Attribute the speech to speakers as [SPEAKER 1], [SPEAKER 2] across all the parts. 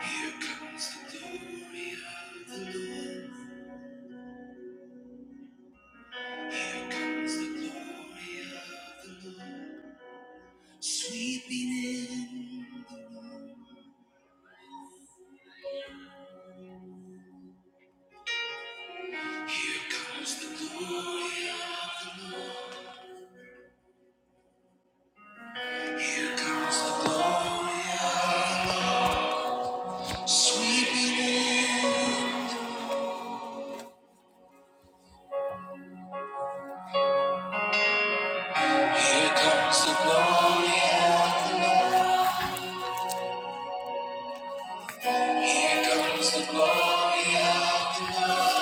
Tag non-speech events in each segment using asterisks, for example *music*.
[SPEAKER 1] Here comes the glory of the Lord. Here comes the glory of the Lord. Sweeping in. Here comes the glory of the Lord. Here comes the glory of the Lord. Sweeping in. Here comes the glory of Here comes the glory of the Lord.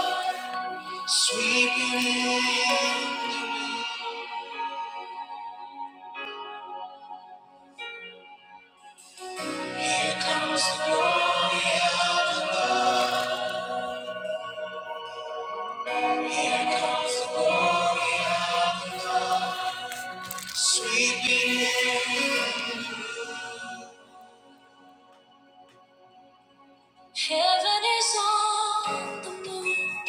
[SPEAKER 1] Sweeping in. Here comes the glory of the Lord. Here comes the glory of sweeping in. Heaven is on the move.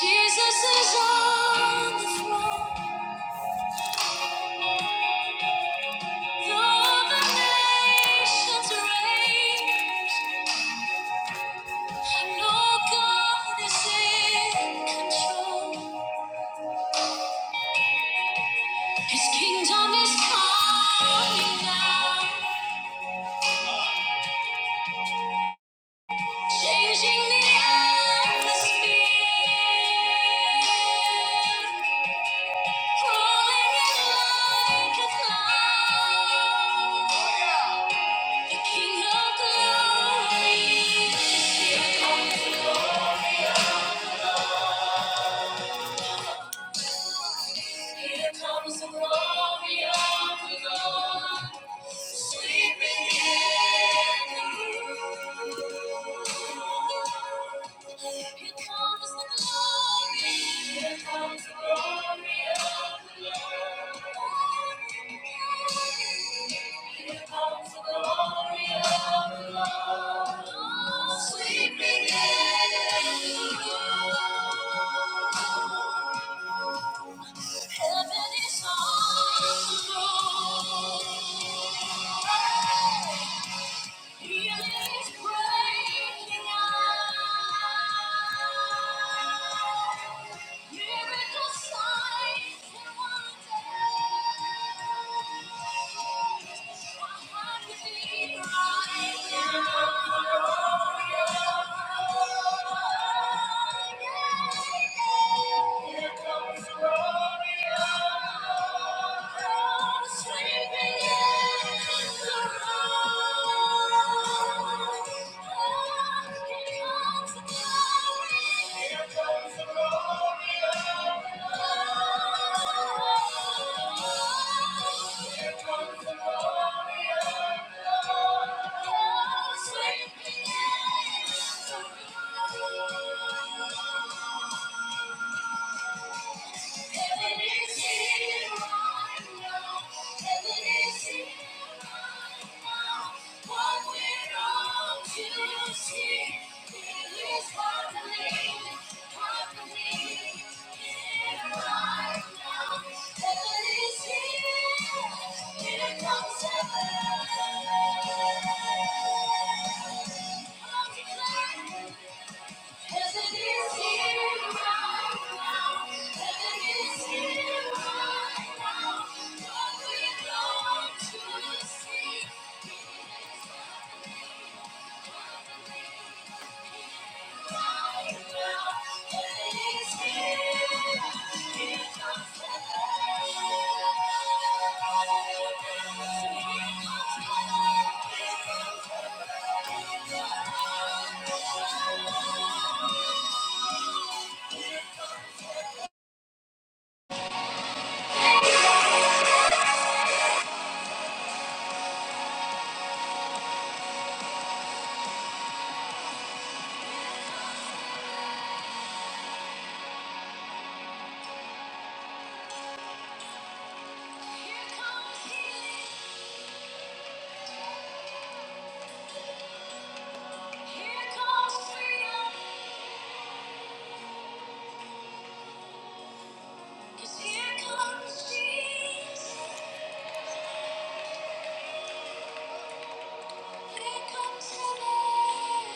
[SPEAKER 1] Jesus is on the throne. Though the nations rage, I know God is in control. His kingdom is coming now. Changing the atmosphere, rolling in like a cloud. Oh, yeah. The King of Glory is here. Here comes the glory of the Lord. Heaven is on the road. Sleeping in. Thank you. Heaven is Here here, comes heaven. I'm declaring. Here comes healing. Here comes freedom, 'cause here comes Jesus. Here comes heaven,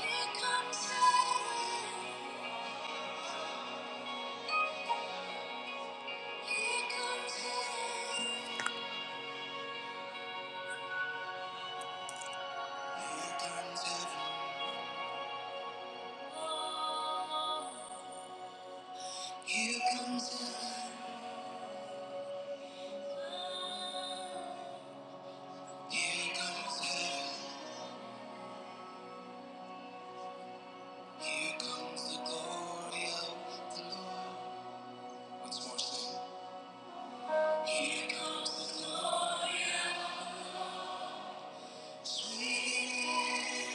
[SPEAKER 1] here comes heaven, here comes heaven. Here comes heaven, oh, here comes heaven, oh. Here comes heaven, here comes the glory of the Lord. Once more, sing. Here comes freedom.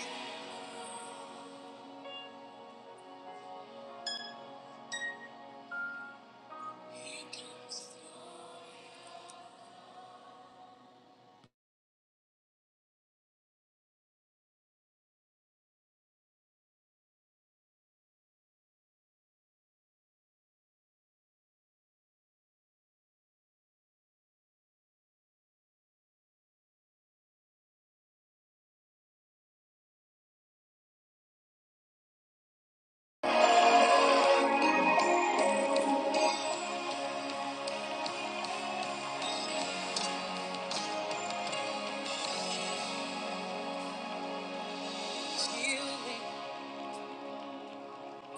[SPEAKER 1] Healing,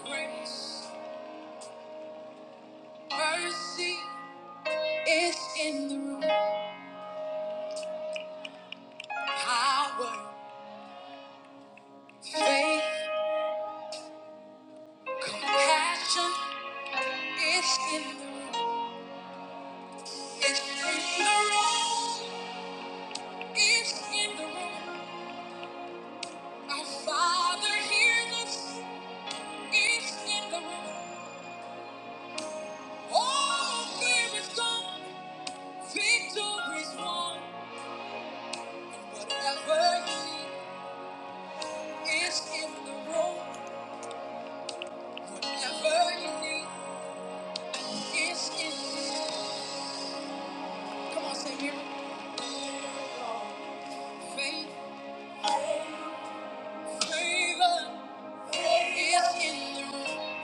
[SPEAKER 1] grace, mercy is in the room. Power, faith, compassion is in the room. It's in the room. It's in the room. Our Father hears us. It's in the room. All fear is gone. Victory is won. Whatever you need is in the room. Whatever you need is in the room. Come on, say miracle. Faith, favor is in the room.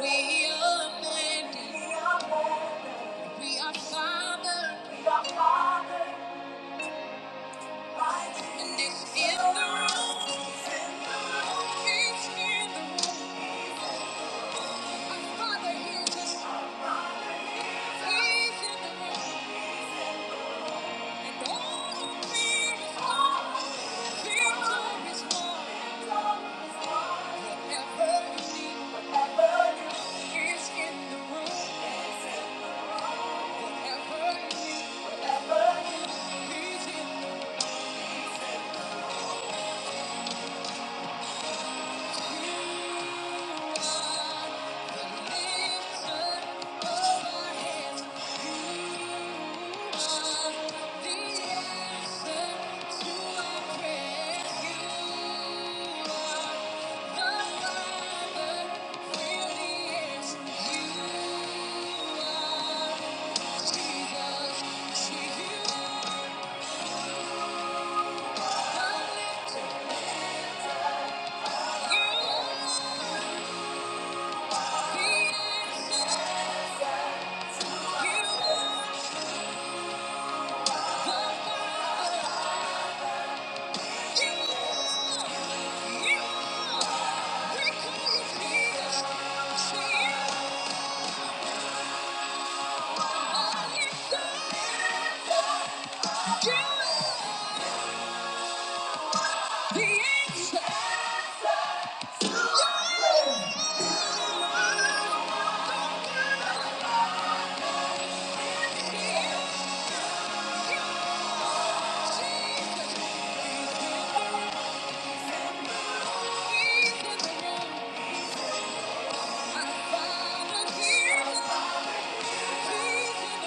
[SPEAKER 1] We are planted, we are fathered, and it's in the room. It's in the room. Our Father hears us. He's in the room. Thank you. need, whatever you, need, He's in the room. Thank you. I found a hero. He's in the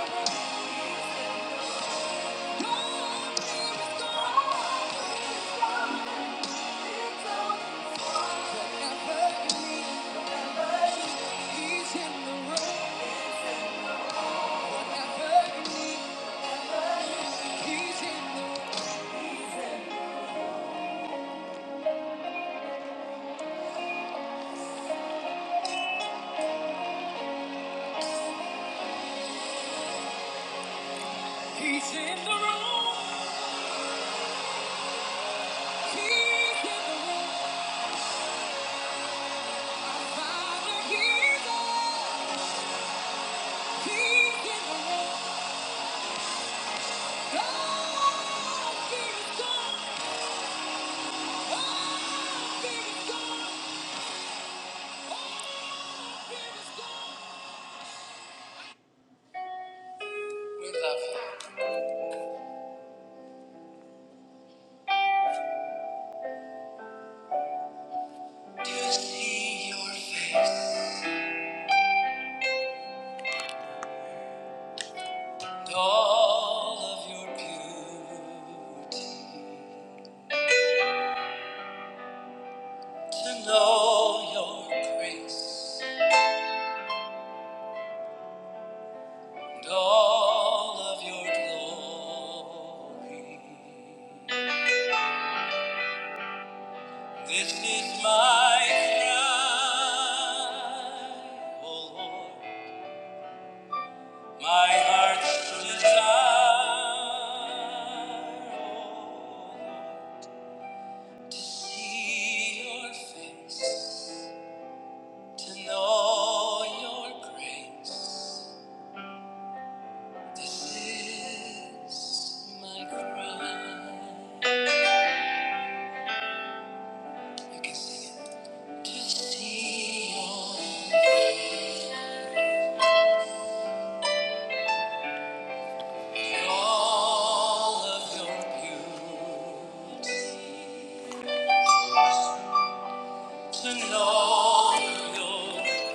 [SPEAKER 1] room. He's in the room. He's in the room. Father, he's on. He's in the room. God, fear is gone. God, fear is gone. We love you. To see your face and all of your beauty, to know your grace and all of your glory. This is my cry, O Lord, my heart's desire, O Lord, to see your face. to know your grace. This is my cry. You can sing it. To see all, all of your beauty, to know your,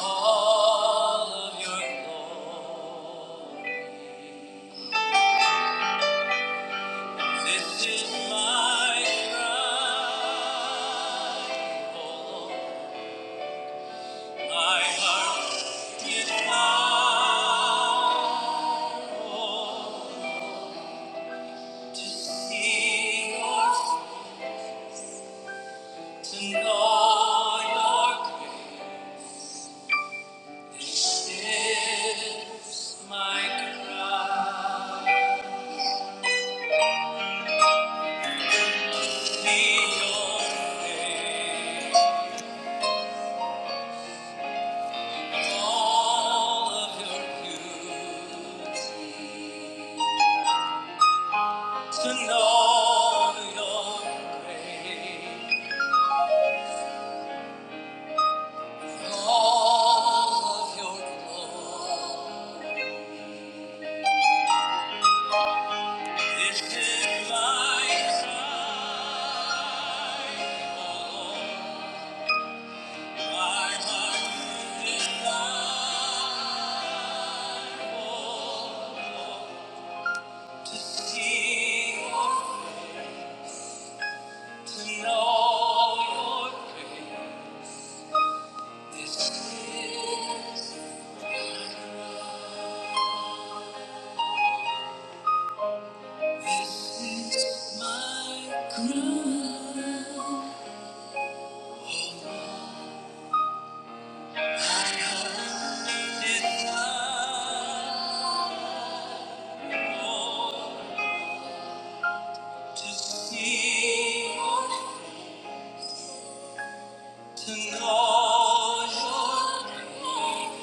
[SPEAKER 1] all of your glory. This is my cry, oh Lord. My heart is bound to see yours, to know your grace This is my cry. Be your face, all of your beauty, to know your grace. All of your glory is in my sight. All my heart is longing to see your- to know your grace. This is- this is my cry. It's mine. To see, to know your name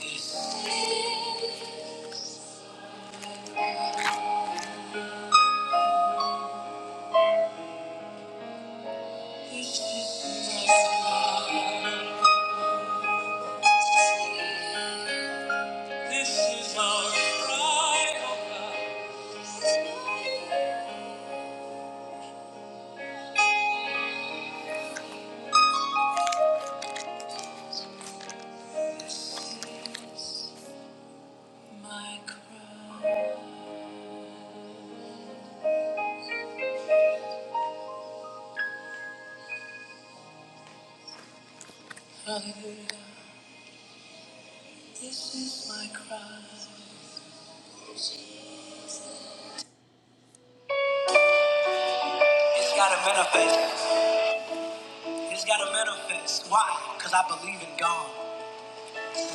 [SPEAKER 1] is just enough. This is our cry, oh God, my cry. This is my cry. It's gotta manifest. It's gotta manifest. Why? Because I believe in God.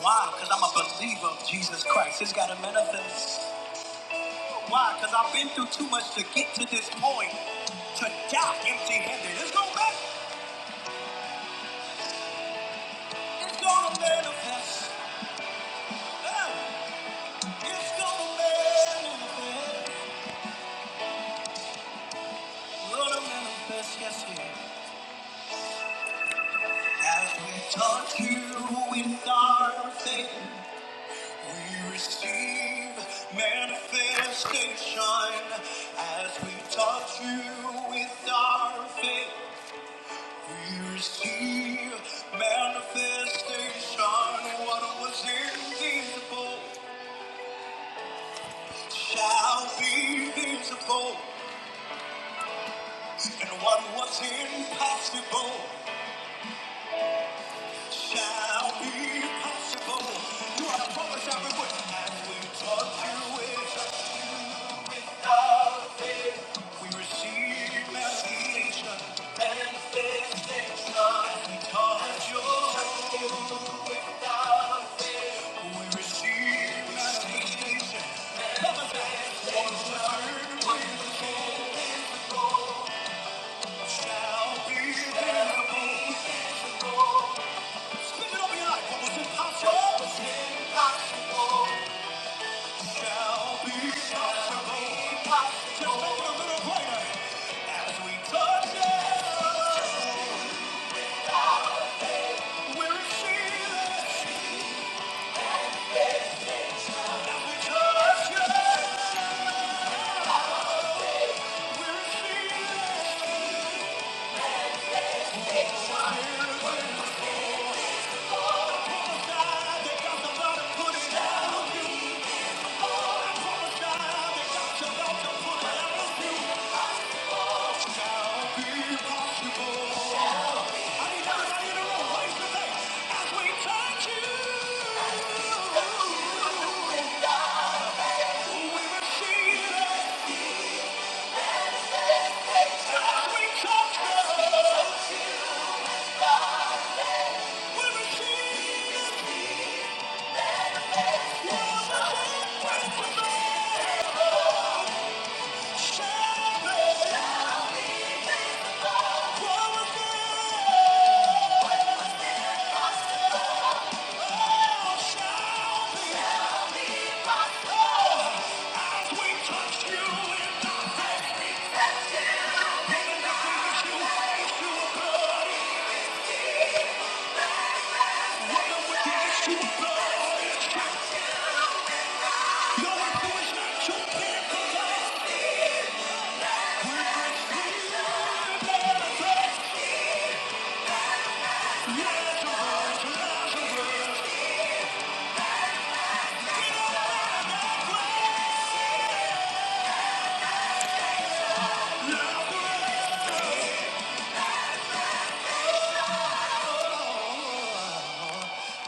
[SPEAKER 1] Why? Because I'm a believer of Jesus Christ. It's got to manifest. Why? Because I've been through too much to get to this point to die empty handed. It's going to manifest. It's going to manifest. Yeah. It's going to manifest. Going to manifest, yes, yeah. As we touch you in our faith, we receive manifestation. As we touch you with our faith. Here's the manifestation. What was invisible shall be visible, and what was impossible shall be possible. You are the promise everywhere. As we talk through it, we receive manifestation. Manifestation. As we touch your without Touch it! We're feeling. Thank you.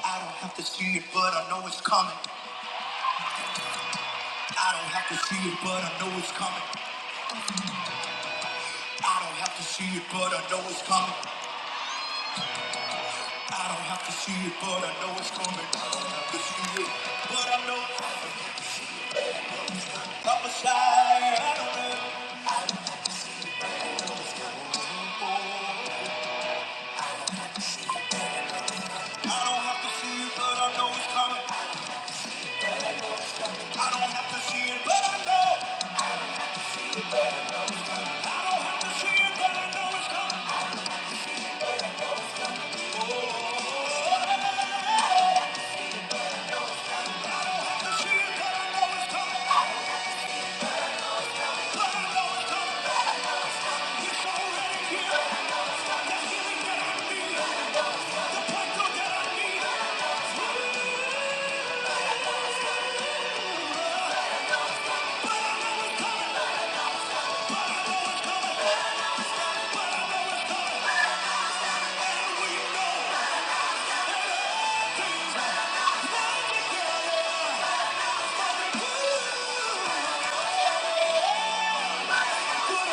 [SPEAKER 1] I don't have to see it, but I know it's coming. I don't have to see it, but I know it's coming. I don't have to see it, but I know it's coming. I don't have to see it, but I know it's coming. I don't have to see it, but I know I'm a side. I don't know. I don't have to see it, but I know it's coming. I don't have to see it, but I know. I don't have to see it, but I know it's coming. I don't have to see it, but I know it's coming. But I know it's coming. It's already here. The healing that I need, the breakthrough that I need. Finally, yeah. Finally, yeah. What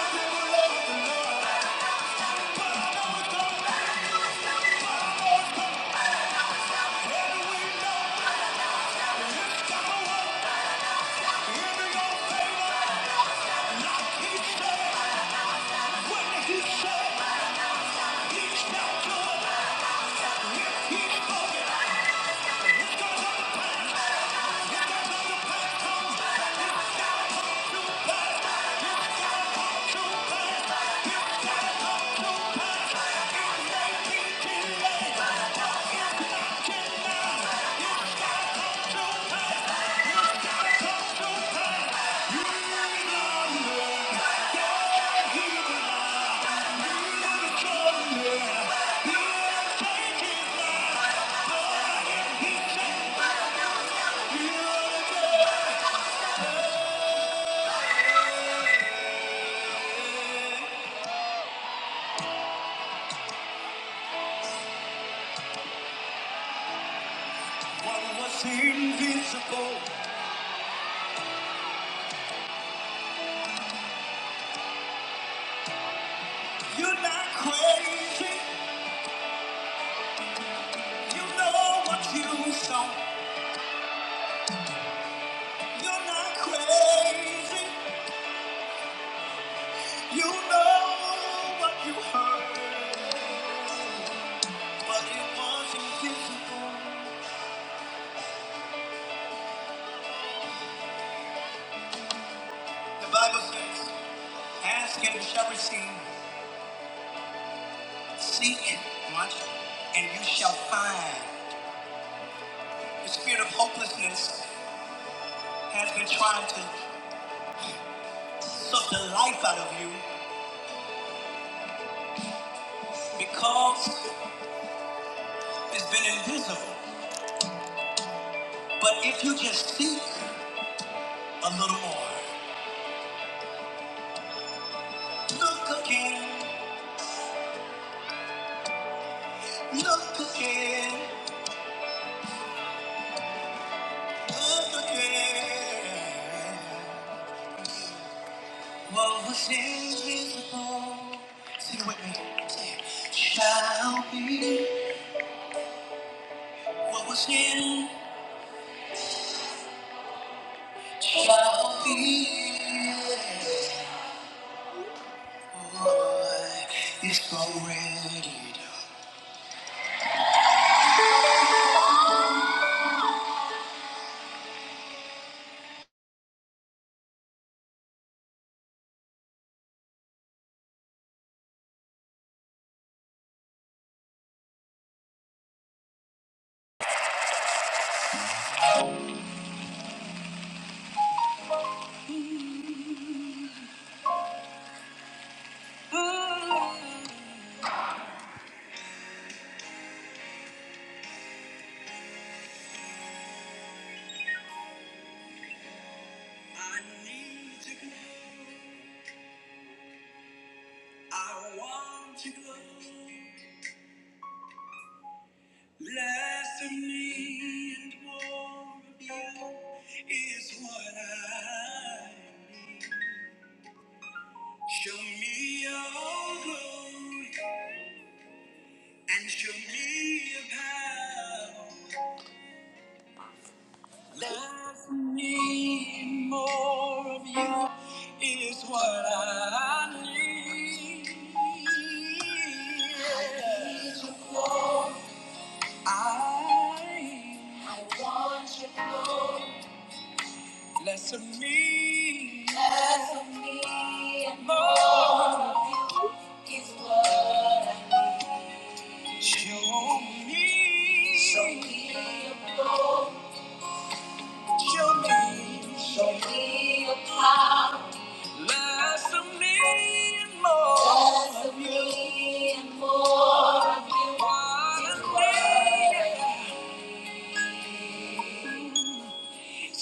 [SPEAKER 1] was invisible? You're not crazy. You know what you saw. You're not crazy. You know what you heard, but it was invisible. The Bible says, "Ask and you shall receive; seek, watch, and you shall find." The spirit of hopelessness has been trying to suck the life out of you because it's been invisible. But if you just seek a little more, look again, look again. up again. What was invisible, sing it with me, say it, shall be. What was hidden shall be. It's already done. I need to glow. I want to glow. Less of me and more of you is what I need. Show me your glory and show me your power. Love me more of you is what I need. I, I want you, Lord. Less of me. Less of me and more of you is what I need. Show me. Show me. more. Show me, show me your power. Less of me and more. Less of me and more of you. What a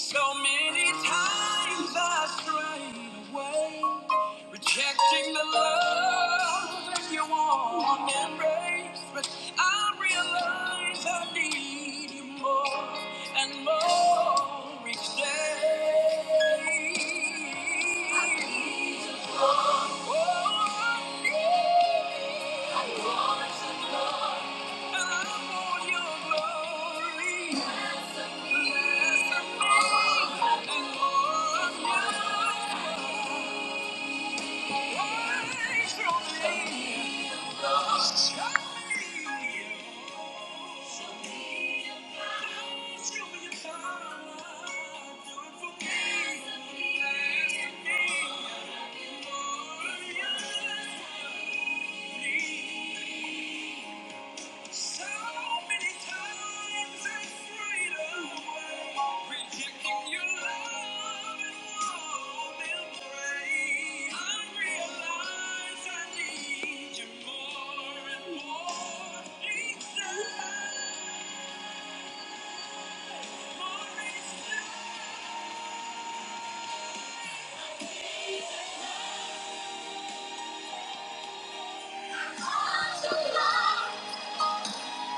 [SPEAKER 1] So many times I strayed away, rejecting the love that you want and embrace. But I realize I need you more and more each day. I need you more. Oh, I need you. I want you more. Your me. your power, do it Thank you. So many times I strayed away, rejecting your love and warm embrace. I realize I need you more and more each time,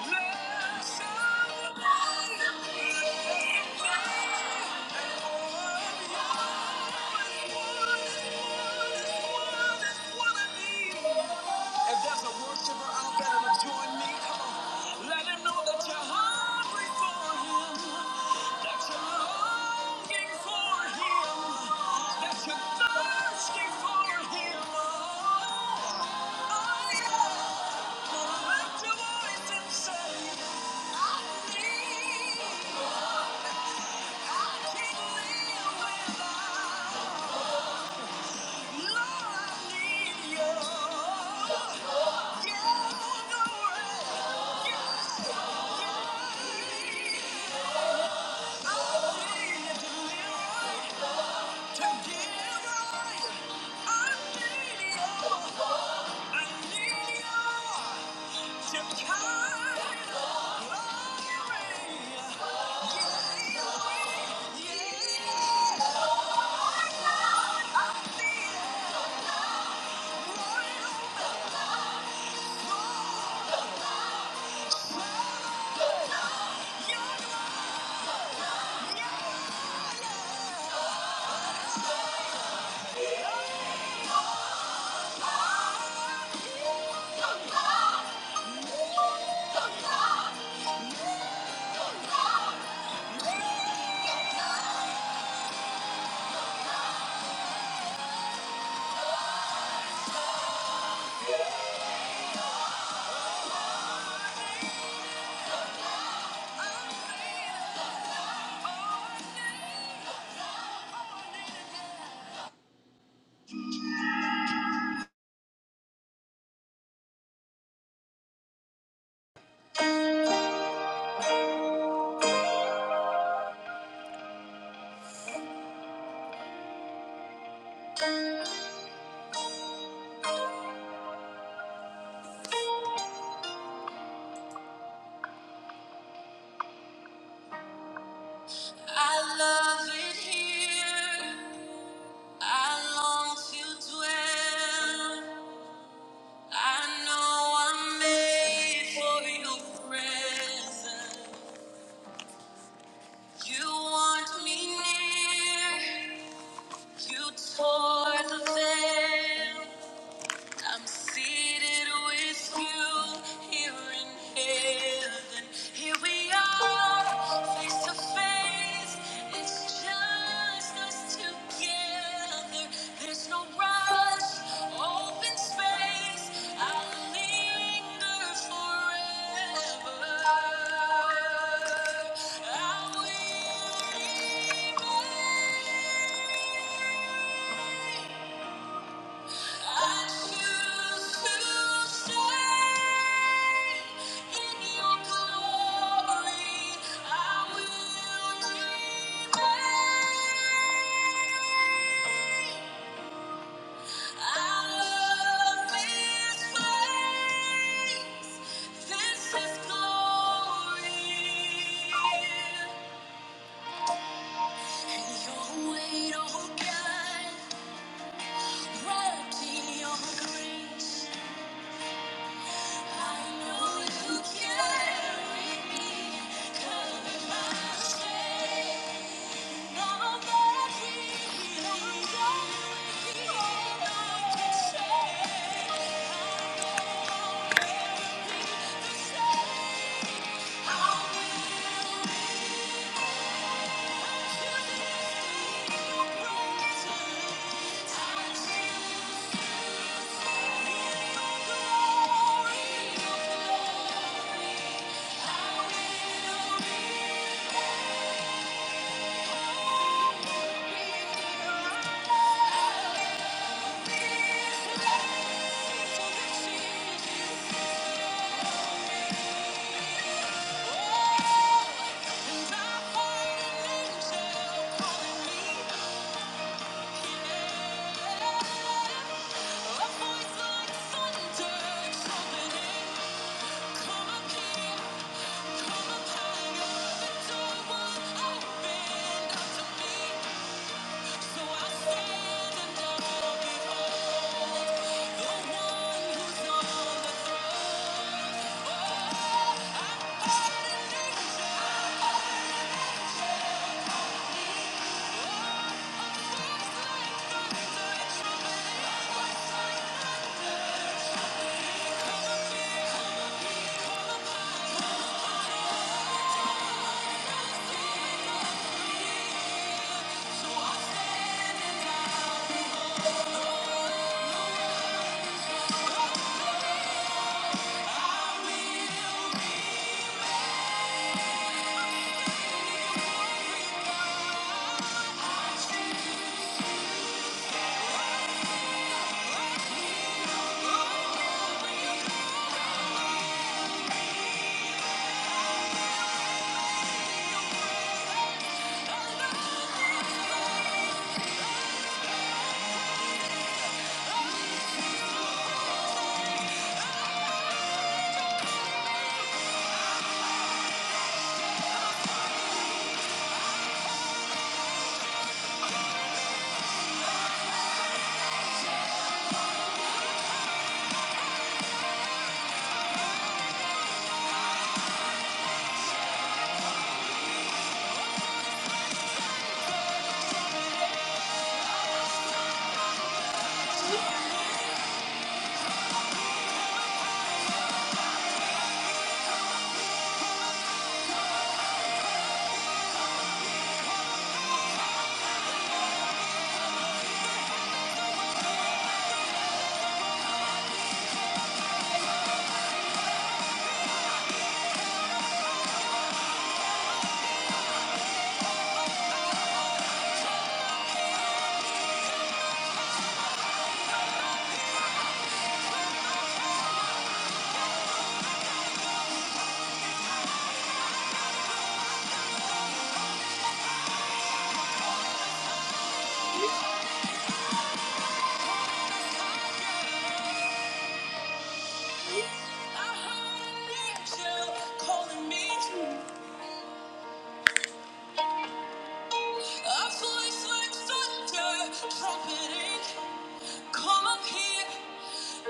[SPEAKER 1] Love so long, love so long, and more and more and more is what I need. If there's a worshiper out there to join me, come on. Let him know that you're hungry for him, that you're longing for him, that you're thirsty for him. Oh, oh yeah. Gonna lift your voice and say, I need, I can't live without. Lord, I need you. I love it here. I long to dwell. I know I'm made for your presence. You want me near. You tore the veil. I'm seated with you here in heaven. Here we are, face to face. It's just us together. There's no rush, open space. I'll linger forever. I choose to stay in your glory. I will. Yeah. Thunder, something in Come up here,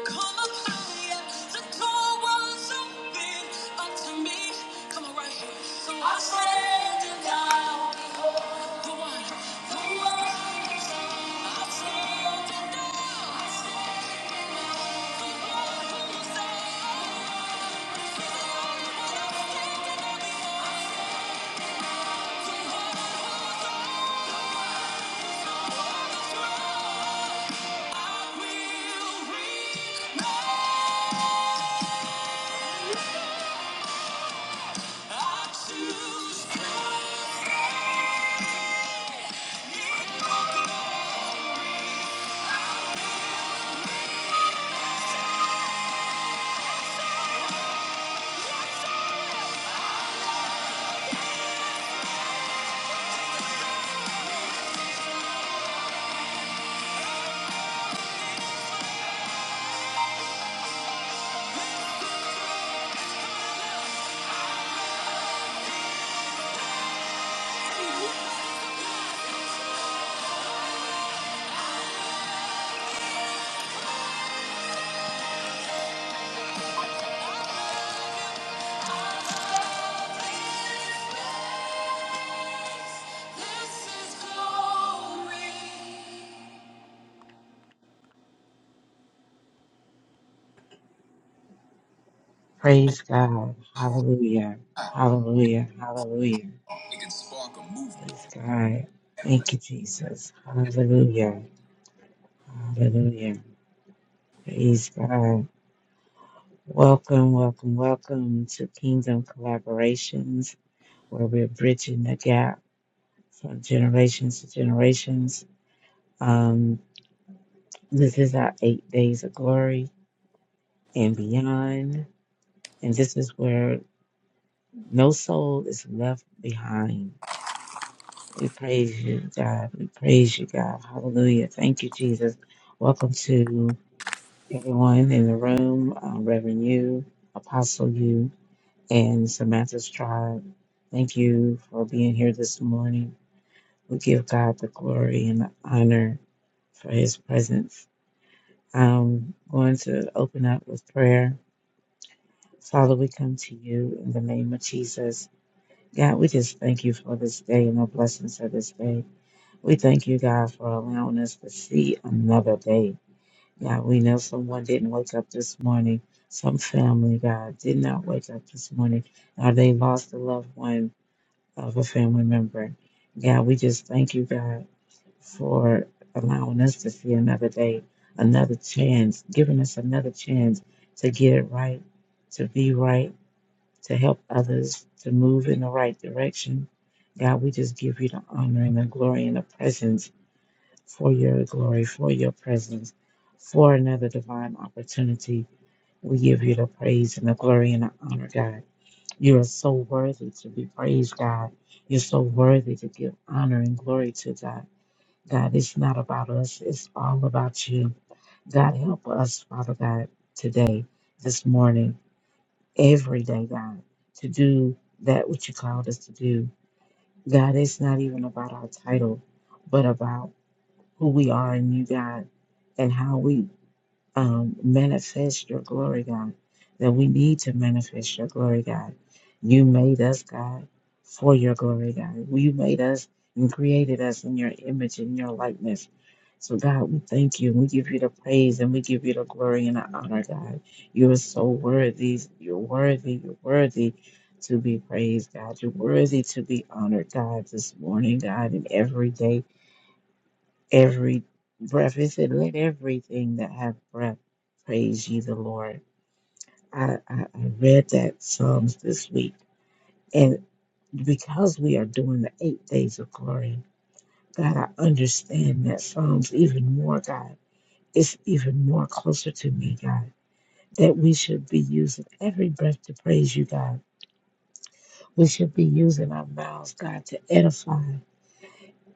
[SPEAKER 1] come up higher. The door was open unto me. Come on, right here. So I stand and I, the one, the one. I stand and
[SPEAKER 2] Praise God. Hallelujah. Hallelujah. Hallelujah. Praise God. Thank you, Jesus. Hallelujah. Hallelujah. Praise God. Welcome, welcome, welcome to Kingdom Collaborations, where we're bridging the gap from generations to generations. Um, this is our eight days of glory and beyond. And this is where no soul is left behind We praise you, God. We praise you, God. Hallelujah. Thank you, Jesus. Welcome to everyone in the room, um, Reverend You, Apostle You, and Samantha's tribe. Thank you for being here this morning. We give God the glory and the honor for his presence. I'm going to open up with prayer. Father, we come to you in the name of Jesus. God, we just thank you for this day and the blessings of this day. We thank you, God, for allowing us to see another day. God, we know someone didn't wake up this morning. Some family, God, did not wake up this morning. God, they lost a loved one of a family member. God, we just thank you, God, for allowing us to see another day, another chance, giving us another chance to get it right, to be right, to help others to move in the right direction. God, we just give you the honor and the glory and the presence for your glory, for your presence, for another divine opportunity. We give you the praise and the glory and the honor, God. You are so worthy to be praised, God. You're so worthy to give honor and glory to God. God, it's not about us, it's all about you. God, help us, Father God, today, this morning, every day, God, to do that which you called us to do. God, it's not even about our title, but about who we are in you, God, and how we um, manifest your glory, God, that we need to manifest your glory, God. You made us, God, for your glory, God. You made us and created us in your image and your likeness. So, God, we thank you we give you the praise and we give you the glory and the honor, God. You are so worthy. You're worthy. You're worthy to be praised, God. You're worthy to be honored, God, this morning, God, and every day every breath. It said, Let everything that hath breath praise ye the Lord. I, I, I read that Psalms this week. And because we are doing the eight days of glory, God, I understand that Psalms even more, God. It's even more closer to me, God, that we should be using every breath to praise you, God. We should be using our mouths, God, to edify.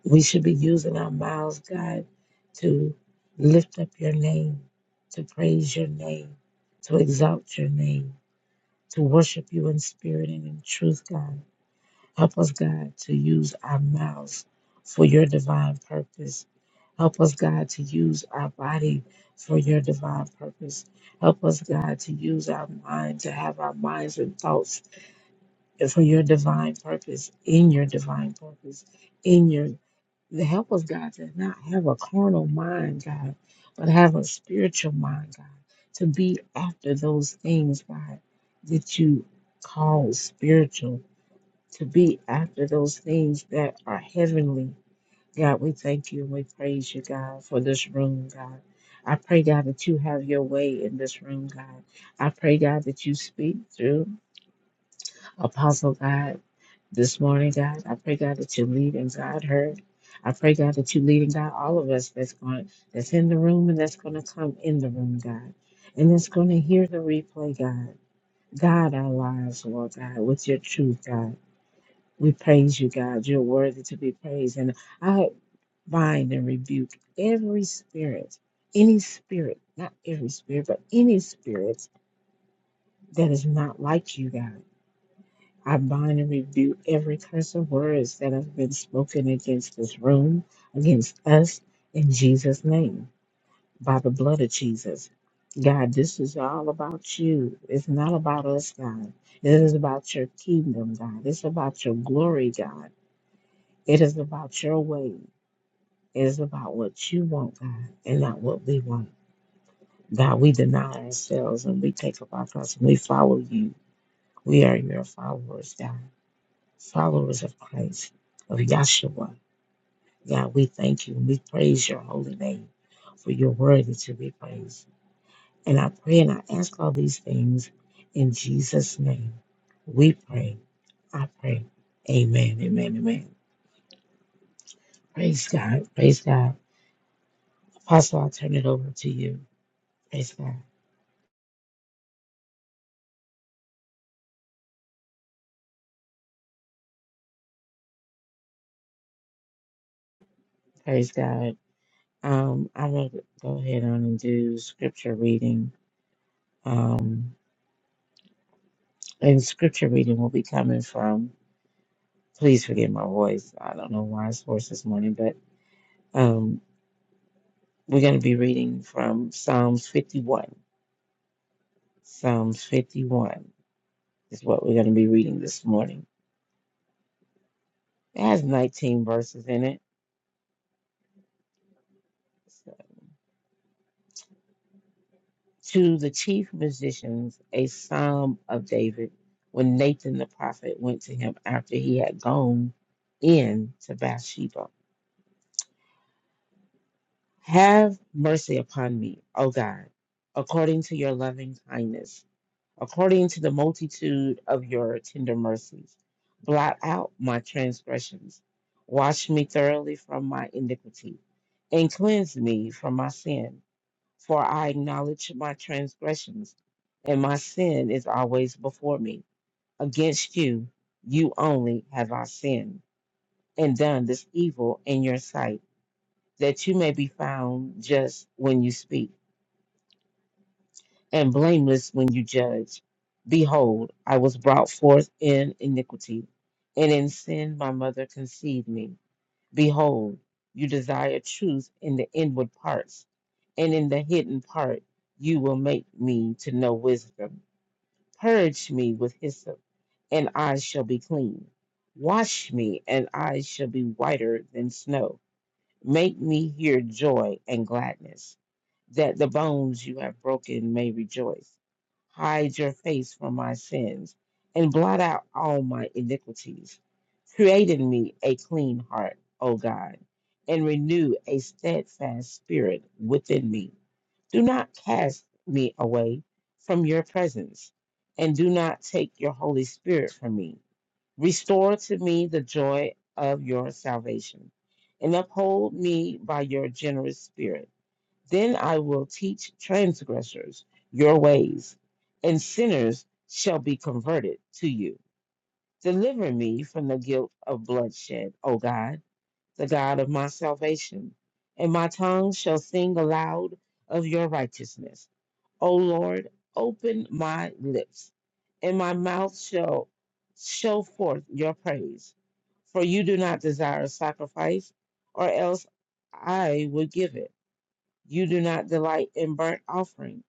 [SPEAKER 2] We should be using our mouths, God, to lift up your name, to praise your name, to exalt your name, to worship you in spirit and in truth, God. Help us, God, to use our mouths for your divine purpose. Help us, God, to use our body for your divine purpose. Help us, God, to use our mind, to have our minds and thoughts for your divine purpose, in your divine purpose, in your the help us, God, to not have a carnal mind, God, but have a spiritual mind, God, to be after those things, God, that you call spiritual, to be after those things that are heavenly. God, we thank you and we praise you, God, for this room, God. I pray, God, that you have your way in this room, God. I pray, God, that you speak through Apostle God this morning, God. I pray, God, that you lead and God heard. I pray, God, that you lead and God all of us that's going that's in the room and that's gonna come in the room, God. And that's gonna hear the replay, God. God our lives, Lord God, with your truth, God. We praise you, God. You're worthy to be praised. And I bind and rebuke every spirit, any spirit, not every spirit, but any spirit that is not like you, God. I bind and rebuke every curse of words that have been spoken against this room, against us, in Jesus' name, by the blood of Jesus. God, this is all about you. It's not about us, God. It is about your kingdom, God. It's about your glory, God. It is about your way. It is about what you want, God, and not what we want. God, we deny ourselves and we take up our cross and we follow you. We are your followers, God. followers of Christ, of Yahshua. God, we thank you and we praise your holy name for you're worthy to be praised. And I pray and I ask all these things in Jesus' name. We pray. I pray. Amen. Amen. Amen. Praise God. Praise God. Apostle, I'll turn it over to you. Praise God. Praise God. Um, I'm going to go ahead on and do scripture reading. Um, and scripture reading will be coming from Please forgive my voice. I don't know why it's hoarse this morning, but um, we're going to be reading from Psalms 51. Psalms 51 is what we're going to be reading this morning. It has 19 verses in it. To the chief musicians, a psalm of David, when Nathan the prophet went to him after he had gone in to Bathsheba. Have mercy upon me, O God, according to your loving kindness according to the multitude of your tender mercies. Blot out my transgressions. Wash me thoroughly from my iniquity, and cleanse me from my sin. For I acknowledge my transgressions, and my sin is always before me. Against you, you only have I sinned, and done this evil in your sight, that you may be found just when you speak and blameless when you judge. Behold, I was brought forth in iniquity, and in sin my mother conceived me. Behold, you desire truth in the inward parts, and in the hidden part you will make me to know wisdom. Purge me with hyssop, and I shall be clean. Wash me, and I shall be whiter than snow. Make me hear joy and gladness that the bones you have broken may rejoice. Hide your face from my sins and blot out all my iniquities. Create in me a clean heart, O God, and renew a steadfast spirit within me. Do not cast me away from your presence, and do not take your Holy Spirit from me. Restore to me the joy of your salvation, and uphold me by your generous spirit. Then I will teach transgressors your ways, and sinners shall be converted to you. Deliver me from the guilt of bloodshed, O God, the God of my salvation, and my tongue shall sing aloud of your righteousness. O Lord, open my lips, and my mouth shall show forth your praise. For you do not desire sacrifice, or else I would give it you do not delight in burnt offering.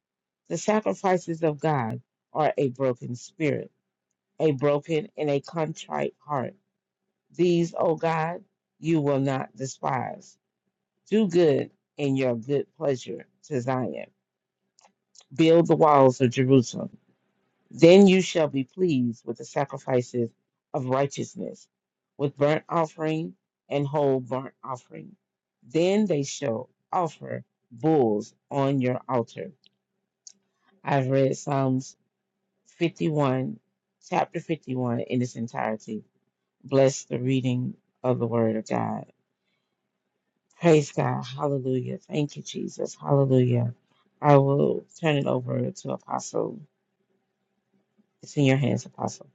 [SPEAKER 2] The sacrifices of God are a broken spirit, a broken and a contrite heart. These, O God, you will not despise. Do good in your good pleasure to Zion. Build the walls of Jerusalem. Then you shall be pleased with the sacrifices of righteousness, with burnt offering and whole burnt offering. Then they shall offer bulls on your altar. I've read Psalms 51, chapter 51 in its entirety. Bless the reading of the Word of God. Praise God. Hallelujah. Thank you, Jesus. Hallelujah. I will turn it over to Apostle. It's in your hands, Apostle.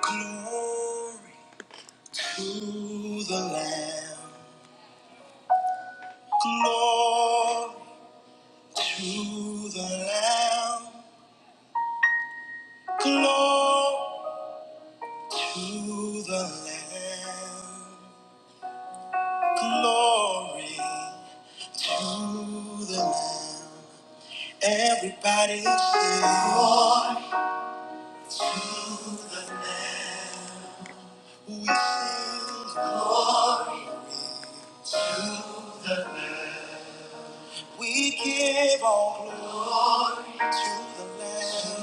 [SPEAKER 1] Glory to the Lamb. Glory to the Lamb. Glory to the Lamb. Glory to the Lamb. Everybody sing. Glory to the Lamb. We sing. Glory. We give all glory to the Lamb.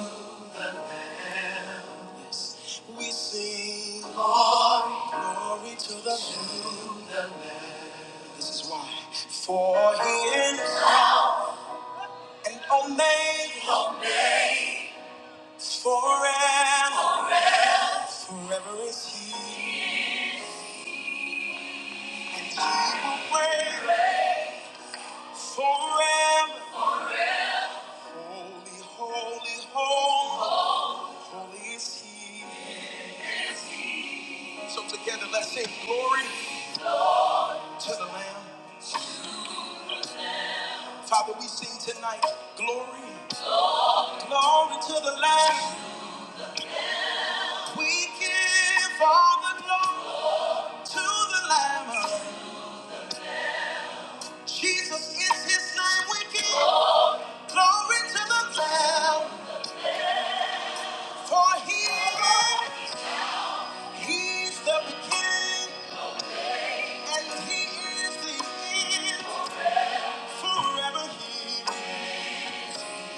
[SPEAKER 1] We sing glory, glory to the Lamb. This is why. For he is and omega forever. Forever is he. And he will reign forever. Holy, holy, holy, holy is he. So together let's sing glory to the Lamb. Father, we sing tonight glory, glory to the Lamb. We give all the glory. to the Lamb. Jesus is his name we give. Glory to the Lamb. For he is, he's the beginning and he is the end. Forever he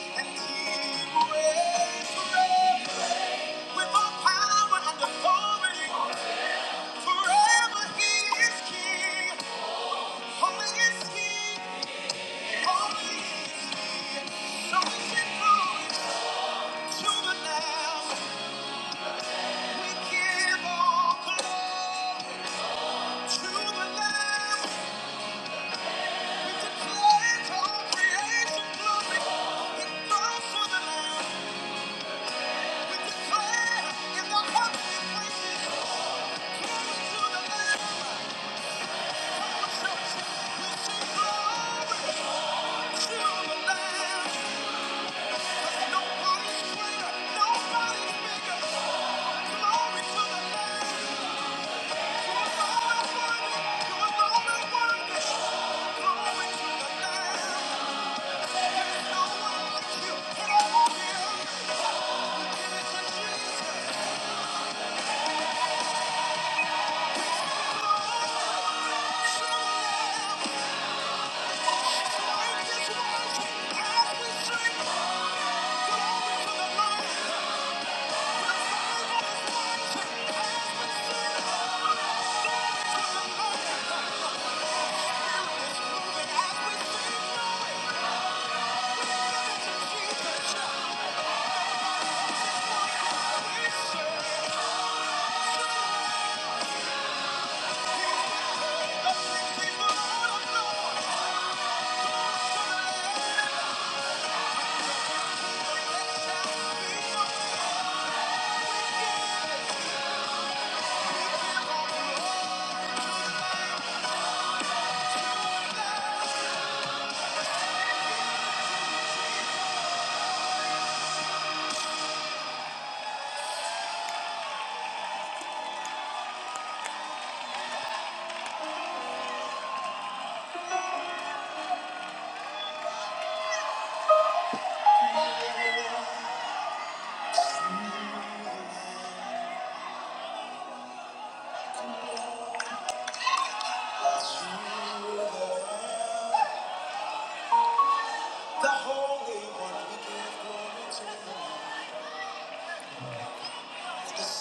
[SPEAKER 1] and he will reign forever. With all power and authority. Forever he is king. Holy is he. Holy is he. So we give glory to the Lamb. Nobody's greater, nobody's bigger. Glory to the Lamb.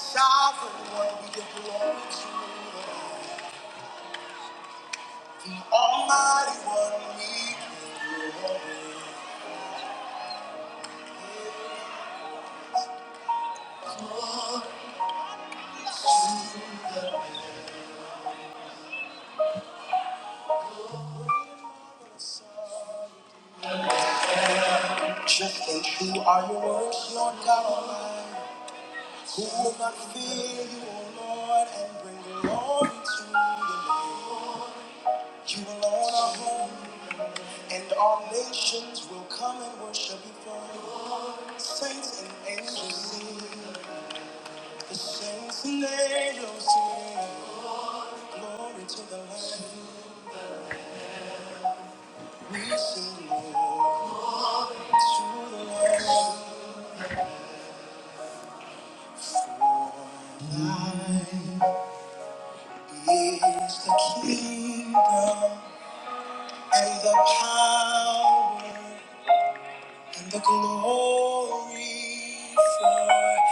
[SPEAKER 1] Sovereign one, we give glory to Almighty one, we just as you are your words, Lord God Almighty. Who will not fear you, O Lord, and bring glory to your name? You alone are holy, and all nations will come and worship before you. Saints and angels sing, the saints and angels sing, glory to the Lamb. We sing glory to the Lamb. He is the kingdom and the power. and the glory forever.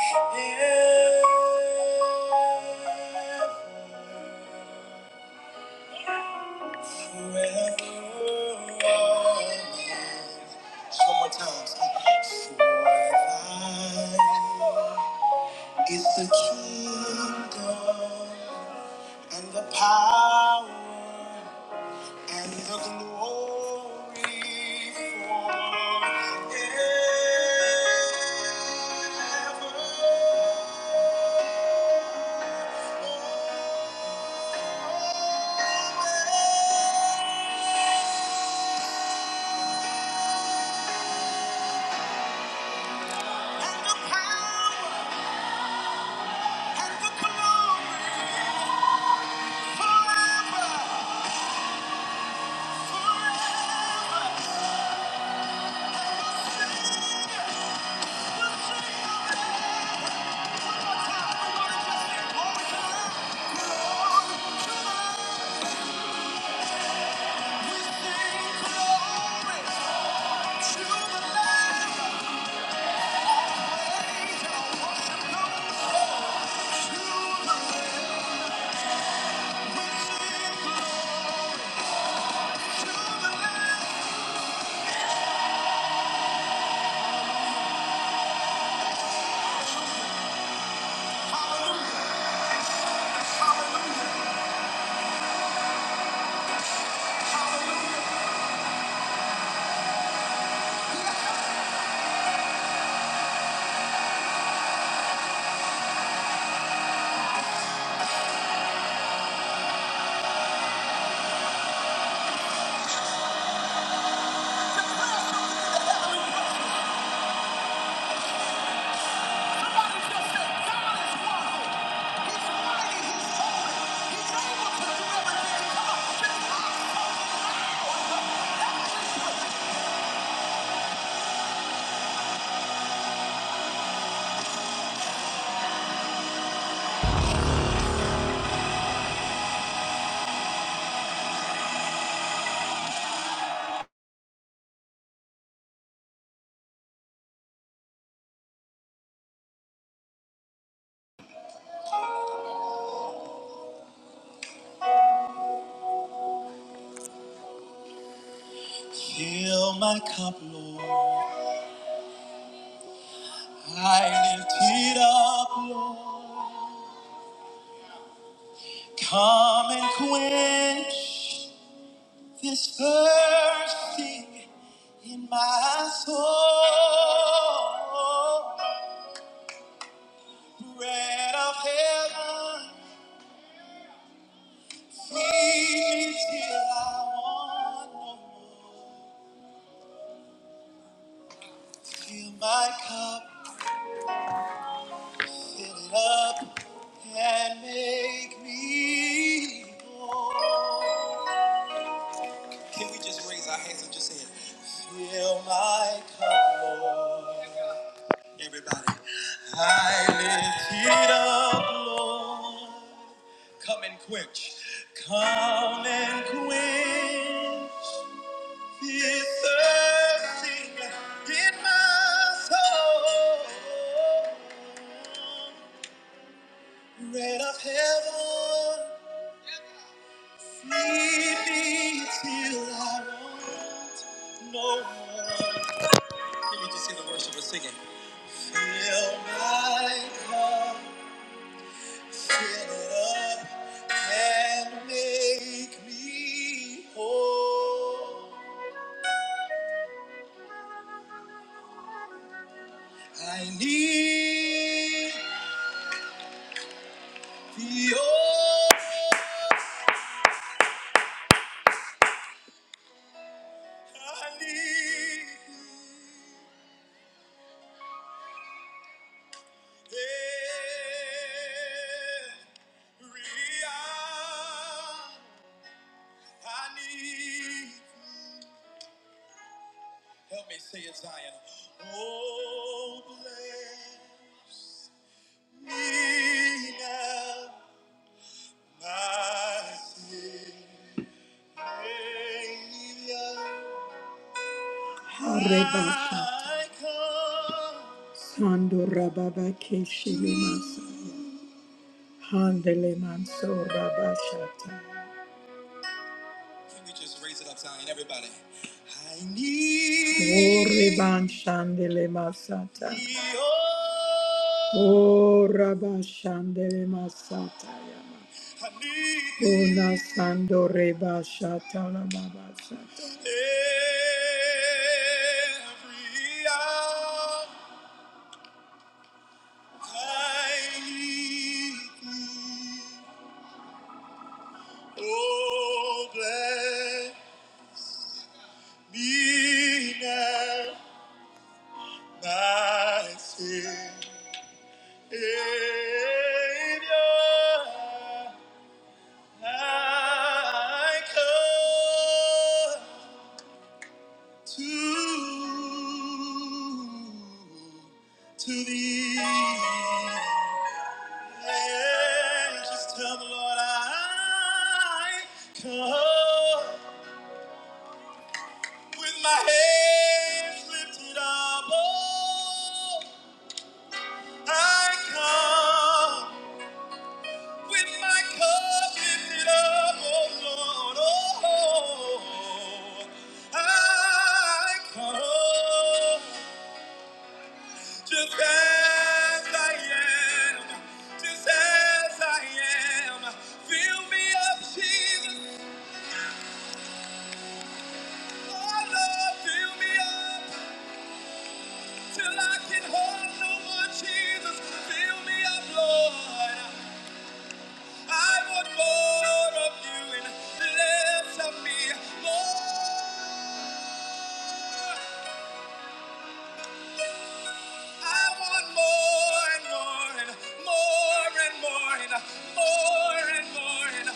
[SPEAKER 1] Fill my cup, Lord. I lift it up. Come and quench this thirsting in my soul. Bread of heaven, feed me till I want no more. Fill my cup, fill it up, and make me whole. Can we just raise our hands and just say it? Fill my cup, Lord. Everybody, I lift it up, Lord. Come and quench, come and quench this thirsting in my soul. Red of heaven, feed me till I want no more. Let me just hear the worship of singing. Fill my cup. Fill it up and make me whole. I need the old. I need every hour. Need now my Savior. Rebasha. I come Sando Rababa Keshe Lemas. Handele manso rabashata. Can we just raise it up, Zion, everybody? I need. Ore banshandele masata. Oh, rabashandele masata yama. Una sando reba shata la baba shata. Every hour I need thee. Oh, Be now my Savior. I come to, I come just as I am, just as I am. Fill me up, Jesus. Oh Lord, fill me up till I can hold no more, Jesus. Fill me up, Lord. I want more of you and less of me. More. I want more and more and more and more and more and more and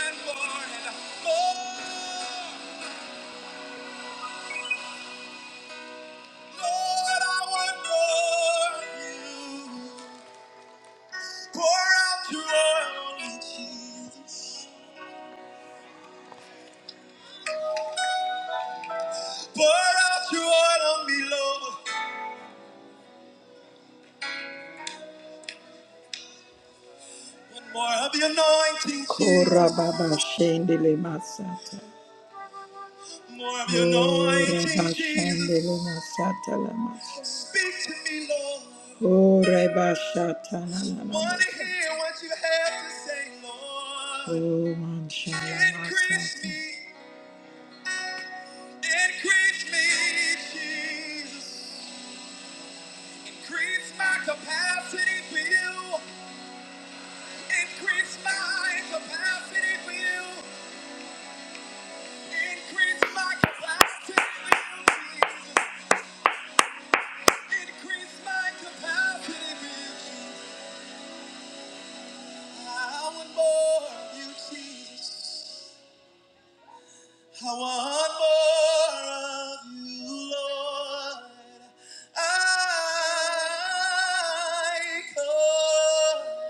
[SPEAKER 1] more and more and more. Lord, I want more of you. Pour out your oil on me. Pour out your oil on me, Lord. One more of your anointing, Jesus. Korababashendelemasa. More of your Ora anointing, bashande Jesus. le masata la Speak to me, Lord. Want to hear what you have to say, Lord. Increase me, increase me, Jesus. Increase my capacity for you. Increase my capacity for you. Increase my capacity for you, Jesus. Increase it for you, Jesus. I want more of you, Lord. I come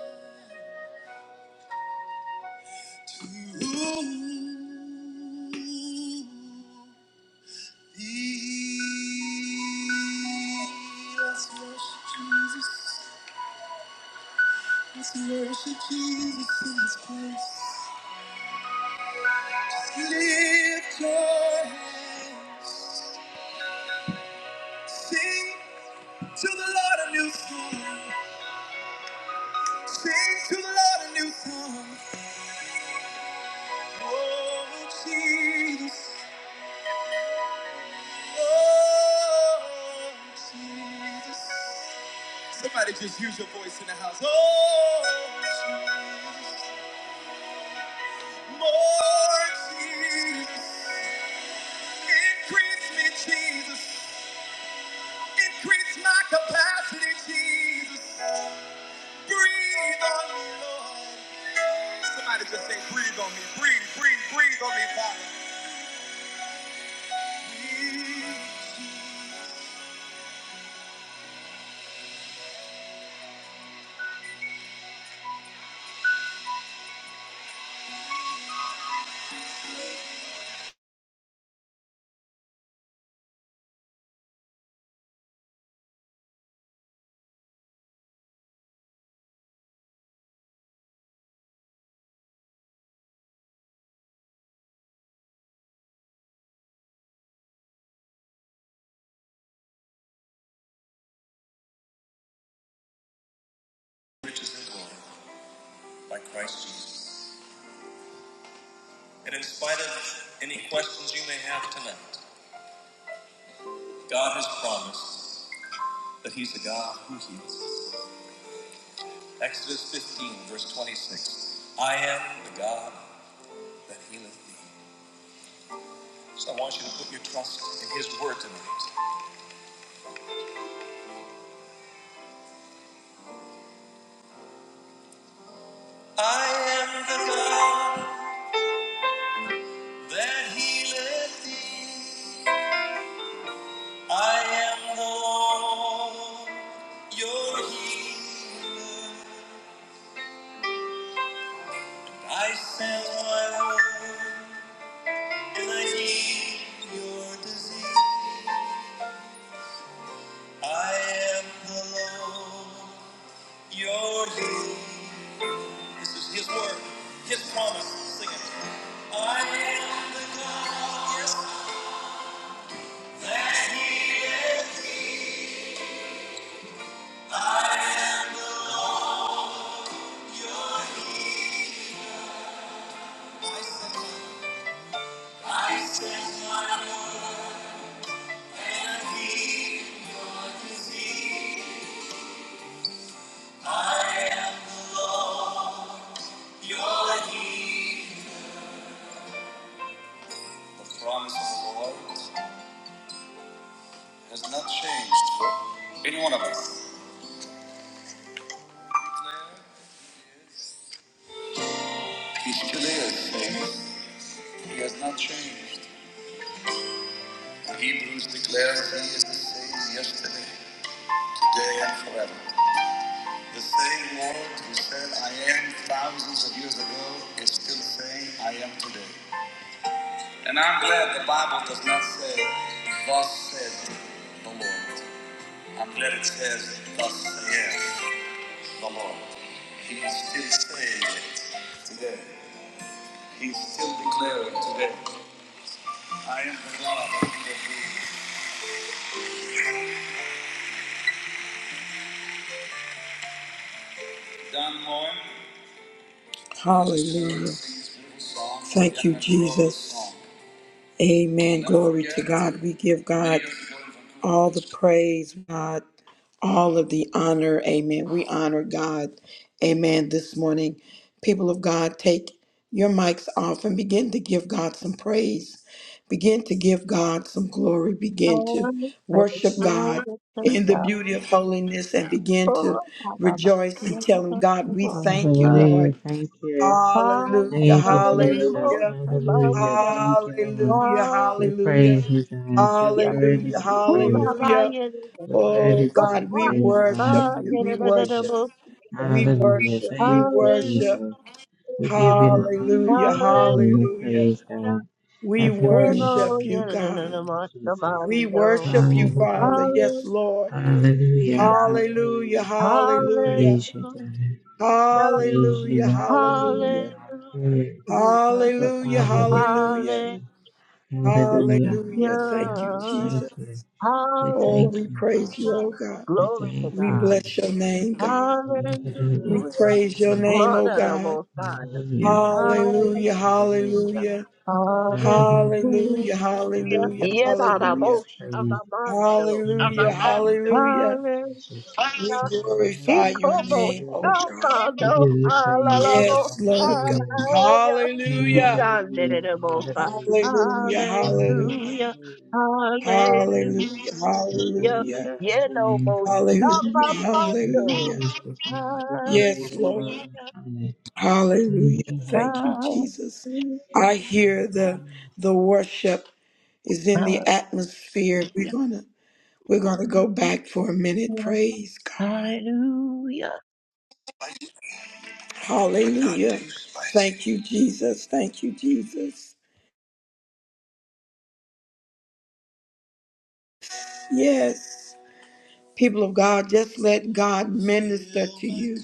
[SPEAKER 1] sing to the Lord a new song. Sing to the Lord a new song. Oh, Jesus. Oh, Jesus. Somebody just use your voice in the house. Oh, Jesus. More Jesus. Increase me, Jesus. Increase my capacity, Jesus. Breathe on me, Lord. Somebody just say, breathe on me. Breathe, breathe, breathe on me, Father. Riches and glory by Christ Jesus. And in spite of any questions you may have tonight, God has promised that He's the God who heals. Exodus 15, verse 26. I am the God that healeth thee. So I want you to put your trust in His word tonight. I am the God that healeth thee. I am the Lord, your healer. I send my word and I heal your disease. I am the Lord, your healer. This is His word, His promise. Sing it. I am the God, yes, your It is. He has not changed. Hebrews declares that he is the same yesterday, today, and forever. The same Lord who said, I am found. And I'm glad the Bible is the Lord. Yes, the Lord. Today, still, I am the God. Hallelujah. Thank you, Jesus. Amen. Glory to God. We give God. all the praise, God, all of the honor. Amen. We honor God. Amen. This morning, people of God, take your mics off and begin to give God some praise. Begin to give God some glory. Begin to
[SPEAKER 3] Lord, praise
[SPEAKER 1] worship
[SPEAKER 3] the
[SPEAKER 1] God
[SPEAKER 3] Lord, praise
[SPEAKER 1] in the
[SPEAKER 3] God.
[SPEAKER 1] beauty of holiness and begin to
[SPEAKER 3] Oh, my God.
[SPEAKER 1] rejoice and
[SPEAKER 3] Yeah,
[SPEAKER 1] tell Him,
[SPEAKER 3] that's
[SPEAKER 1] God,
[SPEAKER 3] the
[SPEAKER 1] we
[SPEAKER 3] Lord.
[SPEAKER 1] thank you,
[SPEAKER 3] Uh,
[SPEAKER 2] Hallelujah.
[SPEAKER 1] Lord.
[SPEAKER 2] Thank you.
[SPEAKER 3] um,
[SPEAKER 1] Hallelujah.
[SPEAKER 2] Thank you,
[SPEAKER 3] whether they be
[SPEAKER 2] Jesus.
[SPEAKER 3] most
[SPEAKER 1] Hallelujah.
[SPEAKER 2] Hallelujah.
[SPEAKER 3] among the-
[SPEAKER 2] Thank you, Lord.
[SPEAKER 1] Hallelujah,
[SPEAKER 3] um,
[SPEAKER 2] We
[SPEAKER 1] hallelujah,
[SPEAKER 2] praise you, God. You're
[SPEAKER 3] yeah.
[SPEAKER 2] worthy
[SPEAKER 1] hallelujah,
[SPEAKER 2] to be
[SPEAKER 3] Ooh, la,
[SPEAKER 2] praised,
[SPEAKER 3] la,
[SPEAKER 2] God.
[SPEAKER 1] hallelujah.
[SPEAKER 3] yeah, da, da,
[SPEAKER 2] You're
[SPEAKER 3] da, bo.
[SPEAKER 1] Oh
[SPEAKER 2] worthy to
[SPEAKER 3] Oh,
[SPEAKER 2] be
[SPEAKER 1] God, we
[SPEAKER 2] praised,
[SPEAKER 3] ah,
[SPEAKER 2] God.
[SPEAKER 1] worship
[SPEAKER 2] In
[SPEAKER 3] ah,
[SPEAKER 2] the
[SPEAKER 1] you,
[SPEAKER 3] yeah,
[SPEAKER 2] name
[SPEAKER 3] da,
[SPEAKER 1] we
[SPEAKER 2] of
[SPEAKER 3] da, da, da,
[SPEAKER 2] Jesus.
[SPEAKER 1] worship,
[SPEAKER 3] Yeah.
[SPEAKER 1] we
[SPEAKER 2] Hallelujah.
[SPEAKER 1] worship, we
[SPEAKER 2] Thank you,
[SPEAKER 3] Hallelujah,
[SPEAKER 1] worship.
[SPEAKER 2] Jesus. We give you the honor
[SPEAKER 1] Hallelujah,
[SPEAKER 2] and the glory and the
[SPEAKER 3] hallelujah.
[SPEAKER 1] hallelujah.
[SPEAKER 2] praise, God.
[SPEAKER 1] We
[SPEAKER 2] Have your way, God.
[SPEAKER 3] Hebo,
[SPEAKER 1] worship you,
[SPEAKER 3] yeah, da, da, da,
[SPEAKER 1] God.
[SPEAKER 3] da,
[SPEAKER 2] Hallelujah,
[SPEAKER 3] most
[SPEAKER 2] Jesus.
[SPEAKER 1] We
[SPEAKER 3] among the-
[SPEAKER 1] worship you, Father.
[SPEAKER 2] Hallelujah.
[SPEAKER 1] Yes,
[SPEAKER 3] Hallelujah,
[SPEAKER 1] Lord.
[SPEAKER 2] Hallelujah.
[SPEAKER 1] Hallelujah,
[SPEAKER 2] Hallelujah. We
[SPEAKER 1] hallelujah,
[SPEAKER 2] praise you, God. We
[SPEAKER 3] hallelujah,
[SPEAKER 2] praise you,
[SPEAKER 1] hallelujah,
[SPEAKER 2] Yahweh.
[SPEAKER 1] hallelujah,
[SPEAKER 2] Hallelujah.
[SPEAKER 3] hallelujah.
[SPEAKER 2] Abba,
[SPEAKER 1] hallelujah,
[SPEAKER 2] Father, we praise
[SPEAKER 1] hallelujah,
[SPEAKER 3] Hallelujah.
[SPEAKER 2] you. Hallelujah.
[SPEAKER 1] hallelujah. Thank
[SPEAKER 2] Hallelujah.
[SPEAKER 1] you,
[SPEAKER 2] We thank
[SPEAKER 1] Jesus.
[SPEAKER 2] you. We
[SPEAKER 1] Oh,
[SPEAKER 2] thank
[SPEAKER 3] Hallelujah.
[SPEAKER 1] we
[SPEAKER 2] you,
[SPEAKER 1] praise you,
[SPEAKER 2] Father.
[SPEAKER 1] oh God.
[SPEAKER 2] We
[SPEAKER 3] Glory to
[SPEAKER 2] thank
[SPEAKER 1] We
[SPEAKER 2] you.
[SPEAKER 3] God.
[SPEAKER 1] bless your name, God. We
[SPEAKER 2] Hallelujah.
[SPEAKER 3] Hallelujah.
[SPEAKER 1] praise
[SPEAKER 2] Thank
[SPEAKER 1] your
[SPEAKER 2] you.
[SPEAKER 1] name,
[SPEAKER 3] Lord
[SPEAKER 1] oh
[SPEAKER 3] of the
[SPEAKER 1] God.
[SPEAKER 3] Most High.
[SPEAKER 2] Hallelujah, hallelujah,
[SPEAKER 1] Hallelujah,
[SPEAKER 3] Hallelujah.
[SPEAKER 2] hallelujah,
[SPEAKER 1] hallelujah,
[SPEAKER 2] hallelujah,
[SPEAKER 3] Hallelujah.
[SPEAKER 1] hallelujah, hallelujah,
[SPEAKER 2] hallelujah,
[SPEAKER 3] Yet on the
[SPEAKER 2] God
[SPEAKER 1] hallelujah,
[SPEAKER 2] is
[SPEAKER 3] most of the
[SPEAKER 2] praised.
[SPEAKER 3] mondo.
[SPEAKER 1] hallelujah,
[SPEAKER 2] Hallelujah, thank you,
[SPEAKER 1] hallelujah.
[SPEAKER 3] Hallelujah.
[SPEAKER 2] Jesus.
[SPEAKER 1] We
[SPEAKER 3] He
[SPEAKER 1] glorify
[SPEAKER 2] Hallelujah,
[SPEAKER 1] your
[SPEAKER 3] como
[SPEAKER 1] name, oh
[SPEAKER 2] hallelujah.
[SPEAKER 1] God.
[SPEAKER 2] We
[SPEAKER 3] shamando.
[SPEAKER 2] give you praise.
[SPEAKER 1] Yes, Lord God.
[SPEAKER 2] Hallelujah,
[SPEAKER 3] Hallelujah.
[SPEAKER 2] hallelujah,
[SPEAKER 3] He
[SPEAKER 1] Hallelujah,
[SPEAKER 3] under
[SPEAKER 2] hallelujah,
[SPEAKER 3] the Most High.
[SPEAKER 2] hallelujah,
[SPEAKER 1] hallelujah, hallelujah,
[SPEAKER 3] Hallelujah.
[SPEAKER 2] hallelujah.
[SPEAKER 3] Hallelujah.
[SPEAKER 1] hallelujah,
[SPEAKER 2] We
[SPEAKER 3] Yeah,
[SPEAKER 2] praise
[SPEAKER 1] hallelujah,
[SPEAKER 2] your holy
[SPEAKER 3] yellow
[SPEAKER 2] name,
[SPEAKER 3] boat,
[SPEAKER 2] Father.
[SPEAKER 1] hallelujah,
[SPEAKER 2] We
[SPEAKER 3] Abamando.
[SPEAKER 1] hallelujah.
[SPEAKER 2] praise the God. We give you
[SPEAKER 1] Yes,
[SPEAKER 2] the
[SPEAKER 1] Lord.
[SPEAKER 2] glory and
[SPEAKER 3] Hallelujah,
[SPEAKER 2] honor.
[SPEAKER 1] Hallelujah.
[SPEAKER 2] Thank you, Lord.
[SPEAKER 1] Thank you, Jesus.
[SPEAKER 3] hallelujah,
[SPEAKER 1] I hear the the worship is in the atmosphere. We're gonna we're gonna go back for a minute. Praise God.
[SPEAKER 3] hallelujah.
[SPEAKER 1] Hallelujah. Thank you, Jesus. Thank you, Jesus. Yes. People of God, just let God minister to you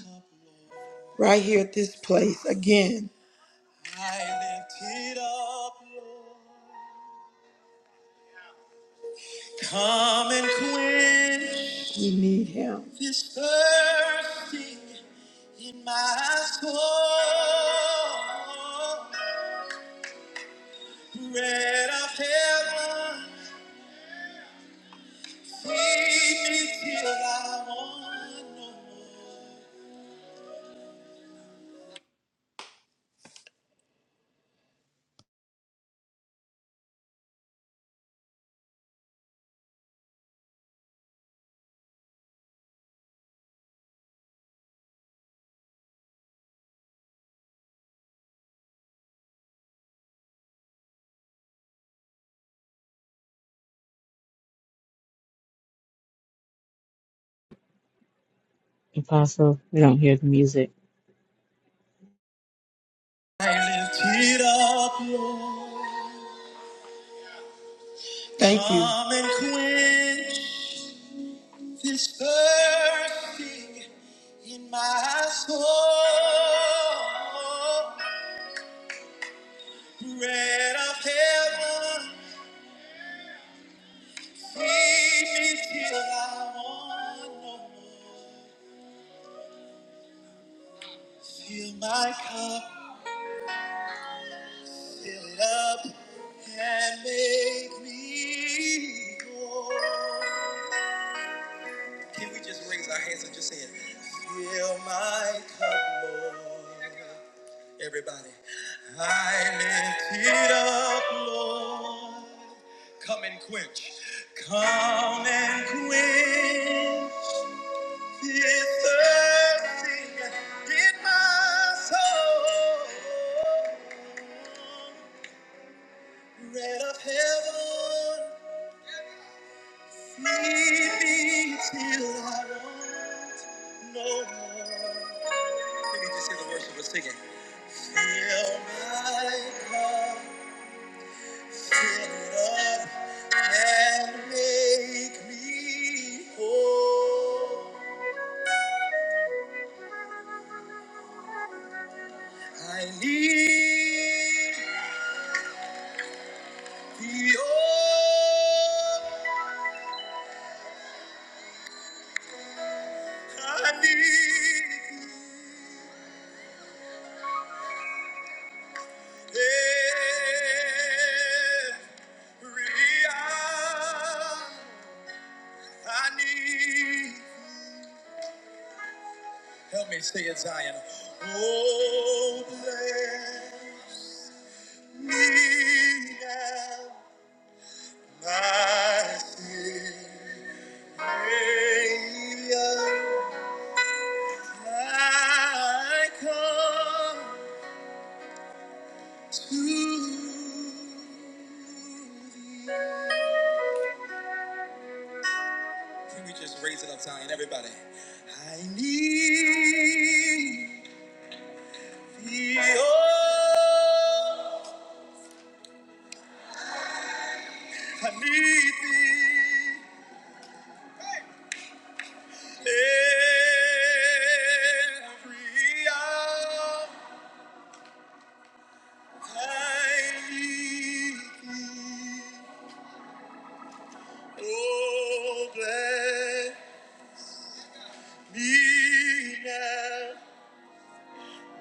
[SPEAKER 1] right here at this place again. I lift it up, Come and quench. We need him. This thirsting in my soul. Bread of heaven, feed me till I
[SPEAKER 2] Apostle, we don't hear the music.
[SPEAKER 1] lift it up. Thank you. Come and quench this thirsting in my soul. Bread of heaven. Can we cut it? I lift it up, Lord. Come and quench. Come and quench this thirsting in my soul. Red of heaven, feed me till I want no more. Let me just hit a minute. Oh, lay thy sin Oh, bless me now,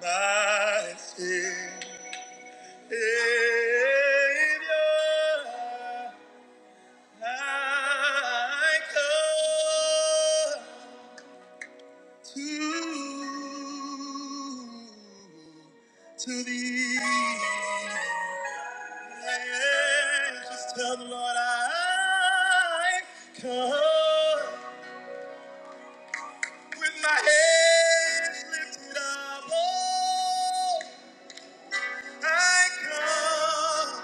[SPEAKER 1] my Savior. I come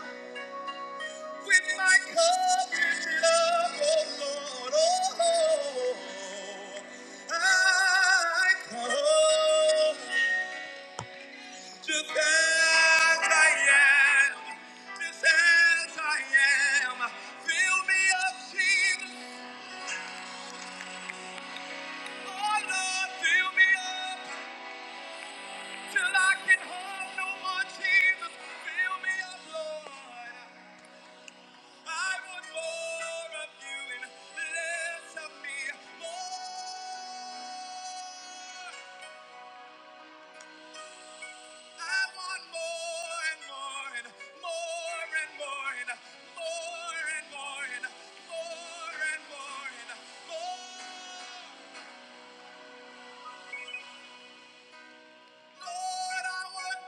[SPEAKER 1] with my covenant love, oh Lord. Oh, I come just as I am, just as I am. Fill me up, Jesus. Lord, I want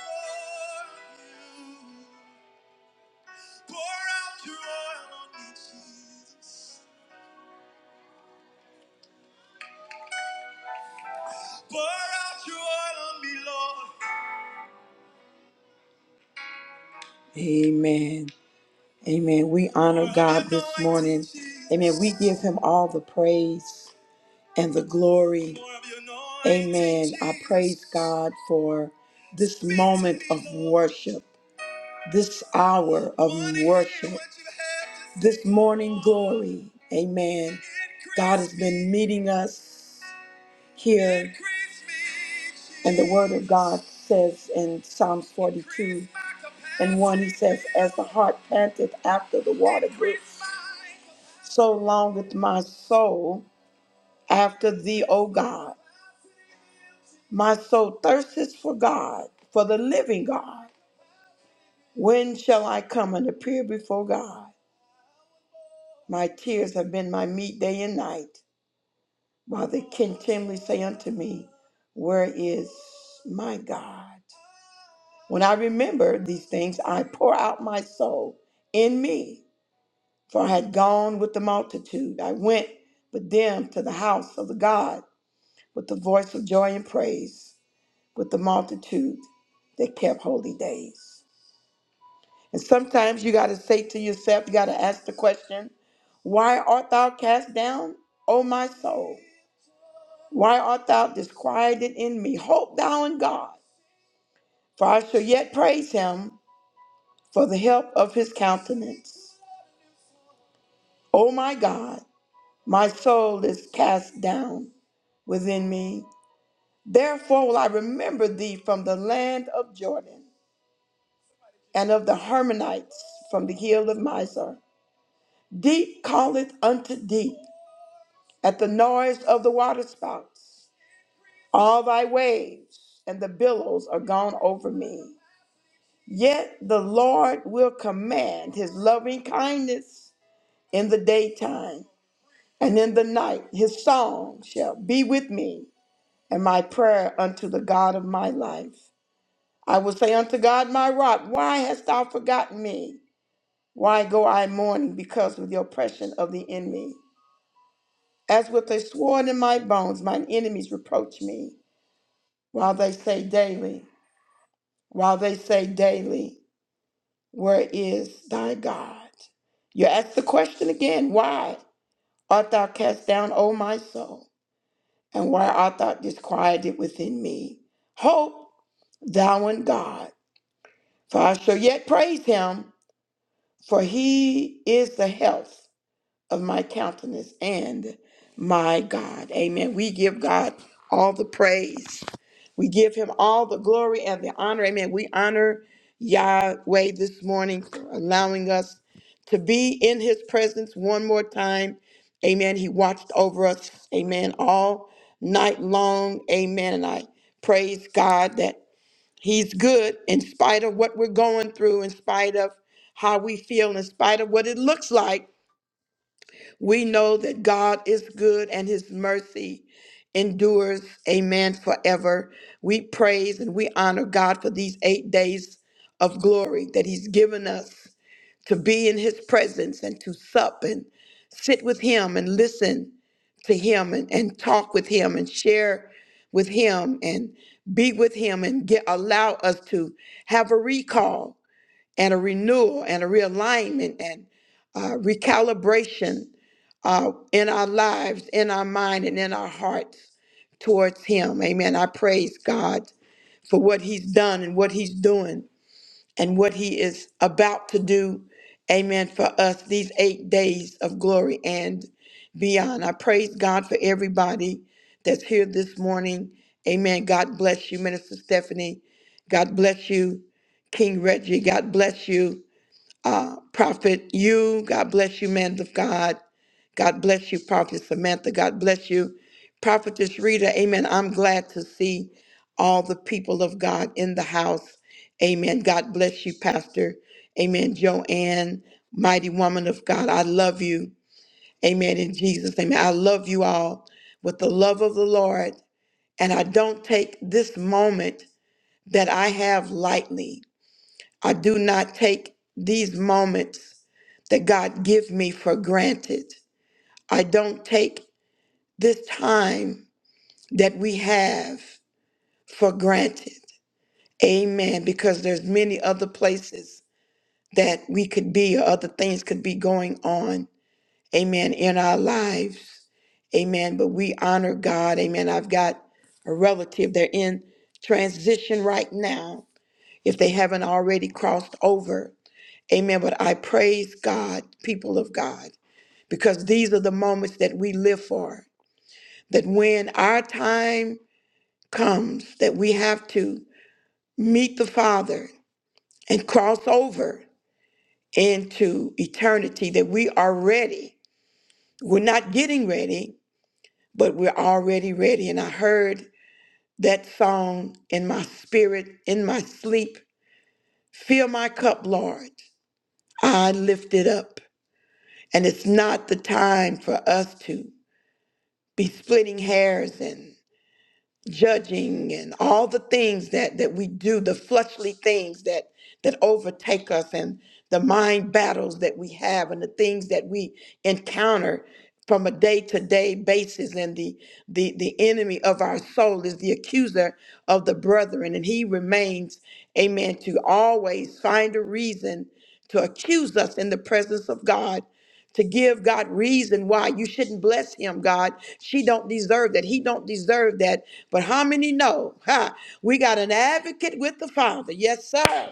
[SPEAKER 1] more of you. Pour out your oil on me, Jesus. Pour out your oil on me, Lord. Amen. Amen. We honor God this morning. Amen. We give him all the praise and the glory. Amen. I praise God for this moment of worship, this hour of worship, this morning glory. Amen. God has been meeting us. here. And the word of God says in Psalms 42 and 1, he says, As the heart panteth after the water brooks, so longeth my soul after thee, O God. My soul thirsteth for God, for the living God. When shall I come and appear before God? My tears have been my meat day and night, while they continually say unto me, Where is my God? When I remember these things, I pour out my soul in me, for I had gone with the multitude. I went with them to the house of the God with the voice of joy and praise, with the multitude that kept holy days. And sometimes you got to say to yourself, you got to ask the question, Why art thou cast down, O my soul? Why art thou disquieted in me? Hope thou in God, for I shall yet praise him for the help of his countenance. O my God, my soul is cast down within me. Therefore will I remember thee from the land of Jordan and of the Hermonites from the hill of Mizar. Deep calleth unto deep at the noise of the waterspouts. All thy waves and the billows are gone over me. Yet the Lord will command his loving kindness in the daytime, and in the night his song shall be with me and my prayer unto the God of my life. I will say unto God, my rock, why hast thou forgotten me? Why go I mourning because of the oppression of the enemy? As with a sword in my bones, mine enemies reproach me, while they say daily, while they say daily, where is thy God? You ask the question again, why art thou cast down, O my soul? And why art thou disquieted within me? Hope thou in God For I shall yet praise him, for he is the health of my countenance and my God. Amen. We give God all the praise. We give him all the glory and the honor. Amen. We honor Yahweh this morning for allowing us to be in his presence one more time. Amen. He watched over us. Amen. All night long. Amen. And I praise God that. He's good in spite of what we're going through, in spite of how we feel, in spite of what it looks like. We know that God is good and his mercy endures, amen, forever. We praise and we honor God for these eight days of glory that he's given us to be in his presence and to sup and sit with him and listen to him and, and talk with him and share with him and be with him and get allow us to have a recall and a renewal and a realignment and uh, recalibration uh, in our lives, in our mind, and in our hearts towards him. Amen. I praise God for what he's done and what he's doing and what he is about to do. Amen. For us, these eight days of glory and beyond. I praise God for everybody that's here this morning. Amen. God bless you, Minister Stephanie. God bless you, King Reggie. God bless you uh, Prophet, you, God bless you, man of God. God bless you, Prophet Samantha. God bless you, Prophetess Rita. Amen. I'm glad to see all the people of God in the house. Amen. God bless you, Pastor. Amen. Joanne, mighty woman of God, I love you. Amen. In Jesus' name, I love you all with the love of the Lord. And I don't take this moment that I have lightly. I do not take these moments that God give me for granted. I don't take this time that we have for granted. Amen. Because there's many other places that we could be or other things could be going on. Amen. In our lives. Amen. But we honor God. Amen. I've got a relative. They're in transition right now. If they haven't already crossed over. Amen. But I praise God, people of God, because these are the moments that we live for. That when our time comes, that we have to meet the Father and cross over into eternity, that we are ready. We're not getting ready, but we're already ready. And I heard that song in my spirit, in my sleep Fill my cup, Lord. I lift it up. And it's not the time for us to. be splitting hairs and judging and all the things that that we do the fleshly things that that overtake us and the mind battles that we have and the things that we encounter from a day-to-day basis and the the the enemy of our soul is the accuser of the brethren and he remains amen to always find a reason to accuse us in the presence of God to give God reason why you shouldn't bless him, God. She don't deserve that. He don't deserve that. But how many know? Ha, we got an advocate with the Father. Yes, sir.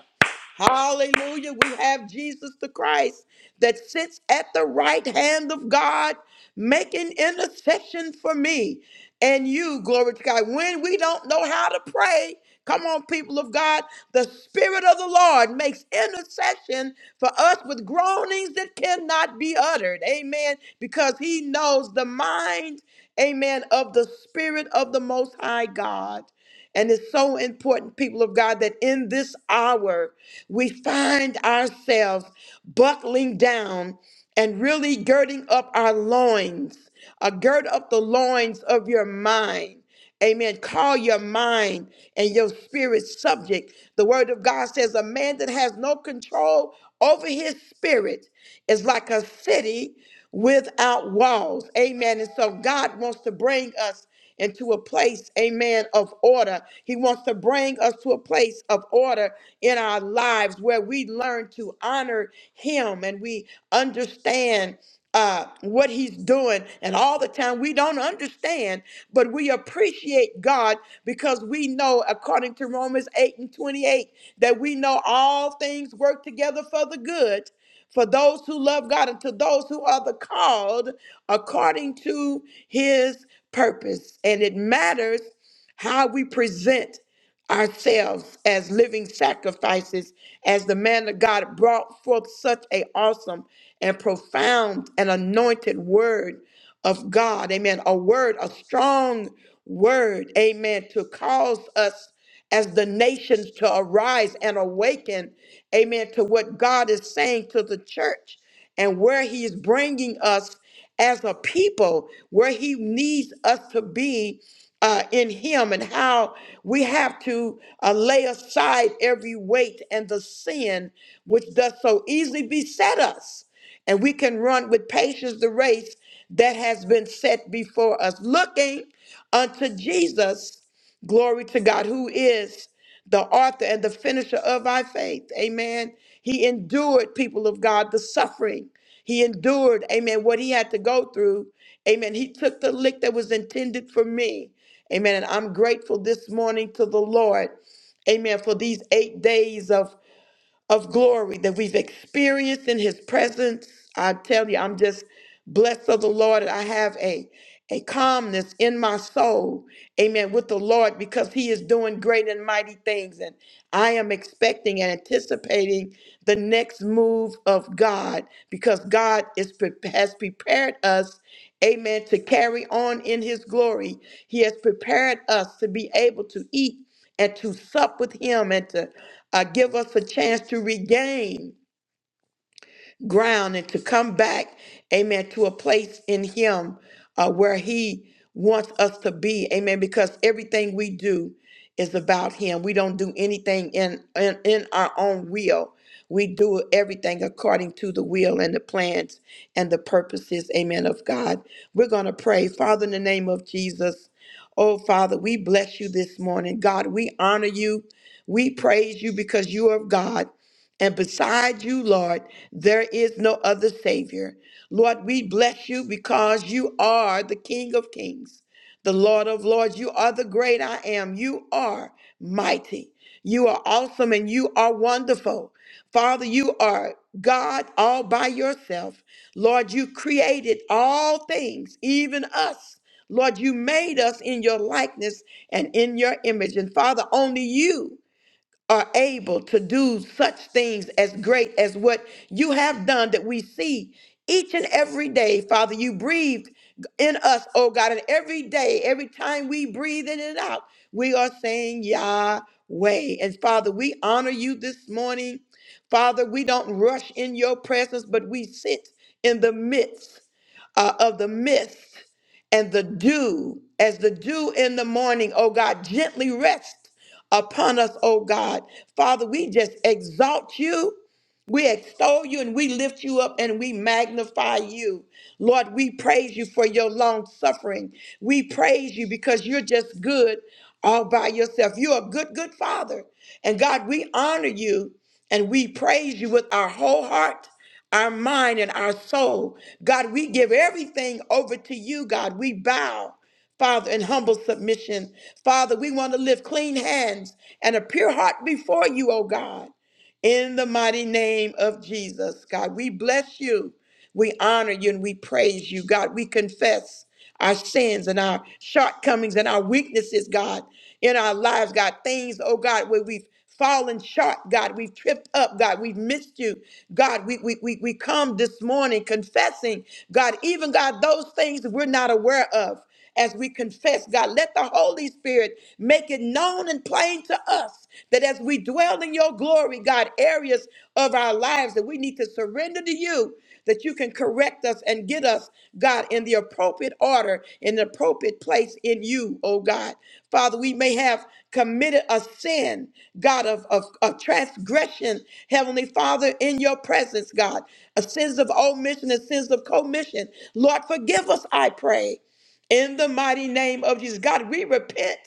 [SPEAKER 1] Hallelujah. We have Jesus the Christ that sits at the right hand of God making intercession for me and you. Glory to God. When we don't know how to pray, come on, people of God, the Spirit of the Lord makes intercession for us with groanings that cannot be uttered. Amen. Because he knows the mind, amen, of the Spirit of the Most High God. And it's so important, people of God, that in this hour we find ourselves buckling down and really girding up our loins. Uh, gird up the loins of your mind. Amen. Call your mind and your spirit subject. The word of God says a man that has no control over his spirit is like a city without walls. Amen. And so God wants to bring us into a place, amen, of order. He wants to bring us to a place of order in our lives where we learn to honor Him and we understand. Uh, what he's doing, and all the time we don't understand, but we appreciate God because we know, according to Romans 8 and 28, that we know all things work together for the good for those who love God and to those who are the called according to his purpose. And it matters how we present ourselves as living sacrifices as the man of God brought forth such a awesome and profound and anointed word of God. Amen. A word, a strong word, amen, to cause us as the nations to arise and awaken, amen, to what God is saying to the church and where He is bringing us as a people, where He needs us to be uh, in Him, and how we have to uh, lay aside every weight and the sin which does so easily beset us. And we can run with patience the race that has been set before us, looking unto Jesus Glory to God, who is the author and the finisher of our faith. Amen. He endured, people of God, the suffering. He endured, amen, what he had to go through. Amen. He took the lick that was intended for me. Amen. And I'm grateful this morning to the Lord. Amen. For these eight days of of glory that we've experienced in his presence. I tell you, I'm just blessed of the Lord. I have a a calmness in my soul, amen, with the Lord because he is doing great and mighty things. And I am expecting and anticipating the next move of God because God is pre- has prepared us, amen, to carry on in his glory. He has prepared us to be able to eat and to sup with him and to uh, give us a chance to regain ground and to come back, amen, to a place in Him uh, where He wants us to be, amen, because everything we do is about Him. We don't do anything in, in, in our own will. We do everything according to the will and the plans and the purposes, amen, of God. We're going to pray, Father, in the name of Jesus. Oh, Father, we bless you this morning. God, we honor you. We praise you because you are God. And beside you, Lord, there is no other Savior. Lord, we bless you because you are the King of Kings, the Lord of Lords. You are the great I am. You are mighty. You are awesome and you are wonderful. Father, you are God all by yourself. Lord, you created all things, even us. Lord, you made us in your likeness and in your image. And Father, only you are able to do such things as great as what you have done that we see each and every day, Father. You breathed in us, oh God, and every day, every time we breathe in and out, we are saying Yahweh. And Father, we honor you this morning. Father, we don't rush in your presence, but we sit in the midst uh, of the mist and the dew, as the dew in the morning, oh God, gently rest upon us, oh God. Father, we just exalt you. We extol you and we lift you up and we magnify you. Lord, we praise you for your long suffering. We praise you because you're just good all by yourself. You're a good, good father. And God, we honor you and we praise you with our whole heart, our mind, and our soul. God, we give everything over to you, God. We bow. Father, in humble submission. Father, we want to live clean hands and a pure heart before you, O God in the mighty name of Jesus, God. We bless you. We honor you and we praise you, God. We confess our sins and our shortcomings and our weaknesses, God, in our lives, God. Things, oh God, where we've fallen short, God. We've tripped up, God. We've missed you, God. We, we, we, we come this morning confessing, God, even, God, those things that we're not aware of as we confess, God. Let the Holy Spirit make it known and plain to us that as we dwell in your glory, God, areas of our lives that we need to surrender to you, that you can correct us and get us, God, in the appropriate order, in the appropriate place in you, oh God. Father, we may have committed a sin, God, of, of, of transgression, Heavenly Father, in your presence, God, a sins of omission and sins of commission. Lord, forgive us, I pray in the mighty name of Jesus. God, we repent,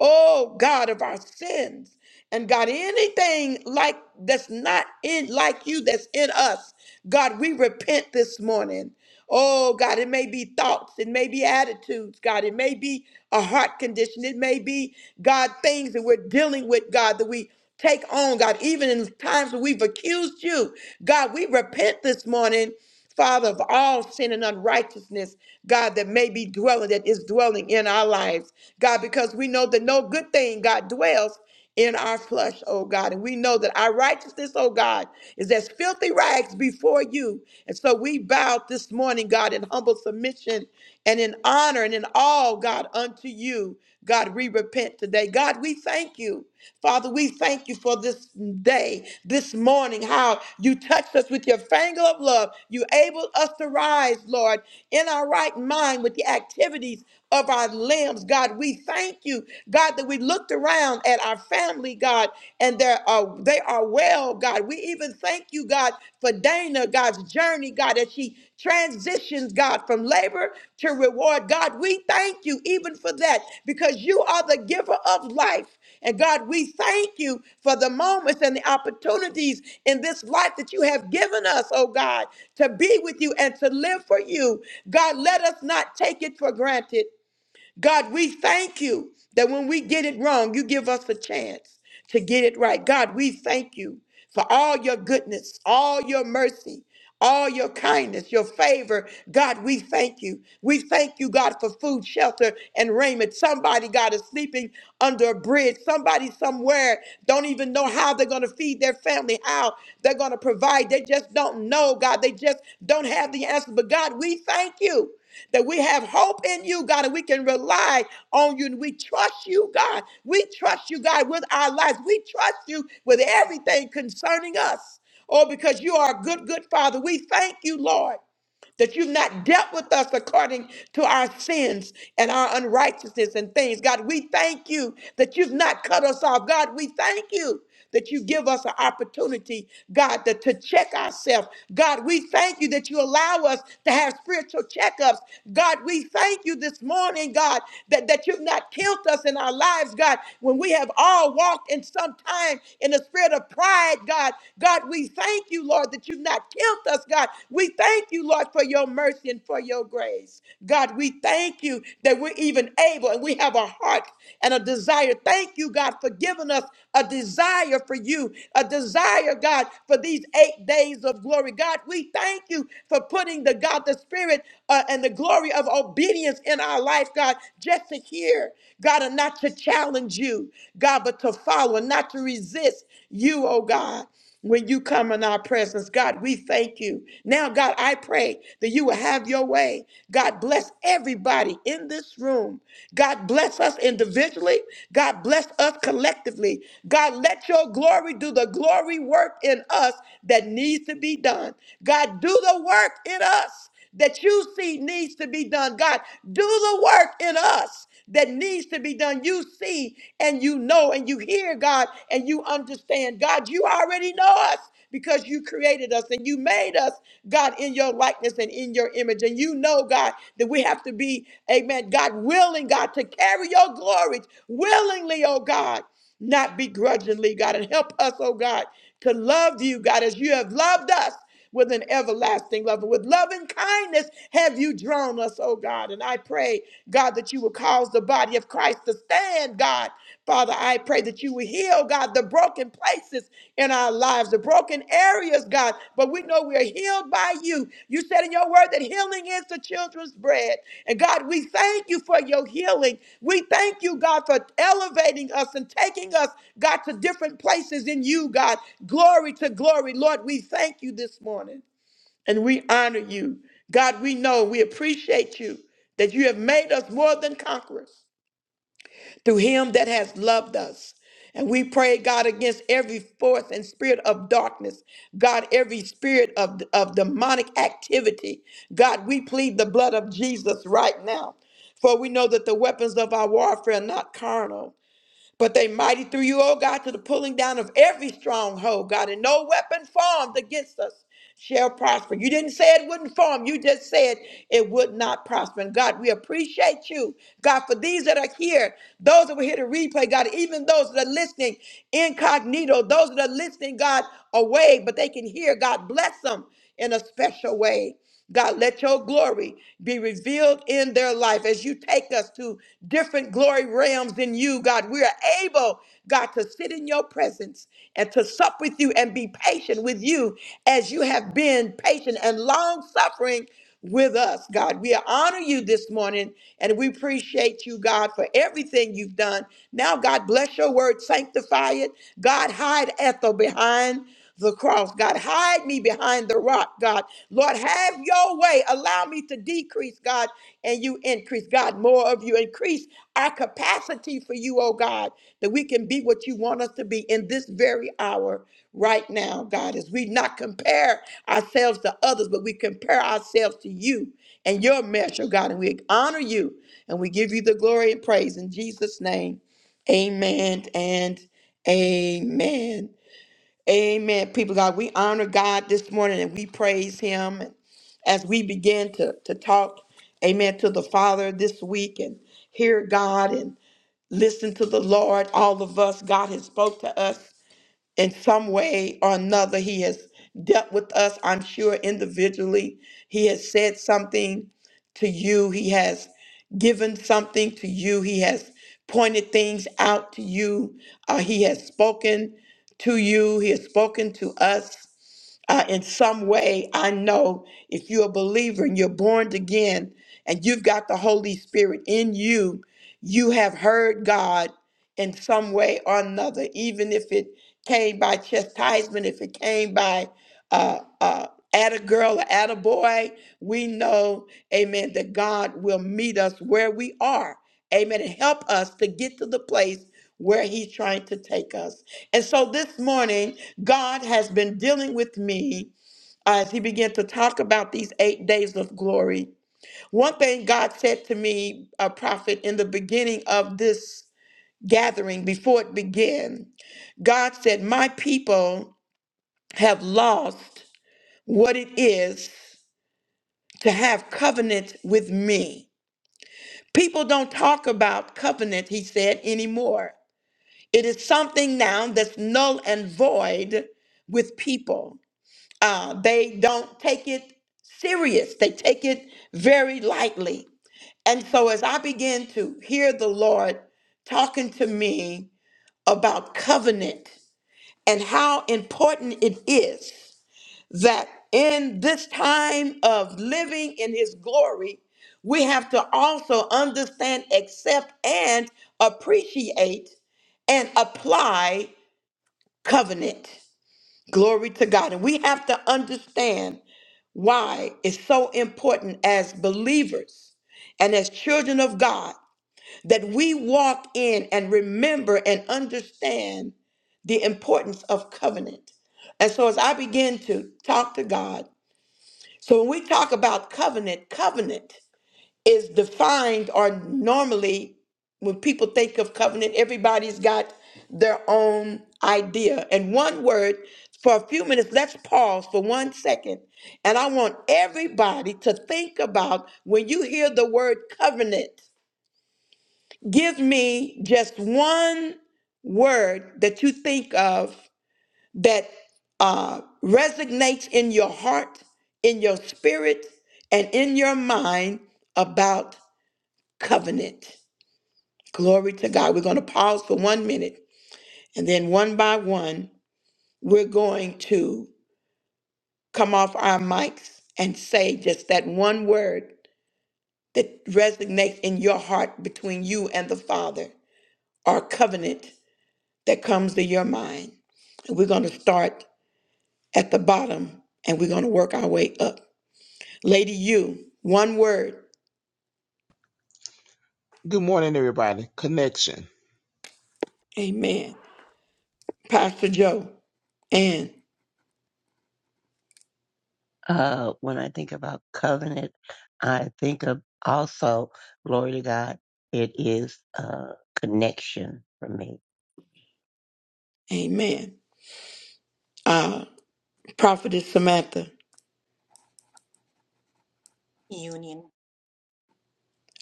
[SPEAKER 1] oh God, of our sins. And God, anything like that's not in like you that's in us, God, we repent this morning. Oh God, it may be thoughts, it may be attitudes, God, it may be a heart condition, it may be God things that we're dealing with, God, that we take on, God, even in times when we've accused you. God, we repent this morning Father, of all sin and unrighteousness, God, that may be dwelling, that is dwelling in our lives, God, because we know that no good thing, God, dwells in our flesh, oh God. And we know that our righteousness, oh God, is as filthy rags before you. And so we bow this morning, God, in humble submission and in honor and in all, God, unto you. God, we repent today. God, we thank you. Father, we thank you for this day, this morning, how you touched us with your finger of love. You enabled us to rise, Lord, in our right mind with the activities of our limbs. God, we thank you, God, that we looked around at our family, God, and they are, they are well, God. We even thank you thank you, God, for Dana, God's journey, God, as she transitions, God, from labor to reward. God, we thank you even for that because you are the giver of life. And God, we thank you for the moments and the opportunities in this life that you have given us, oh God, to be with you and to live for you. God, let us not take it for granted. God, we thank you that when we get it wrong, you give us a chance to get it right. God, we thank you for all your goodness, all your mercy, all your kindness, your favor. God, we thank you. We thank you, God, for food, shelter, and raiment. Somebody, God, is sleeping under a bridge. Somebody somewhere don't even know how they're going to feed their family, how they're going to provide. They just don't know, God. They just don't have the answer. But God, we thank you that we have hope in you, God, and we can rely on you and we trust you, God. We trust you, God, with our lives. We trust you with everything concerning us. Oh, because you are a good, good Father. We thank you, Lord that you've not dealt with us according to our sins and our unrighteousness and things. God, we thank you that you've not cut us off. God, we thank you that you give us an opportunity, God, to, to check ourselves. God, we thank you that you allow us to have spiritual checkups. God, we thank you this morning, God, that, that you've not killed us in our lives, God, when we have all walked in some time in the spirit of pride, God. God, we thank thank you, Lord, that you've not killed us, God. We thank you, Lord, for your mercy and for your grace. God, we thank you that we're even able and we have a heart and a desire. Thank you, God, for giving us a desire for you, a desire, God, for these eight days of glory. God, we thank you for putting the God, the Spirit, uh, and the glory of obedience in our life, God, just to hear, God, and not to challenge you, God, but to follow and not to resist you, oh God when you come in our presence. God, we thank you. Now, God, I pray that you will have your way. God, bless everybody in this room. God, bless us individually. God, bless us collectively. God, let your glory do the glory work in us that needs to be done. God, do the work in us that you see needs to be done. God, do the work in us that needs to be done. You see and you know and you hear, God, and you understand. God, you already know us because you created us and you made us, God, in your likeness and in your image. And you know, God, that we have to be, amen, God, willing, God, to carry your glory willingly, oh God not begrudgingly, God, and help us, oh God, to love you, God, as you have loved us with an everlasting love. And with loving kindness have you drawn us, oh God. And I pray, God, that you will cause the body of Christ to stand, God. Father, I pray that you will heal, God, the broken places in our lives, the broken areas, God. But we know we we're healed by you. You said in your word that healing is the children's bread. And God, we thank you for your healing. We thank you, God, for elevating us and taking us, God, to different places in you, God. Glory to glory. Lord, we thank you this morning and we honor you. God, we know, we appreciate you that you have made us more than conquerors through him that has loved us. And we pray, God, against every force and spirit of darkness, God, every spirit of, of demonic activity. God, we plead the blood of Jesus right now. For we know that the weapons of our warfare are not carnal, but they mighty through you, O God, to the pulling down of every stronghold, God, and no weapon formed against us shall prosper. You didn't say it wouldn't form, you just said it would not prosper. And God, we appreciate you, God, for these that are here, those that were here to replay, God, even those that are listening incognito, those that are listening, God, away, but they can hear, God, bless them in a special way. God, let your glory be revealed in their life as you take us to different glory realms in you, God. We are able, God, to sit in your presence and to sup with you and be patient with you as you have been patient and long suffering with us, God. We honor you this morning and we appreciate you, God, for everything you've done. Now, God, bless your word, sanctify it. God, hide Ethel behind the cross. God, hide me behind the rock, God. Lord, have your way. Allow me to decrease, God, and you increase. God, more of you. Increase our capacity for you, oh God, that we can be what you want us to be in this very hour right now, God, as we not compare ourselves to others, but we compare ourselves to you and your measure, God, and we honor you and we give you the glory and praise in Jesus' name. Amen and amen. Amen. People, God, we honor God this morning and we praise Him And as we begin to, to talk, amen, to the Father this week and hear God and listen to the Lord. All of us, God has spoke to us in some way or another he has dealt with us i'm sure individually he has said something to you he has given something to you he has pointed things out to you uh, he has spoken to you he has spoken to us uh, in some way. I know if you're a believer and you're born again and you've got the Holy Spirit in you, you have heard God in some way or another, even if it came by chastisement, if it came by uh, uh, at a girl or at a boy, we know, amen, that God will meet us where we are, amen, and help us to get to the place where He's trying to take us. And so this morning, God has been dealing with me uh, as he began to talk about these eight days of glory. One thing God said to me, a prophet, in the beginning of this gathering, before it began, God said, My people have lost what it is to have covenant with me. People don't talk about covenant, he said, anymore. It is something now that's null and void with people. Uh, they don't take it serious, they take it very lightly. And so, as I began to hear the Lord talking to me about covenant and how important it is that in this time of living in His glory, we have to also understand, accept, and appreciate and apply covenant. Glory to God. And we have to understand why it's so important as believers and as children of God that we walk in and remember and understand the importance of covenant. And so as I begin to talk to God, so when we talk about covenant, covenant is defined or normally when people think of covenant everybody's got their own idea and one word for a few minutes let's pause for one second and i want everybody to think about when you hear the word covenant give me just one word that you think of that uh, resonates in your heart in your spirit and in your mind about covenant Glory to God. We're going to pause for one minute and then one by one, we're going to come off our mics and say just that one word that resonates in your heart between you and the Father or covenant that comes to your mind. And we're going to start at the bottom and we're going to work our way up. Lady, you, one word.
[SPEAKER 4] Good morning, everybody. Connection.
[SPEAKER 1] Amen. Pastor Joe, and
[SPEAKER 3] Uh, when I think about covenant, I think of also, glory to God, it is a connection for me.
[SPEAKER 1] amen. Uh, Prophetess Samantha.
[SPEAKER 5] Union.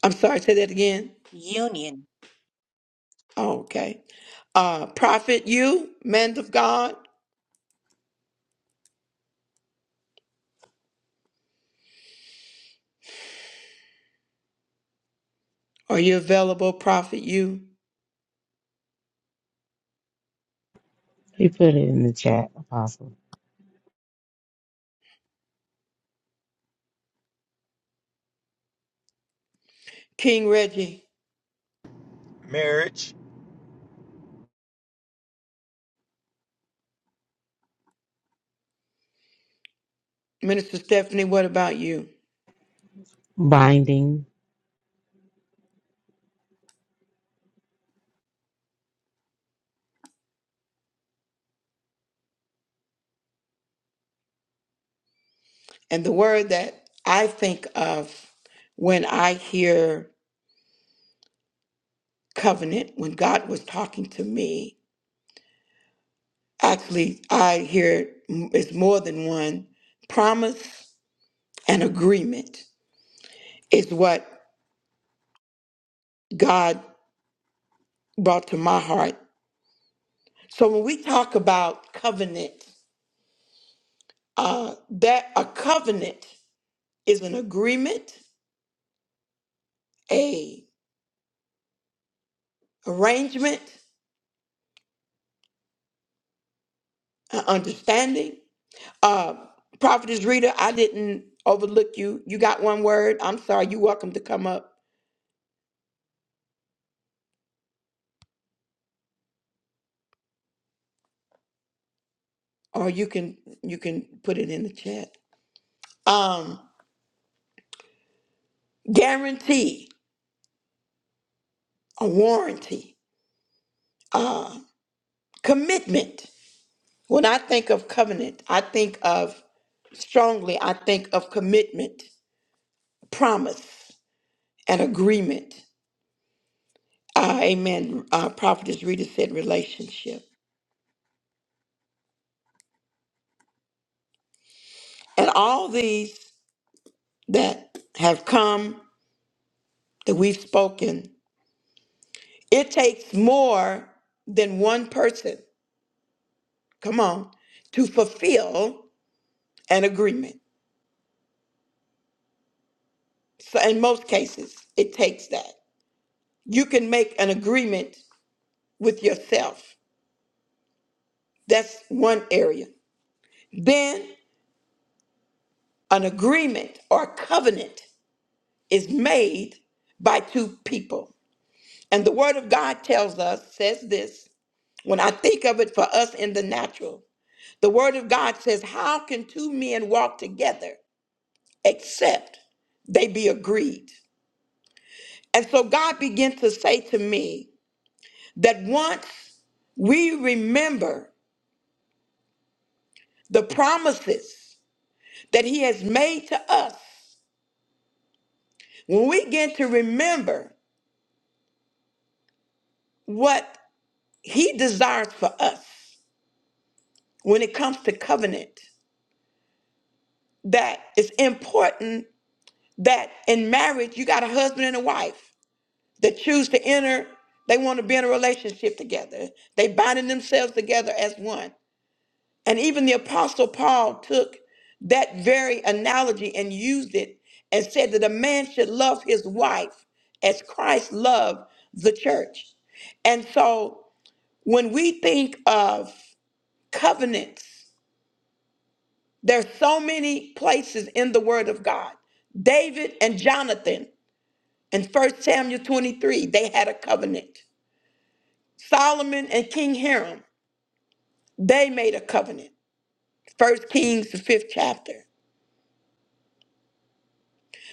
[SPEAKER 1] I'm sorry, say that again.
[SPEAKER 5] Union.
[SPEAKER 1] Oh, okay. Uh, Prophet, you, man of God, are you available? Prophet, you,
[SPEAKER 2] He put it in the chat, Apostle.
[SPEAKER 1] King Reggie,
[SPEAKER 6] Marriage.
[SPEAKER 1] Minister Stephanie, what about you?
[SPEAKER 2] Binding.
[SPEAKER 1] And the word that I think of when I hear covenant, when God was talking to me, actually, I hear m- it's more than one promise and agreement is what God brought to my heart. So when we talk about covenant, uh, that a covenant is an agreement, a arrangement, an understanding. Uh, Prophetess Rita, I didn't overlook you. You got one word. I'm sorry. You're welcome to come up, or you can you can put it in the chat. Um, guarantee, a warranty, uh, commitment. When I think of covenant, I think of strongly. I think of commitment, promise, and agreement. Uh, amen. Uh, Prophetess Rita said relationship. And all these that have come that we've spoken, it takes more than one person, come on, to fulfill an agreement. So in most cases, it takes that. You can make an agreement with yourself. That's one area. Then an agreement or covenant is made by two people. And the Word of God tells us, says this, when I think of it for us in the natural, the Word of God says, How can two men walk together except they be agreed? And so God began to say to me that once we remember the promises that He has made to us, when we begin to remember what He desires for us when it comes to covenant, that it's important that in marriage you got a husband and a wife that choose to enter they want to be in a relationship together they binding themselves together as one and even the apostle paul took that very analogy and used it and said that a man should love his wife as christ loved the church and so when we think of covenants there's so many places in the word of god david and jonathan In First Samuel 23, they had a covenant. Solomon and King Hiram, they made a covenant. First Kings, the fifth chapter.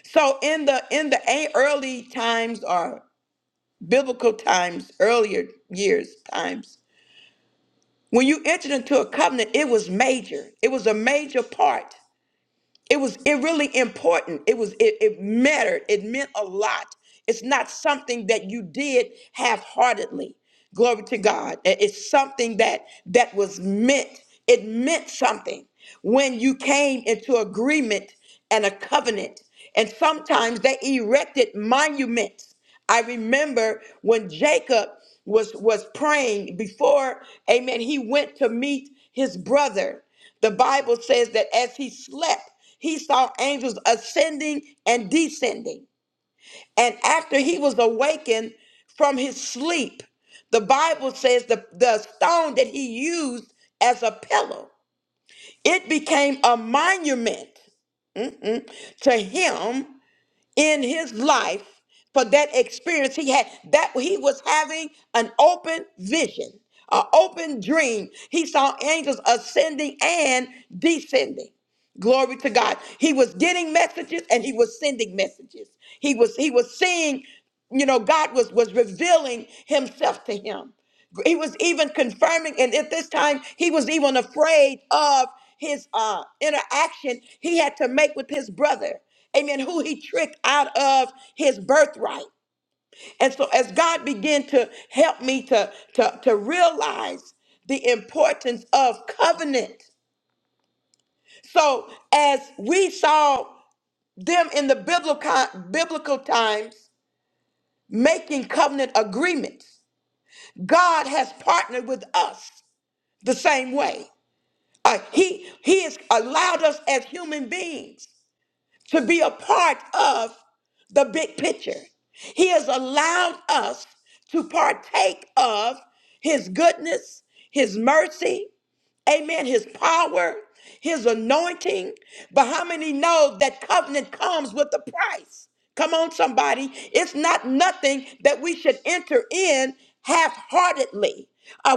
[SPEAKER 1] So in the in the a- early times or biblical times, earlier years times, when you entered into a covenant, it was major. It was a major part. it was it really important it was it, it mattered it meant a lot it's not something that you did half-heartedly glory to god I- it's something that that was meant it meant something when you came into agreement and a covenant and sometimes they erected monuments I remember when Jacob was was praying before, amen, he went to meet his brother. The Bible says that as he slept, he saw angels ascending and descending. And after he was awakened from his sleep, the Bible says the, the stone that he used as a pillow, it became a monument mm-mm, to him in his life for that experience he had that he was having an open vision an open dream he saw angels ascending and descending Glory to God. He was getting messages and he was sending messages. He was he was seeing, you know, God was was revealing himself to him. He was even confirming, and at this time he was even afraid of his uh interaction he had to make with his brother. Amen. Who he tricked out of his birthright. And so as God began to help me to to, to realize the importance of covenant. So as we saw them in the biblical, biblical times making covenant agreements. God has partnered with us the same way. Uh, he, he has allowed us as human beings to be a part of the big picture. He has allowed us to partake of His goodness, His mercy, amen, his power, his anointing. But how many know that covenant comes with a price? Come on, somebody. It's not nothing that we should enter in half heartedly.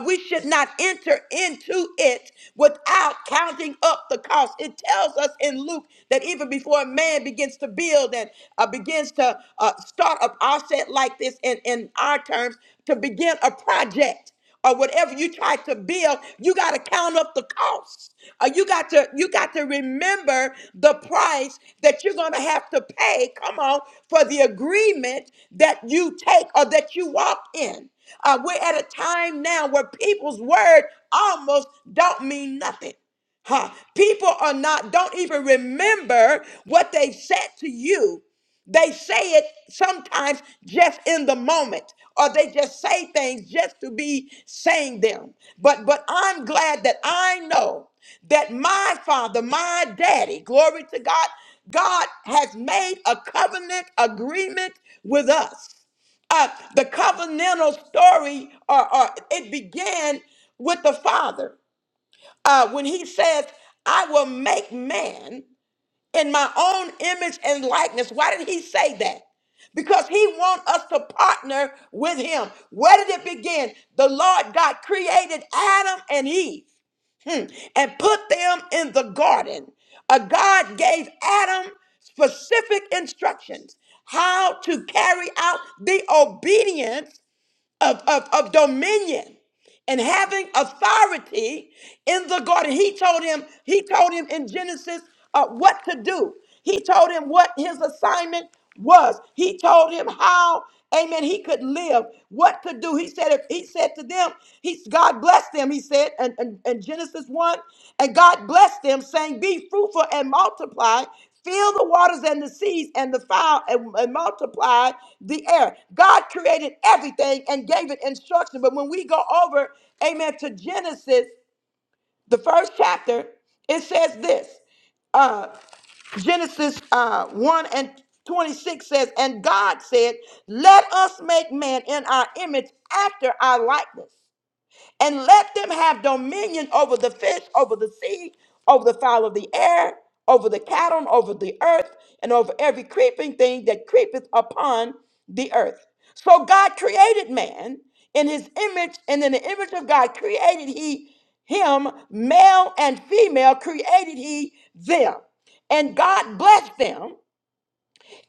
[SPEAKER 1] we should not enter into it without counting up the cost. It tells us in Luke that even before a man begins to build and uh, begins to uh, start up, I'll say it like this in, in our terms, to begin a project or whatever you try to build you got to count up the cost Uh, you got to you got to remember the price that you're going to have to pay come on for the agreement that you take or that you walk in Uh, we're at a time now where people's word almost don't mean nothing Huh. People are not, don't even remember what they said to you. They say it sometimes just in the moment, or they just say things just to be saying them. But but I'm glad that I know that my father, my daddy, glory to God, God has made a covenant agreement with us. Uh, the covenantal story, or, or it began with the father uh, when he says, "I will make man." in my own image and likeness. Why did he say that? Because he wants us to partner with him. Where did it begin? The Lord God created Adam and Eve hmm, and put them in the garden. Uh, God gave Adam specific instructions how to carry out the obedience of, of, of dominion and having authority in the garden. He told him, he told him in Genesis uh, what to do. He told him what his assignment was. He told him how, amen, he could live, what to do. He said, if he said to them, he God blessed them, he said in, in in Genesis 1, and God blessed them, saying, Be fruitful and multiply, fill the waters and the seas and the fowl and, and multiply the air. God created everything and gave it instruction. But when we go over, amen, to Genesis, the first chapter, it says this. Uh, Genesis uh, 1 and 26 says, And God said, Let us make man in our image after our likeness and let them have dominion over the fish, over the sea, over the fowl of the air, over the cattle, and over the earth, and over every creeping thing that creepeth upon the earth. So God created man in his image, and in the image of God created he him, male and female created he them. And God blessed them,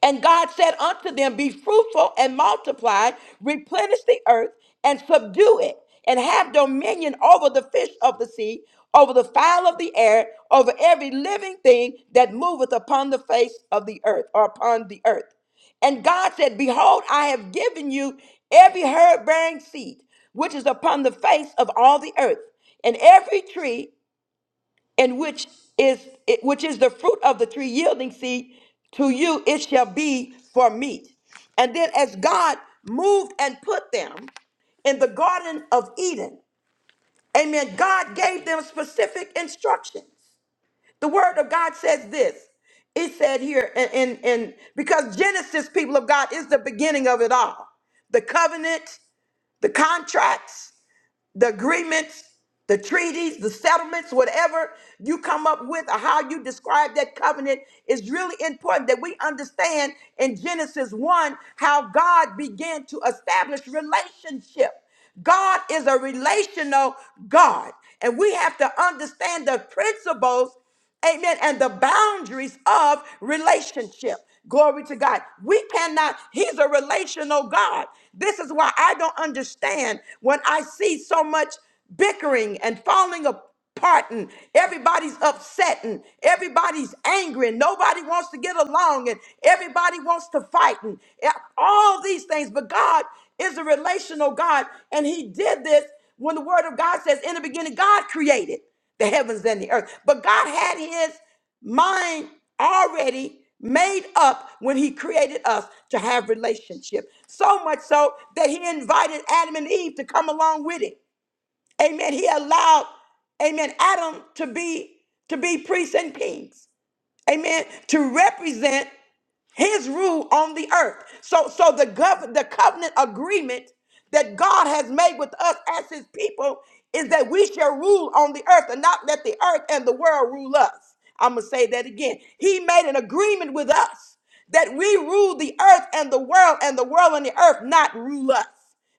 [SPEAKER 1] and God said unto them, Be fruitful and multiply, replenish the earth and subdue it, and have dominion over the fish of the sea, over the fowl of the air, over every living thing that moveth upon the face of the earth or upon the earth. And God said, Behold, I have given you every herb bearing seed which is upon the face of all the earth, and every tree and which is it- which is the fruit of the tree yielding seed to you it shall be for meat and then as god moved and put them in the garden of eden amen god gave them specific instructions the word of god says this it said here and and, and because genesis people of god is the beginning of it all the covenant the contracts the agreements, the treaties, the settlements, whatever you come up with or how you describe that covenant is really important that we understand in Genesis 1 how God began to establish relationship. God is a relational God, and we have to understand the principles Amen. And the boundaries of relationship. Glory to God. We cannot, He's a relational God. This is why I don't understand when I see so much bickering and falling apart and everybody's upset and everybody's angry and nobody wants to get along and everybody wants to fight and all these things. But God is a relational God and He did this when the Word of God says, in the beginning, God created the heavens and the earth. But God had his mind already made up when he created us to have relationship. So much so that he invited Adam and Eve to come along with it. Amen. He allowed, amen, Adam to be to be priests and kings. Amen. To represent his rule on the earth. So so the gov- the covenant agreement that God has made with us as his people is that we shall rule on the earth and not let the earth and the world rule us. I'm going to say that again. He made an agreement with us that we rule the earth and the world and the world and the earth not rule us.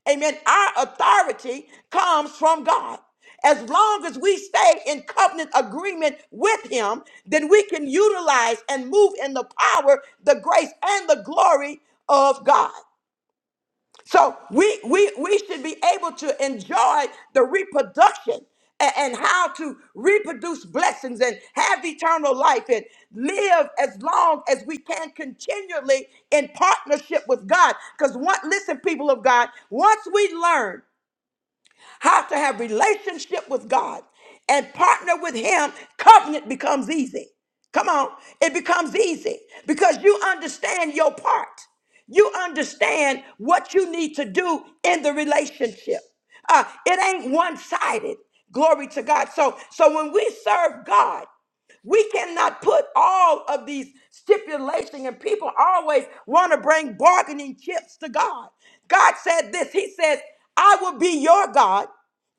[SPEAKER 1] Amen. Our authority comes from God. As long as we stay in covenant agreement with Him, then we can utilize and move in the power, the grace, and the glory of God. So we we we should be able to enjoy the reproduction a- and, how to reproduce blessings and have eternal life and live as long as we can continually in partnership with God. Because what listen, people of God, once we learn how to have relationship with God and partner with him, covenant becomes easy. Come on, it becomes easy because you understand your part. You understand what you need to do in the relationship. Uh, it ain't one-sided. Glory to God. So, so when we serve God, we cannot put all of these stipulations, and people always want to bring bargaining chips to God. God said this He says, I will be your God,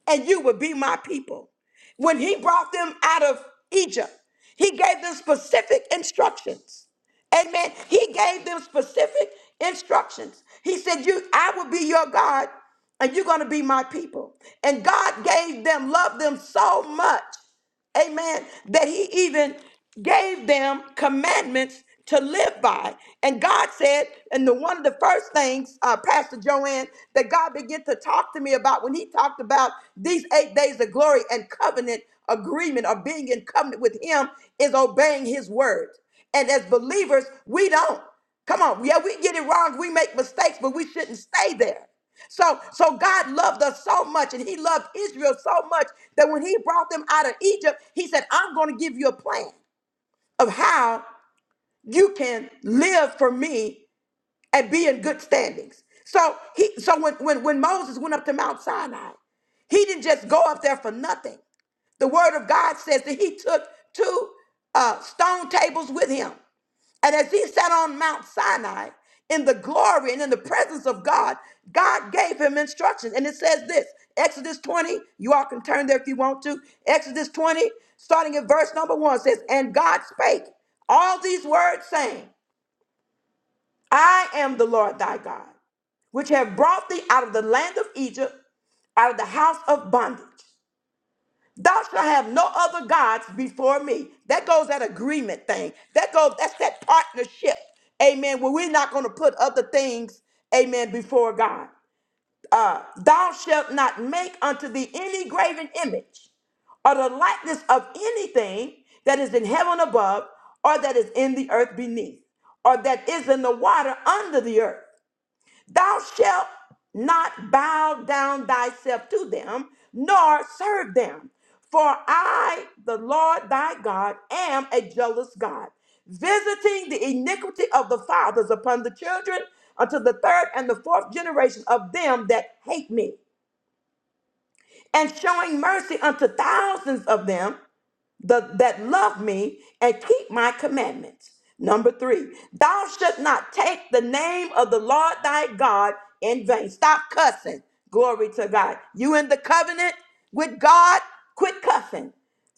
[SPEAKER 1] and you will be my people. When He brought them out of Egypt, He gave them specific instructions. Amen. He gave them specific instructions. He said, You, I will be your God, and you're going to be my people. And God gave them, loved them so much amen, that he even gave them commandments to live by. And God said, and the one of the first things, uh, Pastor Joanne, that God began to talk to me about when he talked about these eight days of glory and covenant agreement or being in covenant with him is obeying his word. And as believers, we don't. Come on. Yeah, we get it wrong. We make mistakes, but we shouldn't stay there. So, so God loved us so much, and He loved Israel so much that when He brought them out of Egypt, He said, I'm going to give you a plan of how you can live for me and be in good standings. So he so when, when when Moses went up to Mount Sinai, he didn't just go up there for nothing. The word of God says that he took two uh, stone tables with him. And as he sat on Mount Sinai in the glory and in the presence of God, God gave him instructions. And it says this Exodus 20, you all can turn there if you want to. Exodus 20, starting at verse number one, says, And God spake all these words, saying, I am the Lord thy God, which have brought thee out of the land of Egypt, out of the house of bondage. Thou shalt have no other gods before me. That goes that agreement thing. That goes, that's that partnership. Amen. Where we're not going to put other things, amen, before God. Uh, thou shalt not make unto thee any graven image or the likeness of anything that is in heaven above or that is in the earth beneath or that is in the water under the earth. Thou shalt not bow down thyself to them, nor serve them. For I, the Lord thy God, am a jealous God, visiting the iniquity of the fathers upon the children unto the third and the fourth generation of them that hate me, and showing mercy unto thousands of them the, that love me and keep my commandments. Number three, thou shalt not take the name of the Lord thy God in vain. Stop cussing. Glory to God. You in the covenant with God, quit cussing.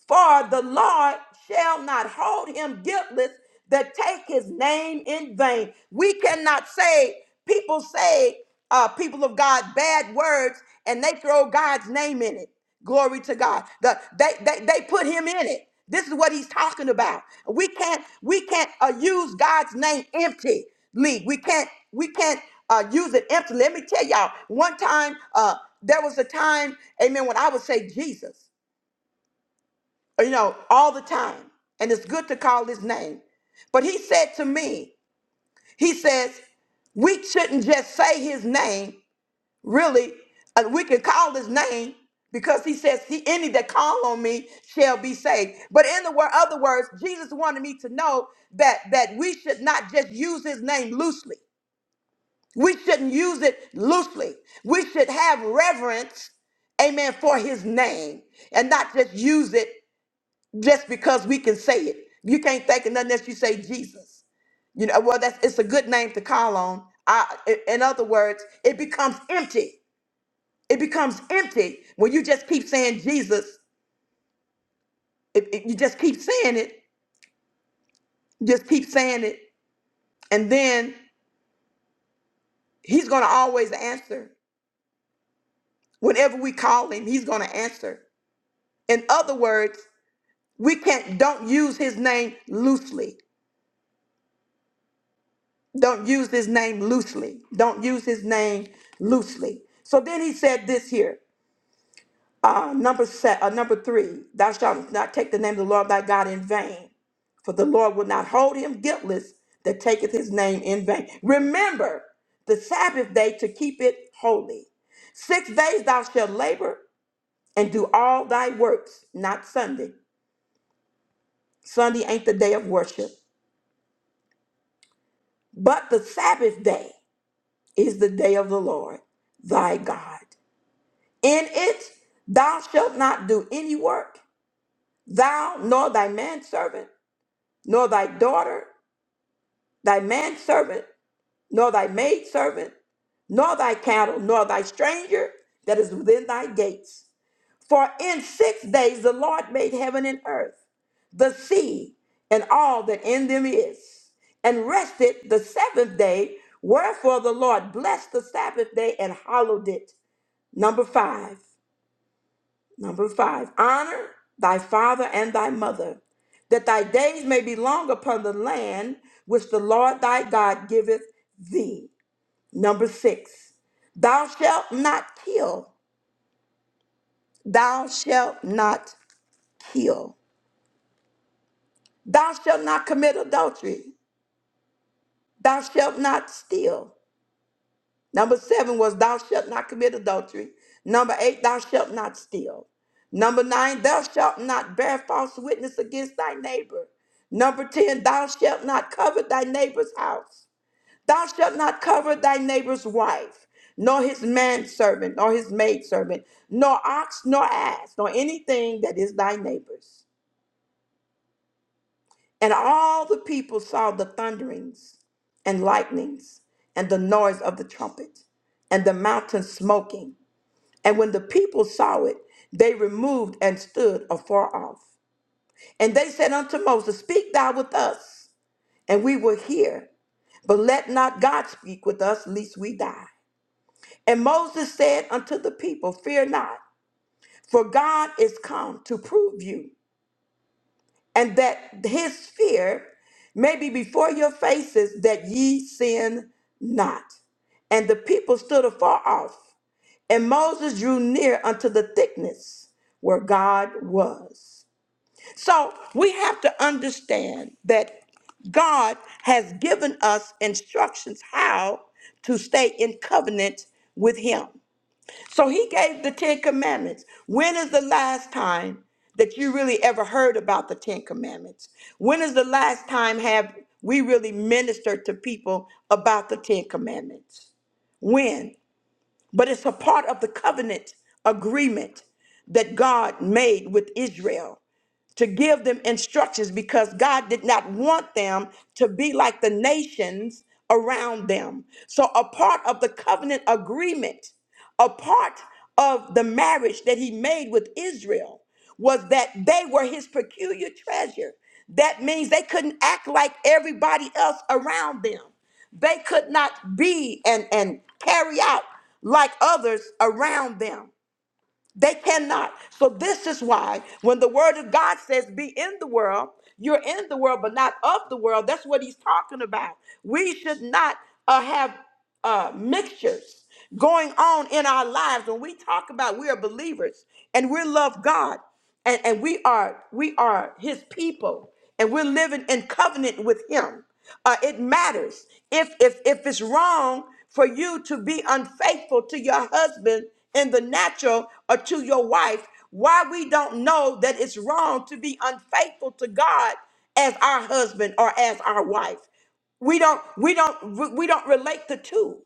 [SPEAKER 1] For the Lord shall not hold him guiltless that take his name in vain. We cannot say, people say, uh, people of God, bad words, and they throw God's name in it. Glory to God. The, they, they, they put him in it. This is what he's talking about. We can't we can't uh, use God's name empty. League. We can't we can't uh, use it empty. Let me tell y'all. One time, uh, there was a time, Amen. When I would say Jesus, you know, all the time. And it's good to call his name. But he said to me, he says, we shouldn't just say his name, really. Uh, we can call his name because he says, he, any that call on me shall be saved. But in the word, other words, Jesus wanted me to know that, that we should not just use his name loosely. We shouldn't use it loosely. We should have reverence amen, for his name and not just use it just because we can say it. You can't think of nothing else you say Jesus. You know, well, that's it's a good name to call on. I, in other words, it becomes empty. It becomes empty when you just keep saying Jesus. If, if you just keep saying it, just keep saying it, and then He's going to always answer. Whenever we call Him, He's going to answer. In other words, we can't don't use His name loosely. Don't use his name loosely. Don't use his name loosely. So then he said this here, uh, number set, uh, number three, thou shalt not take the name of the Lord thy God in vain, for the Lord will not hold him guiltless that taketh his name in vain. Remember the Sabbath day to keep it holy. Six days thou shalt labor and do all thy works, not Sunday. Sunday ain't the day of worship, but the Sabbath day is the day of the Lord thy God. In it thou shalt not do any work, thou nor thy manservant, nor thy daughter, thy manservant, nor thy maidservant, nor thy cattle, nor thy stranger that is within thy gates. For in six days the Lord made heaven and earth, the sea, and all that in them is, and rested the seventh day. Wherefore the Lord blessed the Sabbath day and hallowed it. Number five. Number five, honor thy father and thy mother, that thy days may be long upon the land which the Lord thy God giveth thee. Number six, thou shalt not kill. Thou shalt not kill. Thou shalt not commit adultery. Thou shalt not steal. Number seven was thou shalt not commit adultery. Number eight, thou shalt not steal. Number nine, thou shalt not bear false witness against thy neighbor. Number 10, thou shalt not covet thy neighbor's house. Thou shalt not covet thy neighbor's wife, nor his manservant, nor his maidservant, nor ox, nor ass, nor anything that is thy neighbor's. And all the people saw the thunderings and lightnings and the noise of the trumpet and the mountain smoking And when the people saw it, they removed and stood afar off. And they said unto Moses, Speak thou with us, and we will hear. But let not God speak with us, lest we die. And Moses said unto the people, Fear not, for God is come to prove you, and that his fear may be before your faces, that ye sin not. And the people stood afar off, and Moses drew near unto the thickness where God was. So we have to understand that God has given us instructions how to stay in covenant with Him. So He gave the Ten Commandments. When is the last time that you really ever heard about the Ten Commandments? When is the last time have we really ministered to people about the Ten Commandments? When? But it's a part of the covenant agreement that God made with Israel to give them instructions because God did not want them to be like the nations around them. So, a part of the covenant agreement, a part of the marriage that he made with Israel was that they were his peculiar treasure. That means they couldn't act like everybody else around them. They could not be and, and carry out like others around them. They cannot. So this is why when the word of God says be in the world, you're in the world but not of the world. That's what he's talking about. We should not uh, have uh, mixtures going on in our lives when we talk about we are believers and we love God and, and we are we are his people and we're living in covenant with him uh, it matters if if if it's wrong for you to be unfaithful to your husband in the natural or to your wife why we don't know that it's wrong to be unfaithful to god as our husband or as our wife we don't we don't we we don't relate the two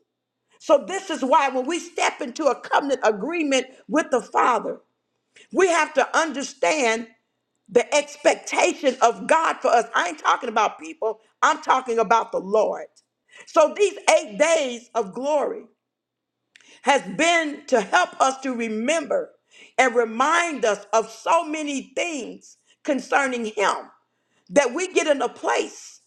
[SPEAKER 1] so this is why when we step into a covenant agreement with the father we have to understand the expectation of God for us. I ain't talking about people, I'm talking about the Lord. So these eight days of glory has been to help us to remember and remind us of so many things concerning Him that we get in a place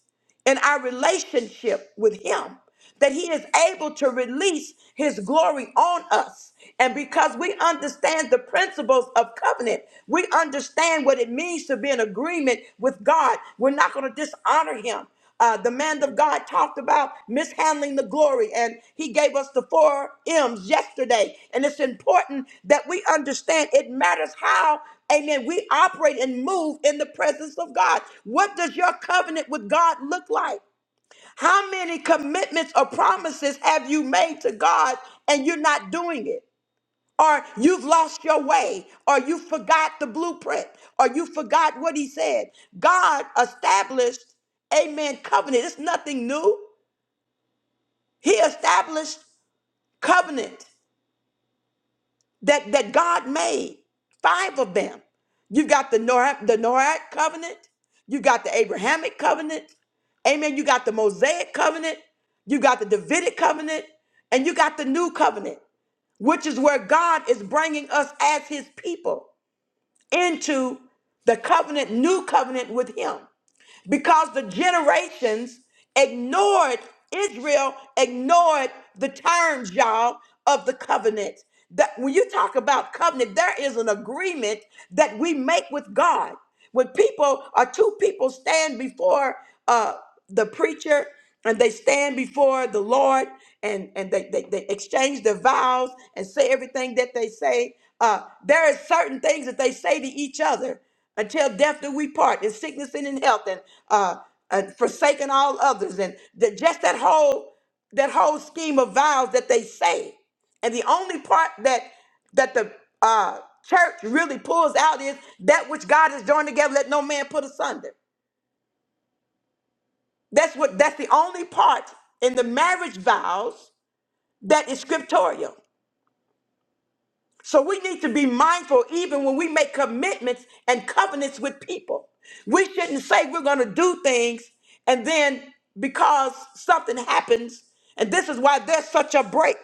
[SPEAKER 1] in our relationship with Him that He is able to release His glory on us. And because we understand the principles of covenant, we understand what it means to be in agreement with God. We're not going to dishonor Him. Uh, the man of God talked about mishandling the glory, and he gave us the four M's yesterday. And it's important that we understand it matters how Amen. We operate and move in the presence of God. What does your covenant with God look like? How many commitments or promises have you made to God and you're not doing it? Or you've lost your way, or you forgot the blueprint, or you forgot what He said. God established, amen, covenant. It's nothing new. He established covenant. that, that God made, five of them. You've got the Noah, the Noahic covenant, you've got the Abrahamic covenant, amen. You got the Mosaic covenant, you got the Davidic covenant, and you got the new covenant, which is where God is bringing us as his people into the covenant, new covenant with him because the generations ignored Israel, ignored the terms, y'all, of the covenant. That when you talk about covenant, there is an agreement that we make with God. When people or two people stand before uh, the preacher and they stand before the Lord and, and they, they, they exchange their vows and say everything that they say, uh, there is certain things that they say to each other until death do we part in sickness and in health and uh, uh forsaking all others and that just that whole that whole scheme of vows that they say and the only part that that the uh church really pulls out is that which god has joined together let no man put asunder that's what that's the only part in the marriage vows that is scriptorial So we need to be mindful even when we make commitments and covenants with people. We shouldn't say we're going to do things and then because something happens, and this is why there's such a break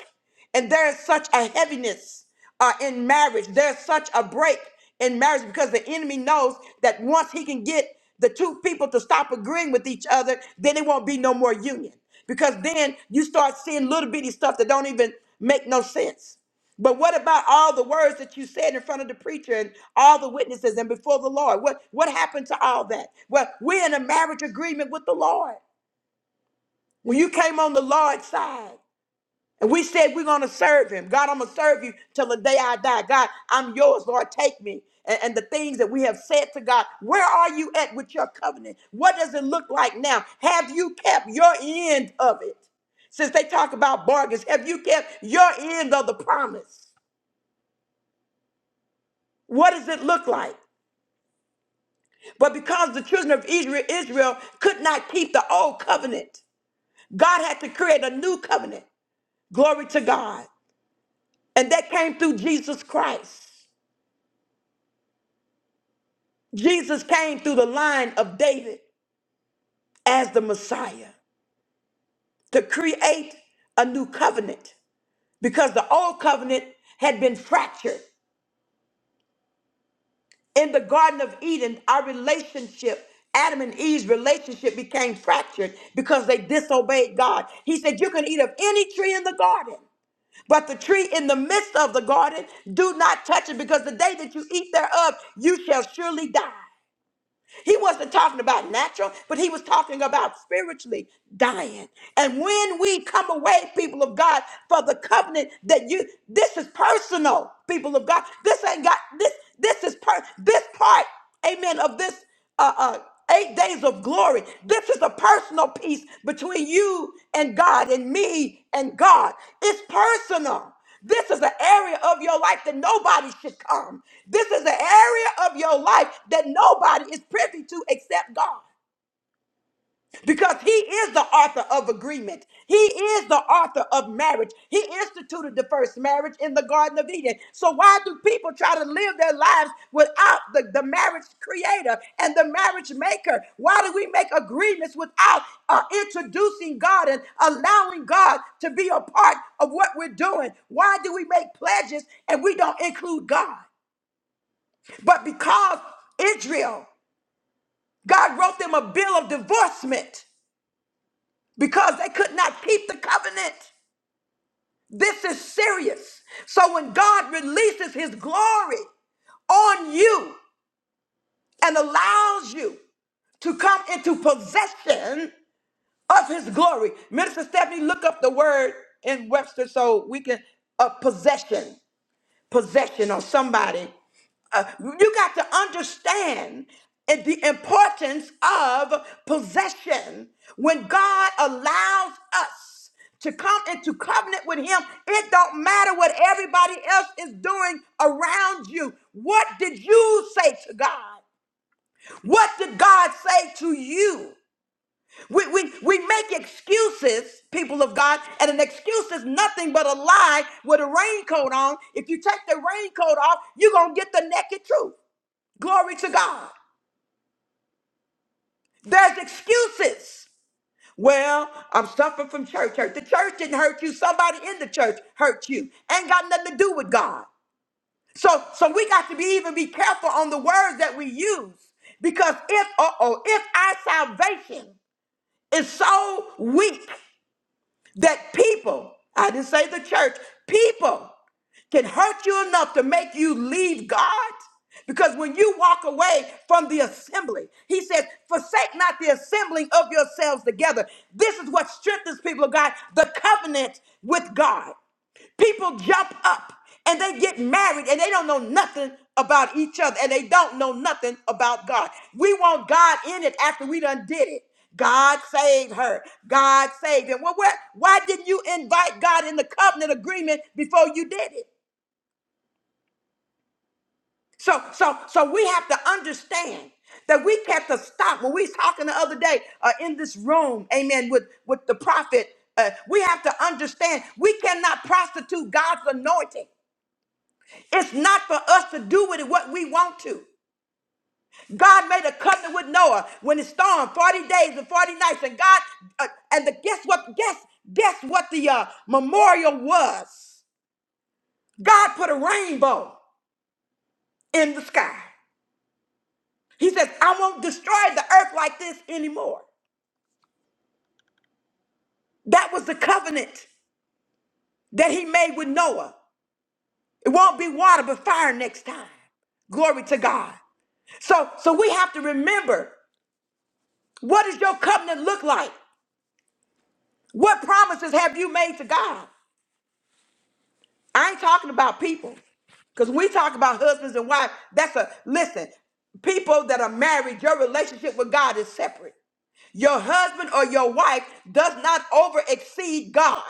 [SPEAKER 1] and there's such a heaviness uh, in marriage. There's such a break in marriage because the enemy knows that once he can get the two people to stop agreeing with each other, then it won't be no more union. Because then you start seeing little bitty stuff that don't even make no sense. But what about all the words that you said in front of the preacher and all the witnesses and before the Lord? What what happened to all that? Well, we're in a marriage agreement with the Lord. When you came on the Lord's side and we said we're gonna serve him. God, I'm gonna serve you till the day I die. God, I'm yours, Lord. Take me. And, and the things that we have said to God, where are you at with your covenant? What does it look like now? Have you kept your end of it? Since they talk about bargains, have you kept your end of the promise? What does it look like? But because the children of Israel, Israel could not keep the old covenant, God had to create a new covenant. Glory to God. And that came through Jesus Christ. Jesus came through the line of David as the Messiah to create a new covenant because the old covenant had been fractured. In the Garden of Eden, our relationship, Adam and Eve's relationship became fractured because they disobeyed God. He said, You can eat of any tree in the garden, but the tree in the midst of the garden, do not touch it because the day that you eat thereof, you shall surely die. He wasn't talking about natural, but he was talking about spiritually dying. And when we come away, people of God, for the covenant that you this is personal, people of God. This ain't got this this is per this part, amen, of this uh uh eight days of glory. This is a personal piece between you and God and me and God. It's personal. This is an area of your life that nobody should come. This is an area of your life that nobody is privy to except God because he is the author of agreement. He is the author of marriage. He instituted the first marriage in the Garden of Eden. So why do people try to live their lives without the, the marriage creator and the marriage maker? Why do we make agreements without uh, introducing God and allowing God to be a part of what we're doing? Why do we make pledges and we don't include God? But because Israel, God wrote them a bill of divorcement because they could not keep the covenant. This is serious. So when God releases his glory on you and allows you to come into possession of his glory, Minister Stephanie, look up the word in Webster so we can, uh, possession. possession on somebody. Uh, you got to understand it- the importance of possession. When God allows us to come into covenant with Him, it don't matter what everybody else is doing around you. What did you say to God? What did God say to you? We, we, we make excuses, people of God, and an excuse is nothing but a lie with a raincoat on. If you take the raincoat off, you're going to get the naked truth. Glory to God. There's excuses. Well, I'm suffering from church hurt. The church didn't hurt you. Somebody in the church hurt you. Ain't got nothing to do with God. So, so we got to be even be careful on the words that we use because if uh oh, if our salvation is so weak that people, I didn't say the church, people can hurt you enough to make you leave God? Because when you walk away from the assembly, he says, forsake not the assembling of yourselves together. This is what strengthens people of God, the covenant with God. People jump up and they get married and they don't know nothing about each other and they don't know nothing about God. We want God in it after we done did it. God saved her. God saved him. Well, where, why didn't you invite God in the covenant agreement before you did it? So, so, so we have to understand that we have to stop. When we was talking the other day uh, in this room, amen, with, with the prophet, uh, we have to understand we cannot prostitute God's anointing. It's not for us to do with it what we want to. God made a covenant with Noah when the storm, 40 days and 40 nights. And God, uh, and the, guess what? Guess, guess what the uh, memorial was? God put a rainbow in the sky. He says, I won't destroy the earth like this anymore. That was the covenant that he made with Noah. It won't be water, but fire next time. Glory to God. So, so we have to remember what does your covenant look like? What promises have you made to God? I ain't talking about people. Because we talk about husbands and wives, that's a listen, people that are married, your relationship with God is separate. Your husband or your wife does not over exceed God.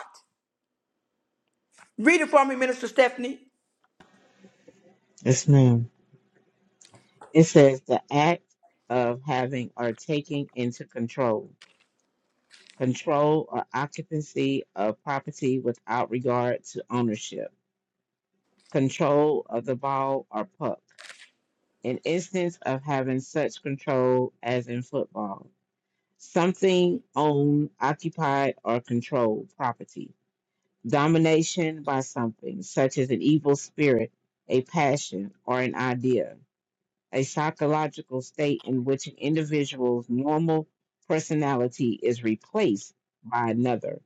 [SPEAKER 1] Read it for me, Minister Stephanie.
[SPEAKER 2] Yes, ma'am. It says the act of having or taking into control, control or occupancy of property without regard to ownership, control of the ball or puck, an instance of having such control as in football, something owned, occupied, or controlled property, domination by something, such as an evil spirit, a passion, or an idea a psychological state in which an individual's normal personality is replaced by another.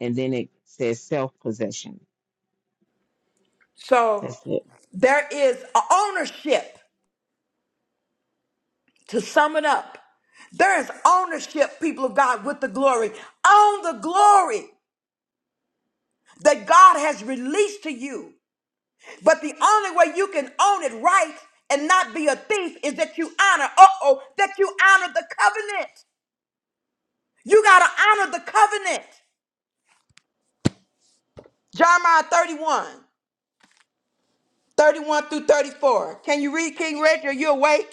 [SPEAKER 2] And then it says self possession.
[SPEAKER 1] So
[SPEAKER 2] That's it.
[SPEAKER 1] there is a ownership to sum it up. There is ownership, people of God, with the glory, own the glory that God has released to you. But the only way you can own it right and not be a thief is that you honor, uh oh, that you honor the covenant. You got to honor the covenant. Jeremiah 31, 31 through 34. Can you read, King Reggie? Are you awake?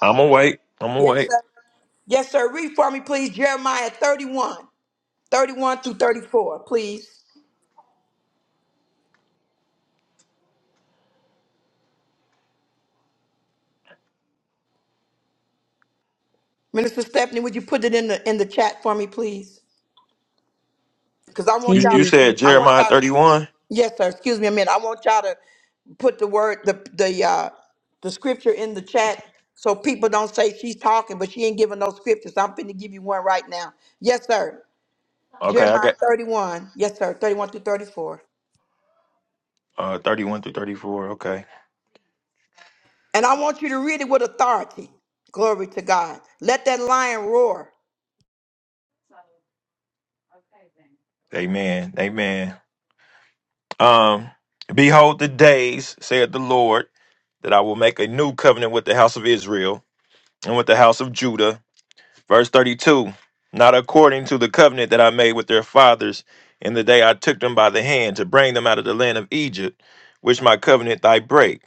[SPEAKER 6] I'm gonna wait. I'm gonna
[SPEAKER 1] Yes,
[SPEAKER 6] wait.
[SPEAKER 1] sir. Yes, sir. Read for me, please. Jeremiah 31, 31 through 34, please. Minister Stephanie, would you put it in the in the chat for me, please? Because I
[SPEAKER 2] Can
[SPEAKER 6] You
[SPEAKER 1] want y'all,
[SPEAKER 6] you
[SPEAKER 2] you
[SPEAKER 6] said
[SPEAKER 2] repeat
[SPEAKER 1] I
[SPEAKER 2] that?
[SPEAKER 1] want
[SPEAKER 6] Jeremiah
[SPEAKER 1] y'all.
[SPEAKER 6] 31.
[SPEAKER 1] Yes, sir. Excuse me a minute. I want y'all to put the word the the uh the scripture in the chat so people don't say she's talking, but she ain't giving no scriptures. I'm finna give you one right now. Yes, sir.
[SPEAKER 6] Okay, I
[SPEAKER 1] Jeremiah
[SPEAKER 6] got
[SPEAKER 1] 31. Yes, sir. 31 through 34.
[SPEAKER 6] uh 31 through 34. Okay.
[SPEAKER 1] And I want you to read it with authority. Glory to God. Let that lion roar.
[SPEAKER 6] Amen. Amen. Um behold the days, said the Lord, that I will make a new covenant with the house of Israel and with the house of Judah. Verse 32. Not according to the covenant that I made with their fathers in the day I took them by the hand to bring them out of the land of Egypt, which my covenant thy break.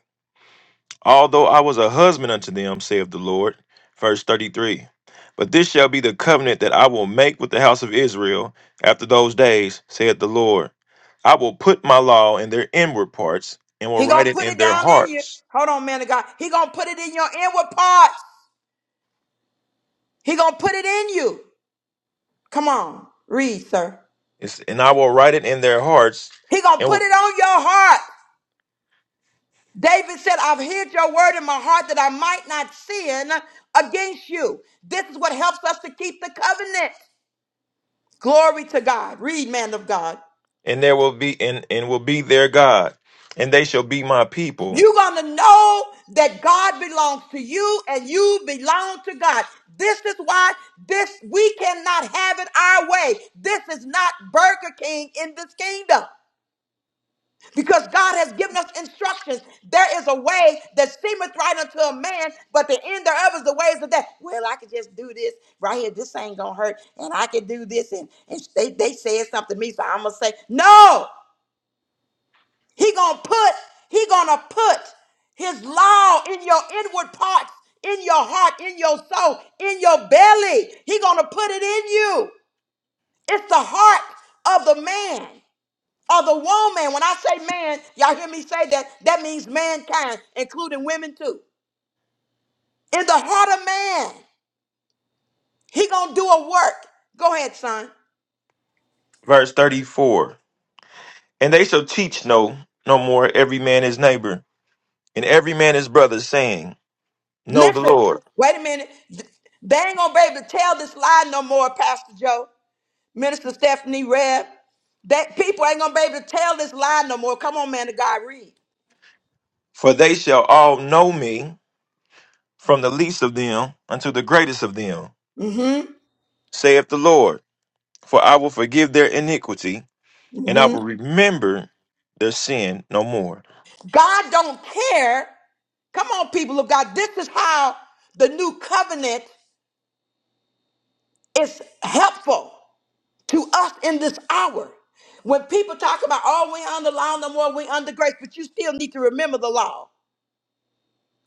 [SPEAKER 6] although I was a husband unto them, saith the Lord. Verse 33. But this shall be the covenant that I will make with the house of Israel after those days, saith the Lord. I will put my law in their inward parts and will
[SPEAKER 1] He
[SPEAKER 6] write
[SPEAKER 1] gonna
[SPEAKER 6] it
[SPEAKER 1] put
[SPEAKER 6] in
[SPEAKER 1] it
[SPEAKER 6] their
[SPEAKER 1] down in you.
[SPEAKER 6] hearts.
[SPEAKER 1] Hold on, man of God. He gonna put it in your inward parts. He gonna put it in you. Come on, read, sir.
[SPEAKER 6] It's, and I will write it in their hearts
[SPEAKER 1] He gonna
[SPEAKER 6] and
[SPEAKER 1] put
[SPEAKER 6] will,
[SPEAKER 1] it on your heart. David said, I've hid your word in my heart that I might not sin against you. This is what helps us to keep the covenant. Glory to God. Read, man of God.
[SPEAKER 6] and there will be and, and will be their God, and they shall be my people.
[SPEAKER 1] You're going to know that God belongs to you and you belong to God. This is why this we cannot have it our way. This is not Burger King in this kingdom. because God has given us instructions. There is a way that seemeth right unto a man, but the end thereof is the ways of that. Well, I could just do this right here. This ain't gonna hurt, and I can do this. And, and they, they said something to me, so I'm gonna say, No, he gonna put, he gonna put his law in your inward parts, in your heart, in your soul, in your belly. He gonna put it in you. It's the heart of the man of the woman. When I say man, y'all hear me say that, that means mankind, including women too. In the heart of man, he gonna do a work. Go ahead, son.
[SPEAKER 6] Verse 34. And they shall teach no no more every man his neighbor and every man his brother saying, Know the
[SPEAKER 1] Listen,
[SPEAKER 6] Lord.
[SPEAKER 1] wait a minute. Th- They ain't gonna be able to tell this lie no more, Pastor Joe, Minister Stephanie Reb. That people ain't gonna be able to tell this lie no more. Come on, man of God, read.
[SPEAKER 6] For they shall all know me, from the least of them unto the greatest of them,
[SPEAKER 1] hmm
[SPEAKER 6] saith the Lord. For I will forgive their iniquity, and I will remember their sin no more.
[SPEAKER 1] God don't care. Come on, people of God. This is how the new covenant is helpful. to us in this hour. When people talk about, oh, we under law no more, we under grace, but you still need to remember the law.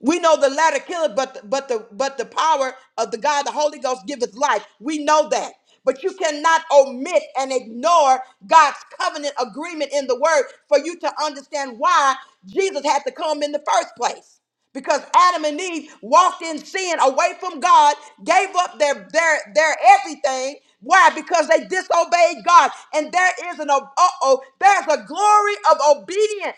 [SPEAKER 1] We know the latter killeth, but the, but the but the power of the God, the Holy Ghost, giveth life. We know that. But you cannot omit and ignore God's covenant agreement in the word for you to understand why Jesus had to come in the first place. Because Adam and Eve walked in sin away from God, gave up their their their everything. Why? Because they disobeyed God. And there is an uh oh, there's a glory of obedience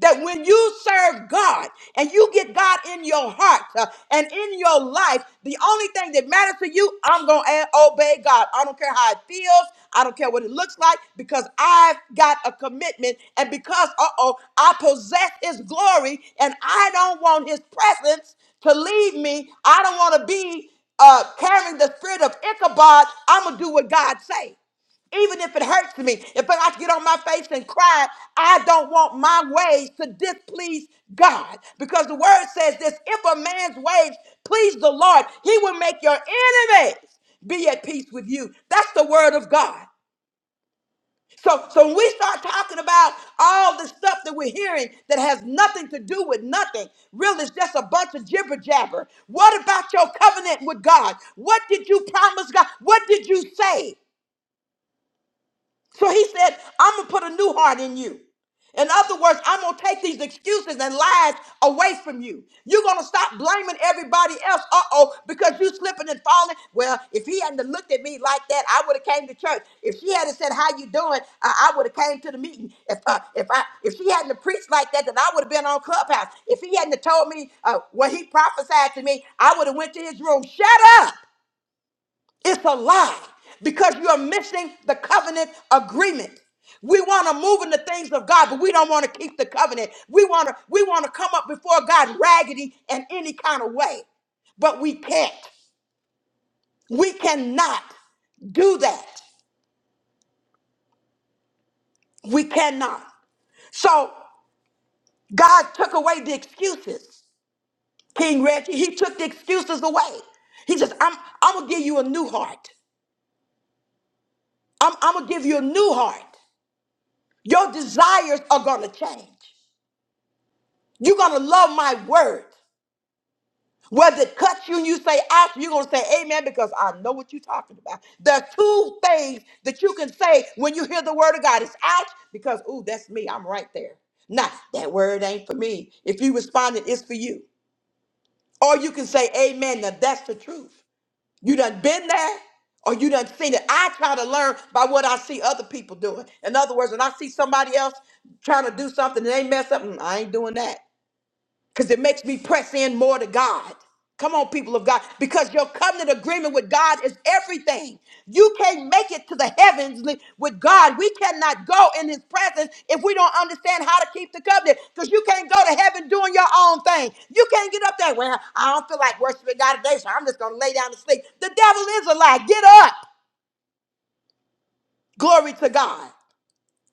[SPEAKER 1] that when you serve God and you get God in your heart uh, and in your life, the only thing that matters to you, I'm going to obey God. I don't care how it feels. I don't care what it looks like because I've got a commitment. And because, uh oh, I possess His glory and I don't want His presence to leave me. I don't want to be uh, carrying the spirit of Ichabod. I'm going to do what God say. Even if it hurts me, if I have to get on my face and cry, I don't want my ways to displease God. Because the word says this if a man's ways please the Lord, he will make your enemies be at peace with you. That's the word of God. So, so when we start talking about all the stuff that we're hearing that has nothing to do with nothing, really it's just a bunch of jibber jabber. What about your covenant with God? What did you promise God? What did you say? So he said, I'm going to put a new heart in you. In other words, I'm going to take these excuses and lies away from you. You're going to stop blaming everybody else. Uh oh, because you slipping and falling. Well, if he hadn't have looked at me like that, I would have came to church. If she hadn't said how you doing, I, I would have came to the meeting. If uh, if I if she hadn't have preached like that, then I would have been on clubhouse. If he hadn't have told me uh, what he prophesied to me, I would have went to his room. Shut up. It's a lie because you're missing the covenant agreement. We want to move in the things of God, but we don't want to keep the covenant. We want to we want to come up before God raggedy in any kind of way. But we can't. We cannot do that. We cannot. So God took away the excuses. King Reggie, he took the excuses away. He says, I'm I'm gonna give you a new heart. I'm, I'm gonna give you a new heart. Your desires are gonna change. You're gonna love my word. Whether it cuts you and you say out, you're gonna say amen because I know what you're talking about. There are two things that you can say when you hear the word of God. It's ouch because, ooh, that's me. I'm right there. Nah, that word ain't for me. If you responded, it's for you. Or you can say amen. Now that's the truth. You done been there or you done seen it. I try to learn by what I see other people doing. In other words, when I see somebody else trying to do something and they mess up, mm, I ain't doing that because it makes me press in more to God. Come on, people of God, because your covenant agreement with God is everything. You can't make it to the heavens li- with God. We cannot go in His presence if we don't understand how to keep the covenant. Because you can't go to heaven doing your own thing. You can't get up there. Well, I don't feel like worshiping God today, so I'm just going to lay down and sleep. The devil is a lie. Get up. Glory to God.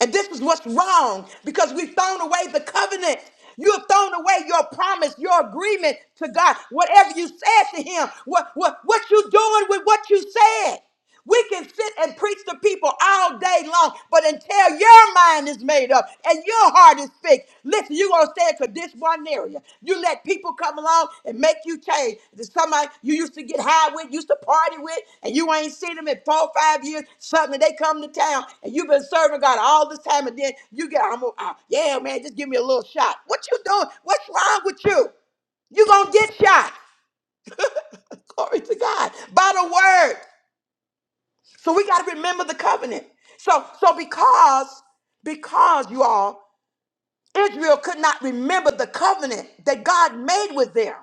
[SPEAKER 1] And this is what's wrong because we've thrown away the covenant. You have thrown away your promise, your agreement to God. Whatever you said to Him, what, what, what you doing with what you said? We can sit and preach to people all day long, but until your mind is made up and your heart is fixed, listen, you're gonna stay in for this one area. You let people come along and make you change. There's somebody you used to get high with, used to party with, and you ain't seen them in four, or five years. Suddenly they come to town and you've been serving God all this time, and then you get, I'm gonna, uh, yeah, man, just give me a little shot. What you doing? What's wrong with you? You gonna get shot. Glory to God. By the word. So we got to remember the covenant. So so because because you all Israel could not remember the covenant that God made with them.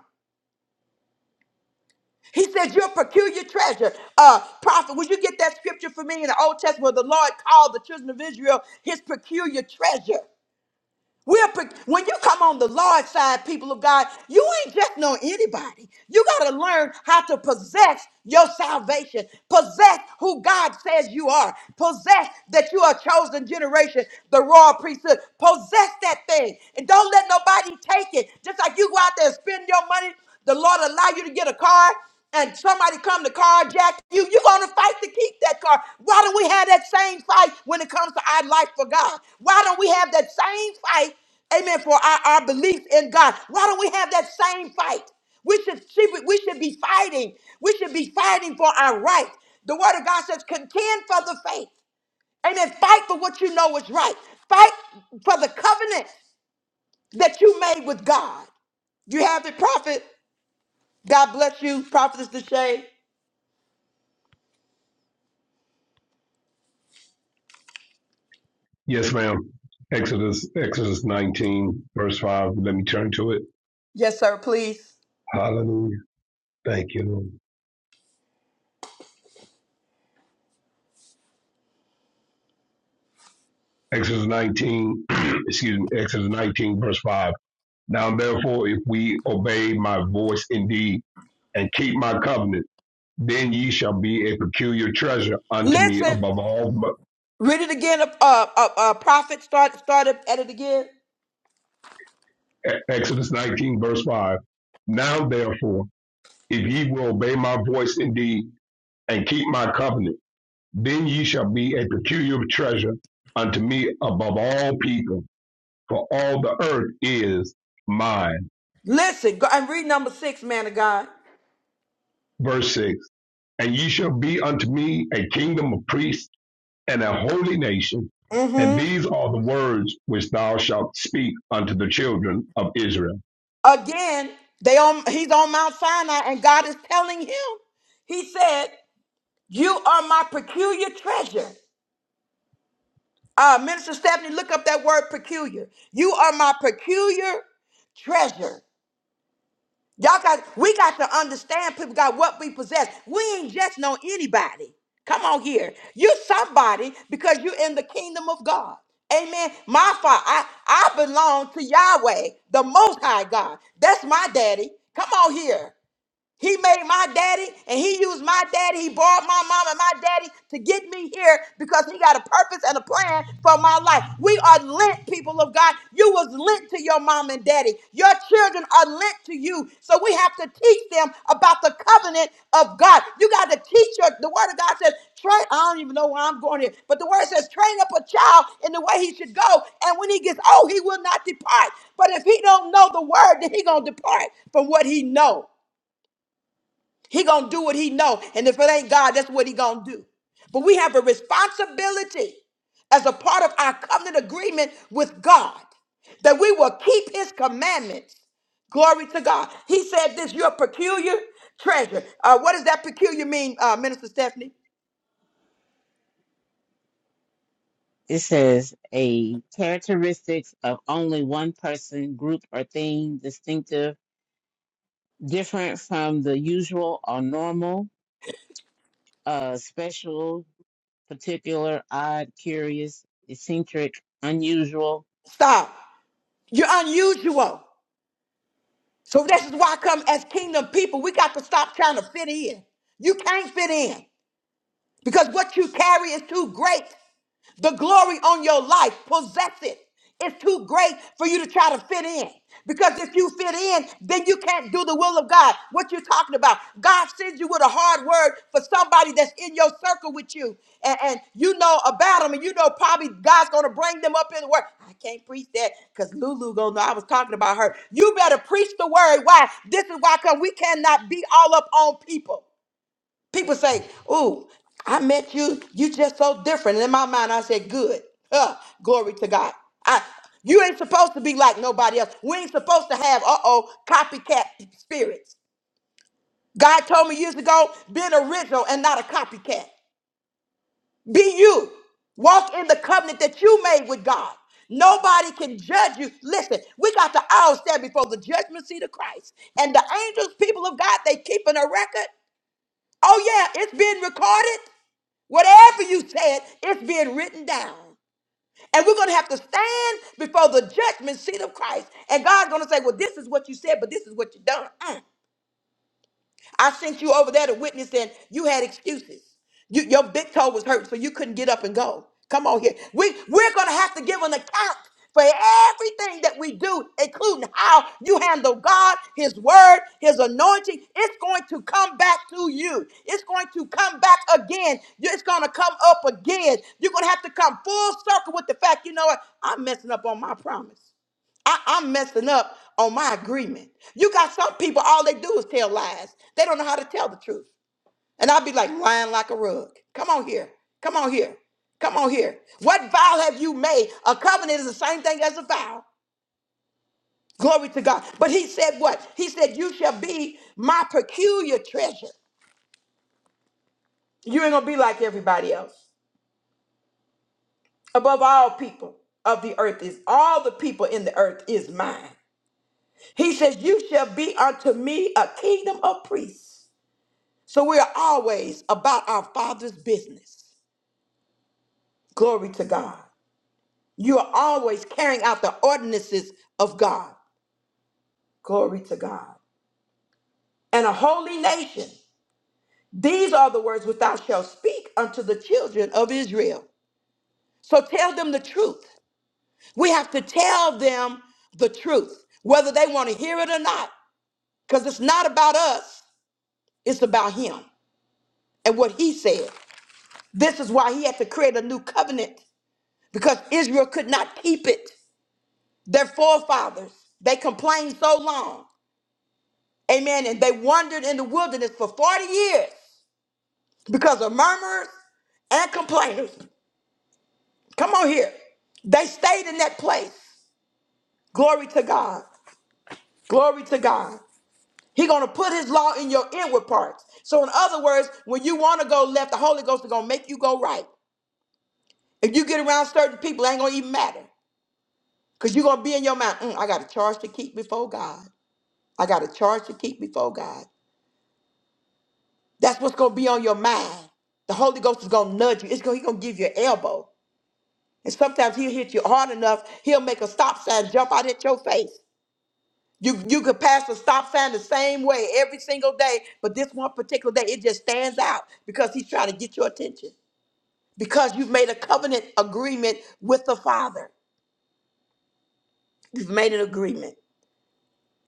[SPEAKER 1] He said, "You're a peculiar treasure." Uh, prophet, would you get that scripture for me in the Old Testament where the Lord called the children of Israel His peculiar treasure? We're pre- when you come on the Lord's side, people of God, you ain't just know anybody. You got to learn how to possess your salvation, possess who God says you are, possess that you are a chosen generation, the royal priesthood. Possess that thing, and don't let nobody take it. Just like you go out there and spend your money, the Lord allow you to get a car and somebody come to carjack you, you're going to fight to keep that car. Why don't we have that same fight when it comes to our life for God? Why don't we have that same fight, amen, for our, our belief in God? Why don't we have that same fight? We should, see- we should be fighting. We should be fighting for our right. The word of God says, contend for the faith. Amen. Fight for what you know is right. Fight for the covenant that you made with God. You have it, prophet. God bless you, prophetess Deshay.
[SPEAKER 7] Yes, ma'am. Exodus, Exodus 19, verse 5. Let me turn to it.
[SPEAKER 1] Yes, sir, please.
[SPEAKER 7] Hallelujah. Thank you. Lord. Exodus 19, *clears throat* excuse me, Exodus 19, verse 5. Now, therefore, if we obey my voice indeed and keep my covenant, then ye shall be a peculiar treasure unto me
[SPEAKER 1] Listen,
[SPEAKER 7] above all.
[SPEAKER 1] read it again. Uh, uh, uh, prophet, start, start it at it again.
[SPEAKER 7] E- Exodus 19, verse 5. Now, therefore, if ye will obey my voice indeed and keep my covenant, Then ye shall be a peculiar treasure unto me above all people, for all the earth is mine.
[SPEAKER 1] Listen, go and read number six, man of God.
[SPEAKER 7] Verse 6 And ye shall be unto me a kingdom of priests and a holy nation. And
[SPEAKER 1] Mm-hmm.
[SPEAKER 7] these are the words which thou shalt speak unto the children of Israel.
[SPEAKER 1] Again, they on. He's on Mount Sinai, and God is telling him. He said, "You are my peculiar treasure." Uh, Minister Stephanie, look up that word "peculiar." You are my peculiar treasure. Y'all got we got to understand people got what we possess. We ain't just know anybody. Come on here. You somebody because you're in the kingdom of God. Amen. My father, I, I belong to Yahweh, the most high God. That's my daddy. Come on here. He made my daddy and he used my daddy. He borrowed my mom and my daddy to get me here because he got a purpose and a plan for my life. We are lent, people of God. You was lent to your mom and daddy. Your children are lent to you. So we have to teach them about the covenant of God. You got to teach your, the word of God says, train, I don't even know where I'm going here, but the word says, train up a child in the way he should go. And when he gets old, he will not depart. But if he don't know the word, then he going to depart from what he know. He gonna do what he know, and if it ain't God, that's what he gonna do. But we have a responsibility as a part of our covenant agreement with God that we will keep His commandments. Glory to God. He said this. You're a peculiar treasure. Uh, what does that peculiar mean, uh, Minister Stephanie?
[SPEAKER 2] It says a characteristics of only one person, group, or thing distinctive, different from the usual or normal, uh, special, particular, odd, curious, eccentric, unusual.
[SPEAKER 1] Stop. You're unusual. So this is why I come as kingdom people. We got to stop trying to fit in. You can't fit in. Because what you carry is too great. The glory on your life, possess it. It's too great for you to try to fit in. Because if you fit in, then you can't do the will of God. What you're talking about. God sends you with a hard word for somebody that's in your circle with you. And, and you know about them, and you know probably God's gonna bring them up in the word. I can't preach that because Lulu gonna know I was talking about her. You better preach the word. Why? This is why Cause we cannot be all up on people. People say, Ooh, I met you. You just so different. And in my mind, I said, Good. Huh, glory to God. I, you ain't supposed to be like nobody else. We ain't supposed to have, uh oh, copycat spirits. God told me years ago, be an original and not a copycat. Be you. Walk in the covenant that you made with God. Nobody can judge you. Listen, we got to all stand before the judgment seat of Christ. And the angels, people of God, they keeping a record. Oh, yeah, it's being recorded. Whatever you said, it's being written down. And we're going to have to stand before the judgment seat of Christ. And God's going to say, Well, this is what you said, but this is what you done. Mm. I sent you over there to witness and you had excuses. You, your big toe was hurt, so you couldn't get up and go. Come on here. We, we're going to have to give an account for everything that we do, including how you handle God, His Word, His anointing. It's going to come back to you. It's going to come back again. You- It's going to come up again. You're going to have to come full circle with the fact, you know what? I'm messing up on my promise. I, I'm messing up on my agreement. You got some people, all they do is tell lies. They don't know how to tell the truth. And I'll be like, lying like a rug. Come on here. Come on here. Come on here. What vow have you made? A covenant is the same thing as a vow. Glory to God. But he said what? He said, You shall be my peculiar treasure. You ain't gonna be like everybody else. Above all people of the earth is all the people in the earth is mine. He says, You shall be unto me a kingdom of priests So we are always about our Father's business. Glory to God. You are always carrying out the ordinances of God. Glory to God. And a holy nation. These are the words which thou shalt speak unto the children of Israel. So tell them the truth. We have to tell them the truth, whether they want to hear it or not, because it's not about us, it's about Him and what He said. This is why He had to create a new covenant, because Israel could not keep it. Their forefathers, they complained so long. Amen. And they wandered in the wilderness for 40 years because of murmurers and complainers. Come on here. They stayed in that place. Glory to God. Glory to God. He gonna put his law in your inward parts. So in other words, when you want to go left, the Holy Ghost is gonna make you go right. If you get around certain people, it ain't gonna even matter. Cause you're gonna be in your mind, "Mm, I got a charge to keep before God. I got a charge to keep before God. That's what's gonna be on your mind. The Holy Ghost is gonna nudge you. It's gonna, he's gonna give you an elbow. And sometimes he'll hit you hard enough, he'll make a stop sign jump out at your face. You you could pass a stop sign the same way every single day, but this one particular day it just stands out because he's trying to get your attention. Because you've made a covenant agreement with the Father. You've made an agreement.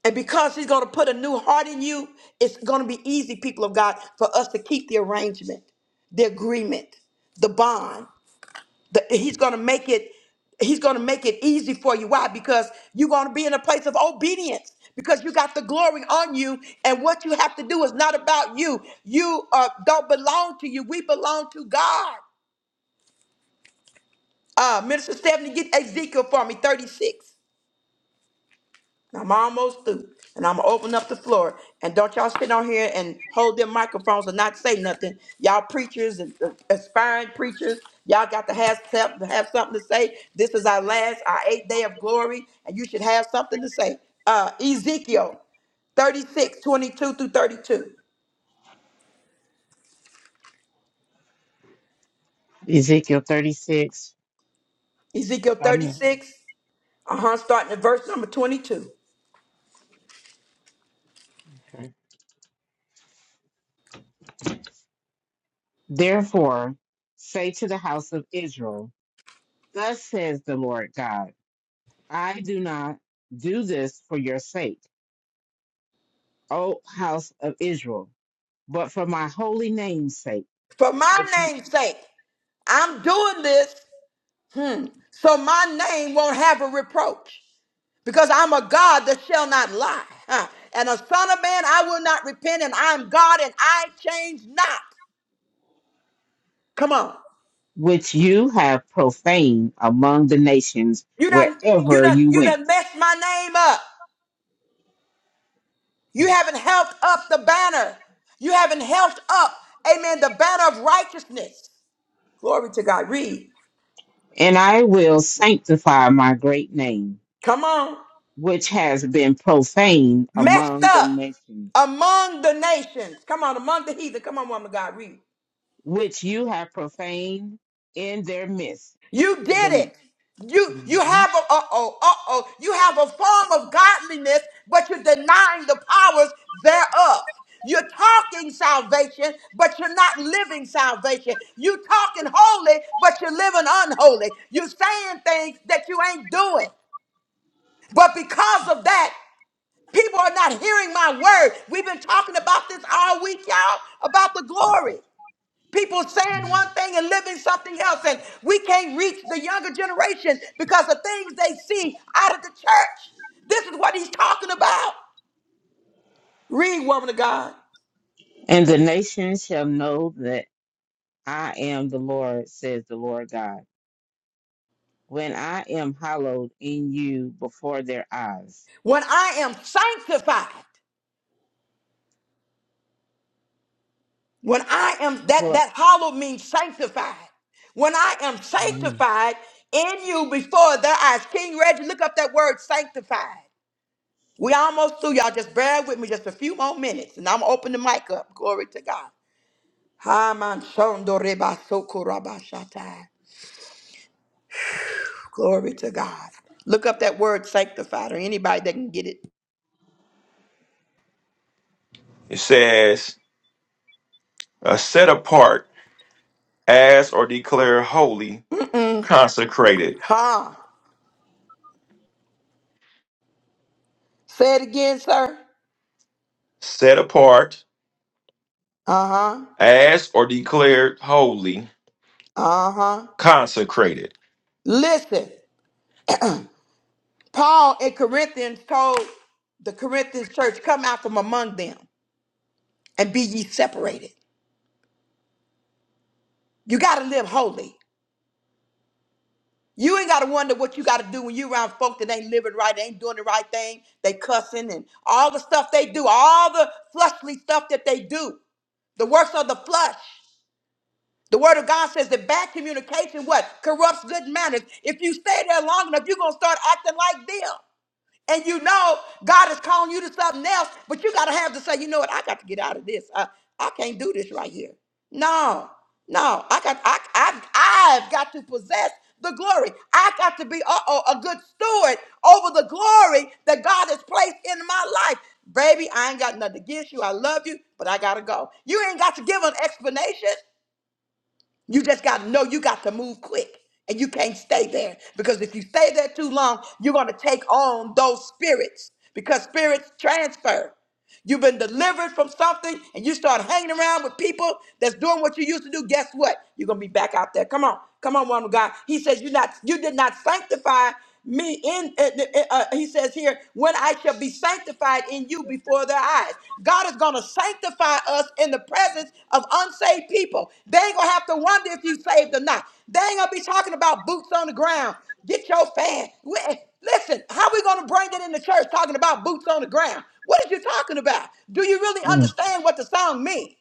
[SPEAKER 1] And because he's gonna put a new heart in you, it's gonna be easy, people of God, for us to keep the arrangement, the agreement, the bond. The- he's going to make it he's going to make it easy for you why because you're going to be in a place of obedience because you got the glory on you and what you have to do is not about you you uh, don't belong to you we belong to god uh, minister stephanie get ezekiel for me 36 I'm almost through, and I'm gonna open up the floor. And don't y'all sit on here and hold their microphones and not say nothing. Y'all preachers and uh, aspiring preachers, y'all got to have something, have something to say. This is our last, our eighth day of glory, and you should have something to say. Uh, Ezekiel thirty-six, twenty-two through 32.
[SPEAKER 2] Ezekiel 36.
[SPEAKER 1] Ezekiel
[SPEAKER 2] Starting.
[SPEAKER 1] 36, uh huh, starting at verse number 22.
[SPEAKER 2] Okay. Therefore, say to the house of Israel, Thus says the Lord God, I do not do this for your sake, O house of Israel, but for my holy name's sake,
[SPEAKER 1] For my
[SPEAKER 2] which ye,
[SPEAKER 1] name's sake, I'm doing this, hmm, so my name won't have a reproach. because I'm a God that shall not lie. huh? And a son of man, I will not repent, and I'm God and I change not. Come on.
[SPEAKER 2] which you have profaned among the nations
[SPEAKER 1] You done you
[SPEAKER 2] wherever
[SPEAKER 1] done
[SPEAKER 2] you
[SPEAKER 1] you
[SPEAKER 2] went.
[SPEAKER 1] done messed my name up. You haven't helped up the banner. You haven't helped up, amen, the banner of righteousness. Glory to God. Read.
[SPEAKER 2] And I will sanctify my great name,
[SPEAKER 1] Come on.
[SPEAKER 2] which has been profaned
[SPEAKER 1] Messed
[SPEAKER 2] among the
[SPEAKER 1] up
[SPEAKER 2] nations,
[SPEAKER 1] among the nations. Come on, among the heathen. Come on, woman of God. Read.
[SPEAKER 2] which you have profaned in their midst
[SPEAKER 1] You did it. You you
[SPEAKER 2] hmm
[SPEAKER 1] have a uh oh uh oh you have a form of godliness, but you're denying the powers thereof. You're talking salvation, but you're not living salvation. You're talking holy, but you're living unholy. You're saying things that you ain't doing. But because of that, people are not hearing my word. We've been talking about this all week, y'all, about the glory. People saying one thing and living something else, and we can't reach the younger generation because of things they see out of the church. This is what he's talking about. Read, woman of God.
[SPEAKER 2] And the nations shall know that I am the Lord, says the Lord God, when I am hallowed in you before their eyes.
[SPEAKER 1] When I am sanctified, when I am that
[SPEAKER 2] For,
[SPEAKER 1] that hollow means sanctified. When I am
[SPEAKER 2] Mm.
[SPEAKER 1] sanctified in you before their eyes. King Reggie, look up that word sanctified. We almost through, y'all. Just bear with me just a few more minutes, and I'm gonna open the mic up. Glory to God. Haman shondo reba soko raba shatai. Glory to God. Look up that word sanctified or anybody that can get it.
[SPEAKER 6] It says, uh, set apart as or declare holy,
[SPEAKER 1] Mm-mm.
[SPEAKER 6] consecrated.
[SPEAKER 1] Huh. Say it again, sir.
[SPEAKER 6] Set apart
[SPEAKER 1] Uh huh.
[SPEAKER 6] as or declared holy,
[SPEAKER 1] Uh huh.
[SPEAKER 6] consecrated.
[SPEAKER 1] Listen, Paul in Corinthians told the Corinthians church, Come out from among them and be ye separated. You got to live holy. You ain't gotta wonder what you gotta do when you around folk that ain't living right, ain't doing the right thing. They cussing and all the stuff they do, all the fleshly stuff that they do. The works of the flesh. The word of God says that bad communication what corrupts good manners. If you stay there long enough, you're gonna start acting like them and you know God is calling you to something else, but you got to have to say, you know what, I got to get out of this. I, I can't do this right here. No, no, I got, I, I've, I've got to possess the glory. I got to be uh-oh, a good steward over the glory that God has placed in my life. Baby, I ain't got nothing against you. I love you, but I got to go. You ain't got to give an explanation. You just got to know you got to move quick and you can't stay there because if you stay there too long, you're going to take on those spirits because spirits transfer. You've been delivered from something and you start hanging around with people that's doing what you used to do. Guess what? You're going to be back out there. Come on. Come on, one God. He says, "You not, you did not sanctify me in." Uh, uh, he says here, "When I shall be sanctified in you before their eyes." God is going to sanctify us in the presence of unsaved people. They ain't gonna have to wonder if you saved or not. They ain't gonna be talking about boots on the ground. Get your fan. We- Listen, how we going to bring it in the church talking about boots on the ground? What are you talking about? Do you really understand what the song means?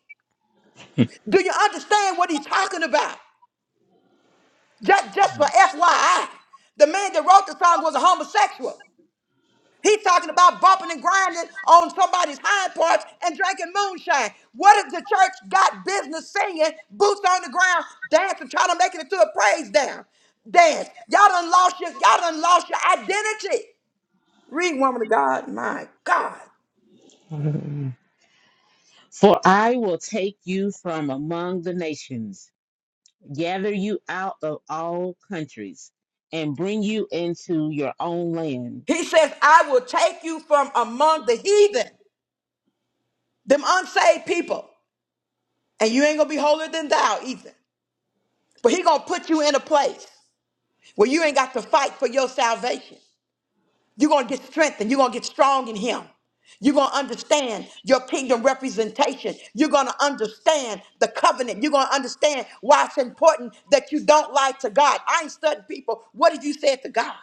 [SPEAKER 1] Do you understand what he's talking about? Just, just for FYI, the man that wrote the song was a homosexual. He's talking about bumping and grinding on somebody's hind parts and drinking moonshine. What if the church got business singing, boots on the ground, dancing, trying to make it into a praise down dance? Y'all done lost your, y'all done lost your identity. Read, woman of God, my God.
[SPEAKER 2] Hallelujah. for I will take you from among the nations, gather you out of all countries, and bring you into your own land.
[SPEAKER 1] He says, I will take you from among the heathen, them unsaved people, and you ain't gonna be holier than thou, either. But he gonna put you in a place. where you ain't got to fight for your salvation. You're going to get strengthened. You're going to get strong in Him. You're going to understand your kingdom representation. You're going to understand the covenant. You're going to understand why it's important that you don't lie to God. I ain't studying people. What did you say to God?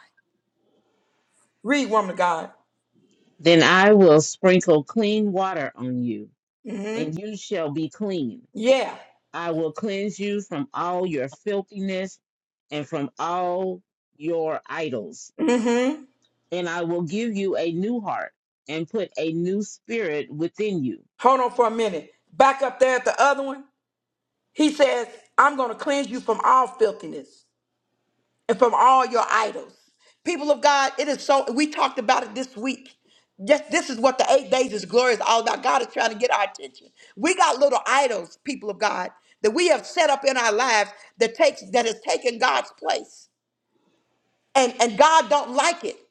[SPEAKER 1] Read, woman of God.
[SPEAKER 2] Then I will sprinkle clean water on you,
[SPEAKER 1] Mm-hmm.
[SPEAKER 2] and you shall be clean.
[SPEAKER 1] Yeah.
[SPEAKER 2] I will cleanse you from all your filthiness and from all your idols.
[SPEAKER 1] Mm-hmm.
[SPEAKER 2] And I will give you a new heart and put a new spirit within you.
[SPEAKER 1] Hold on for a minute. Back up there at the other one. He says, I'm going to cleanse you from all filthiness. and from all your idols. People of God, it is so, we talked about it this week. Just this is what the eight days is glory is all about. God is trying to get our attention. We got little idols, people of God, that we have set up in our lives that takes that has taken God's place. And and God don't like it.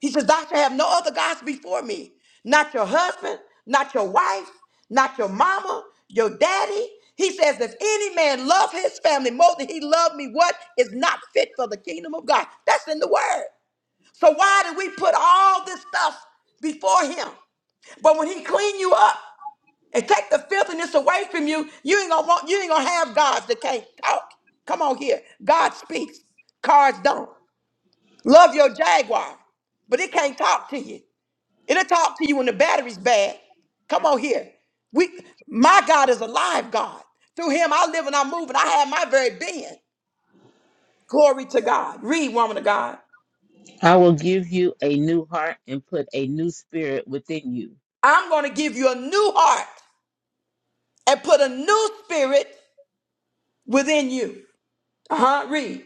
[SPEAKER 1] He says, Thou shalt have no other gods before me. Not your husband, not your wife, not your mama, your daddy. He says, If any man love his family more than he loved me, what is not fit for the kingdom of God? That's in the word. So why do we put all this stuff before him? But when he clean you up and take the filthiness away from you, you ain't gonna want you ain't gonna have gods that can't talk. Come on here. God speaks. Cars don't. Love your Jaguar, but it can't talk to you. It'll talk to you when the battery's bad. Come on here. We, my God is a live God. Through him, I live and I move and I have my very being. Glory to God. Read, woman of God.
[SPEAKER 2] I will give you a new heart and put a new spirit within you.
[SPEAKER 1] I'm going to give you a new heart and put a new spirit within you. Uh huh. Read.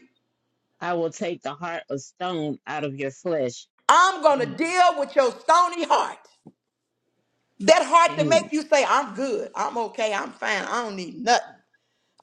[SPEAKER 2] I will take the heart of stone out of your flesh
[SPEAKER 1] I'm going to
[SPEAKER 2] and,
[SPEAKER 1] deal with your stony heart. That heart that
[SPEAKER 2] and
[SPEAKER 1] make you say, I'm good, I'm okay, I'm fine, I don't need nothing.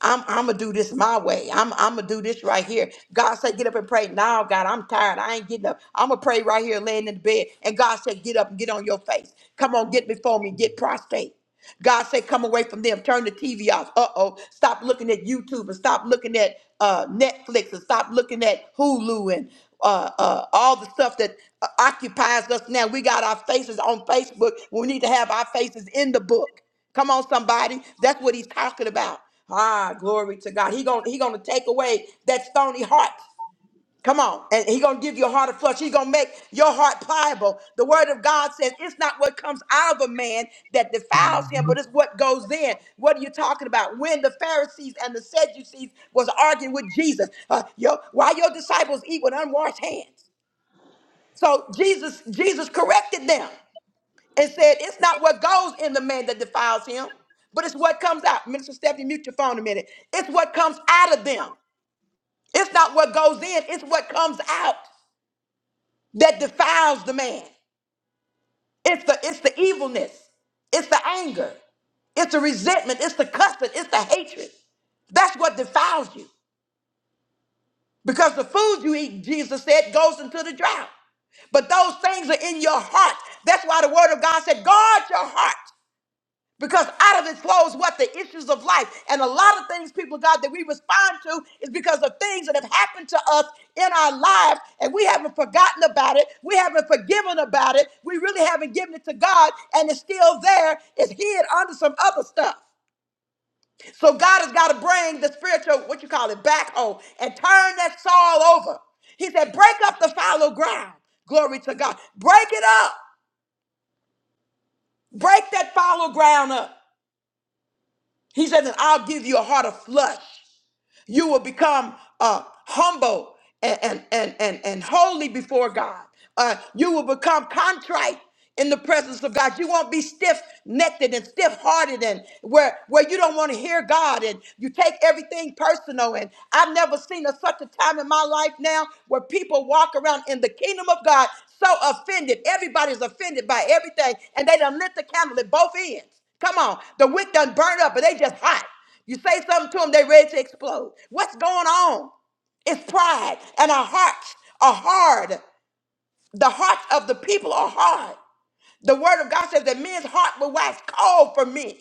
[SPEAKER 1] I'm I'm gonna do this my way. I'm I'm gonna do this right here. God said, get up and pray. Now, God, I'm tired. I ain't getting up. I'm gonna pray right here, laying in the bed. And God said, get up and get on your face. Come on, get before me. Get prostrate. God said, come away from them. Turn the TV off. Uh oh. Stop looking at YouTube and stop looking at uh, Netflix and stop looking at Hulu and uh, uh, all the stuff that uh, occupies us now. We got our faces on Facebook. We need to have our faces in the book. Come on, somebody. That's what he's talking about. Ah, glory to God. He gonna he gonna take away that stony heart. Come on. And he gonna give you a heart of flesh. He's gonna make your heart pliable. The word of God says it's not what comes out of a man that defiles him, but
[SPEAKER 2] Mhm.
[SPEAKER 1] it's what goes in. What are you talking about? When the Pharisees and the Sadducees was arguing with Jesus, uh, yo, why your disciples eat with unwashed hands? So Jesus, Jesus corrected them and said, It's not what goes in the man that defiles him, but it's what comes out. Minister Stephanie, mute your phone a minute. It's what comes out of them. It's not what goes in, it's what comes out. that defiles the man. It's the it's the evilness. It's the anger. It's the resentment. It's the cussing. It's the hatred. That's what defiles you. Because the food you eat, Jesus said, goes into the drought. But those things are in your heart. That's why the word of God said, guard your heart. Because out of it flows what the issues of life. And a lot of things, people, of God, that we respond to is because of things that have happened to us in our lives, and we haven't forgotten about it. We haven't forgiven about it. We really haven't given it to God, and it's still there. It's hid under some other stuff. So God has got to bring the spiritual, what you call it, back home and turn that soil over. He said, break up the fallow ground. Glory to God. Break it up. Break that fallow ground up. He says, and I'll give you a heart of flesh. You will become uh, humble and, and, and, and, and holy before God. Uh, you will become contrite in the presence of God. You won't be stiff-necked and stiff-hearted and where, where you don't want to hear God and you take everything personal. And I've never seen a, such a time in my life now where people walk around in the kingdom of God so offended. Everybody's offended by everything and they done lit the candle at both ends. Come on. The wick done burned up but they just hot. You say something to them, they're ready to explode. What's going on? It's pride. And our hearts are hard. The hearts of the people are hard. The word of God says that men's heart will wax cold for me.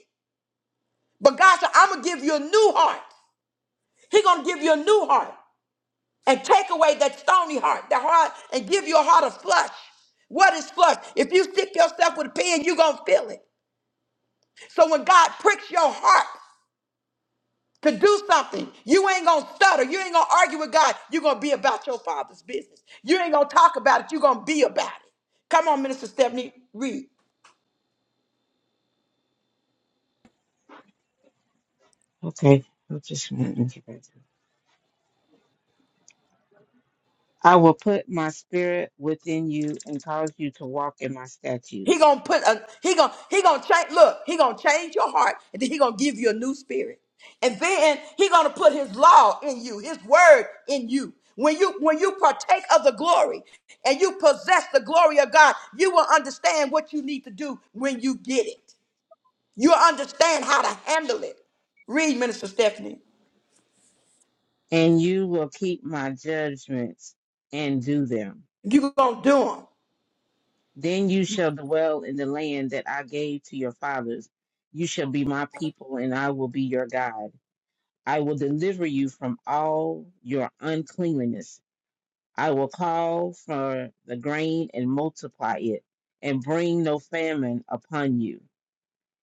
[SPEAKER 1] But God said, I'm gonna give you a new heart. He's gonna give you a new heart and take away that stony heart, the heart, and give you a heart of flesh. What is flesh? If you stick yourself with a pin, you're gonna feel it. So when God pricks your heart, to do something. You ain't gonna stutter. You ain't gonna argue with God. You're gonna be about your father's business. You ain't gonna talk about it. You're gonna be about it. Come on, Minister Stephanie Reed.
[SPEAKER 2] okay, I'll just let me get back to it. I will put my spirit within you and cause you to walk in my
[SPEAKER 1] He
[SPEAKER 2] statutes.
[SPEAKER 1] gonna put a he gonna he gonna change. Look, he gonna change your heart, and then he gonna give you a new spirit. And then he gonna put his law in you, his word in you. When you when you partake of the glory and you possess the glory of God, you will understand what you need to do when you get it. you understand how to handle it. Read, Minister Stephanie.
[SPEAKER 2] and you will keep my judgments and do them.
[SPEAKER 1] you going to do them.
[SPEAKER 2] Then you shall dwell in the land that I gave to your fathers. You shall be my people, and I will be your God. I will deliver you from all your uncleanliness. I will call for the grain and multiply it, and bring no famine upon you.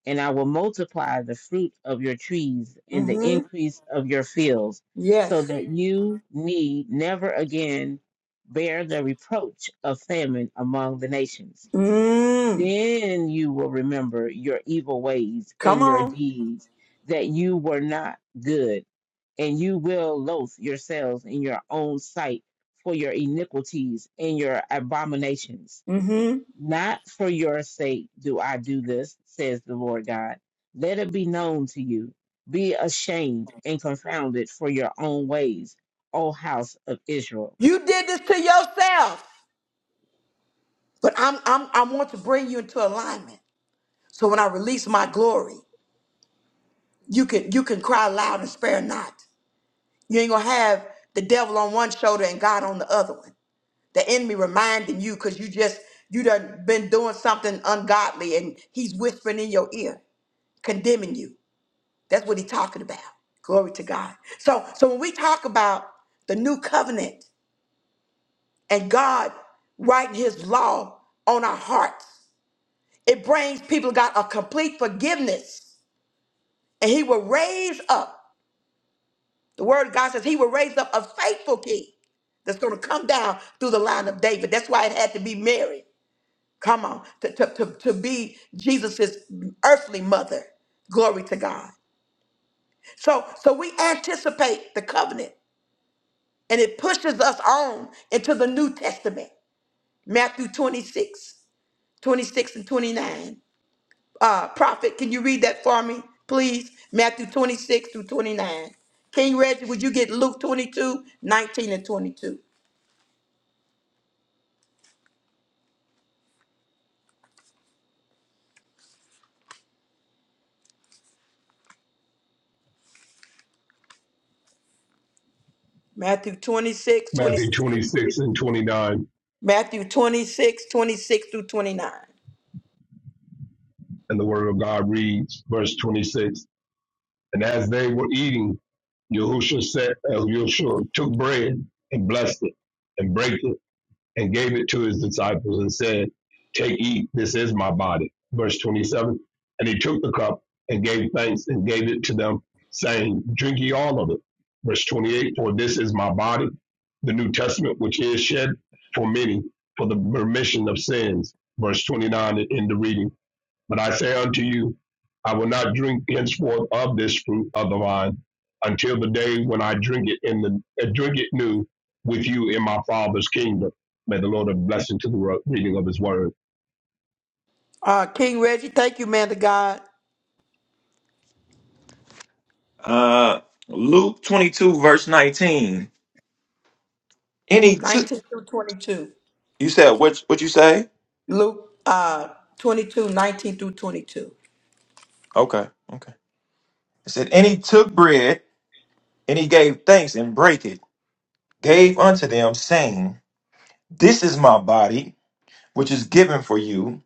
[SPEAKER 2] and I will multiply the fruit of your trees and the
[SPEAKER 1] Mm-hmm.
[SPEAKER 2] increase of your fields, so
[SPEAKER 1] Yes.
[SPEAKER 2] that you need never again bear the reproach of famine among the nations.
[SPEAKER 1] Mm.
[SPEAKER 2] Then you will remember your evil ways
[SPEAKER 1] Come
[SPEAKER 2] and your
[SPEAKER 1] on.
[SPEAKER 2] deeds, that you were not good, and you will loathe yourselves in your own sight for your iniquities and your abominations.
[SPEAKER 1] Mm-hmm.
[SPEAKER 2] Not for your sake do I do this, says the Lord God. Let it be known to you. Be ashamed and confounded for your own ways, O house of Israel.
[SPEAKER 1] You did this to yourself. But I'm, I'm, I want to bring you into alignment. So when I release my glory, you can, you can cry loud and spare not. You ain't going to have the devil on one shoulder and God on the other one. The enemy reminding you because you just, you done been doing something ungodly and he's whispering in your ear, condemning you. That's what he's talking about. Glory to God. So, so when we talk about the new covenant and God writing his law on our hearts, it brings people of God a complete forgiveness. And he will raise up, the word of God says he will raise up a faithful king that's going to come down through the line of David. That's why it had to be Mary. Come on, to, to, to, to be Jesus's earthly mother. Glory to God. So so we anticipate the covenant. And it pushes us on into the New Testament, Matthew 26, 26 and 29. Uh, Prophet, can you read that for me, please? Matthew 26 through 29. King Reggie, would you get Luke 22 19 and 22? Matthew 26, twenty
[SPEAKER 7] Matthew
[SPEAKER 1] six through 29.
[SPEAKER 7] 26 and 29.
[SPEAKER 1] Matthew 26, 26 through 29.
[SPEAKER 7] And the word of God reads, verse 26. And as they were eating, Yahushua, said, uh, Yahushua took bread and blessed it and brake it and gave it to his disciples and said, Take, eat, this is my body. Verse 27. And he took the cup and gave thanks and gave it to them, saying, Drink ye all of it. Verse 28. For this is my body, the New Testament, which is shed for many for the remission of sins. Verse 29 in the reading. But I say unto you, I will not drink henceforth of this fruit of the vine until the day when I drink it in the uh, drink it new with you in my Father's kingdom. May the Lord have blessing to the reading of His word.
[SPEAKER 1] Uh, King Reggie, thank you, man to God.
[SPEAKER 6] Uh, Luke 22, verse 19. Any two.
[SPEAKER 1] 19 through 22.
[SPEAKER 6] You said, what, what you say?
[SPEAKER 1] Luke uh, 22, nineteen through 22.
[SPEAKER 6] Okay. Okay. It said, And he took bread, and he gave thanks and brake it, gave unto them, saying, This is my body, which is given for you.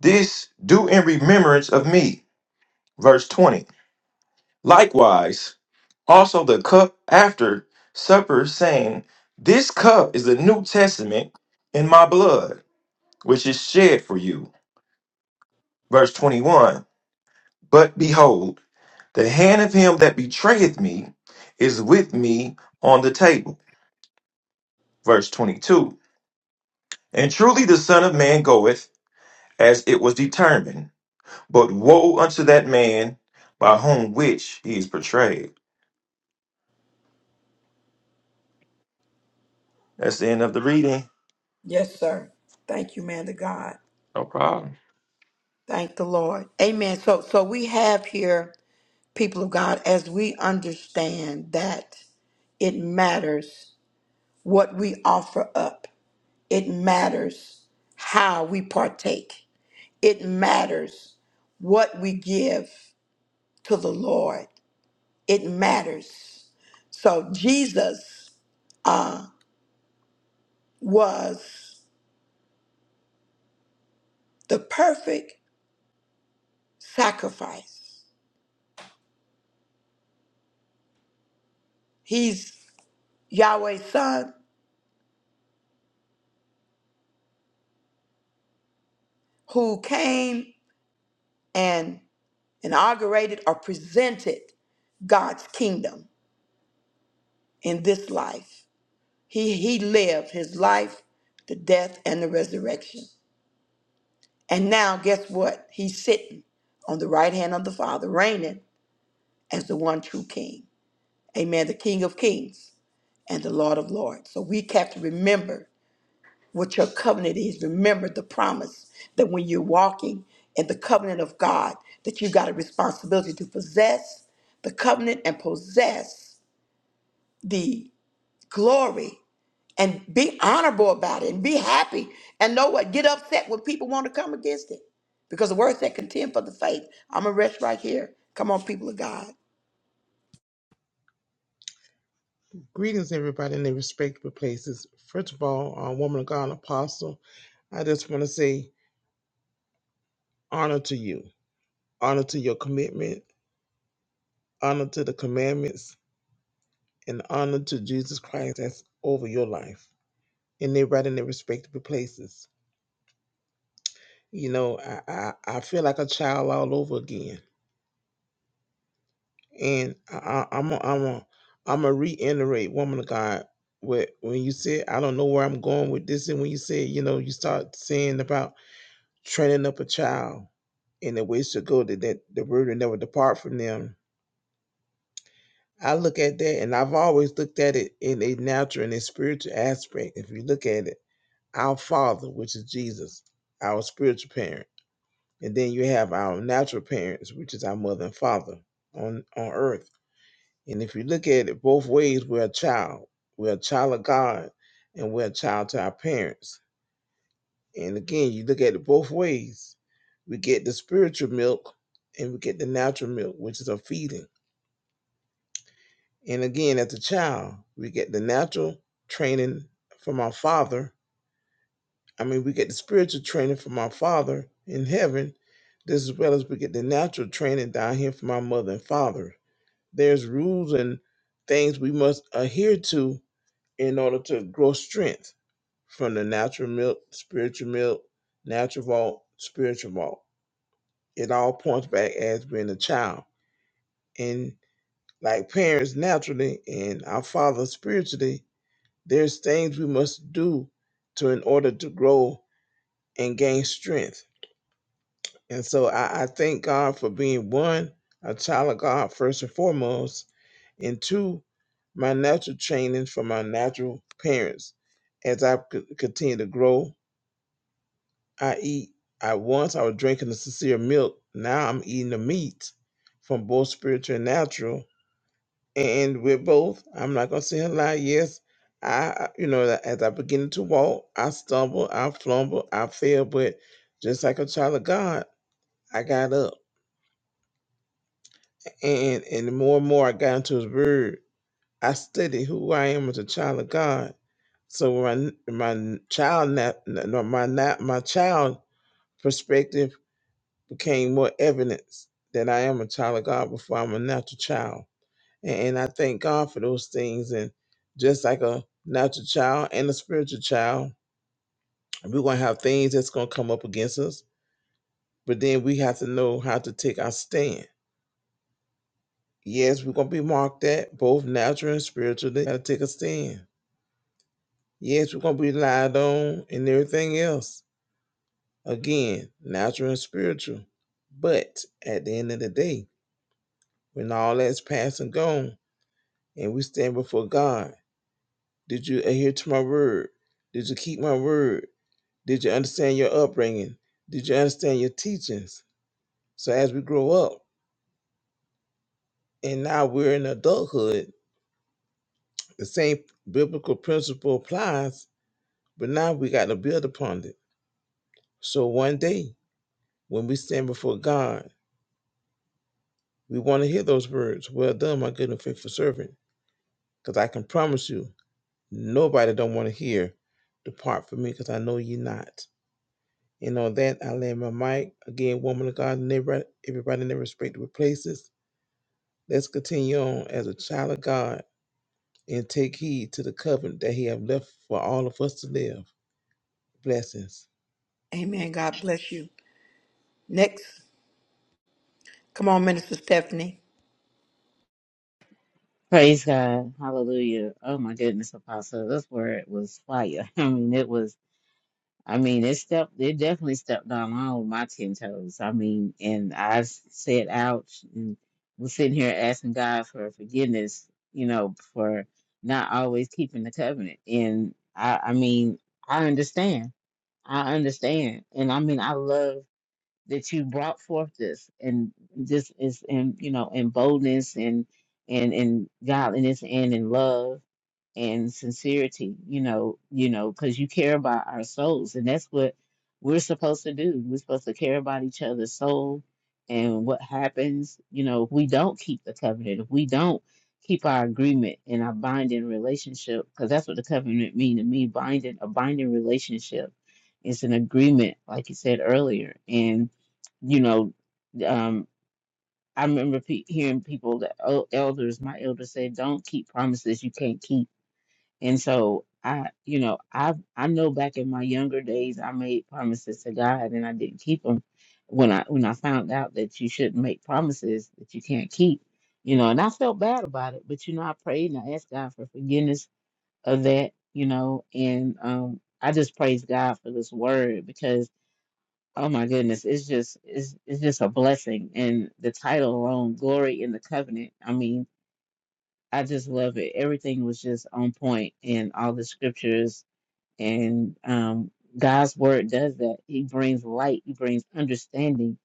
[SPEAKER 6] This do in remembrance of me. Verse 20. Likewise, also the cup after supper, saying, This cup is the New Testament in my blood, which is shed for you. Verse 21. But behold, the hand of him that betrayeth me is with me on the table. Verse 22. And truly the Son of Man goeth as it was determined. But woe unto that man by whom which he is portrayed. That's the end of the reading.
[SPEAKER 1] Yes, sir. Thank you, man to God.
[SPEAKER 6] No problem.
[SPEAKER 1] Thank the Lord. Amen. So so we have here, people of God, as we understand that it matters what we offer up. It matters how we partake. It matters what we give to the Lord. It matters. So Jesus uh, was the perfect sacrifice. He's Yahweh's son. who came and inaugurated or presented God's kingdom in this life. He, he lived his life, the death, and the resurrection. And now, guess what? He's sitting on the right hand of the Father, reigning as the one true King. Amen. The King of Kings and the Lord of Lords. So we have to remember what your covenant is. Remember the promise that when you're walking in the covenant of God, that you got a responsibility to possess the covenant and possess the glory and be honorable about it and be happy and know what? Get upset when people want to come against it. Because the word said contend for the faith. I'm a rest right here. Come on, people of God.
[SPEAKER 4] Greetings, everybody, in their respective places. First of all, uh, woman of God, apostle, I just want to say honor to you, honor to your commitment, honor to the commandments, and honor to Jesus Christ that's over your life. And everybody in their respective places. You know, I, I, I feel like a child all over again. And I, I, I'm a, I'm a, I'm a reiterate, woman of God. What when you said I don't know where I'm going with this, and when you said you know you start saying about training up a child and the ways to go that, that the word will never depart from them. I look at that, and I've always looked at it in a natural and a spiritual aspect. If you look at it, our Father, which is Jesus, our spiritual parent, and then you have our natural parents, which is our mother and father on on earth And if you look at it both ways, we're a child. We're a child of God and we're a child to our parents. And again, you look at it both ways. We get the spiritual milk and we get the natural milk, which is a feeding. And again, as a child, we get the natural training from our father. I mean, we get the spiritual training from our father in heaven, just as well as we get the natural training down here from our mother and father. There's rules and things we must adhere to in order to grow strength from the natural milk, spiritual milk, natural vault, spiritual vault. It all points back as being a child. And like parents naturally and our father spiritually, there's things we must do to in order to grow and gain strength. And so I, I thank God for being one, a child of God first and foremost, and two, my natural training from my natural parents as I c- continue to grow I eat. At once, I was drinking the sincere milk. Now I'm eating the meat from both spiritual and natural. And with both, I'm not going to say a lie. Yes, I, I- you know, that as I begin to walk, I stumble, I flumble, I fail. But just like a child of God, I got up. And, and the more and more I got into His Word, I studied who I am as a child of God. So when my my child na- na- no, my na- my child perspective became more evidence that I am a child of God before I'm a natural child. And, and I thank God for those things. And just like a natural child and a spiritual child, we're going to have things that's going to come up against us, but then we have to know how to take our stand. Yes, we're going to be marked at both natural and spiritual. They got to take a stand. Yes, we're going to be lied on and everything else. Again, natural and spiritual. But at the end of the day, when all that's past and gone, and we stand before God. Did you adhere to my word? Did you keep my word? Did you understand your upbringing? Did you understand your teachings? So as we grow up and now we're in adulthood, the same biblical principle applies, but now we got to build upon it. So one day when we stand before God, we want to hear those words, well done, my good and faithful servant. Because I can promise you, nobody don't want to hear, depart from me because I know you not. And on that, I land my mic. Again, woman of God, and everybody, everybody in their respective places. Let's continue on as a child of God and take heed to the covenant that He have left for all of us to live. Blessings.
[SPEAKER 1] Amen. God bless you. Next. Come on, Minister Stephanie.
[SPEAKER 2] Praise God. Hallelujah. Oh my goodness, Apostle. This word was fire. *laughs* I mean, it was I mean, it stepped, it definitely stepped on all of my 10 toes. I mean, and I s- said, ouch, and was sitting here asking God for forgiveness, you know, for not always keeping the covenant. And I, I mean, I understand. I understand. And I mean, I love that you brought forth this and this is in you know in boldness and and in godliness and in love and sincerity you know you know because you care about our souls and that's what we're supposed to do we're supposed to care about each other's soul and what happens you know if we don't keep the covenant if we don't keep our agreement and our binding relationship because that's what the covenant mean to me binding a binding relationship it's an agreement like you said earlier and you know, um, I remember pe- hearing people that oh, elders, my elders said, "Don't keep promises you can't keep." And so I, you know, I I know back in my younger days, I made promises to God and I didn't keep them. When I when I found out that you shouldn't make promises that you can't keep, you know, and I felt bad about it. But you know, I prayed and I asked God for forgiveness of that, you know, and um, I just praise God for this word because Oh my goodness, it's just it's it's just a blessing. And the title alone, Glory in the Covenant. I mean, I just love it. Everything was just on point and all the scriptures and um God's word does that. He brings light, he brings understanding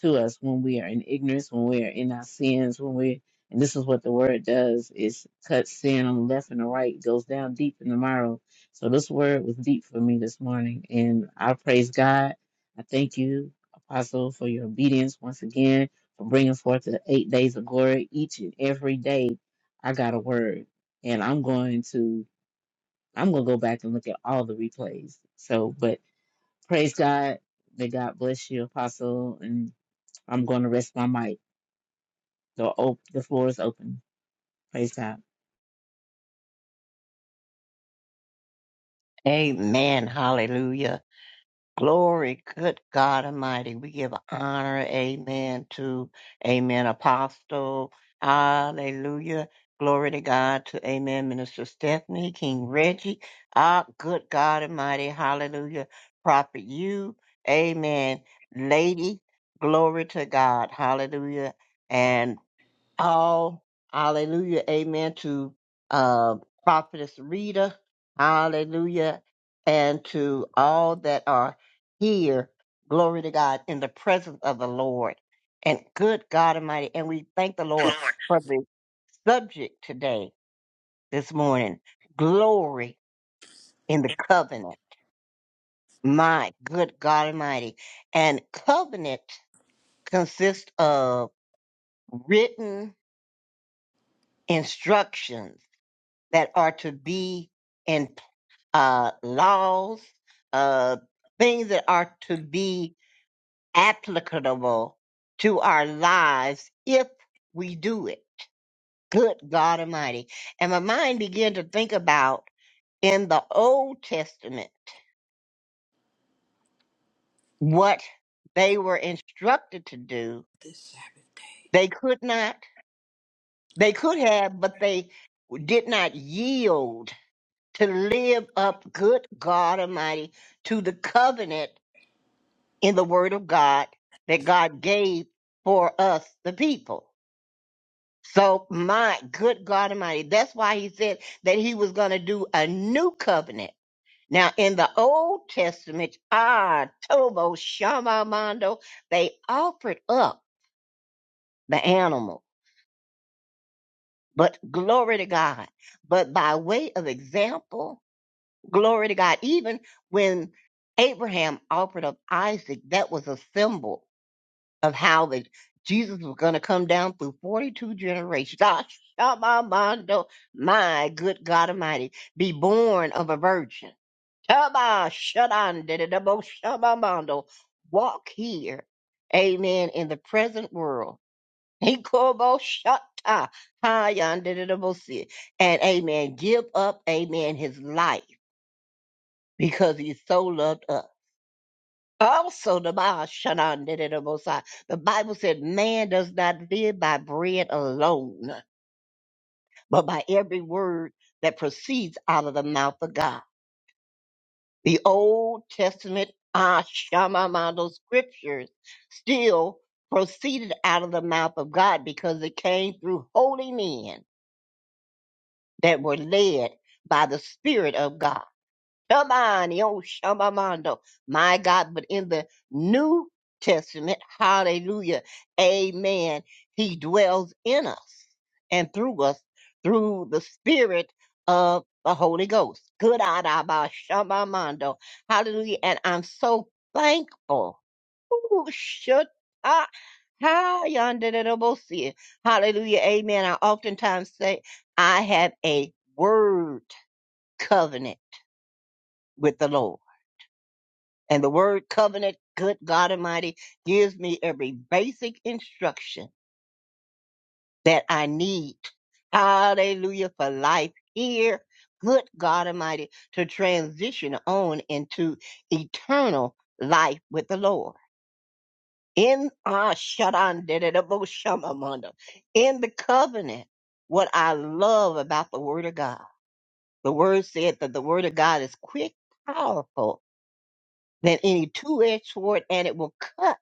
[SPEAKER 2] to us when we are in ignorance, when we are in our sins, when we and this is what the word does is cuts sin on the left and the right, goes down deep in the marrow. So this word was deep for me this morning. And I praise God. I thank you, Apostle, for your obedience once again, for bringing forth the eight days of glory each and every day. I got a word. And I'm going to I'm gonna go back and look at all the replays. So but praise God. May God bless you, Apostle, and I'm going to rest my mic. The op- the floor is open. Praise God.
[SPEAKER 3] Amen. Hallelujah. Glory, good God Almighty. We give honor, amen, to amen, apostle. Hallelujah. Glory to God, to amen, Minister Stephanie, King Reggie. Ah, good God Almighty. Hallelujah. Prophet you, amen, lady. Glory to God. Hallelujah. and all. Hallelujah. Amen to uh, Prophetess Rita. Hallelujah. And to all that are here. Glory to God in the presence of the Lord. And good God Almighty. And we thank the Lord for the subject today, this morning. Glory in the covenant. My good God Almighty. And covenant consists of written instructions that are to be in uh, laws, uh, things that are to be applicable to our lives if we do it. Good God Almighty. And my mind began to think about in the Old Testament what they were instructed to do. They could not, they could have, but they did not yield to live up, good God Almighty, to the covenant in the word of God that God gave for us, the people. So my good God Almighty, that's why he said that he was going to do a new covenant. Now in the Old Testament, ah, Tobo, Shama, Mondo, they offered up the animal, but glory to God. But by way of example, glory to God, even when Abraham offered up Isaac, that was a symbol of how that Jesus was going to come down through 42 generations. Ah, shabamando, my good God Almighty, be born of a virgin. Taba, shadandidabo, shabamando, Walk here, amen, in the present world. *laughs* Hikobo, shata, hayandididabo, si. And amen, give up, amen, his life because he so loved us. Also, the Ba- Shanan did it most the Bible said, Man does not live by bread alone, but by every word that proceeds out of the mouth of God. The Old Testament Ashamamando scriptures still proceeded out of the mouth of God because it came through holy men that were led by the Spirit of God. Shabani, oh Shabamando. My God, but in the New Testament, hallelujah, amen, he dwells in us and through us through the Spirit of the Holy Ghost. Good Adaba Shabamando. Hallelujah. And I'm so thankful. Ooh, shut up. Hi, yonder Hallelujah. Amen. I oftentimes say I have a word covenant with the Lord. And the word covenant, good God Almighty, gives me every basic instruction that I need. Hallelujah for life here. Good God Almighty, to transition on into eternal life with the Lord. In our Shamamanda, in the covenant, what I love about the Word of God, the Word said that the Word of God is quick, powerful than any two-edged sword, and it will cut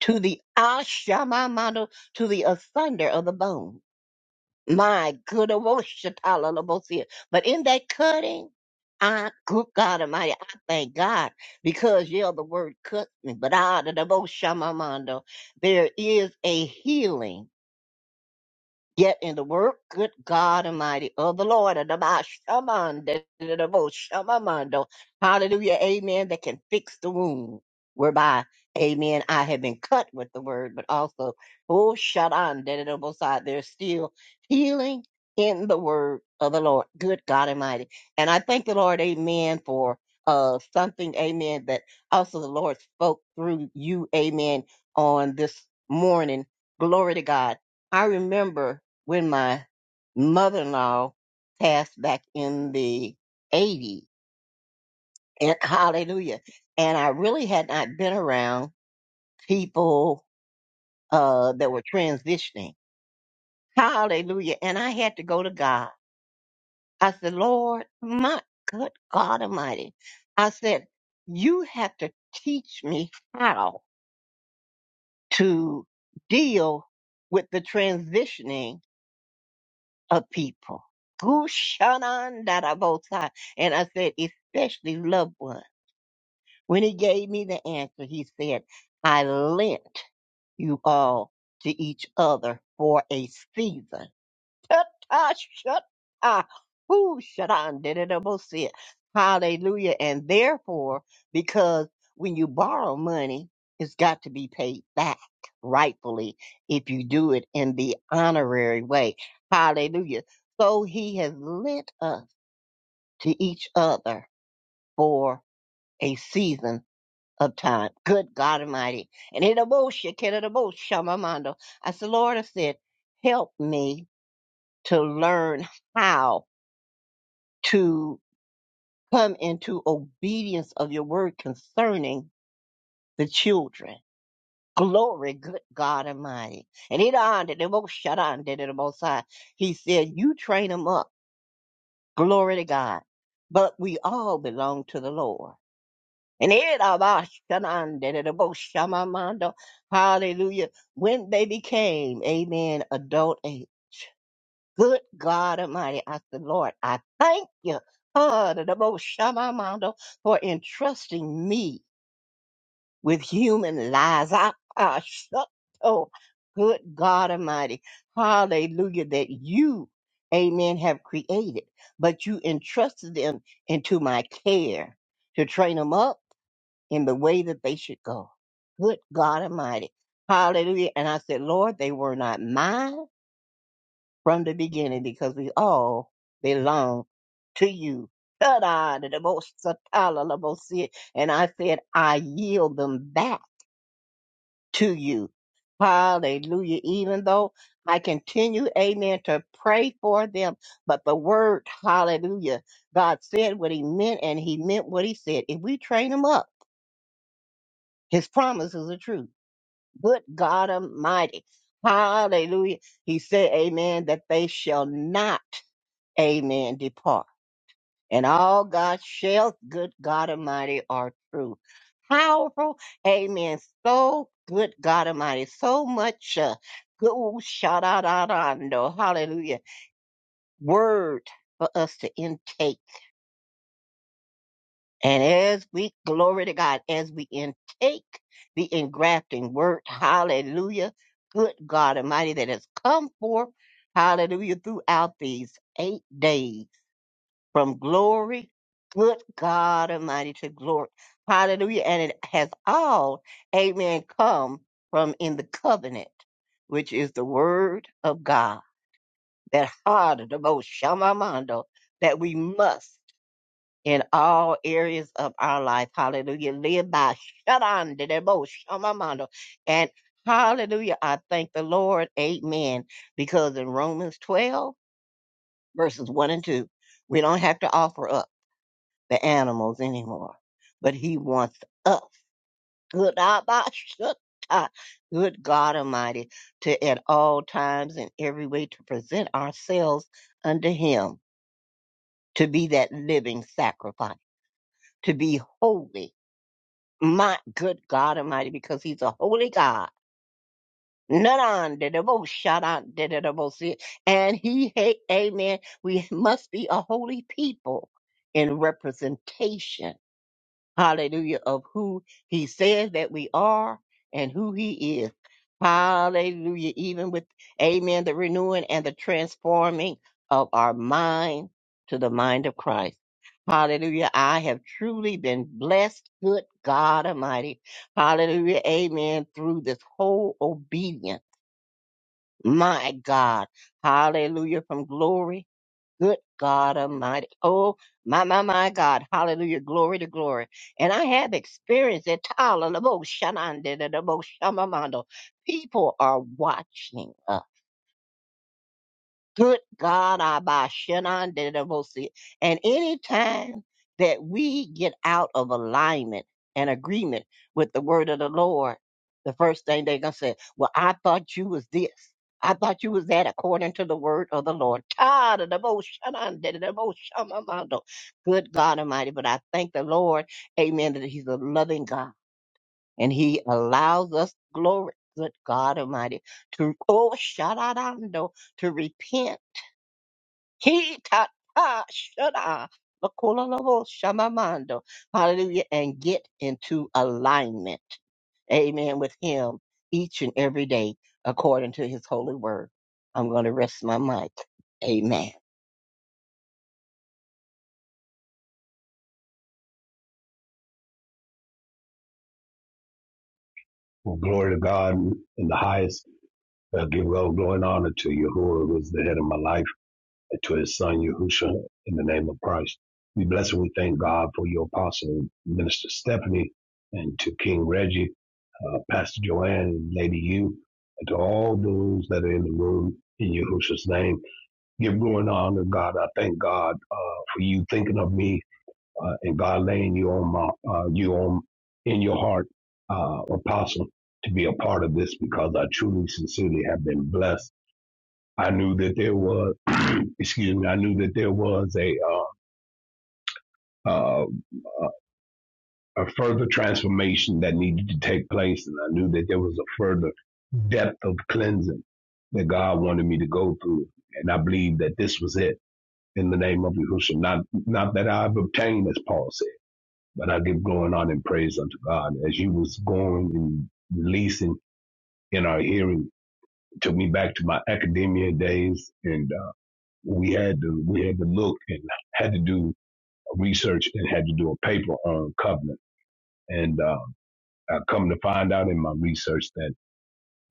[SPEAKER 3] to the Ashamamando, to the asunder of the bone. My good Oroshatalalabosia. But in that cutting, I, good God Almighty, I thank God because, yeah, the word cuts me, but out of the Oshamamando, there is a healing Yet in the work, good God Almighty, of the Lord, and the our shaman, da- da- da- da- bo- shamamando. hallelujah, amen, that can fix the wound, whereby, amen, I have been cut with the word, but also, oh, shadan, da- da- da- bo- side, there's still healing in the word of the Lord, good God Almighty. And I thank the Lord, amen, for uh something, amen, that also the Lord spoke through you, amen, on this morning. Glory to God. I remember when my mother-in-law passed back in the 80s. And hallelujah. And I really had not been around people uh, that were transitioning. Hallelujah. And I had to go to God. I said, Lord, my good God Almighty. I said, you have to teach me how to deal with the transitioning of people. Gushanandarabosai. And I said, especially loved ones. When he gave me the answer, he said, I lent you all to each other for a season. Ah, shut ah, who shut on did it almost see it. Hallelujah. And therefore, because when you borrow money, it's got to be paid back rightfully if you do it in the honorary way. Hallelujah. So he has lent us to each other for a season of time. Good God Almighty. And in a motion, can it almost shamamando? I said, Lord, I said, help me to learn how. to come into obedience of your word concerning the children. Glory, good God Almighty. And it on did the most shut on did the most high. He said, You train them up. Glory to God. But we all belong to the Lord. And it about shut on did the most shamamando. Hallelujah. When they became, amen, adult age. Good God Almighty, I said, Lord, I thank you ah, the most Shamamando, for entrusting me with human lies. I, I shut, oh, good God Almighty, hallelujah, that you, amen, have created, but you entrusted them into my care to train them up in the way that they should go. Good God Almighty, hallelujah. And I said, Lord, they were not mine from the beginning because we all belong to you. Ta-da, the most satala, the most sin. And I said, I yield them back to you. Hallelujah. Even though I continue, amen, to pray for them, but the word, hallelujah, God said what he meant and he meant what he said. If we train him up, his promises are true. Good God Almighty. Hallelujah. He said, amen, that they shall not. Amen. Depart. And all God's shall, good God Almighty, are true. Powerful. Amen. So good God Almighty. So much uh, good shout out Hallelujah. Word for us to intake. And as we glory to God, as we intake the engrafting word, hallelujah. Good God Almighty that has come forth. Hallelujah. Throughout these eight days. from glory, good God Almighty, to glory. Hallelujah. And it has all, amen, come from in the covenant, which is the word of God, that harder, the most shamamando, that we must in all areas of our life, hallelujah, live by shadan, the most shamamando. And hallelujah, I thank the Lord, amen, because in Romans 12, verses 1 and 2, we don't have to offer up the animals anymore. But he wants us, good Abba Shuttah, *laughs* good God Almighty, to at all times and every way to present ourselves unto him, to be that living sacrifice, to be holy. My good God Almighty, because he's a holy God. None on the most shout out did the most and he hey amen. We must be a holy people in representation hallelujah, of who he says that we are and who he is. Hallelujah. Even with, amen, the renewing and the transforming of our mind to the mind of Christ. Hallelujah. I have truly been blessed, good God Almighty. Hallelujah. Amen. Through this whole obedience. My God. Hallelujah. From glory. Good God Almighty. Oh, my, my, my God. Hallelujah. Glory to glory. And I have experienced it. Tala la bo shanande da da bo shamamando. People are watching us. Good God, Abba, Shenan, Dedebosi. And anytime that we get out of alignment and agreement with the word of the Lord, the first thing they're going to say, well, I thought you was this. I thought you was that according to the word of the Lord. God of the most, Shenan, Dedebosi, Shamamando. Good God Almighty. But I thank the Lord, amen, that he's a loving God and he allows us glory. Good God Almighty, to oh, Shaladando, to repent he ta ta shada makololobo shamamando. Hallelujah. And get into alignment. Amen. With him each and every day according to his holy word. I'm going to rest my mic. Amen.
[SPEAKER 7] Well, glory to God in the highest. I give all glory and honor to Yahuwah, who is the head of my life, and to his son, Yahusha, in the name of Christ. We bless and we thank God for your apostle, Minister Stephanie, and to King Reggie. uh, Pastor Joanne and Lady U, and to all those that are in the room in Yahushua's name. Give glory and honor, God. I thank God uh, for you thinking of me uh, and God laying you on my uh, you on in your heart, uh, Apostle, to be a part of this because I truly, sincerely have been blessed. I knew that there was, *clears throat* excuse me, I knew that there was a uh, uh, a further transformation that needed to take place. And I knew that there was a further depth of cleansing that God wanted me to go through. And I believe that this was it in the name of Yahushua. Not, not that I've obtained, as Paul said, but I give going on in praise unto God. As you was going and releasing in our hearing, it took me back to my academia days. And uh, we had to, we had to look and had to do research and had to do a paper on covenant. And uh, I come to find out in my research that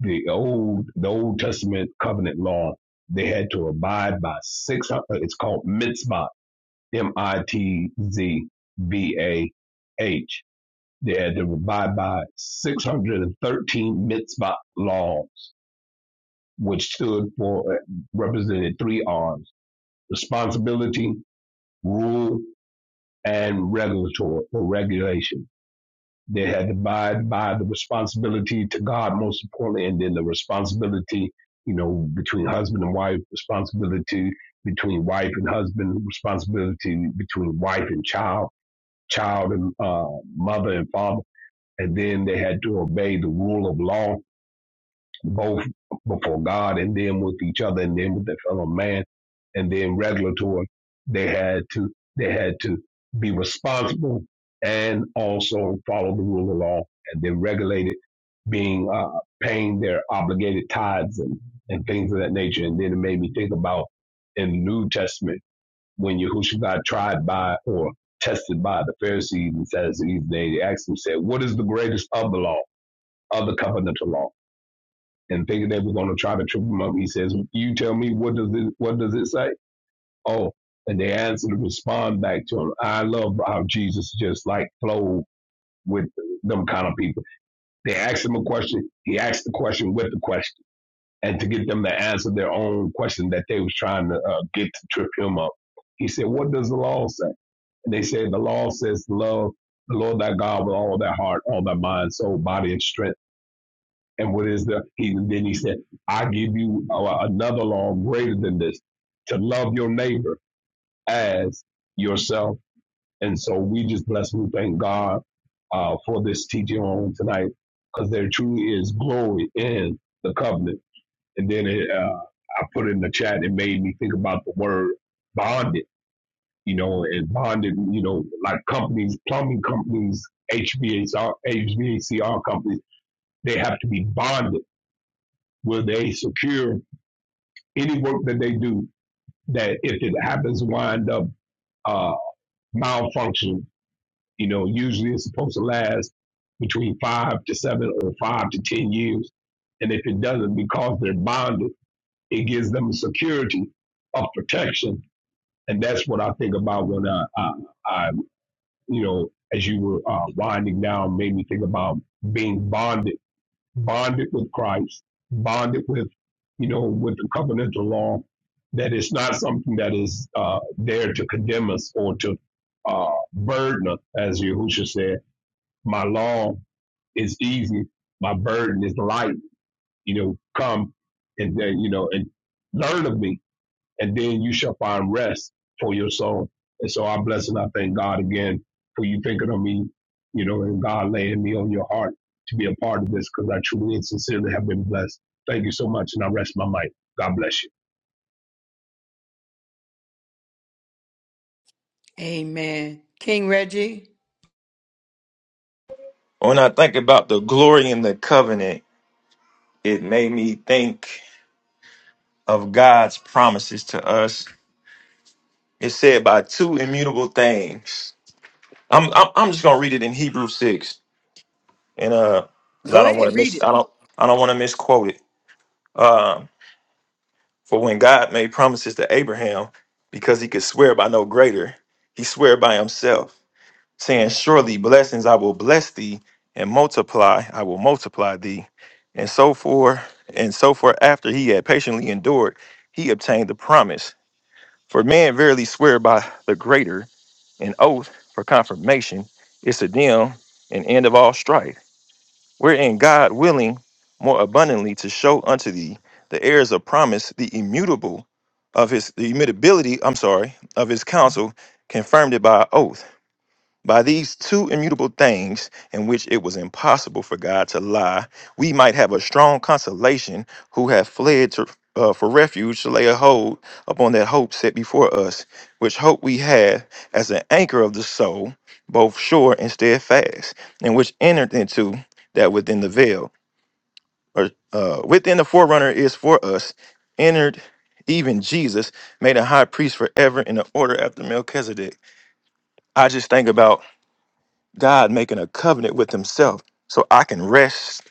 [SPEAKER 7] the old the Old Testament covenant law they had to abide by six hundred. It's called mitzvah, M I T Z V A H. They had to abide by 613 mitzvah laws, which stood for uh, represented three R's: responsibility, rule, and regulatory or regulation They had to abide by the responsibility to God, most importantly, and then the responsibility, you know, between husband and wife, responsibility between wife and husband, responsibility between wife and child, child and uh, mother and father. And then they had to obey the rule of law both before God and then with each other and then with their fellow man and then regulatory. They had to they had to be responsible and also follow the rule of law and then regulated being uh, paying their obligated tithes and, and things of that nature. And then it made me think about in the New Testament when Yahushua got tried by or tested by the Pharisees and Sadducees, they asked him, said, What is the greatest of the law, of the covenantal law? and thinking they were going to try to trip him up. He says, "You tell me what does it what does it say?" Oh, and they answer to respond back to him. I love how Jesus just like flowed with them kind of people. They asked him a question. He asked the question with the question, and to get them to answer their own question that they was trying to uh, get to trip him up. He said, "What does the law say?" And they said, "The law says love." The Lord thy God with all thy heart, all thy mind, soul, body, and strength and what is the? He, then he said, "I give you uh, another law greater than this: to love your neighbor as yourself." And so we just bless and we thank God uh, for this teaching on tonight, because there truly is glory in the covenant. And then it, uh, I put in the chat; it made me think about the word bonded. You know, and bonded. You know, like companies, plumbing companies, HVACR, companies, they have to be bonded where they secure Any work that they do that if it happens to wind up uh, malfunction, you know, usually it's supposed to last between five to seven or five to ten years. And if it doesn't, because they're bonded, it gives them a security of protection. And that's what I think about when I, I, I you know, as you were uh, winding down, made me think about being bonded bonded with Christ, bonded with, you know, with the covenantal law, that it's not something that is uh, there to condemn us or to uh, burden us, as Yahushua said. My law is easy, my burden is light. You know, come and then, you know, and learn of me and then you shall find rest for your soul. And so I bless and I thank God again for you thinking of me, you know, and God laying me on your heart to be a part of this because I truly and sincerely have been blessed. Thank you so much, and I rest my mic. God bless you.
[SPEAKER 1] Amen. King Reggie.
[SPEAKER 6] When I think about the glory in the covenant, it made me think of God's promises to us. It said by two immutable things. I'm I'm, I'm just gonna read it in Hebrew six, and uh, because I
[SPEAKER 1] Go
[SPEAKER 6] don't want to
[SPEAKER 1] ahead, read it.
[SPEAKER 6] miss I don't I don't want to misquote it. Um. For when God made promises to Abraham, because he could swear by no greater, he swear by himself, saying, Surely blessings I will bless thee, and multiply I will multiply thee. And so forth, and so forth after he had patiently endured, he obtained the promise. For man verily swear by the greater, an oath for confirmation, is to them an end of all strife wherein God willing more abundantly to show unto thee the heirs of promise, the immutable of his the immutability, I'm sorry, of his counsel, confirmed it by oath by these two immutable things, in which it was impossible for God to lie, we might have a strong consolation who have fled to, uh, for refuge to lay a hold upon that hope set before us, which hope we have as an anchor of the soul, both sure and steadfast, and which entered into that within the veil, or uh, within the forerunner is for us, entered even Jesus, made a high priest forever in the order after Melchizedek. I just think about God making a covenant with himself. So I can rest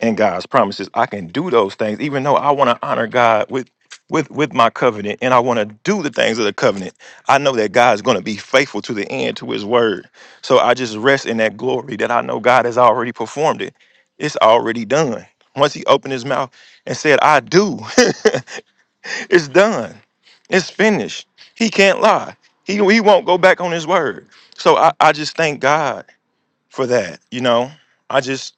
[SPEAKER 6] in God's promises. I can do those things, even though I want to honor God with with with my covenant and I want to do the things of the covenant. I know that God's going to be faithful to the end to his word. So I just rest in that glory that I know God has already performed it. It's already done. Once he opened his mouth and said, I do, *laughs* it's done. It's finished. He can't lie. He, he won't go back on his word. So I, I just thank God for that. You know, I just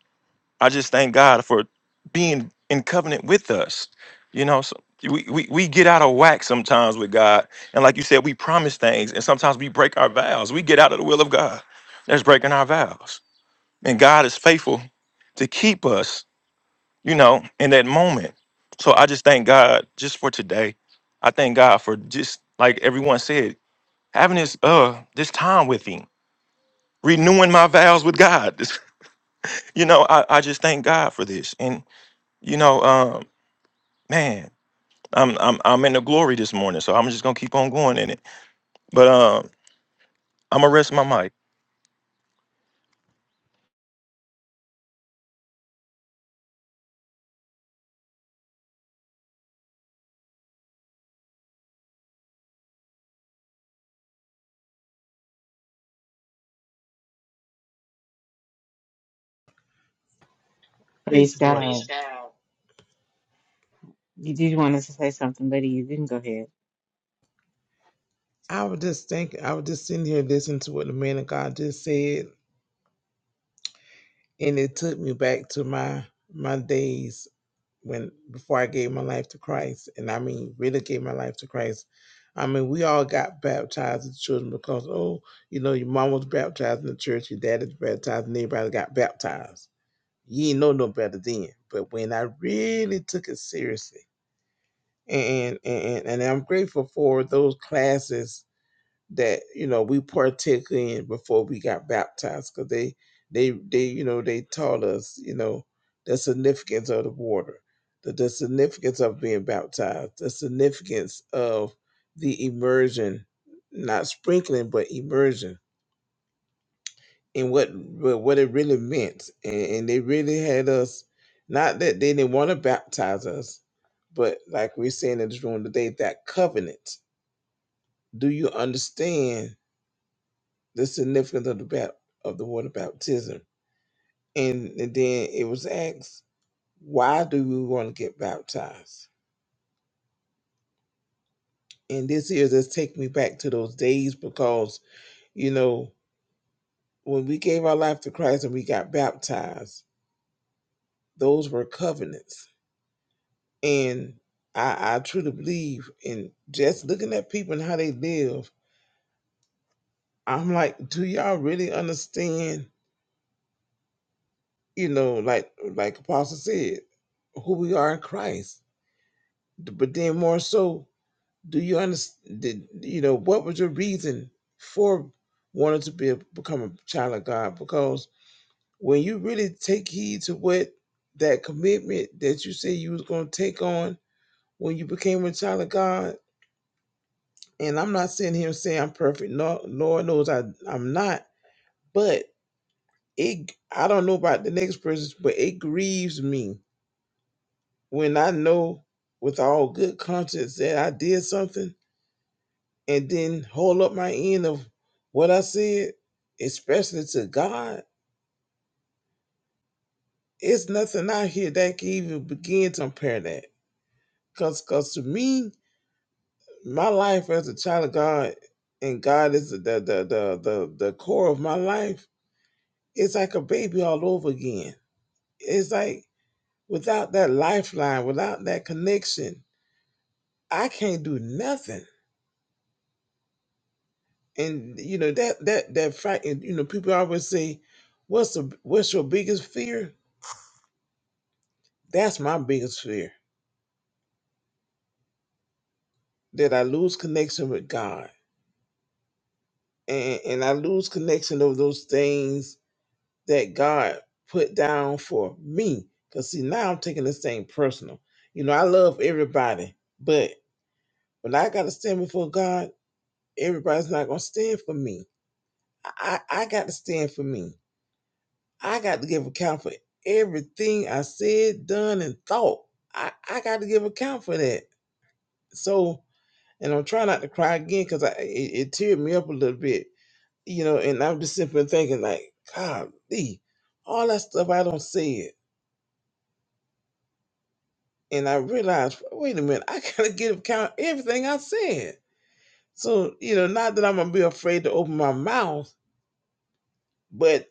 [SPEAKER 6] I just thank God for being in covenant with us. You know, so we, we we get out of whack sometimes with God, and like you said, we promise things, and sometimes we break our vows. We get out of the will of God. That's breaking our vows, and God is faithful to keep us. You know, in that moment. So I just thank God just for today. I thank God for just like everyone said, having this uh this time with Him, renewing my vows with God. *laughs* you know, I, I just thank God for this. And you know, um, man, I'm I'm I'm in the glory this morning, so I'm just gonna keep on going in it. But um, I'm gonna rest my mic.
[SPEAKER 4] Praise
[SPEAKER 2] Praise
[SPEAKER 4] the Lord. Praise
[SPEAKER 2] God.
[SPEAKER 4] God.
[SPEAKER 2] You did want us to say something, Lady You. didn't? go ahead.
[SPEAKER 4] I was just thinking, I was just sitting here listening to what the man of God just said, and it took me back to my my days when before I gave my life to Christ, and I mean really gave my life to Christ. I mean, we all got baptized as children because, oh, you know, your mom was baptized in the church, your dad is baptized, and everybody got baptized. You ain't know no better then. But when I really took it seriously, and and and, and I'm grateful for those classes that you know we partook in before we got baptized because they they they you know they taught us you know the significance of the water the, the significance of being baptized the significance of the immersion not sprinkling but immersion and what what what it really meant and, and they really had us not that they didn't want to baptize us but like we're saying in this room today that covenant do you understand the significance of the bat- of the water baptism. And, and then it was asked, why do we want to get baptized? And this here just take me back to those days because, you know, when we gave our life to Christ and we got baptized, those were covenants. And I, I truly believe in just looking at people and how they live, I'm like, do y'all really understand, you know, like like Apostle said, who we are in Christ? But then more so Do you understand? You know, what was your reason for wanting to be a, become a child of God? Because when you really take heed to what that commitment that you said you was going to take on when you became a child of God, and I'm not sitting here saying I'm perfect. No, Lord knows I I'm not. But it, I don't know about the next person, but it grieves me when I know with all good conscience that I did something and then hold up my end of what I said, especially to God, it's nothing out here that can even begin to compare that. Cause, cause to me, my life as a child of God, and God is the the the the the, core of my life. It's like a baby all over again. It's like without that lifeline, without that connection, I can't do nothing. And you know that that that fact, and you know people always say, "What's the what's your biggest fear?" That's my biggest fear that I lose connection with God and, and I lose connection of those things that God put down for me. Because, see, now I'm taking this thing personal. You know, I love everybody, but when I got to stand before God, everybody's not going to stand for me. I, I I got to stand for me. I got to give account for everything I said, done, and thought. I, I got to give account for that. So, and I'm trying not to cry again because I it, it teared me up a little bit, you know. And I'm just simply thinking like, God, all that stuff I don't say it, and I realized, wait a minute, I gotta get account everything I said. So you know, not that I'm gonna be afraid to open my mouth, but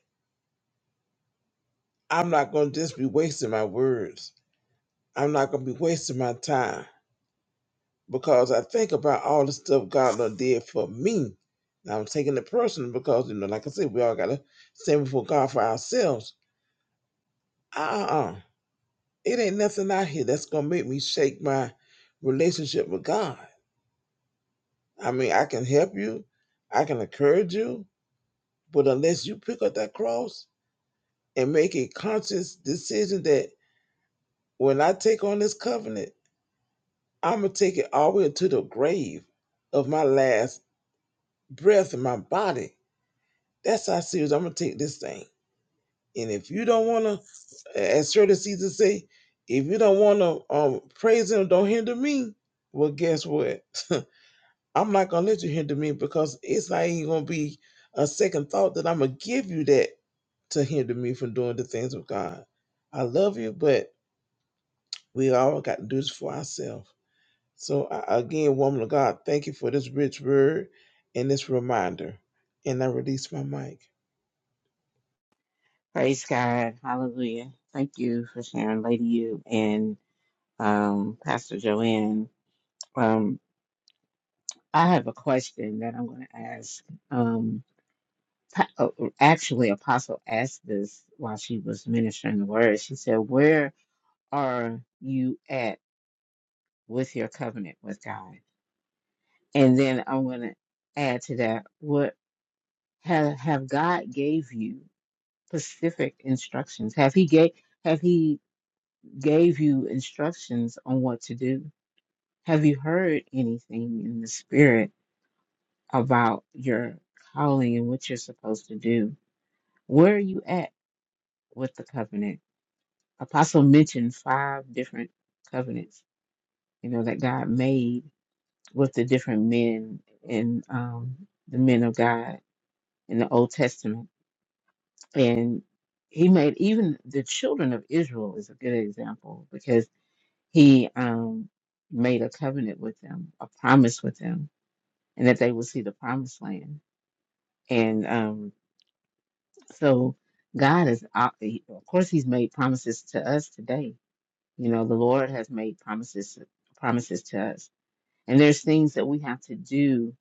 [SPEAKER 4] I'm not gonna just be wasting my words. I'm not gonna be wasting my time because I think about all the stuff God done did for me. And I'm taking it personal because you know, like I said, we all gotta stand before God for ourselves uh-uh. It ain't nothing out here that's gonna make me shake my relationship with God. I mean, I can help you, I can encourage you, but unless you pick up that cross and make a conscious decision that when I take on this covenant, I'm gonna take it all the way to the grave of my last breath in my body. That's how serious I'm gonna take this thing. And if you don't wanna, as Shirley Caesar say, if you don't wanna um, praise him, don't hinder me. Well, guess what? I'm not gonna let you hinder me because it's not even gonna be a second thought that I'm gonna give you that to hinder me from doing the things of God. I love you, but we all got to do this for ourselves. So I, again, woman of God, thank you for this rich word and this reminder. And I release my mic.
[SPEAKER 2] Praise God. Hallelujah. Thank you for sharing, Lady You and um, Pastor Joanne. Um, I have a question that I'm going to ask. Um, pa- uh, actually, Apostle asked this while she was ministering the word. She said, "Where are you at with your covenant with God?" And then I'm going to add to that. What have have God gave you specific instructions? Have he gave have he gave you instructions on what to do? Have you heard anything in the spirit about your calling and what you're supposed to do? Where are you at with the covenant? Apostle mentioned five different covenants, you know, that God made with the different men and um, the men of God in the Old Testament and he made even the children of Israel is a good example because he um, made a covenant with them, a promise with them, and that they would see the promised land. And um, so God is, uh, he- of course, He's made promises to us today. You know, the Lord has made promises promises to us, and there's things that we have to do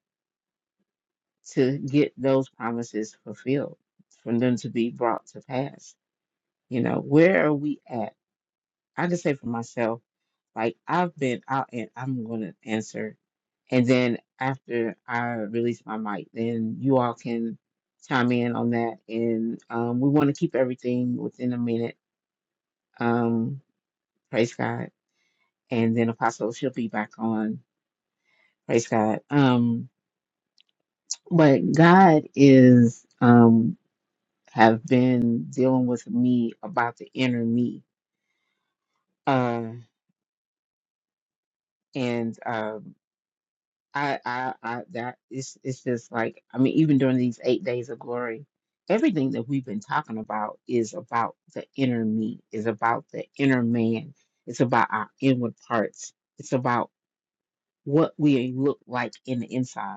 [SPEAKER 2] to get those promises fulfilled, for them to be brought to pass. You know, where are we at? I just say for myself, like I've been out and I'm gonna answer. And then after I release my mic, then you all can chime in on that. And um, we want to keep everything within a minute. Um, praise God. And then Apostle, she'll be back on. Praise God. Um, but God is um have been dealing with me about the inner me. Uh, and um I, I, I, that it's, it's just like, I mean, even during these eight days of glory, everything that we've been talking about is about the inner me, is about the inner man, it's about our inward parts, it's about what we look like in the inside.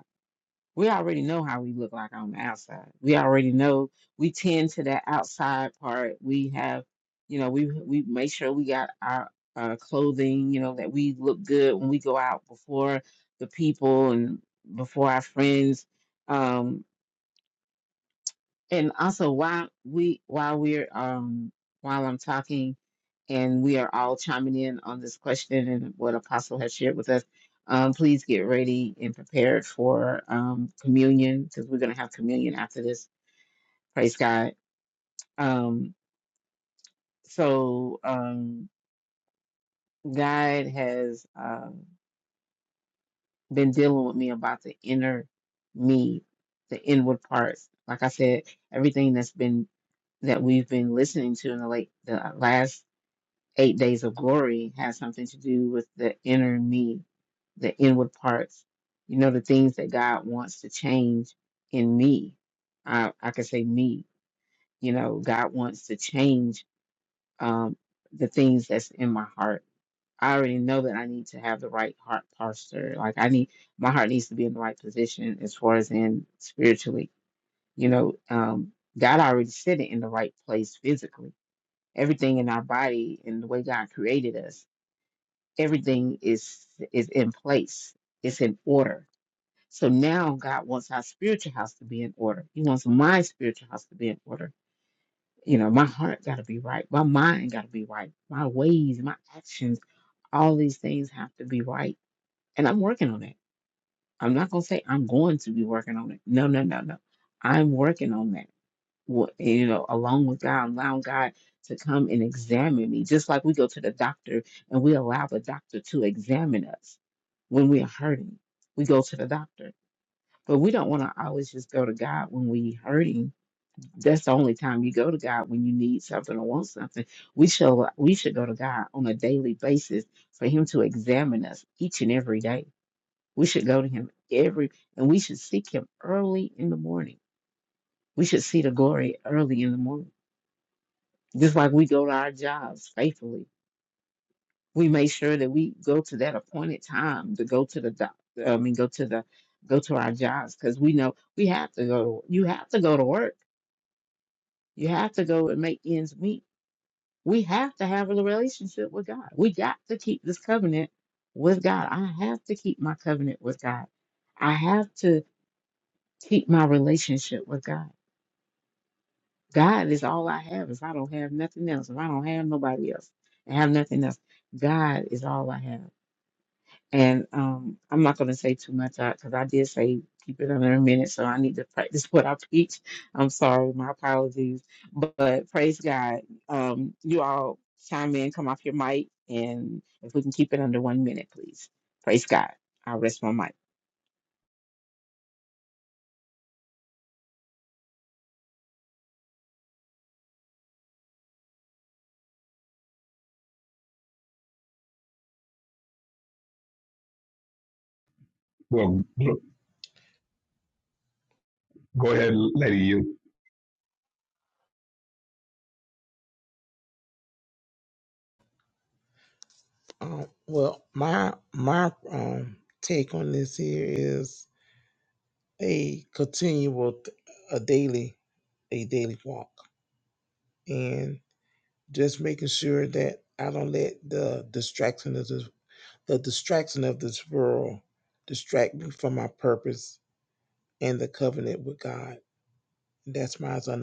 [SPEAKER 2] We already know how we look like on the outside. We already know we tend to that outside part. We have, you know, we we make sure we got our uh, clothing, you know, that we look good when we go out before the people and before our friends. Um, and also while we while we're um while I'm talking and we are all chiming in on this question and what apostle has shared with us um please get ready and prepared for um communion because we're going to have communion after this praise god um so um god has um been dealing with me about the inner me the inward parts like i said everything that's been that we've been listening to in the late the last Eight Days of Glory has something to do with the inner me, the inward parts, you know, the things that God wants to change in me. I, I could say me, you know, God wants to change um, the things that's in my heart. I already know that I need to have the right heart posture. Like I need, my heart needs to be in the right position as far as in spiritually, you know, um, God already said it in the right place physically. Everything in our body and the way God created us everything is is in place. It's in order. So now God wants our spiritual house to be in order. He wants my spiritual house to be in order. You know, my heart got to be right. My mind got to be right. My ways, my actions, all these things have to be right. And I'm working on it. I'm not going to say I'm going to be working on it. No, no, no, no. I'm working on that wa- you know, along with God, allowing God to come and examine me, just like we go to the doctor and we allow the doctor to examine us when we are hurting. We go to the doctor, but we don't want to always just go to God when we hurting. That's the only time you go to God when you need something or want something. We should we should go to God on a daily basis for Him to examine us each and every day. We should go to Him every, and we should seek Him early in the morning. We should see the glory early in the morning just like we go to our jobs faithfully. We make sure that we go to that appointed time to go to the doc. I mean, go to the go to our jobs because we know we have to go. You have to go to work. You have to go and make ends meet. We have to have a relationship with God. We got to keep this covenant with God. I have to keep my covenant with God. I have to keep my relationship with God. God is all I have. If I don't have nothing else, if I don't have nobody else, and have nothing else, God is all I have. And um, I'm not going to say too much because I did say keep it under a minute, so I need to practice *laughs* what I preach. I'm sorry, my apologies. But, praise God, um, you all chime in, come off your mic, and if we can keep it under one minute, please. Praise God. I'll rest my mic.
[SPEAKER 7] Well, look, go ahead, Lady. You
[SPEAKER 4] Um, well, my my um take on this here is a continual, a daily, a daily walk, and. just making sure that I don't let the distraction of this, the distraction of this world distract me from my purpose and the covenant with God. That's my son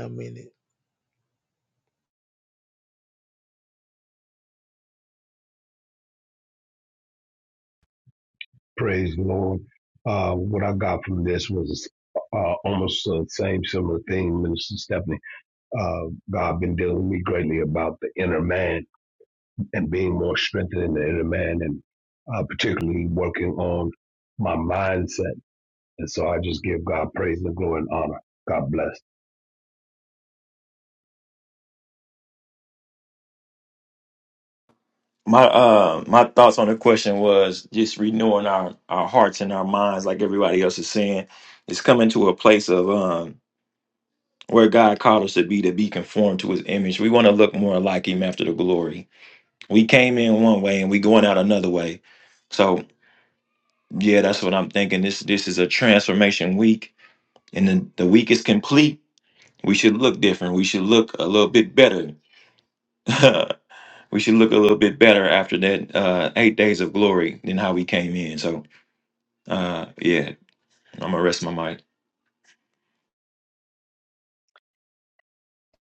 [SPEAKER 7] praise the Lord. Uh, what I got from this was uh, almost the same similar thing, Minister Stephanie. Uh, God been dealing with me greatly about the inner man and being more strengthened in the inner man and uh, particularly working on my mindset. And so I just give God praise and glory and honor. God bless.
[SPEAKER 6] My uh my thoughts on the question was just renewing our our hearts and our minds, like everybody else is saying, is coming to a place of um where God called us to be to be conformed to His image. We want to look more like Him after the glory. We came in one way and we going out another way. So yeah, that's what I'm thinking. This this is a transformation week and then the week is complete, we should look different. We should look a little bit better. *laughs* we should look a little bit better after that uh, eight days of glory than how we came in. So, uh, yeah, I'm gonna rest my mic.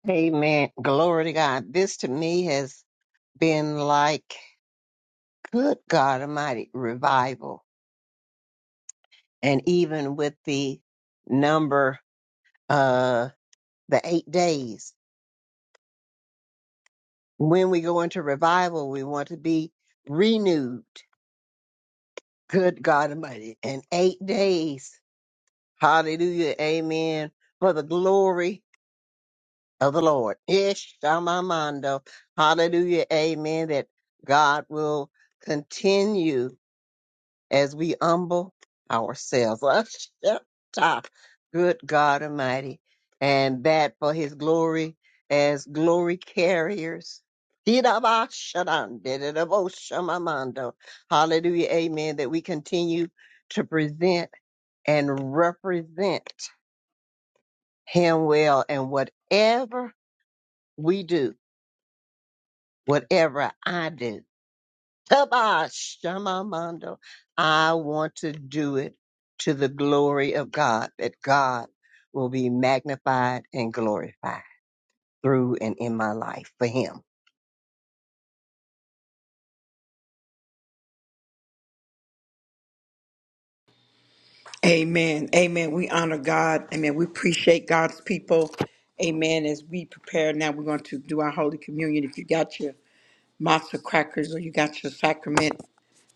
[SPEAKER 3] Amen. Glory to God. This to me has been like good God Almighty revival. And even with the number, uh, the eight days, when we go into revival, we want to be renewed. Good God Almighty. In eight days. Hallelujah. Amen. For the glory of the Lord. Ish Shamamando. Hallelujah. Amen. That God will continue. as we humble ourselves. *laughs* Up top, good God Almighty, and that for His glory as glory carriers. Didabashadan, dididaboshamamando. Hallelujah, Amen. That we continue to present and represent Him well, and whatever we do, whatever I do. Shamamando. I want to do it to the glory of God, that God will be magnified and glorified through and in my life for Him.
[SPEAKER 1] Amen. Amen. We honor God. Amen. We appreciate God's people. Amen. As we prepare now, we're going to do our Holy Communion. If you got your matzo crackers or you got your sacrament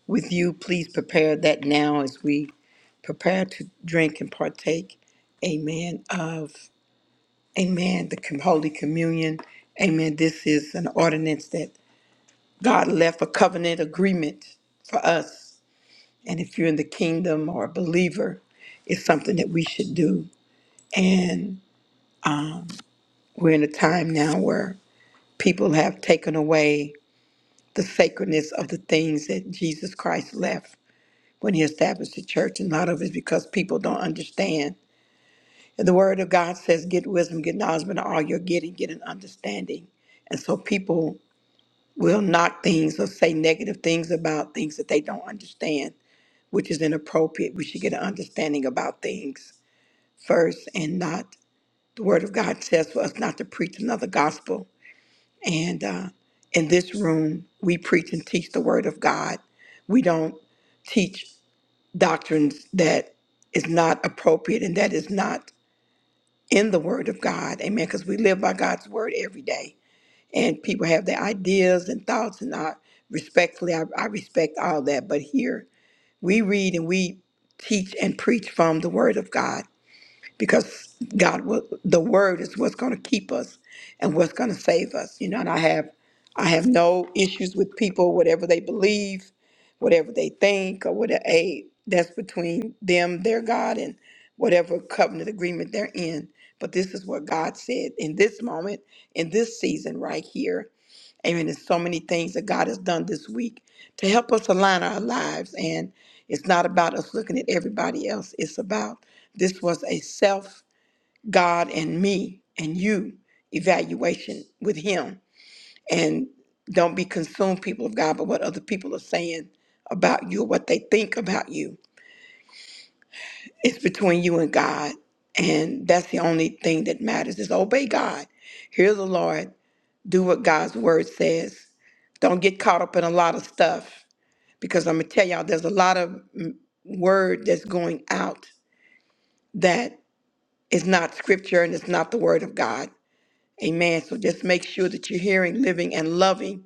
[SPEAKER 1] with you, please prepare that now as we prepare to drink and partake. Amen. Of, amen, the com- Holy Communion. Amen. This is an ordinance that God left a covenant agreement for us. And if you're in the kingdom or a believer, it's something that we should do. And we're in a time now where people have taken away the sacredness of the things that Jesus Christ left when he established the church. And a lot of it's because people don't understand. And the word of God says, get wisdom, get knowledge, but all you're getting, get an understanding. And so people will knock things or say negative things about things that they don't understand, which is inappropriate. We should get an understanding about things first and not. The word of God says for us not to preach another gospel And uh, in this room, we preach and teach the Word of God. We don't teach doctrines that is not appropriate and that is not in the Word of God. Amen. Because we live by God's Word every day. And people have their ideas and thoughts, and I respectfully, I, I respect all that. But here, we read and we teach and preach from the Word of God because God, will, the Word is what's going to keep us and what's going to save us. You know, and I have, I have no issues with people, whatever they believe, whatever they think, or whatever. Hey, that's between them, their God, and whatever covenant agreement they're in. But this is what God said in this moment, in this season, right here. Amen. There's so many things that God has done this week to help us align our lives. And it's not about us looking at everybody else. It's about this was a self, God and me and you evaluation with Him. And don't be consumed, people of God, by what other people are saying about you or what they think about you. It's between you and God. And that's the only thing that matters is obey God. Hear the Lord. Do what God's word says. Don't get caught up in a lot of stuff because I'm going to tell y'all there's a lot of mm, word that's going out that is not scripture and it's not the word of God. Amen. So just make sure that you're hearing, living, and loving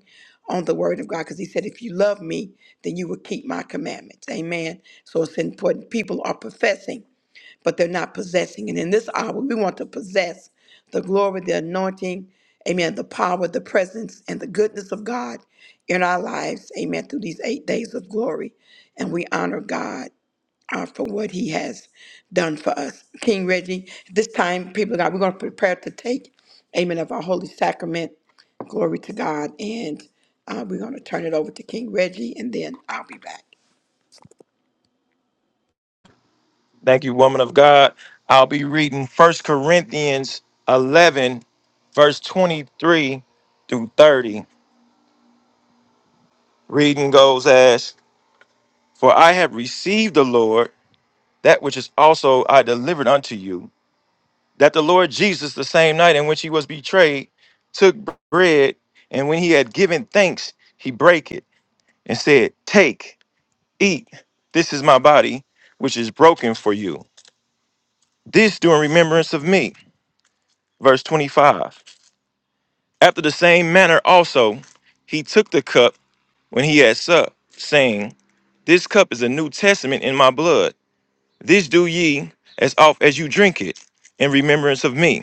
[SPEAKER 1] on the word of God because he said, if you love me, then you will keep my commandments. Amen. So it's important. People are professing, but they're not possessing. And in this hour, we want to possess the glory, the anointing, amen, the power, the presence, and the goodness of God in our lives. Amen. Through these eight days of glory. And we honor God uh, for what he has done for us. King Reggie, at this time, people of God, we're going to prepare to take, amen, of our holy sacrament. Glory to God. And uh, we're going to turn it over to King Reggie, and then I'll be back.
[SPEAKER 6] Thank you, woman of God. I'll be reading First Corinthians 11, verse 23 through 30. Reading goes as, "For I have received the Lord that which is also I delivered unto you." that the Lord Jesus, the same night in which he was betrayed, took bread, and when he had given thanks, he brake it and said, Take, eat, this is my body, which is broken for you. This do in remembrance of me. Verse 25. After the same manner also, he took the cup when he had supped, saying, This cup is a new testament in my blood. This do ye as oft as you drink it in remembrance of me.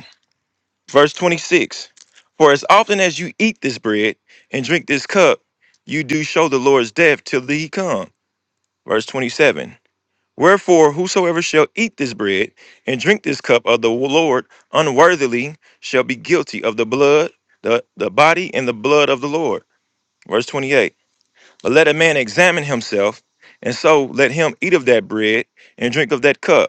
[SPEAKER 6] Verse 26 For as often as you eat this bread and drink this cup, you do show the Lord's death till he come. Verse 27 Wherefore, whosoever shall eat this bread and drink this cup of the Lord unworthily shall be guilty of the blood, the, the body, and the blood of the Lord. Verse 28 But let a man examine himself, and so let him eat of that bread and drink of that cup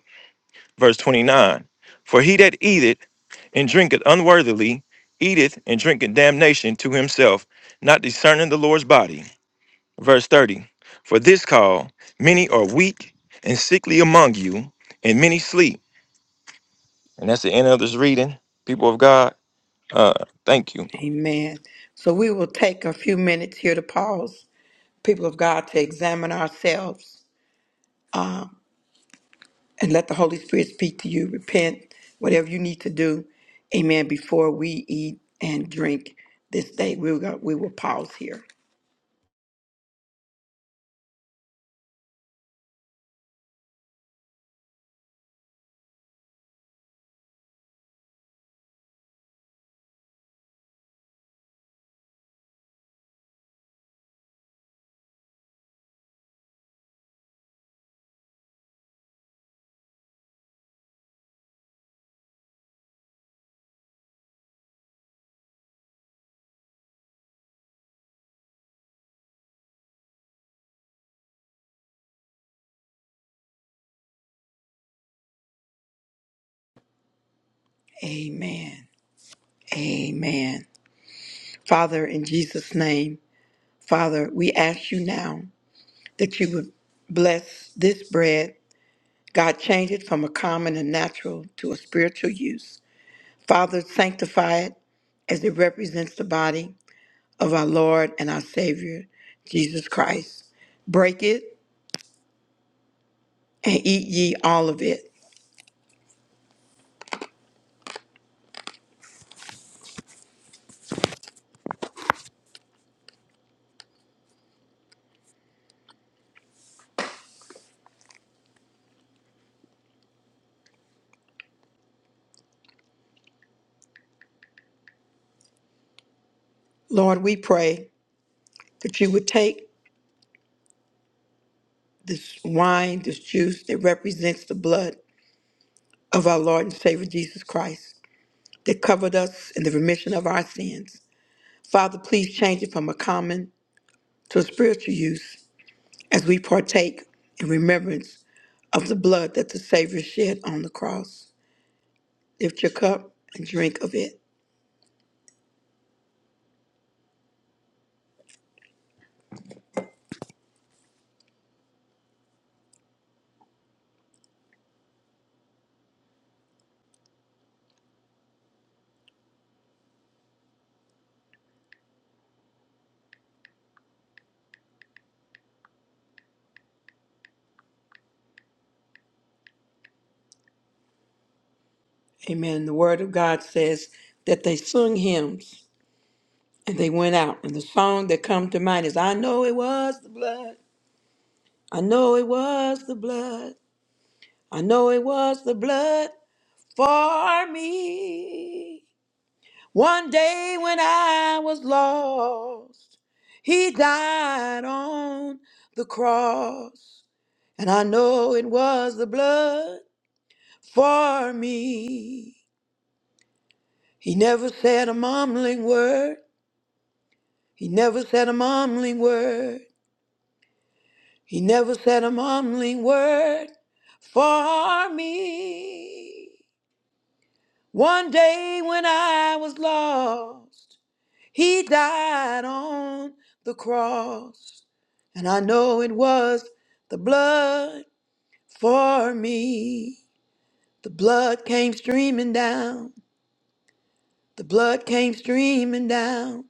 [SPEAKER 6] verse 29 For he that eateth and drinketh unworthily eateth and drinketh damnation to himself, not discerning the Lord's body. Verse 30 For this call many are weak and sickly among you, and many sleep. And that's the end of this reading, people of God. Uh, thank you.
[SPEAKER 1] Amen. So we will take a few minutes here to pause, people of God, to examine ourselves and let the Holy Spirit speak to you. Repent, whatever you need to do. Amen. Before we eat and drink this day, we will, we will pause here. Amen. Amen. Father, in Jesus' name, Father, we ask you now that you would bless this bread. God, change it from a common and natural to a spiritual use. Father, sanctify it as it represents the body of our Lord and our Savior, Jesus Christ. Break it and eat ye all of it. Lord, we pray that you would take this wine, this juice that represents the blood of our Lord and Savior Jesus Christ that covered us in the remission of our sins. Father, please change it from a common to a spiritual use as we partake in remembrance of the blood that the Savior shed on the cross. Lift your cup and drink of it. Amen. The Word of God says that they sung hymns and they went out. And the song that comes to mind is I know it was the blood. I know it was the blood. I know it was the blood for me. One day when I was lost, he died on the cross. And I know it was the blood for me. He never said a mumbling word. He never said a mumbling word. He never said a mumbling word for me. One day when I was lost, He died on the cross, and I know it was the blood for me. The blood came streaming down. The blood came streaming down.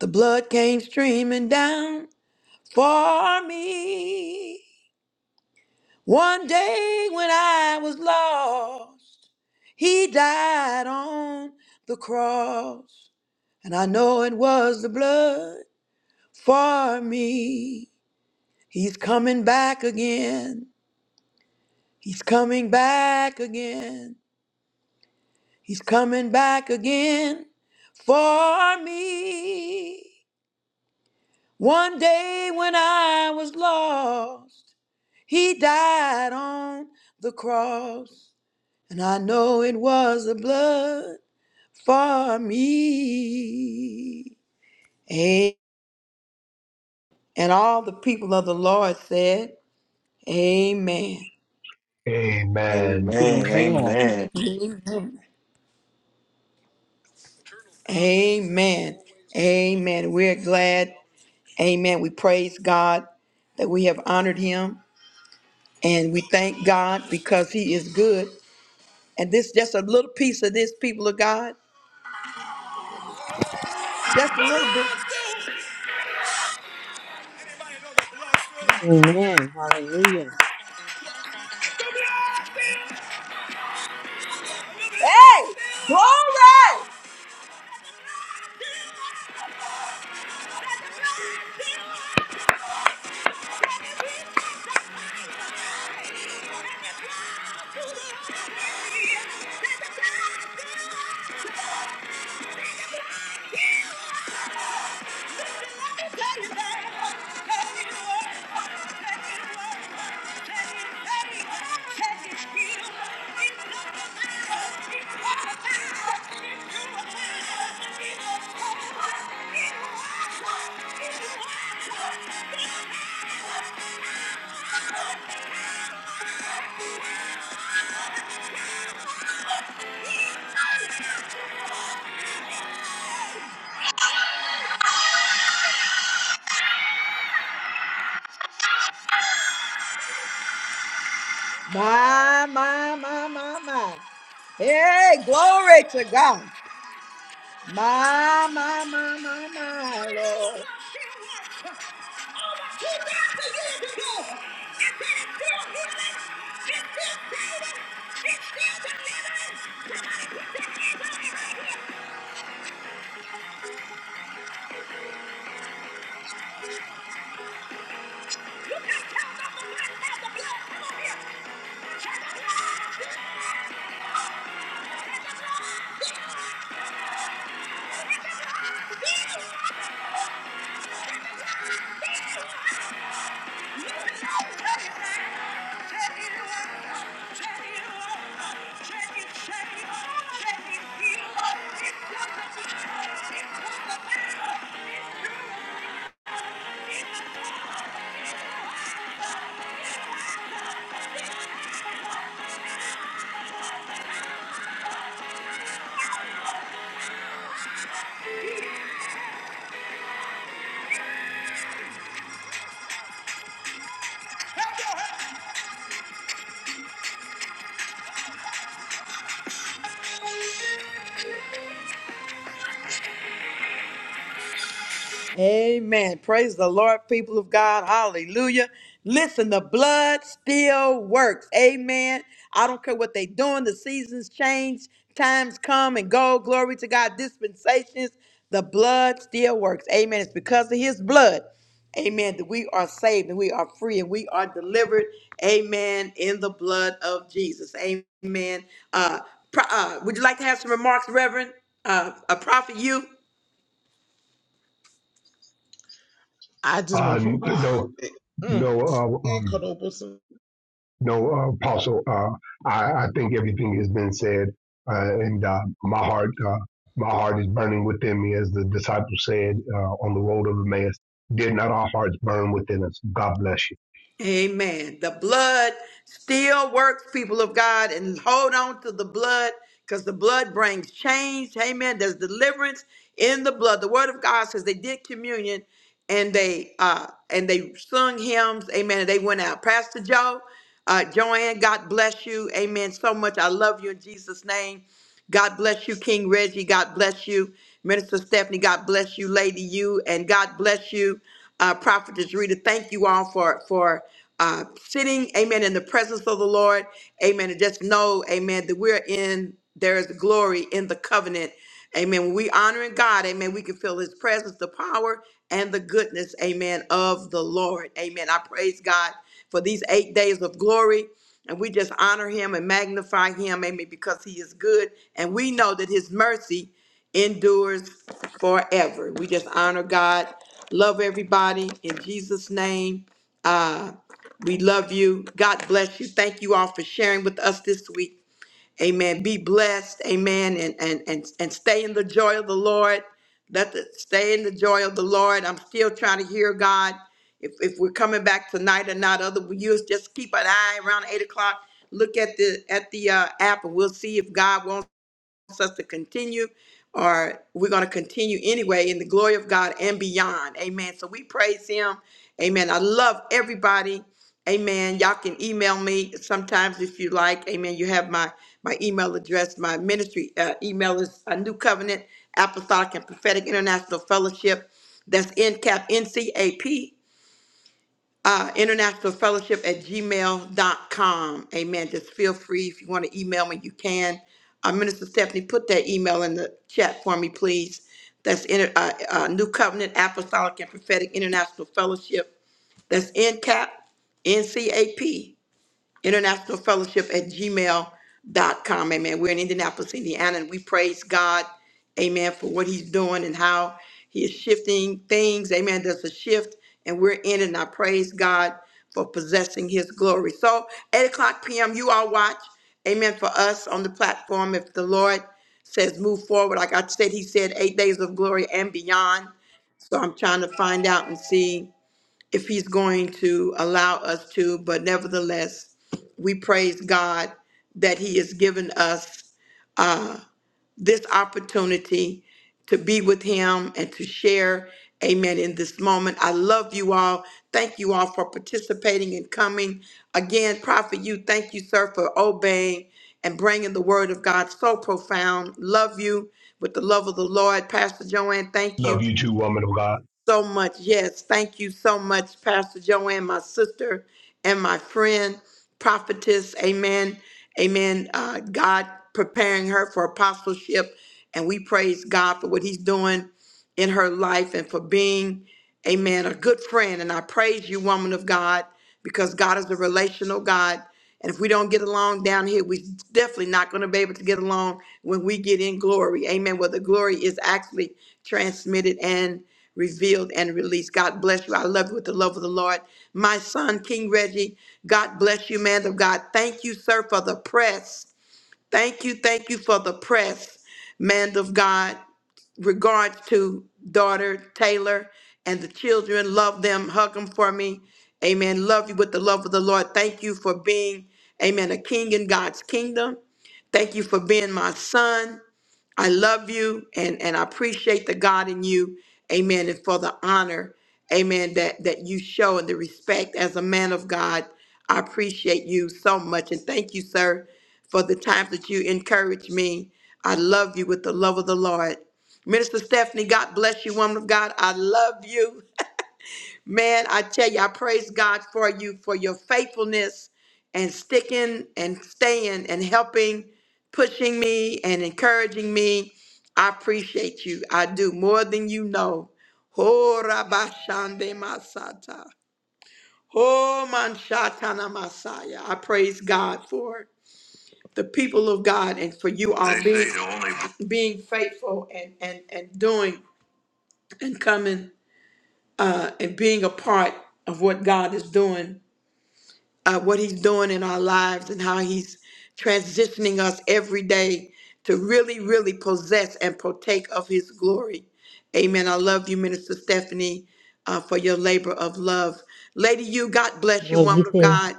[SPEAKER 1] The blood came streaming down for me. One day when I was lost, he died on the cross, and I know it was the blood for me. He's coming back again. He's coming back again. He's coming back again for me. One day when I was lost, he died on the cross. And I know it was the blood for me. A- And all the people of the Lord said, Amen.
[SPEAKER 6] Amen.
[SPEAKER 7] Amen.
[SPEAKER 3] Amen.
[SPEAKER 1] Amen. Amen. Amen. We're glad. Amen. We praise God that we have honored him and we thank God because he is good. And this just a little piece of this, people of God. Just a little bit.
[SPEAKER 2] Amen. Hallelujah.
[SPEAKER 1] Glory! My, my, my, my, my. Hey, glory to God. My, my, my, my, my, Lord. Amen. Praise the Lord, people of God. Hallelujah. Listen, the blood still works. Amen. I don't care what they doing. The seasons change, times come and go. Glory to God. Dispensations. The blood still works. Amen. It's because of his blood. Amen. That we are saved and we are free and we are delivered. Amen. In the blood of Jesus. Amen. Uh, pro- uh would you like to have some remarks, Reverend? Uh, a prophet, you?
[SPEAKER 4] I just
[SPEAKER 7] Uh,
[SPEAKER 4] want. *sighs* *laughs* Whew, Ah,
[SPEAKER 7] no,
[SPEAKER 4] it, mm,
[SPEAKER 7] no, uh,
[SPEAKER 4] it
[SPEAKER 7] um,
[SPEAKER 4] cut open some.
[SPEAKER 7] no, uh, Apostle. Uh, I, I think everything has been said, uh, and uh, my heart, uh, my heart is burning within me, as the disciples said uh, on the road of Emmaus. Did not our hearts burn within us? God bless you.
[SPEAKER 1] Amen. The blood still works, people of God, and hold on to the blood because the blood brings change. Amen. There's deliverance in the blood. The word of God says they did communion and they uh and they sung hymns. Amen. And they went out. Pastor Joe, uh Joanne, God bless you. Amen. So much. I love you in Jesus' name. God bless you, King Reggie. God bless you, Minister Stephanie. God bless you, Lady You, and God bless you, uh, Prophetess Rita. Thank you all for for uh, sitting, Amen, in the presence of the Lord, Amen. And just know, Amen, that we're in. There is glory in the covenant, Amen. When we honoring God, Amen, we can feel His presence, the power, and the goodness, Amen, of the Lord, Amen. I praise God for these eight days of glory. And we just honor him and magnify him, amen, because he is good. And we know that his mercy endures forever. We just honor God, love everybody in Jesus' name. Uh, we love you. God bless you. Thank you all for sharing with us this week. Amen. Be blessed. Amen. And and and, and stay in the joy of the Lord. Let the, stay in the joy of the Lord. I'm still trying to hear God. If if we're coming back tonight or not, other you just keep an eye around eight o'clock. Look at the at the uh, app, and we'll see if God wants us to continue, or we're going to continue anyway in the glory of God and beyond. Amen. So we praise Him. Amen. I love everybody. Amen. Y'all can email me sometimes if you like. Amen. You have my my email address. My ministry uh, email is a New Covenant Apostolic and Prophetic International Fellowship. That's NCAP, NCAP uh, international fellowship at gmail.com. Amen. Just feel free if you want to email me, you can. Uh, Minister Stephanie, put that email in the chat for me, please. That's in, uh, uh, New Covenant Apostolic and Prophetic International Fellowship. That's NCAP, NCAP international fellowship at gmail.com amen we're in indianapolis indiana and we praise god amen for what he's doing and how he is shifting things amen there's a shift and we're in it and i praise god for possessing his glory so 8 o'clock p.m you all watch amen for us on the platform if the lord says move forward like i said he said eight days of glory and beyond so i'm trying to find out and see if he's going to allow us to, but nevertheless, we praise God that he has given us uh, this opportunity to be with him and to share. Amen. In this moment, I love you all. Thank you all for participating and coming. Again, Prophet, you thank you, sir, for obeying and bringing the word of God so profound. Love you with the love of the Lord. Pastor Joanne, thank you
[SPEAKER 7] Love you too, woman of God.
[SPEAKER 1] so much. Yes, thank you so much, Pastor Joanne, my sister and my friend, prophetess. Amen. Amen. Uh, God preparing her for apostleship, and we praise God for what He's doing in her life and for being, amen, a good friend. And I praise you, woman of God, because God is a relational God. And if we don't get along down here, we're definitely not going to be able to get along when we get in glory. Amen. Where the glory is actually transmitted and revealed and released. God bless you. I love you with the love of the Lord. My son, King Reggie, God bless you, man of God. Thank you, sir, for the press. Thank you, thank you for the press, man of God regards to daughter Taylor and the children. Love them. Hug them for me. Amen. Love you with the love of the Lord. Thank you for being, amen, a king in God's kingdom. Thank you for being my son. I love you and, and I appreciate the God in you. Amen. And for the honor, amen, that, that you show and the respect as a man of God. I appreciate you so much. And thank you, sir, for the times that you encourage me. I love you with the love of the Lord. Minister Stephanie, God bless you, woman of God. I love you. Man, I tell you, I praise God for you for your faithfulness and sticking and staying and helping, pushing me and encouraging me. I appreciate you. I do more than you know. Ho rabashande masata. Ho manshatana masaya. I praise God for the people of God and for you all They say being, they the only- being faithful and, and, and doing and coming uh, and being a part of what God is doing uh, what he's doing in our lives and how he's transitioning us every day to really, really possess and partake of his glory. Amen. I love you, Minister Stephanie, uh, for your labor of love. Lady, you, God bless you,
[SPEAKER 2] Love you
[SPEAKER 1] woman of
[SPEAKER 2] too.
[SPEAKER 1] God.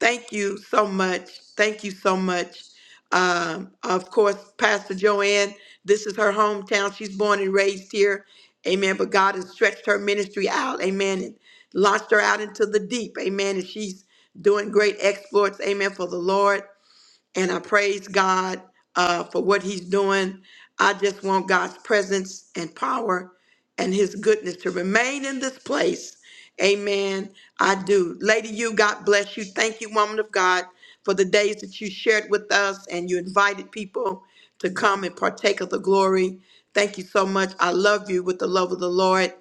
[SPEAKER 1] Thank you so much. Thank you so much. Um, of course, Pastor Joanne, this is her hometown. She's born and raised here. Amen. But God has stretched her ministry out. Amen. And launched her out into the deep. Amen. And she's doing great exploits. Amen. For the Lord and I praise God uh, for what He's doing. I just want God's presence and power and His goodness to remain in this place. Amen. I do. Lady, you, God bless you. Thank you, woman of God, for the days that you shared with us and you invited people to
[SPEAKER 4] man,
[SPEAKER 1] come and partake of the glory. Thank you so much. I love you with the love of the Lord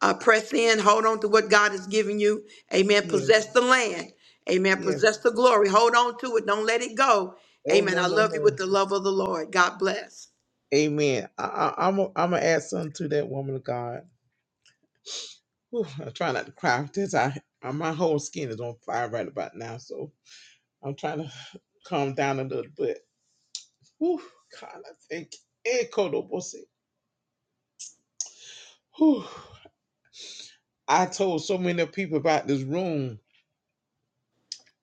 [SPEAKER 1] uh, press in, hold on to what God has given you. Amen.
[SPEAKER 4] yes,
[SPEAKER 1] Possess the land. Amen.
[SPEAKER 4] yes.
[SPEAKER 1] Possess the glory. Hold on to it. Don't let it go.
[SPEAKER 4] Oh
[SPEAKER 1] Amen.
[SPEAKER 4] no,
[SPEAKER 1] I
[SPEAKER 4] no,
[SPEAKER 1] love you with
[SPEAKER 4] no.
[SPEAKER 1] the love of the Lord. God bless.
[SPEAKER 4] Amen. I, I, I'm i am i gonna add something to that woman of God. *sighs* Whew, I try not to cry. This I, I my whole skin is on fire right about now, so I'm trying to *sighs* calm down a little bit. Whew, God, I think it could almost Whew. *sighs* I told so many people about this room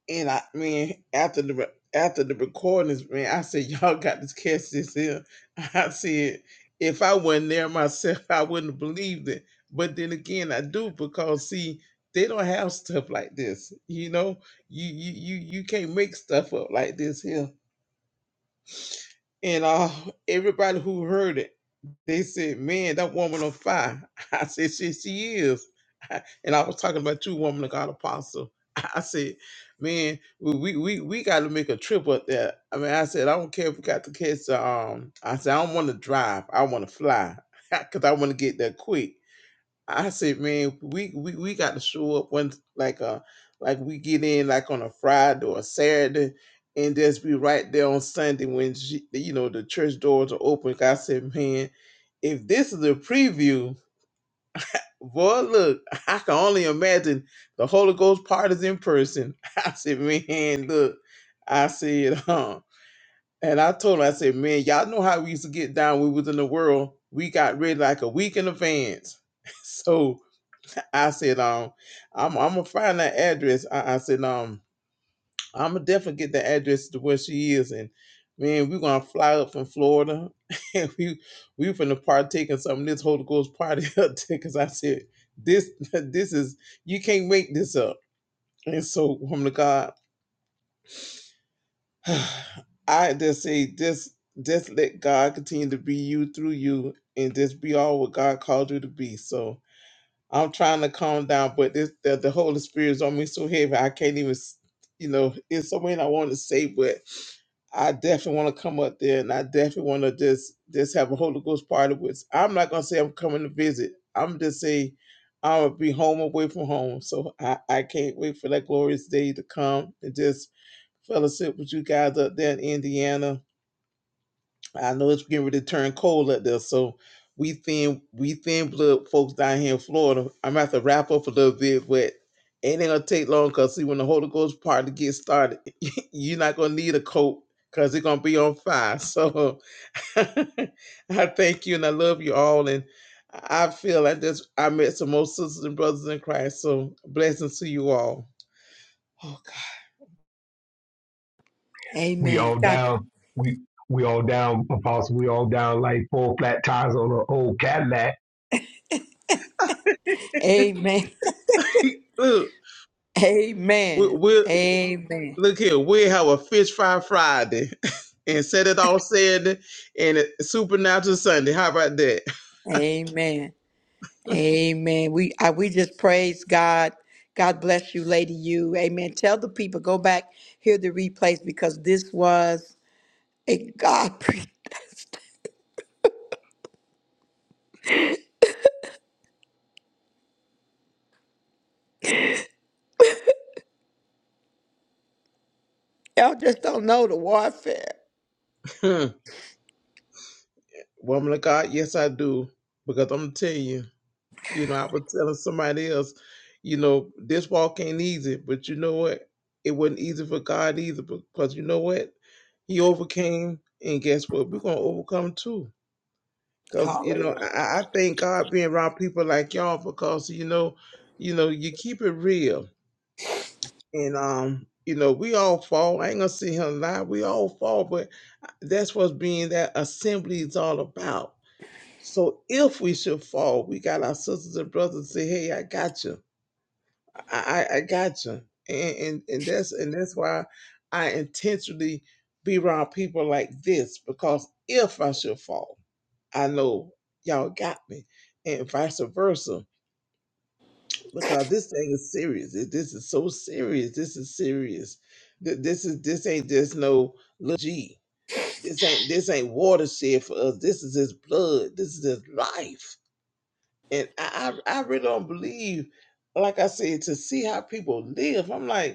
[SPEAKER 4] And I mean, after the re- after the recordings, man, I said, y'all got to catch this here. *laughs* I said, if I wasn't there myself, *laughs* I wouldn't have believed it. But then again, I do because see, they don't have stuff like this. You know, you you you you can't make stuff up like this here. And uh, everybody who heard it. They said, "Man, that woman on fire." *laughs* I said, "She she is." *laughs* And I was talking about you, woman of God, apostle. *laughs* I said, "Man, we we we, we got to make a trip up there." I mean, I said, "I don't care if we got to catch the um." I said, "I don't want to drive. I want to fly *laughs* because I want to get there quick." I said, man, we, we we got to show up once like uh like we get in like on a Friday or a Saturday and just be right there on Sunday when she, you know the church doors are open. 'Cause I said, man, if this is a preview, boy, look, *laughs* I can only imagine the Holy Ghost parties in person. *laughs* I said, man, look, I said, *laughs* huh. And I told her, I said, man, y'all know how we used to get down when we was in the world. We got ready like a week in advance. *laughs* So I said, um, I'm I'm gonna find that address. I, I said, um, I'm gonna definitely get the address to where she is, and man, we're gonna fly up from Florida, *laughs* and we we finna partake in some of this Holy Ghost party *laughs* up there, cause I said this *laughs* this is you can't make this up, and so woman of God, *sighs* I just say just just let God continue to be you through you, and just be all what God called you to be. So I'm trying to calm down, but this, the, the Holy Spirit is on me so heavy. I can't even, s- you know, it's so many I want to say, but I definitely want to come up there and I definitely want to just just have a Holy Ghost party with. I'm not gonna say I'm coming to visit. I'm just say I'm gonna be home away from home. So I, I can't wait for that glorious day to come and just fellowship with you guys up there in Indiana I know it's getting ready to turn cold up there, so we thin we thin blood folks down here in Florida. I'm gonna have to wrap up a little bit, but it ain't gonna take long because see when the Holy Ghost party gets started, *laughs* you're not gonna need a coat because it's gonna be on fire. So *laughs* I thank you and I love you all and I feel I just I met some more sisters and brothers in Christ. So blessings to you all. Oh God.
[SPEAKER 7] We
[SPEAKER 1] Amen.
[SPEAKER 7] all
[SPEAKER 1] God.
[SPEAKER 7] down. We we all down, Apostle. We all down like four flat tires on an old Cadillac.
[SPEAKER 1] Amen.
[SPEAKER 4] *laughs* Look,
[SPEAKER 1] *laughs* Amen.
[SPEAKER 4] we're, we're
[SPEAKER 1] Amen.
[SPEAKER 4] Look here, we have a fish fry Friday *laughs* and set it all Saturday and a supernatural Sunday. How about that?
[SPEAKER 1] Amen. Amen. We I, we just praise God. God bless you, Lady You. Amen. Tell the people go back hear the replays because this was a God. *laughs* Y'all just don't know the warfare.
[SPEAKER 4] *laughs* Woman of God, yes, I do. Because I'm gonna tell you. You know, I was telling somebody else, you know, this walk ain't easy, but you know what? It wasn't easy for God either, because you know what? He overcame, and guess what? We're gonna overcome too. Because you know, I, I I thank God being around people like y'all because you know, you know, you keep it real, and um, you know, we all fall. I ain't gonna sit here and lie. We all fall, but that's what being that assembly is all about. So if we should fall, we got our sisters and brothers to say, "Hey, I got you." I, I I gotcha, and, and and that's and that's why I intentionally be around people like this because if I should fall, I know y'all got me, and vice versa. Because this thing is serious. Th- This is so serious. This is serious. Th- This is this ain't just no little G. This ain't this ain't watershed for us. This is his blood. This is his life, and I I, I really don't believe. Like I said, to see how people live, I'm like.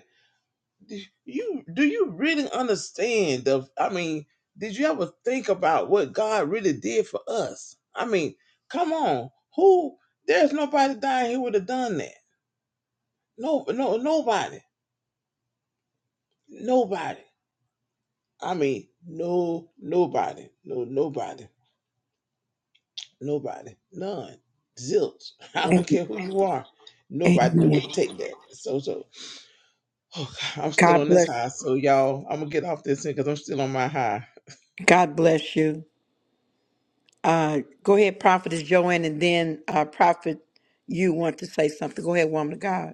[SPEAKER 4] d- you do you really understand the i mean did you ever think about what god really did for us i mean come on who there's nobody down here would have done that no no nobody nobody i mean no nobody no nobody nobody none zilch *laughs* i don't care who you are nobody would
[SPEAKER 1] Amen.
[SPEAKER 4] take that so so oh, God, i'm still
[SPEAKER 1] God
[SPEAKER 4] on this
[SPEAKER 1] bless.
[SPEAKER 4] high so y'all i'm gonna get off this thing because i'm still on my high
[SPEAKER 1] God bless you. Uh, go ahead, Prophetess Joanne, and then uh, Prophet, you want to say something. Go ahead, woman of God.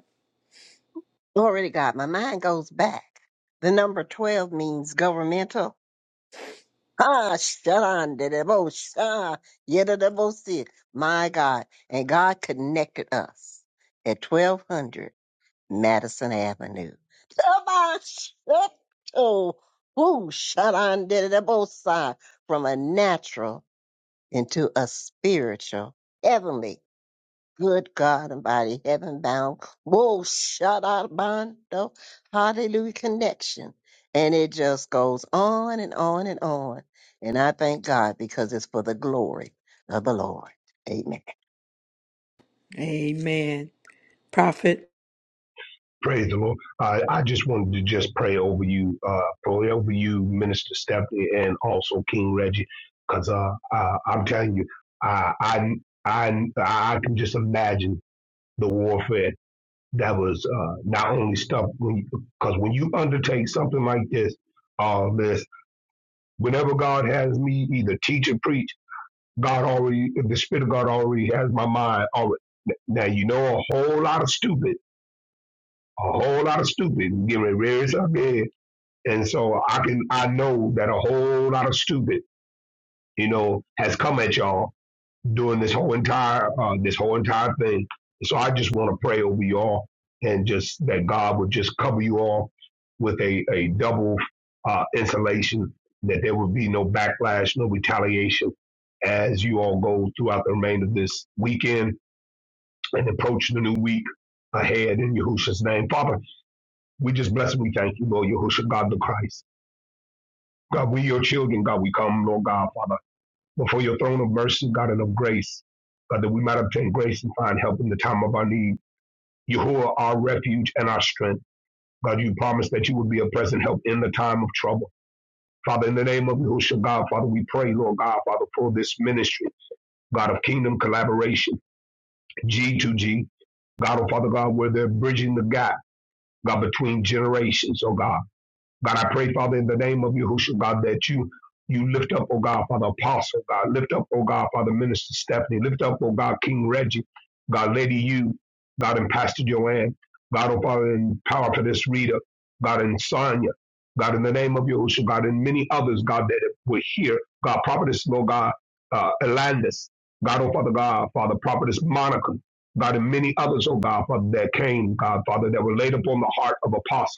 [SPEAKER 3] Glory to God. My mind goes back. The number 12 means governmental. Ah, shan, de de bo, sha, ye de si. My God. And God connected us at 1200 Madison Avenue. Tabashato. Woo, shut on did it both sides from a natural into a spiritual, heavenly, good God and body, heaven bound. Whoa, shut out bondo. Hallelujah connection. And it just goes on and on and on. And I thank God because it's for the glory of the Lord. Amen.
[SPEAKER 1] Amen. Prophet.
[SPEAKER 7] Praise the Lord. Uh, I just wanted to just pray over you, uh, pray over you, Minister Stephanie, and also King Reggie, because uh, uh, I'm telling you, I, I I I can just imagine the warfare that was uh, not only stuff when because when you undertake something like this, all this, whenever God has me either teach or preach. God already, the Spirit of God already has my mind already. Now you know a whole lot of stupid, a whole lot of stupid getting raised up there, and so I can I know that a whole lot of stupid, you know, has come at y'all during this whole entire uh, this whole entire thing. So I just want to pray over you all and just that God would just cover you all with a, a double uh, insulation, that there would be no backlash, no retaliation as you all go throughout the remainder of this weekend and approach the new week ahead in Yahushua's name. Father, we just bless and we thank you, Lord Yahushua, God the Christ. God, we your children, God, we come, Lord God, Father before your throne of mercy, God, and of grace, God, that we might obtain grace and find help in the time of our need. Yahuwah, our refuge and our strength. God, you promised that you would be a present help in the time of trouble. Father, in the name of Yahushua, God, Father, we pray, Lord God, Father, for this ministry, God of kingdom collaboration, G2G, God, oh Father God, where they're bridging the gap, God, between generations, oh God. God, I pray, Father, in the name of Yahushua, God, that you you lift up, oh God, Father Apostle, God, lift up, oh God, Father Minister Stephanie, lift up, oh God, King Reggie, God, Lady you, God, and Pastor Joanne, God, oh Father, and power for this reader, God, and Sonia, God, in the name of Yahushua, God, and many others, God, that were here, God, Prophetess, Lord God, uh, Elandis, God, oh Father, God, Father, Prophetess Monica, God, and many others, oh God, Father, that came, God, Father, that were laid upon the heart of Apostle.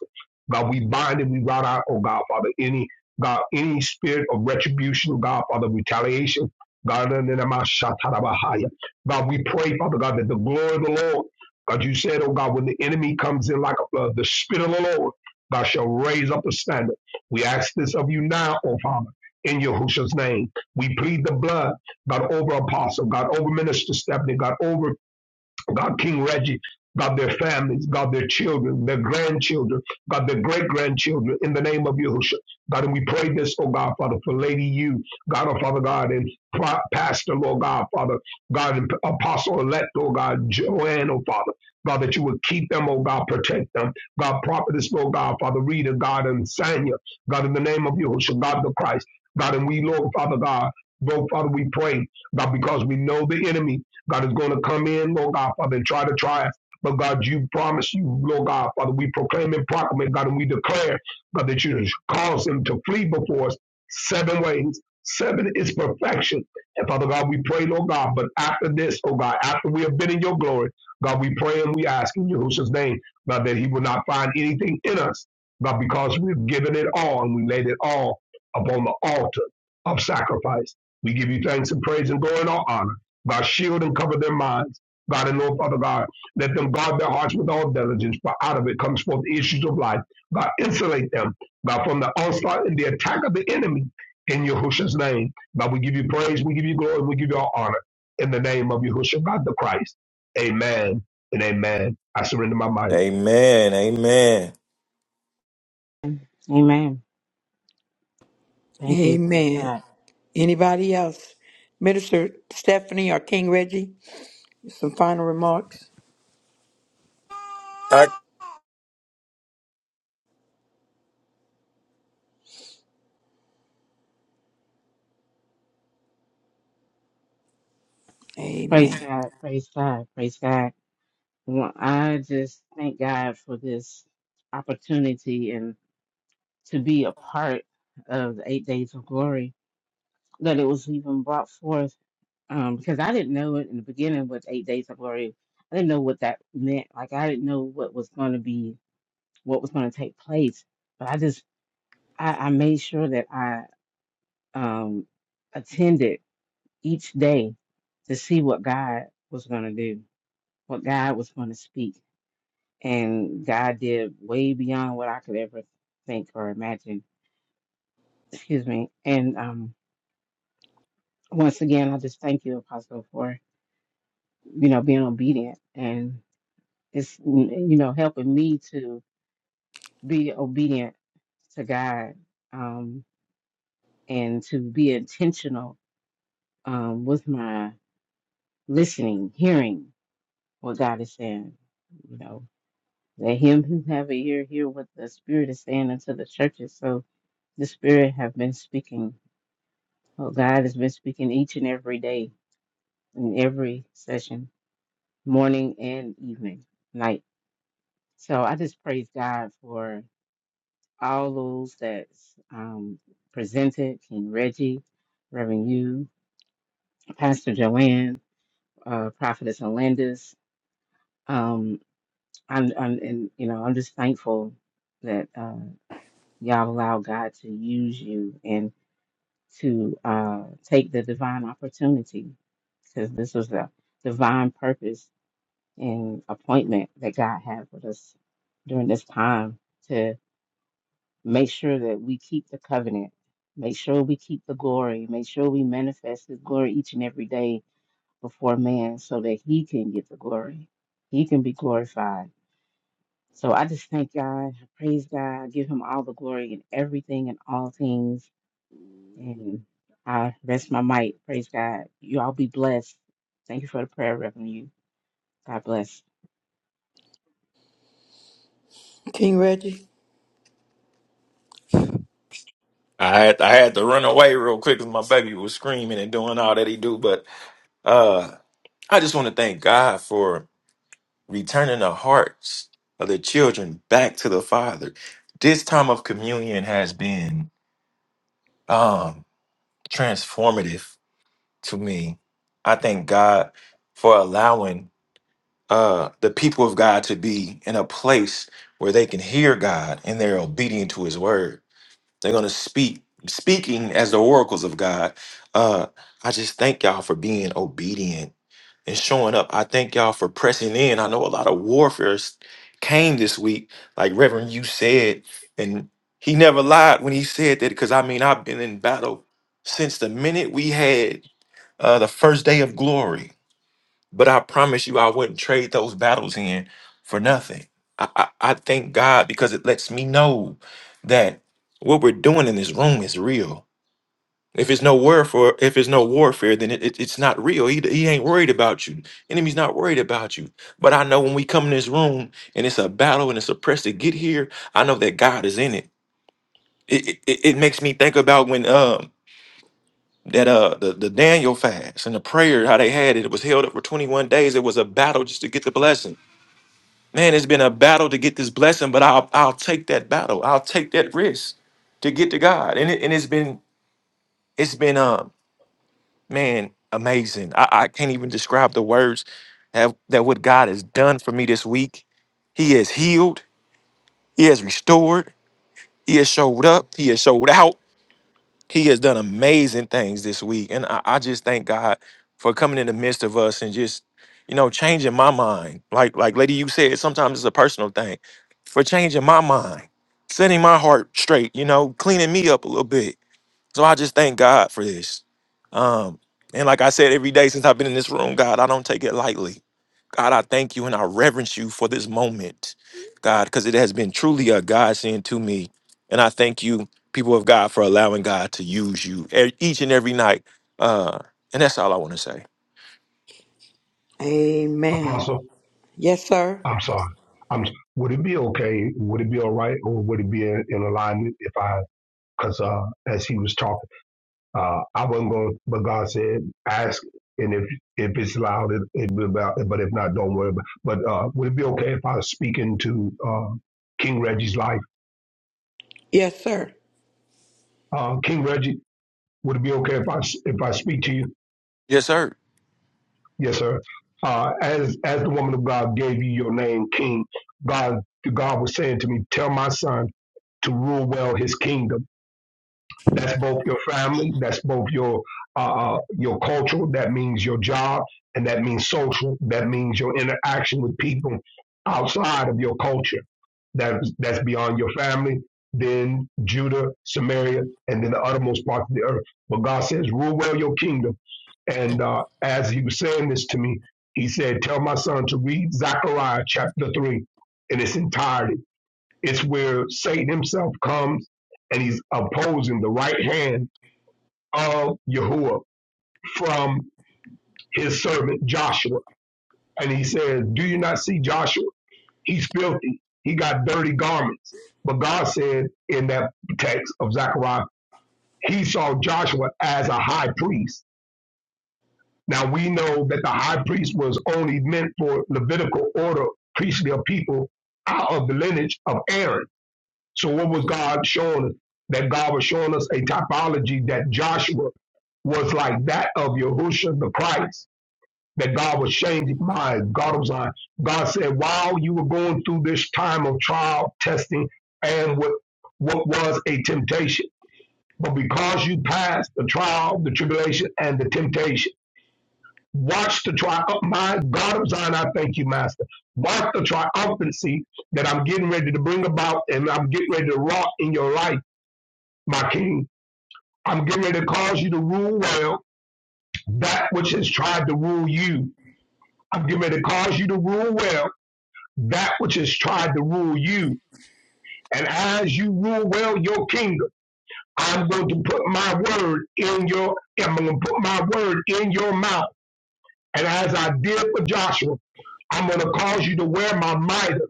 [SPEAKER 7] God, we bind and we rout out, oh God, Father, any God, any spirit of retribution, oh God, Father, retaliation. God, in the name of Shatarabahaya. God, we pray, Father God, that the glory of the Lord, God, you said, oh God, when the enemy comes in like a flood, the spirit of the Lord, God shall raise up a standard. We ask this of you now, oh Father, in Yahushua's name. We plead the blood, God, over Apostle, God, over Minister Stephanie, God, over God, King Reggie, God, their families, God, their children, their grandchildren, God, their great grandchildren, in the name of Yahushua. God, and we pray this, oh God, Father, for Lady You, God, oh Father God, and Pro- Pastor, Lord God, Father, God, and Apostle elect, oh God, Joanne, oh Father. God, that you would keep them, oh God, protect them. God, prophetess, oh God, Father, Rita, God, and Sanya, God, in the name of Yahushua, God the Christ. God, and we, Lord, Father God, Lord, Father, we pray, God, because we know the enemy. God is going to come in, Lord God, Father, and try to try us. But God, you promise you, Lord God, Father, we proclaim and proclaim, God, and we declare, God, that you cause them to flee before us seven ways. Seven is perfection. And Father God, we pray, Lord God, but after this, oh God, after we have been in your glory, God, we pray and we ask in Yahushua's name, God, that he will not find anything in us, God, because we've given it all and we laid it all upon the altar of sacrifice. We give you thanks and praise and glory and all honor. God, shield and cover their minds. God and Lord, Father God, let them guard their hearts with all diligence, for out of it comes forth the issues of life. God, insulate them, God, from the onslaught and the attack of the enemy in Yahushua's name. God, we give you praise, we give you glory, we give you all honor in the name of Yahushua, God the Christ. Amen and amen. I surrender my mind.
[SPEAKER 6] Amen.
[SPEAKER 2] Amen. Thank you. Praise
[SPEAKER 1] Amen.
[SPEAKER 2] God.
[SPEAKER 1] Anybody else? Minister Stephanie or King Reggie? Some final remarks.
[SPEAKER 6] I
[SPEAKER 2] Praise
[SPEAKER 1] Amen.
[SPEAKER 2] God, praise God, praise God. Well, I just thank God for this opportunity and to be a part of the eight days of glory that it was even brought forth. Um, because I didn't know it in the beginning with eight days of glory. I didn't know what that meant. Like I didn't know what was going to be, what was going to take place. But I just, I, I made sure that I um attended each day to see what God was going to do, what God was going to speak and God did way beyond what I could ever think or imagine. Excuse me. And um, once again, I just thank you, Apostle, for you know being obedient and it's you know helping me to be obedient to God um, and to be intentional um, with my listening, hearing what God is saying. You know, let him who have an ear hear what the Spirit is saying unto the churches. So the Spirit have been speaking Oh, God has been speaking each and every day in every session, morning and evening, night. So I just praise God for all those that's um, presented King Reggie, Reverend You, Pastor Joanne, uh, Prophetess Alandis. Um, I'm, I'm, and you know, I'm just thankful that uh, y'all allow God to use you and to uh, take the divine opportunity because this was a divine purpose and appointment that God had with us during this time to make sure that we keep the covenant, make sure we keep the glory, make sure we manifest His glory each and every day before man so that He can get the glory. He can be glorified. So I just thank God, I praise God, I give Him all the glory in everything and all things. And I rest my might. Praise God. You all be blessed. Thank you for the prayer, Reverend. You God bless.
[SPEAKER 1] King Reggie.
[SPEAKER 6] I had I had to run away real quick because my baby was screaming and doing all that he do. But uh, I just want to thank God for returning the hearts of the children back to the Father. This time of communion has been um, transformative to me. I thank God for allowing uh, the people of God to be in a place where they can hear God and they're obedient to His word. They're going to speak, speaking as the oracles of God. Uh, I just thank y'all for being obedient and showing up. I thank y'all for pressing in. I know a lot of warfares came this week, like Reverend you said, and he never lied when he said that because I mean I've been in battle since the minute we had uh, the first day of glory. But I promise you, I wouldn't trade those battles in for nothing. I, I, I thank God because it lets me know that what we're doing in this room is real if it's no warfare, if it's no warfare, then it, it- it's not real. He, he ain't worried about you. Enemy's not worried about you. But I know when we come in this room and it's a battle and it's a press to get here, I know that God is in it. It it, it it makes me think about when um that uh the, the Daniel fast and the prayer how they had it. It was held up for 21 days. It was a battle just to get the blessing. Man, it's been a battle to get this blessing, but I'll I'll take that battle. I'll take that risk to get to God. And it, and it's been it's been um man, amazing. I, I can't even describe the words that, that what God has done for me this week. He has healed, He has restored, He has showed up, He has showed out. He has done amazing things this week. And I, I just thank God for coming in the midst of us and just, you know, changing my mind. Like, like Lady, you said, sometimes it's a personal thing. For changing my mind, setting my heart straight, you know, cleaning me up a little bit so I just thank God for this. Um, and like I said, every day since I've been in this room, God, I don't take it lightly. God, I thank you and I reverence you for this moment, God, because it has been truly a godsend to me. And I thank you, people of God, for allowing God to use you e- each and every night. Uh, and that's all I want to say.
[SPEAKER 1] Amen.
[SPEAKER 7] Apostle,
[SPEAKER 1] Yes, sir.
[SPEAKER 7] I'm sorry. I'm, would it be okay? Would it be all right? Or would it be in alignment if I, because uh, as he was talking, Uh, I wasn't going, but God said, ask, and if if it's loud, it, it be about. But if not, don't worry. About, but uh, would it be okay if I was speaking to uh, King Reggie's life?
[SPEAKER 1] Yes, sir.
[SPEAKER 7] Uh, King Reggie, would it be okay if I s- if I speak to you?
[SPEAKER 6] Yes, sir.
[SPEAKER 7] Yes, sir. Uh, as as the woman of God gave you your name, King, God, God was saying to me, tell my son to rule well his kingdom That's both your family. That's both your uh, uh, your culture. That means your job, and that means social. That means your interaction with people outside of your culture. That that's beyond your family. Then Judah, Samaria, and then the uttermost part of the earth. But God says, rule well your kingdom. And uh, as he was saying this to me, he said, Tell my son to read Zechariah chapter 3 in its entirety it's where Satan himself comes and he's opposing the right hand of Yahuwah from his servant Joshua. And he says, Do you not see Joshua? He's filthy. He got dirty garments. But God said in that text of Zechariah, he saw Joshua as a high priest. Now we know that the high priest was only meant for Levitical order, priestly of people out of the lineage of Aaron. So what was God showing us? That God was showing us a typology that Joshua was like that of Yahushua the Christ. That God was changing minds. God was like, God said, while you were going through this time of trial, testing, and what what was a temptation, but because you passed the trial, the tribulation, and the temptation, watch the trial. My God of Zion, I thank you, Master. Watch the triumphancy that I'm getting ready to bring about, and I'm getting ready to wrought in your life my king. I'm getting ready to cause you to rule well that which has tried to rule you. I'm getting ready to cause you to rule well that which has tried to rule you. And as you rule well your kingdom, I'm going to put my word in your, I'm going to put my word in your mouth. And as I did for Joshua, I'm going to cause you to wear my mitre.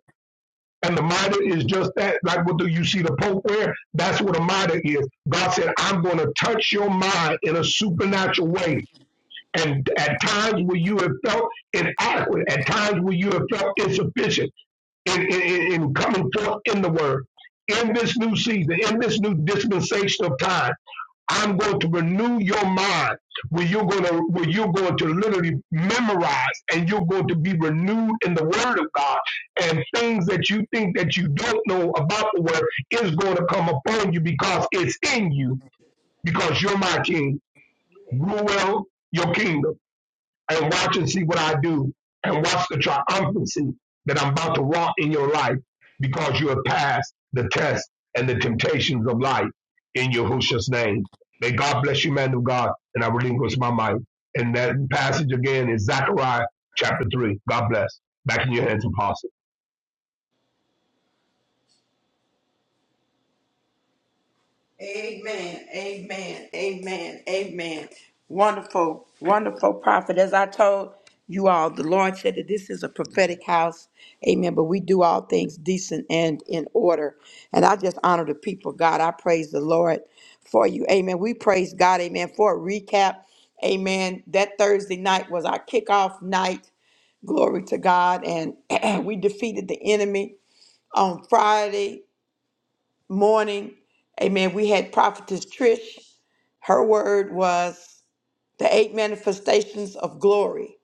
[SPEAKER 7] And the mitre is just that, like what do you see the Pope wear? That's what a mitre is. God said, I'm going to touch your mind in a supernatural way and at times where you have felt inadequate, at times where you have felt insufficient in, in, in coming forth in the word. In this new season, in this new dispensation of time, I'm going to renew your mind where you're going to where you're going to literally memorize and you're going to be renewed in the word of God and things that you think that you don't know about the word is going to come upon you because it's in you because you're my king. Rule well your kingdom and watch and see what I do and watch the triumphancy that I'm about to walk in your life because you have passed the test and the temptations of life in Yahushua's name. May God bless you, man of God, and I relinquish my mic. And that passage again is Zechariah chapter 3. God bless. Back in your hands, apostle.
[SPEAKER 1] Amen. Amen. Amen. Amen. Wonderful, wonderful prophet. As I told you all, the Lord said that this is a prophetic house. Amen. But we do all things decent and in order. And I just honor the people, of God. I praise the Lord for you. Amen. We praise God. Amen. For a recap. Amen. That Thursday night was our kickoff night. Glory to God. And *clears throat* we defeated the enemy on Friday morning, amen, we had Prophetess Trish. Her word was the eight manifestations of glory.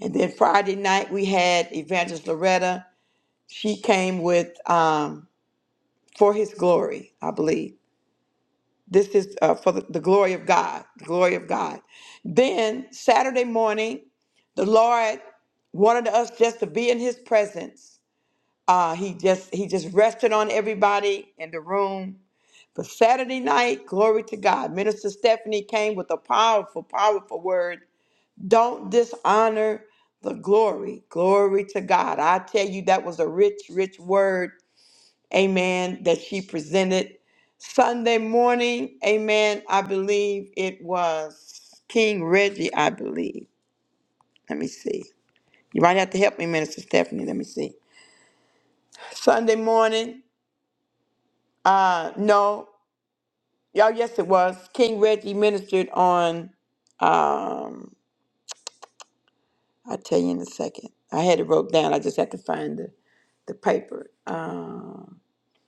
[SPEAKER 1] And then Friday night, we had Evangelist Loretta. She came with um, For His Glory, I believe. This is uh, for the, the glory of God, the glory of God. Then Saturday morning, the Lord wanted us just to be in His presence. Uh, he just He just rested on everybody in the room For Saturday night, glory to God. Minister Stephanie came with a powerful, powerful word. Don't dishonor the glory. Glory to God. I tell you, that was a rich, rich word, amen, that she presented. Sunday morning, amen, I believe it was King Reggie, I believe. Let me see. You might have to help me, Minister Stephanie. Let me see. Sunday morning, uh, no. Y'all, yes, it was. King Reggie ministered on. Um, I'll tell you in a second. I had it wrote down. I just had to find the the paper. Um,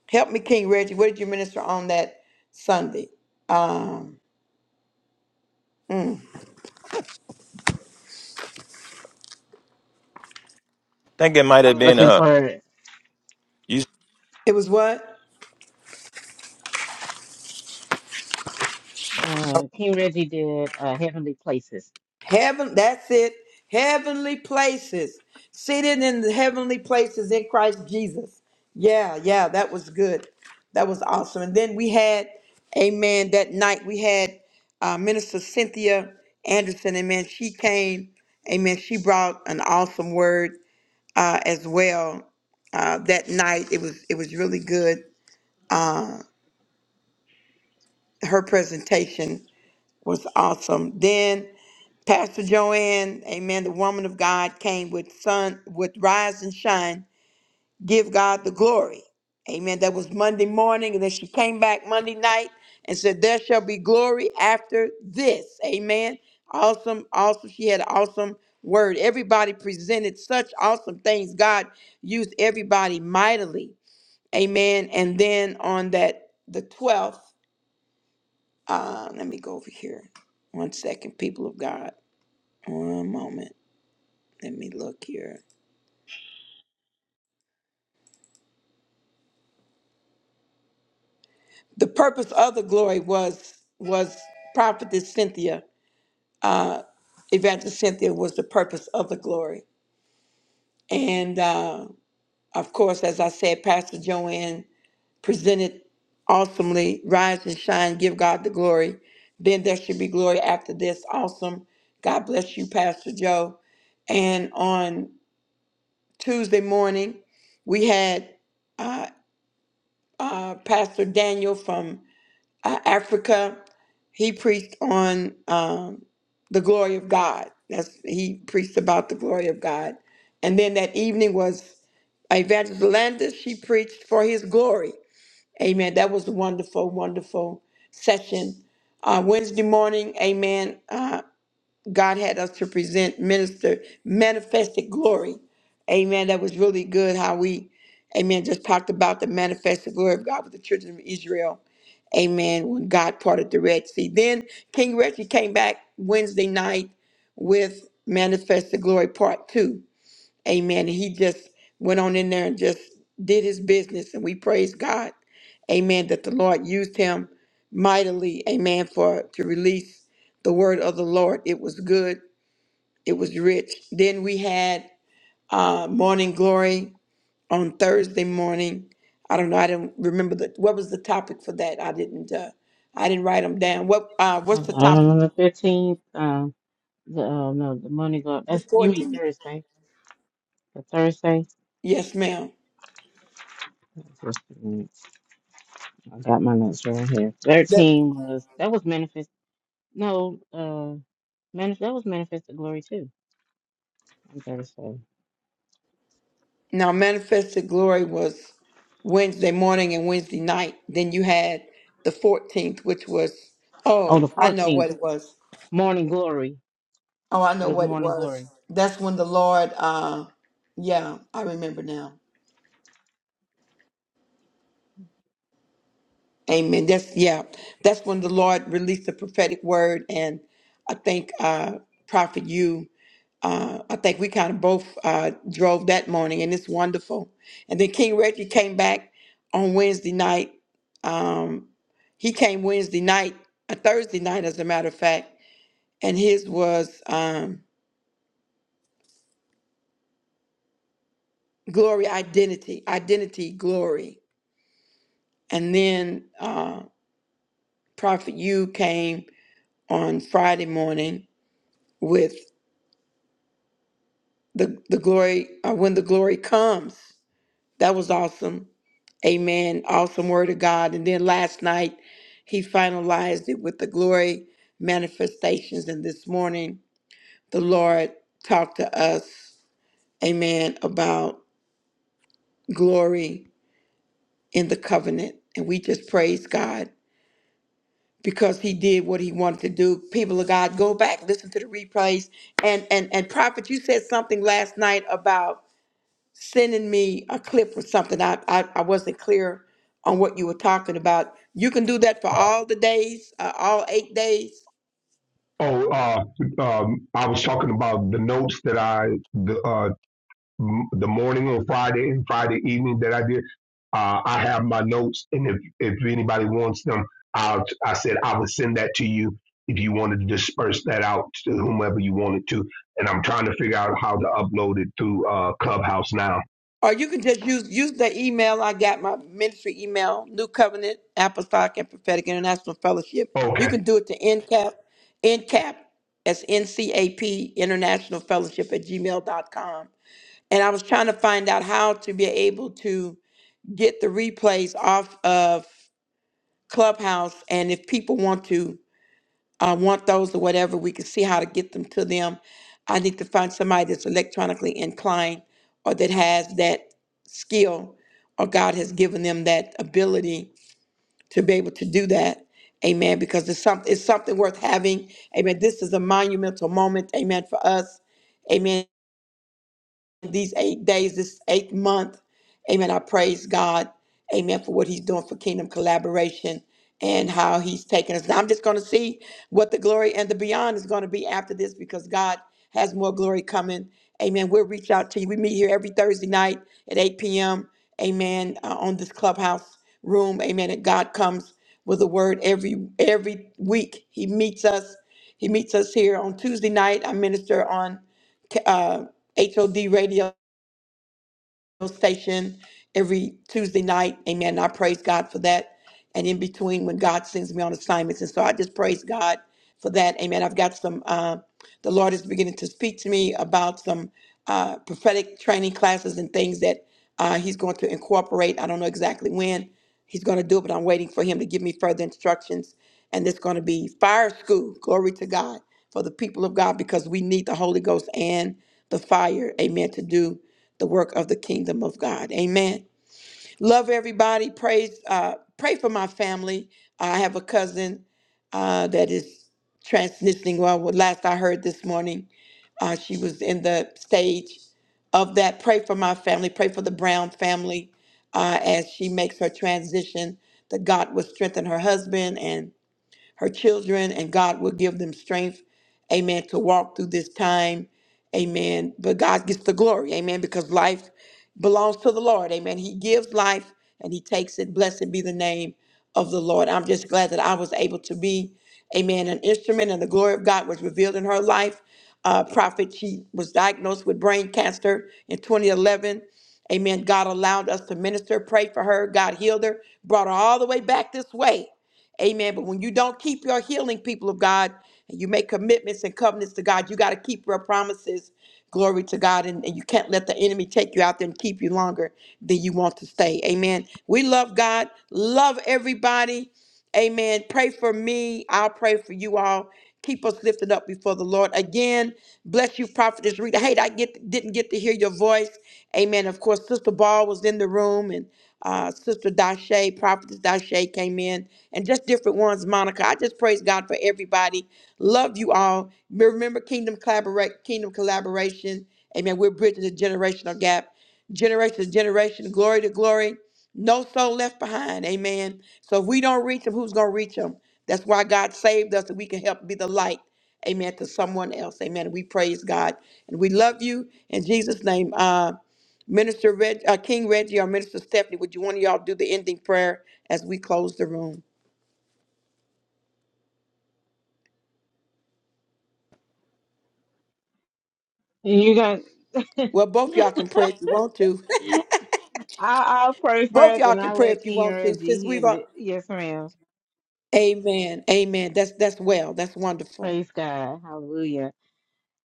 [SPEAKER 1] help me, King Reggie. What did you minister on that Sunday? Um,
[SPEAKER 6] think it might
[SPEAKER 2] I'm
[SPEAKER 6] have been
[SPEAKER 2] looking
[SPEAKER 6] uh
[SPEAKER 2] forward.
[SPEAKER 6] you
[SPEAKER 1] it was what?
[SPEAKER 2] Uh, Team Reggie did uh, Heavenly Places.
[SPEAKER 1] Heaven, that's it. Heavenly places. Seated in the heavenly places in Christ Jesus. Yeah, yeah, that was good. That was awesome. And then we had, amen, that night we had uh, Minister Cynthia Anderson. Amen. She came, amen. She brought an awesome word uh, as well uh, that night. It was it was really good. Uh, her presentation was awesome. Then Pastor Joanne, amen, the woman of God came with sun, with rise and shine, give God the glory. Amen. That was Monday morning. And then she came back Monday night and said, There shall be glory after this. Amen. Awesome, awesome. She had an awesome word. Everybody presented such awesome things. God used everybody mightily. Amen. And then on that, the 12th, uh, let me go over here. One second, people of God. One moment. let me look here. The purpose of the glory was was prophetess Cynthia, evangelist Cynthia was the purpose of the glory, and uh, of course, as I said, Pastor Joanne presented awesomely. Rise and shine, give God the glory. Then there should be glory after this. Awesome. God bless you, Pastor Joe. And on Tuesday morning, we had uh, uh, Pastor Daniel from uh, Africa, he preached on um, the glory of God. That's he preached about the glory of God. And then that evening was Evangelist Landis. She preached for His glory. Amen. That was a wonderful, wonderful session. Uh, Wednesday morning, Amen. uh, God had us to present minister manifested glory. Amen. That was really good how we, amen, just talked about the manifested glory of God with the children of Israel. Amen. When God parted the Red Sea. Then King Reggie came back Wednesday night with Manifested Glory Part 2. Amen. And he just went on in there and just did his business. And we praise God. Amen. That the Lord used him mightily. Amen. For to release the word of the Lord. It was good. It was rich. Then we had uh, morning glory on Thursday morning. I don't know. I don't remember the what was the topic for that. I didn't. Uh, I didn't write them down. What? Uh, what's
[SPEAKER 2] Um,
[SPEAKER 1] the topic?
[SPEAKER 2] on the fifteenth, um, the uh, no, the money go.
[SPEAKER 1] The
[SPEAKER 2] That's you mean
[SPEAKER 1] 14th.
[SPEAKER 2] Thursday? The Thursday.
[SPEAKER 1] Yes, ma'am.
[SPEAKER 2] Just a minute. I got my notes right here. Thirteen was that was manifest. No, uh, manif- that was manifested glory too on Thursday.
[SPEAKER 1] Now, Manifested Glory was Wednesday morning and Wednesday night. Then you had the 14th, which was,
[SPEAKER 2] Oh,
[SPEAKER 1] oh,
[SPEAKER 2] the
[SPEAKER 1] I know
[SPEAKER 2] fourteenth,
[SPEAKER 1] what it was.
[SPEAKER 2] morning glory.
[SPEAKER 1] Oh, I
[SPEAKER 2] It
[SPEAKER 1] know
[SPEAKER 2] was
[SPEAKER 1] what it
[SPEAKER 2] morning
[SPEAKER 1] was.
[SPEAKER 2] glory.
[SPEAKER 1] That's when the Lord, uh, yeah, I remember now. Amen. That's, yeah, that's when the Lord released the prophetic word. And I think, uh, Prophet, you, uh, I think we kind of both uh, drove that morning, and it's wonderful. And then King Reggie came back on Wednesday night um, He came Wednesday night, a Thursday night, as a matter of fact, and his was um, Glory Identity, Identity Glory. And then uh, Prophet U came on Friday morning with the, the glory, uh, When the Glory Comes. That was awesome. Amen. Awesome word of God. And then last night, he finalized it with the glory manifestations. And this morning, the Lord talked to us, amen, about glory in the covenant. And we just praise God because he did what he wanted to do. People of God, go back, listen to the replays. And and and Prophet, you said something last night about sending me a clip or something. I I, I wasn't clear on what you were talking about. You can do that for
[SPEAKER 7] Uh,
[SPEAKER 1] all the days, uh, all eight days.
[SPEAKER 7] oh, uh, um, I was talking about the notes that I, the, uh, m- the morning on Friday and Friday evening that I did. Uh, I have my notes, and if, if anybody wants them, I'll, I said I would send that to you if you wanted to disperse that out to whomever you wanted to. And I'm trying to figure out how to upload it through uh, Clubhouse now.
[SPEAKER 1] Or you can just use use the email I got my ministry email, New Covenant Apostolic and Prophetic International Fellowship. You
[SPEAKER 7] Okay.
[SPEAKER 1] can do it to NCAP, NCAP, that's NCAP International Fellowship at Gmail dot com. And I was trying to find out how to be able to get the replays off of Clubhouse and if people want to I want those or whatever. We can see how to get them to them. I need to find somebody that's electronically inclined or that has that skill or God has given them that ability to be able to do that. Amen. Because it's something it's something worth having. Amen. This is a monumental moment. Amen. For us. Amen these eight days, this eighth month. Amen. I praise God. Amen. For what he's doing for kingdom collaboration and how he's taking us. Now, I'm just going to see what the glory and the beyond is going to be after this because God has more glory coming. Amen. We'll reach out to you. We meet here every Thursday night at 8 p.m. Amen. uh, on this clubhouse room. Amen. And God comes with a word every every week. He meets us. He meets us here on Tuesday night. I minister on HOD radio station every Tuesday night. Amen. I praise God for that. And in between, when God sends me on assignments. And so I just praise God for that. Amen. I've got some, uh, the Lord is beginning to speak to me about some uh, prophetic training classes and things that uh, He's going to incorporate. I don't know exactly when He's going to do it, but I'm waiting for Him to give me further instructions. And it's going to be fire school. Glory to God for the people of God because we need the Holy Ghost and the fire. Amen. To do the work of the kingdom of God. Amen. Love everybody. Praise. Uh, pray for my family. I have a cousin uh, that is transitioning. Well, what last I heard this morning, uh, she was in the stage of that. Pray for my family. Pray for the Brown family uh, as she makes her transition. That God will strengthen her husband and her children, and God will give them strength, amen, to walk through this time, amen. But God gets the glory, amen, because life belongs to the Lord, amen. He gives life and He takes it. Blessed be the name of the Lord. I'm just glad that I was able to be, amen, an instrument, and the glory of God was revealed in her life. Uh, prophet, she was diagnosed with brain cancer in 2011. Amen. God allowed us to minister, pray for her. God healed her, brought her all the way back this way. Amen. But when you don't keep your healing, people of God, and you make commitments and covenants to God, you got to keep your promises. Glory to God. And, and you can't let the enemy take you out there and keep you longer than you want to stay. Amen. We love God. Love everybody. Amen. Pray for me. I'll pray for you all. Keep us lifted up before the Lord. Again, bless you, Prophetess Rita. Hey, I get didn't get to hear your voice. Amen. Of course, Sister Ball was in the room, and uh, Sister Dashe, Prophetess Dashe came in, and just different ones, Monica. I just praise God for everybody. Love you all. Remember Kingdom Collaborate, Kingdom Collaboration. Amen. We're bridging the generational gap, generation to generation, glory to glory. No soul left behind. Amen. So if we don't reach them, who's going to reach them? That's why God saved us, that we can help be the light. Amen. To someone else. Amen. We praise God. And we love you in Jesus' name. Uh, Minister Reg, uh, King Reggie or Minister Stephanie, would you want y'all do the ending prayer as we close the room?
[SPEAKER 2] And you guys,
[SPEAKER 1] Well, both y'all can pray if you want to.
[SPEAKER 2] *laughs* I I'll pray
[SPEAKER 1] *laughs* both
[SPEAKER 2] first,
[SPEAKER 1] y'all
[SPEAKER 2] and
[SPEAKER 1] can
[SPEAKER 2] I'll
[SPEAKER 1] pray
[SPEAKER 2] let
[SPEAKER 1] if you
[SPEAKER 2] King
[SPEAKER 1] want to. Since
[SPEAKER 2] Reggie
[SPEAKER 1] we've
[SPEAKER 2] handle
[SPEAKER 1] all,
[SPEAKER 2] it. Yes, ma'am.
[SPEAKER 1] Amen, Amen. That's that's well. That's wonderful.
[SPEAKER 2] Praise God. Hallelujah.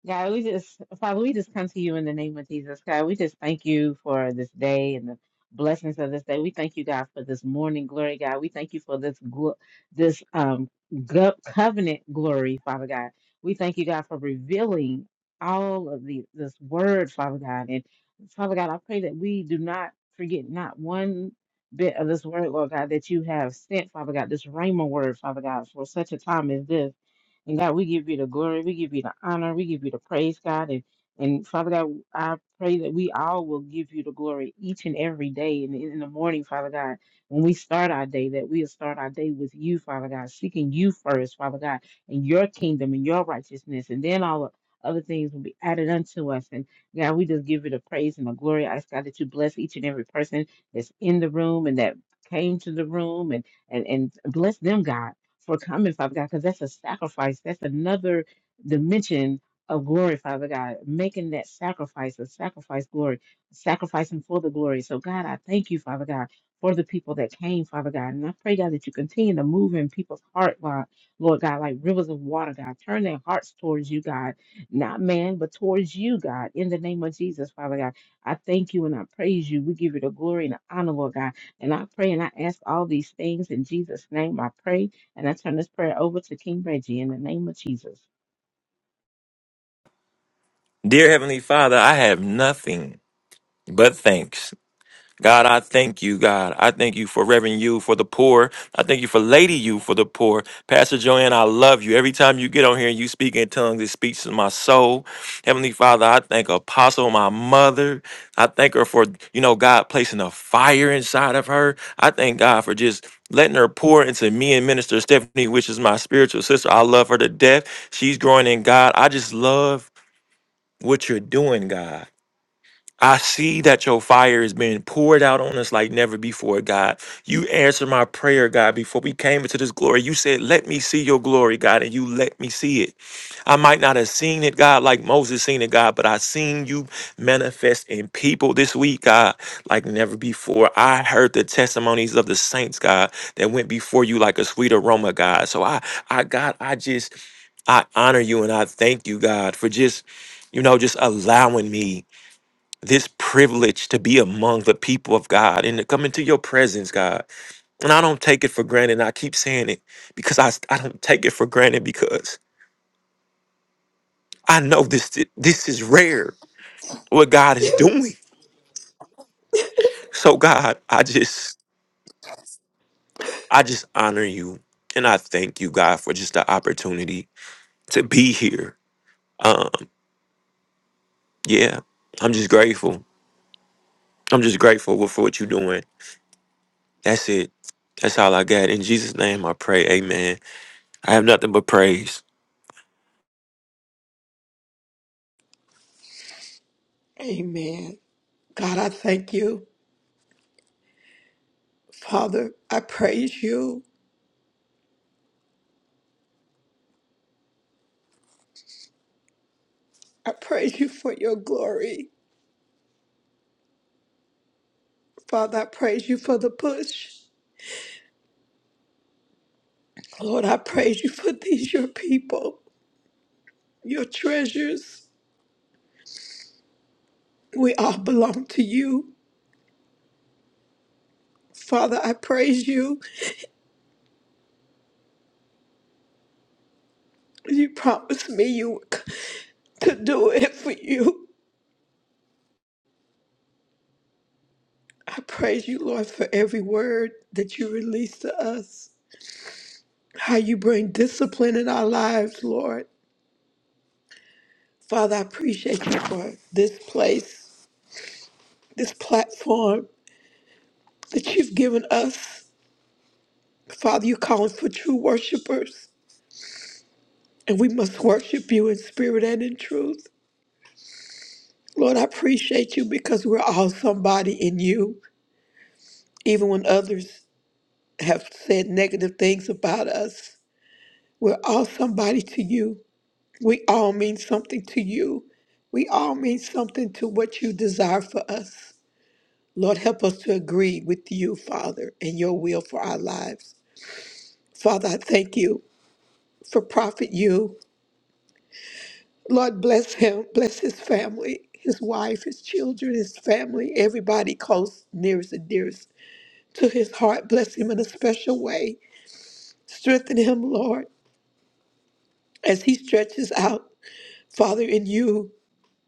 [SPEAKER 2] God, we just, Father, we just come to you in the name of Jesus. God, we just thank you for this day and the blessings of this day. We thank you, God, for this morning glory, God. We thank you for this glo- this um go- covenant glory, Father God. We thank you, God, for revealing all of the this word, Father God. And Father God, I pray that we do not forget not one bit of this word, Lord God, that you have sent, Father God, this Rhema word, Father God, for such a time as this. And God, we give you the glory, we give you the honor, we give you the praise, God. And and Father God, I pray that we all will give you the glory each and every day and in in the morning, Father God. When we start our day, that we'll start our day with you, Father God, seeking you first, Father God, and your kingdom and your righteousness. And then all the other things will be added unto us. And God, we just give you the praise and the glory. I ask God that you bless each and every person that's in the room and that came to the room and and, and bless them, God for coming, Father God, because that's a sacrifice. That's another dimension of glory, Father God, making that sacrifice, a sacrifice glory, sacrificing for the glory. So, God, I thank you, Father God, for the people that came, Father God. And I pray, God, that you continue to move in people's heart, God, Lord God, like rivers of water, God. Turn their hearts towards you, God, not man, but towards you, God, in the name of Jesus, Father God. I thank you and I praise you. We give you the glory and the honor, Lord God. And I pray and I ask all these things in Jesus' name. I pray. And I turn this prayer over to King Reggie in the name of Jesus.
[SPEAKER 6] dear Heavenly Father, I have nothing but thanks. God, I thank you, God. I thank you for Reverend you for the poor. I thank you for Lady you for the poor. Pastor Joanne, I love you. Every time you get on here and you speak in tongues, it speaks to my soul. Heavenly Father, I thank Apostle, my mother. I thank her for, you know, God placing a fire inside of her. I thank God for just letting her pour into me and Minister Stephanie, which is my spiritual sister. I love her to death. She's growing in God. I just love what you're doing, God. I see that your fire is being poured out on us like never before, God. You answered my prayer, God, before we came into this glory. You said, Let me see your glory, God, and you let me see it. I might not have seen it, God, like Moses seen it, God, but I seen you manifest in people this week, God, like never before. I heard the testimonies of the saints, God, that went before you like a sweet aroma, God. So I, I, God, I just, I honor you and I thank you, God, for just, you know, just allowing me this privilege to be among the people of God and to come into your presence, God. And I don't take it for granted. And I keep saying it because I, I don't take it for granted because I know this this is rare what God is doing. So God, I just I just honor you and I thank you, God, for just the opportunity to be here. Um, yeah, I'm just grateful. I'm just grateful for what you're doing. That's it. That's all I got. In Jesus' name I pray, amen. I have nothing but praise.
[SPEAKER 1] Amen. God, I thank you. Father, I praise you. I praise you for your glory. Father, I praise you for the push. Lord, I praise you for these, your people, your treasures. We all belong to you. Father, I praise you. You promised me you would c- to do it for you. I praise you, Lord, for every word that you release to us, how you bring discipline in our lives, Lord. Father, I appreciate you for this place, this platform that you've given us. Father, you're calling for true worshipers, and we must worship you in spirit and in truth. Lord, I appreciate you because we're all somebody in you, even when others have said negative things about us. We're all somebody to you. We all mean something to you. We all mean something to what you desire for us. Lord, help us to agree with you, Father, and your will for our lives. Father, I thank you for Prophet You. Lord, bless him, bless his family, his wife, his children, his family, everybody close, nearest and dearest to his heart. Bless him in a special way. Strengthen him, Lord, as he stretches out, Father, in you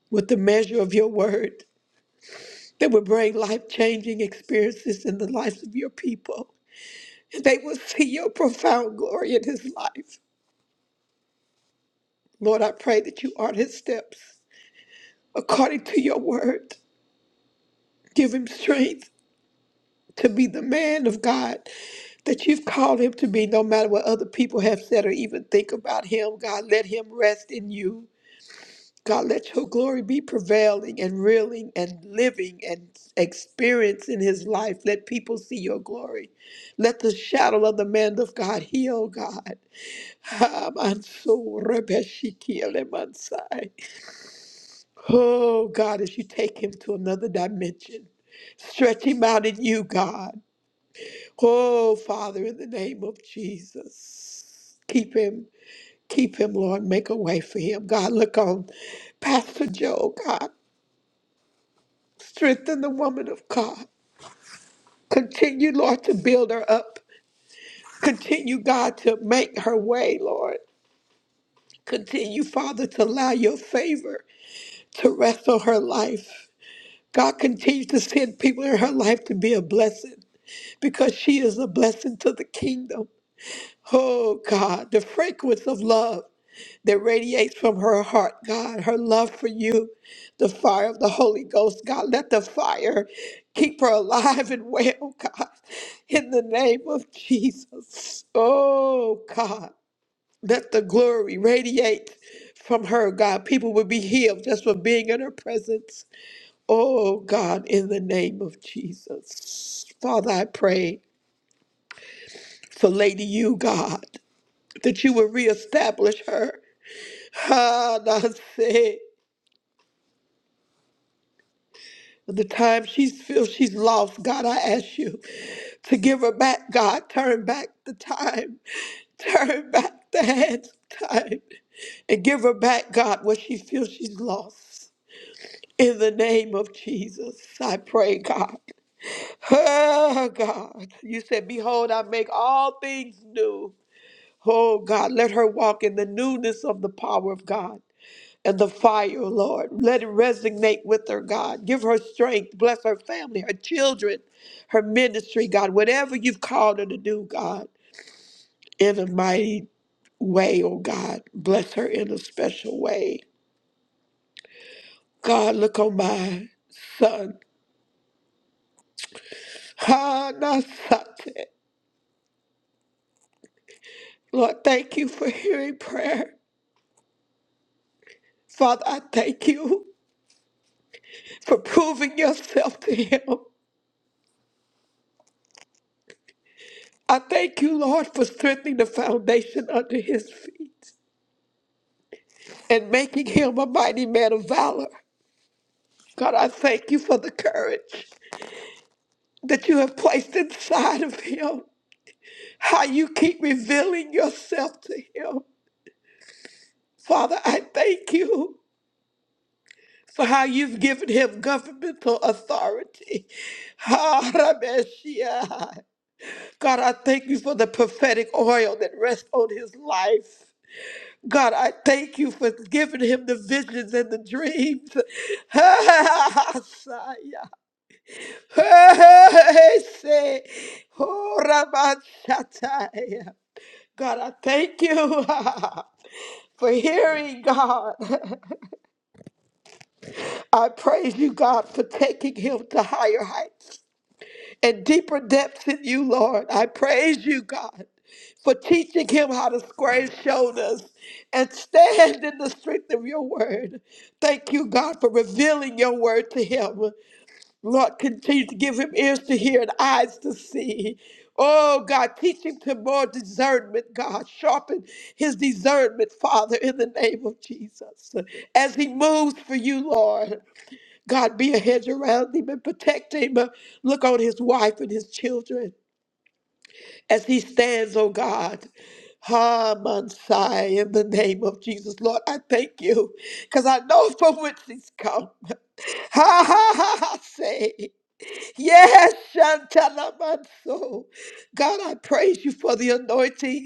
[SPEAKER 1] with the measure of your word. that would bring life changing experiences in the lives of your people. And they will see your profound glory in his life. Lord, I pray that you art his steps according to your word. Give him strength to be the man of God that you've called him to be, no matter what other people have said or even think about him. God, let him rest in you. God, let your glory be prevailing and reeling and living and experience in his life. Let people see your glory. Let the shadow of the man of God heal, God. Ah, Manso Rebeshiki Elemansai. Oh, God, as you take him to another dimension, stretch him out in you, God. Oh, Father, in the name of Jesus, keep him, keep him, Lord. Make a way for him. God, look on Pastor Joe, God. Strengthen the woman of God. Continue, Lord, to build her up. Continue, God, to make her way, Lord. Continue, Father, to allow your favor to rest on her life. God continues to send people in her life to be a blessing because she is a blessing to the kingdom. Oh, God, the fragrance of love. that radiates from her heart, God, her love for you, the fire of the Holy Ghost, God. Let the fire keep her alive and well, God, in the name of Jesus. Oh, God, let the glory radiate from her, God. People will be healed just for being in her presence. Oh, God, in the name of Jesus. Father, I pray for Lady You, God, that you will reestablish her. Ha, the time she feels she's lost, God, I ask you to give her back, God. Turn back the time, *laughs* turn back the hands of time, and give her back, God, what she feels she's lost. In the name of Jesus, I pray, God. Oh, God. You said, Behold, I make all things new. Oh, God, let her walk in the newness of the power of God and the fire, Lord. Let it resonate with her, God. Give her strength. Bless her family, her children, her ministry, God. Whatever you've called her to do, God, in a mighty way, oh God. Bless her in a special way. God, look on my son. Ha, na, sa, te. Lord, thank you for hearing prayer. Father, I thank you for proving yourself to him. I thank you, Lord, for strengthening the foundation under his feet. and making him a mighty man of valor. God, I thank you for the courage that you have placed inside of him, how you keep revealing yourself to him. Father, I thank you for how you've given him governmental authority. *laughs* ha ra God, I thank you for the prophetic oil that rests on his life. God, I thank you for giving him the visions and the dreams. *laughs* Hey, Say, oh, Ramashataya. God, I thank you *laughs* for hearing God. *laughs* I praise you, God, for taking him to higher heights and deeper depths in you, Lord. I praise you, God, for teaching him how to square his shoulders and stand in the strength of your word. Thank you, God, for revealing your word to him. Lord, continue to give him ears to hear and eyes to see. Oh, God, teach him to more discernment, God. Sharpen his discernment, Father, in the name of Jesus. As he moves for you, Lord, God, be a hedge around him and protect him. Look on his wife and his children as he stands, oh God. Ha, Mansai, in the name of Jesus, Lord, I thank you because I know *laughs* from whence he's come. Ha ha ha, ha say. Yes, Shantalamanso. God, I praise you for the anointing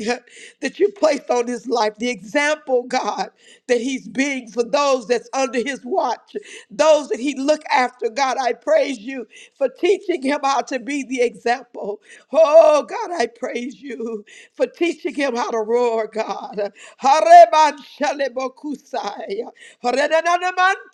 [SPEAKER 1] that you placed on his life, the example, God, that he's being for those that's under his watch, those that he look after. God, I praise you for teaching him how to be the example. Oh, God, I praise you for teaching him how to roar, God. Hareman shalebokusai.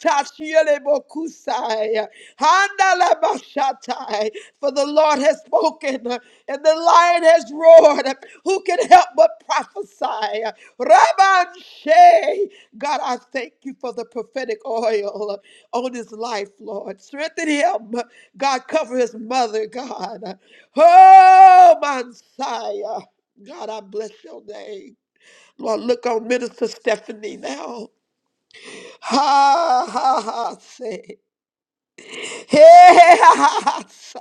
[SPEAKER 1] Tashielebokusai, handalabashatai. For the Lord has spoken, and the lion has roared. Who can help but prophesy? Rabban Shea. God, I thank you for the prophetic oil on his life, Lord. Strengthen him. God, cover his mother, God. Oh, Messiah. God, I bless your name. Lord, look on Minister Stephanie now. Ha ha ha say. Hey, *laughs* ha, ha, ha, say.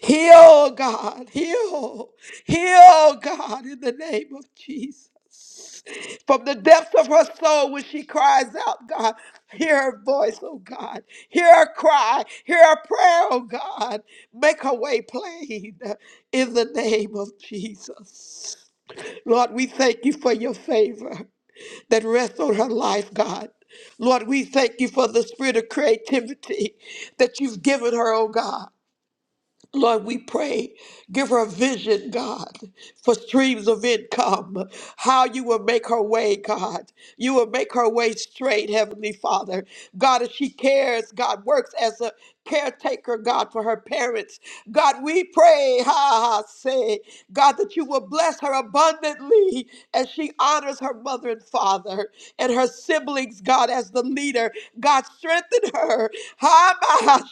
[SPEAKER 1] Heal, God, heal, heal, God, in the name of Jesus. From the depths of her soul, when she cries out, God, hear her voice, oh God. Hear her cry, hear her prayer, oh God. Make her way plain in the name of Jesus. Lord, we thank you for your favor. that rests on her life, God. Lord, we thank you for the spirit of creativity that you've given her, oh God. Lord, we pray, give her a vision, God, for streams of income, how you will make her way, God. You will make her way straight, Heavenly Father. God, as she cares, God, works as a caretaker, God, for her parents. God, we pray, ha, ha, say, God, that you will bless her abundantly as she honors her mother and father and her siblings, God, as the leader. God, strengthen her. Ha, ma, ha,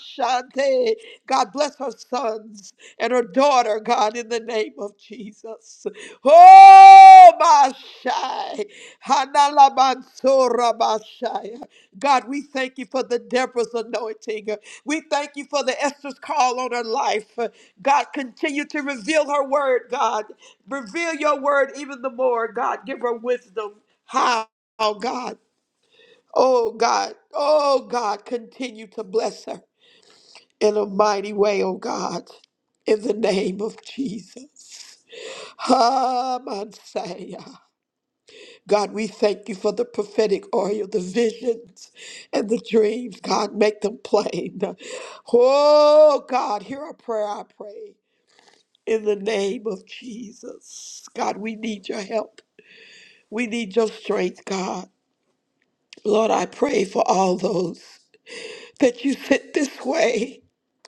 [SPEAKER 1] shante. God bless her sons and her daughter, God, in the name of Jesus. Oh, Mashai. Hanalamansora Mashai. God, we thank you for the Deborah's anointing. We thank you for the Esther's call on her life. God, continue to reveal her word, God. Reveal your word even the more, God. Give her wisdom. How, God? Oh, God. Oh, God. Continue to bless her in a mighty way, oh God, in the name of Jesus. Ah, Messiah. God, we thank you for the prophetic oil, the visions and the dreams. God, make them plain. Oh, God, hear our prayer, I pray, in the name of Jesus. God, we need your help. We need your strength, God. Lord, I pray for all those that you sent this way.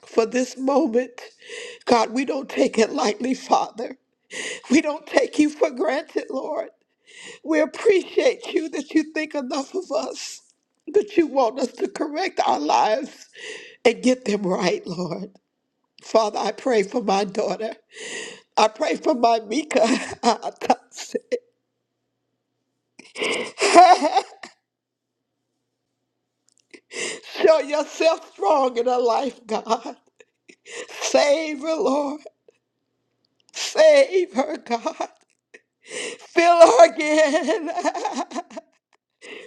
[SPEAKER 1] for this moment. God, we don't take it lightly, Father. We don't take you for granted, Lord. We appreciate you that you think enough of us, that you want us to correct our lives and get them right, Lord. Father, I pray for my daughter. I pray for my Mika. *laughs* Show yourself strong in her life, God. Save her, Lord. Save her, God. Fill her again. *laughs*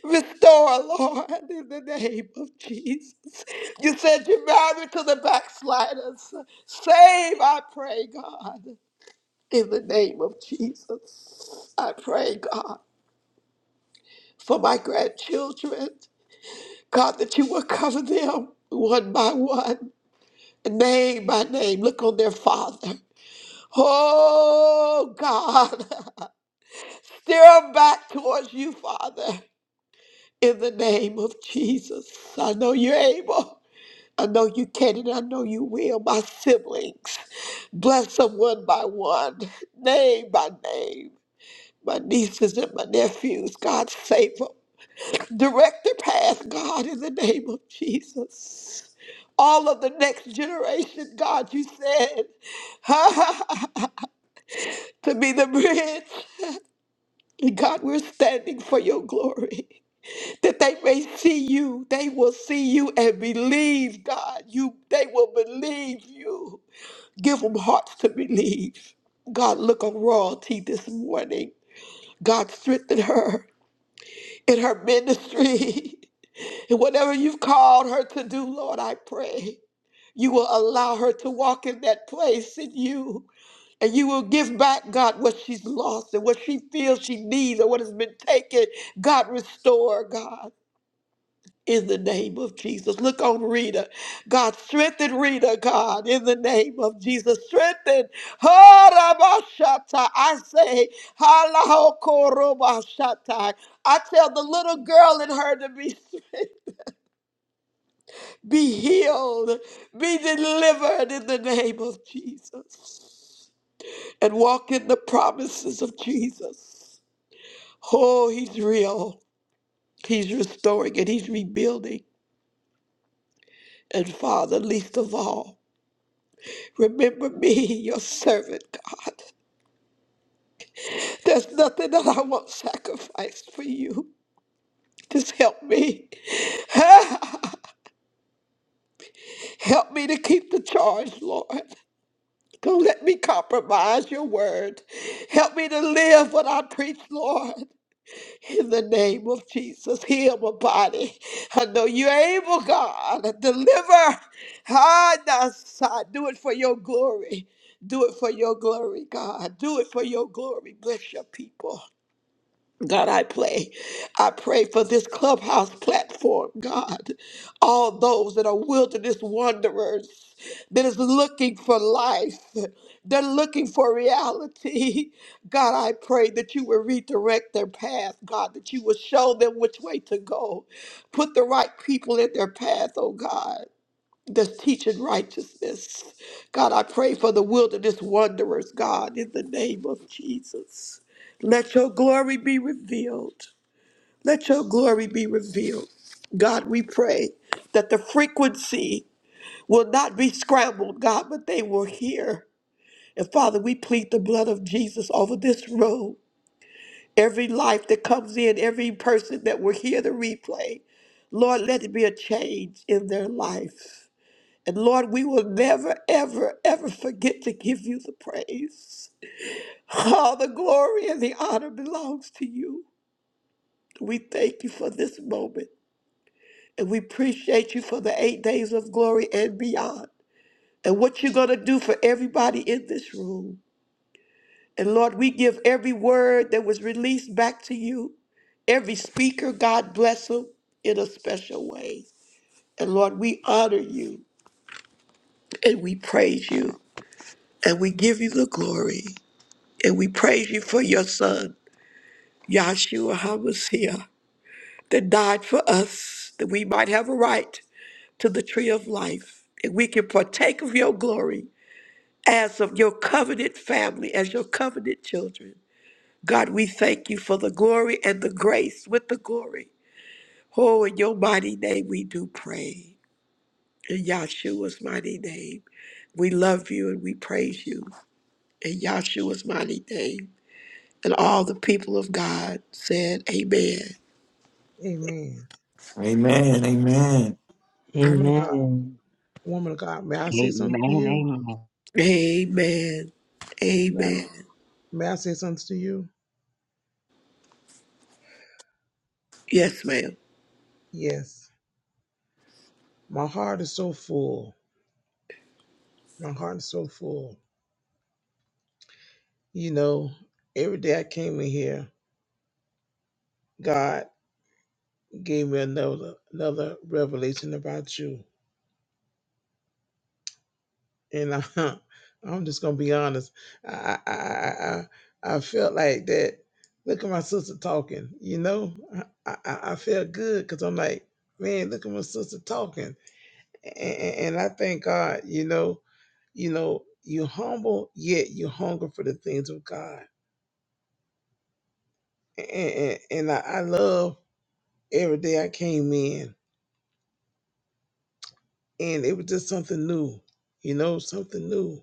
[SPEAKER 1] Restore, Lord, in the name of Jesus. You said you're married to the backsliders. Save, I pray, God, in the name of Jesus. I pray, God, for my grandchildren. God, that you will cover them one by one, name by name. Look on their father. Oh, God, *laughs* steer them back towards you, Father, in the name of Jesus. I know you're able. I know you can and I know you will. My siblings, bless them one by one, name by name. My nieces and my nephews, God save them. Direct their path, God, in the name of Jesus. All of the next generation, God, you said, *laughs* to be the bridge. And God, we're standing for your glory. That they may see you, they will see you and believe, God. You, they will believe you. Give them hearts to believe. God, look on royalty this morning. God, strengthen her in her ministry. *laughs* And whatever you've called her to do, Lord, I pray you will allow her to walk in that place in you. And you will give back, God, what she's lost and what she feels she needs or what has been taken. God, restore, God. in the name of Jesus. Look on Rita. God, strengthen Rita, God, in the name of Jesus. Strengthen. Harabashata. I say, halahokorobashata. I tell the little girl in her to be, strengthened, be healed, be delivered in the name of Jesus, and walk in the promises of Jesus. Oh, he's real. He's restoring and he's rebuilding. And Father, least of all, Remember me, your servant, God. There's nothing that I won't sacrifice for you. Just help me. *laughs* help me to keep the charge, Lord. Don't let me compromise your word. Help me to live what I preach, Lord. In the name of Jesus, heal my body. I know you're able, God. Deliver. Ah, that's- I Do it for your glory. Do it for your glory, God. Do it for your glory. Bless your people. God, I pray. I pray for this clubhouse platform, God. All those that are wilderness wanderers that is looking for life, they're looking for reality. *laughs* God, I pray that you will redirect their path, God, that you will show them which way to go. Put the right people in their path, oh God that's teaching righteousness. God, I pray for the wilderness wanderers, God, in the name of Jesus. Let your glory be revealed. Let your glory be revealed. God, we pray that the frequency will not be scrambled, God, but they will hear. And Father, we plead the blood of Jesus over this room. Every life that comes in, every person that will hear the replay, Lord, let it be a change in their life. And Lord, we will never, ever, ever forget to give you the praise. All the glory and the honor belongs to you. We thank you for this moment. And we appreciate you for the eight days of glory and beyond. And what you're going to do for everybody in this room. And Lord, we give every word that was released back to you. Every speaker, God bless them in a special way. And Lord, we honor you and we praise you and we give you the glory. And we praise you for your son, Yahshua HaMashiach, that died for us, that we might have a right to the tree of life, and we can partake of your glory as of your covenant family, as your covenant children. God, we thank you for the glory and the grace with the glory. Oh, in your mighty name we do pray. In Yahshua's mighty name, we love you and we praise you. In Yahshua's mighty name. And all the people of God said, Amen.
[SPEAKER 4] amen
[SPEAKER 6] Amen. Amen.
[SPEAKER 4] woman of god
[SPEAKER 2] Amen.
[SPEAKER 4] Woman of God, may I say something to you?
[SPEAKER 3] Amen.
[SPEAKER 1] Amen.
[SPEAKER 4] May I,
[SPEAKER 1] Amen.
[SPEAKER 4] may I say something to you?
[SPEAKER 1] Yes, ma'am.
[SPEAKER 4] Yes. My heart is so full. My heart is so full. You know, every day I came in here, God gave me another another revelation about you. And I, *laughs* I'm just gonna be honest. I I I, I I felt like that. Look at my sister talking. You know, I I, I I felt good because I'm like, man, look at my sister talking And, and I thank God, you know, you know, you humble, yet you hunger for the things of God. And, and, and I, I love every day I came in, and it was just something new, you know, something new.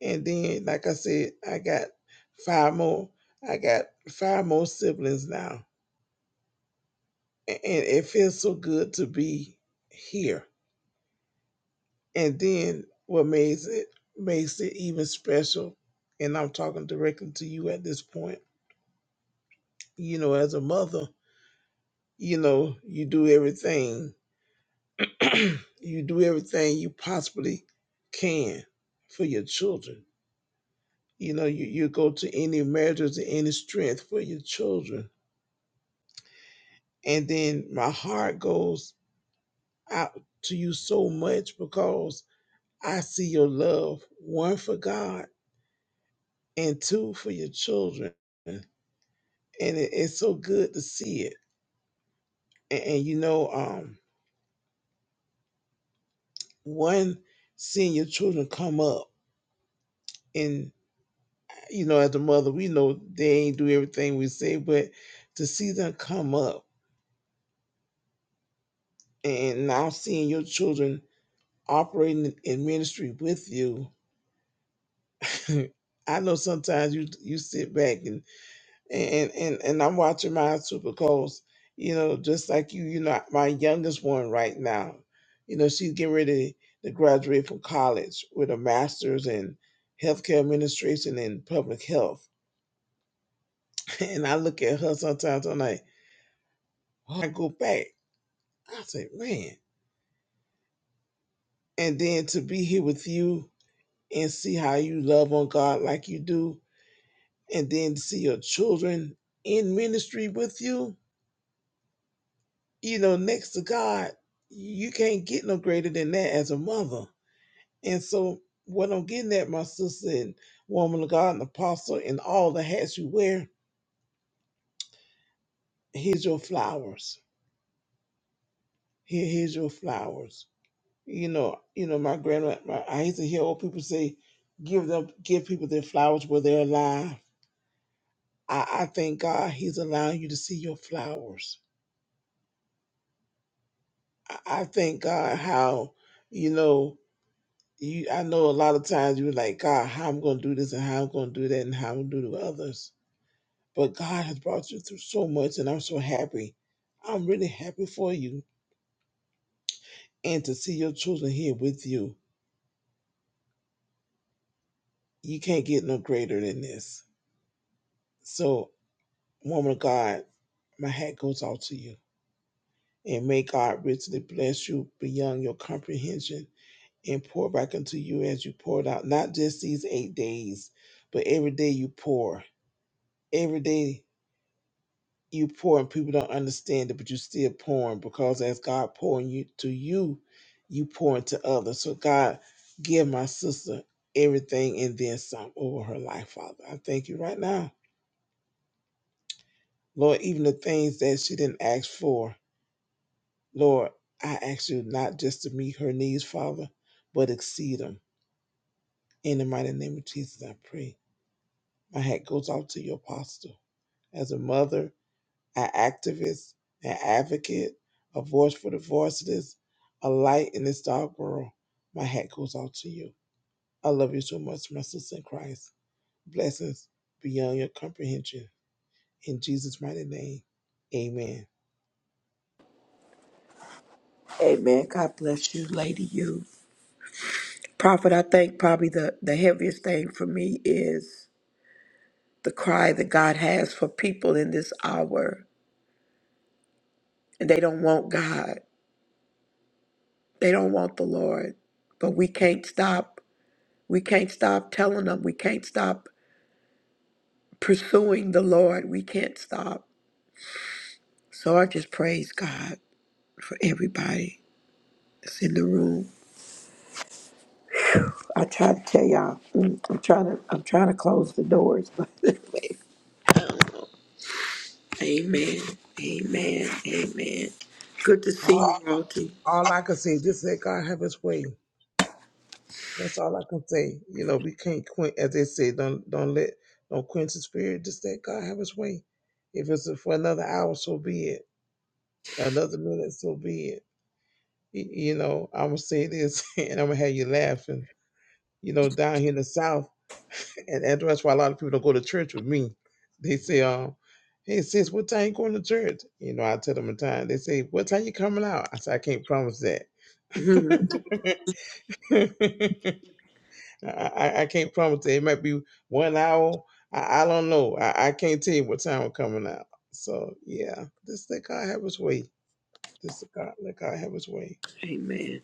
[SPEAKER 4] And then, like I said, I got five more. I got five more siblings now, and, and it feels so good to be here. And then, what makes it makes it even special, and I'm talking directly to you at this point You know, as a mother, you know, you do everything, *clears throat* you do everything you possibly can for your children. You know, you, you go to any measure, to any strength for your children. And then my heart goes out to you so much because I see your love, one for God and two for your children. And it, it's so good to see it. And, and you know, um, one, seeing your children come up in you know, as a mother, we know they ain't do everything we say, but to see them come up and now seeing your children operating in in ministry with you, *laughs* I know sometimes you you sit back and and and, and I'm watching mine too because you know just like you, you know my youngest one right now, you know she's getting ready to graduate from college with a master's in healthcare administration and public health, *laughs* and I look at her sometimes I'm like, why go back? I say, man. And then to be here with you and see how you love on God like you do, and then to see your children in ministry with you, you know, next to God, you can't get no greater than that as a mother. And so, what I'm getting at, my sister and woman of God and apostle, and all the hats you wear, here's your flowers. Here, here's your flowers. You know, you know, my grandma. My, I used to hear old people say, "Give them, give people their flowers where they're alive." I, I thank God He's allowing you to see your flowers. I, I thank God how, you know, you I know a lot of times you're like, God, how I'm gonna do this and how I'm gonna do that and how I'm gonna do to others. But God has brought you through so much and I'm so happy. I'm really happy for you. And to see your children here with you, you can't get no greater than this. So, woman of God, my hat goes out to you. And may God richly bless you beyond your comprehension and pour back into you as you poured out. Not just these eight days, but every day you pour. Every day you pour, and people don't understand it, but you're still pouring because as God pouring you to you, you pour into others. So God, give my sister everything and then some over her life, Father. I thank you right now, Lord. Even the things that she didn't ask for, Lord, I ask you not just to meet her needs, Father, but exceed them. In the mighty name of Jesus, I pray. My hat goes out to your apostle. As a mother, an activist, an advocate, a voice for the voiceless, a light in this dark world, my hat goes out to you. I love you so much, my sister in Christ. Blessings beyond your comprehension. In Jesus' mighty name, amen.
[SPEAKER 1] Amen. God bless you, Lady You. Prophet, I think probably the, the heaviest thing for me is the cry that God has for people in this hour. And they don't want God. They don't want the Lord. But we can't stop. We can't stop telling them. We can't stop pursuing the Lord. We can't stop. So I just praise God for everybody that's in the room. I try to tell y'all, mm, I'm trying to, I'm trying to close the doors, but *laughs* anyway. Amen, amen, amen. Good to see
[SPEAKER 4] All,
[SPEAKER 1] you, Walter.
[SPEAKER 4] all I can say, is just let God have his way. That's all I can say. You know, we can't quench, as they say, don't don't let don't quench the spirit. Just let God have his way. If it's for another hour, so be it another minute, so be it. Y- You know, I'm gonna say this, *laughs* and I'm gonna have you laughing. You know, down here in the South, *laughs* and, and that's why a lot of people don't go to church with me. They say, um, "Hey sis, what time you going to church?" You know, I tell them a time. They say, "What time you coming out?" I say, "I can't promise that.
[SPEAKER 1] Mhm,
[SPEAKER 4] *laughs* I, I I can't promise that. It might be one hour. I, I don't know. I, I can't tell you what time we're coming out." So yeah, this let God have His way. This is God. Let God have his way.
[SPEAKER 1] amen.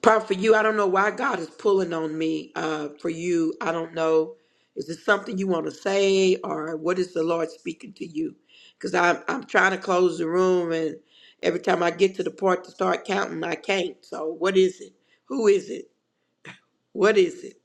[SPEAKER 1] Part for you, I don't know why God is pulling on me. Uh, for you, I don't know. Is it something you want to say, or what is the Lord speaking to you? Because I'm, I'm trying to close the room, and every time I get to the part to start counting, I can't. So, what is it? Who is it? What is it?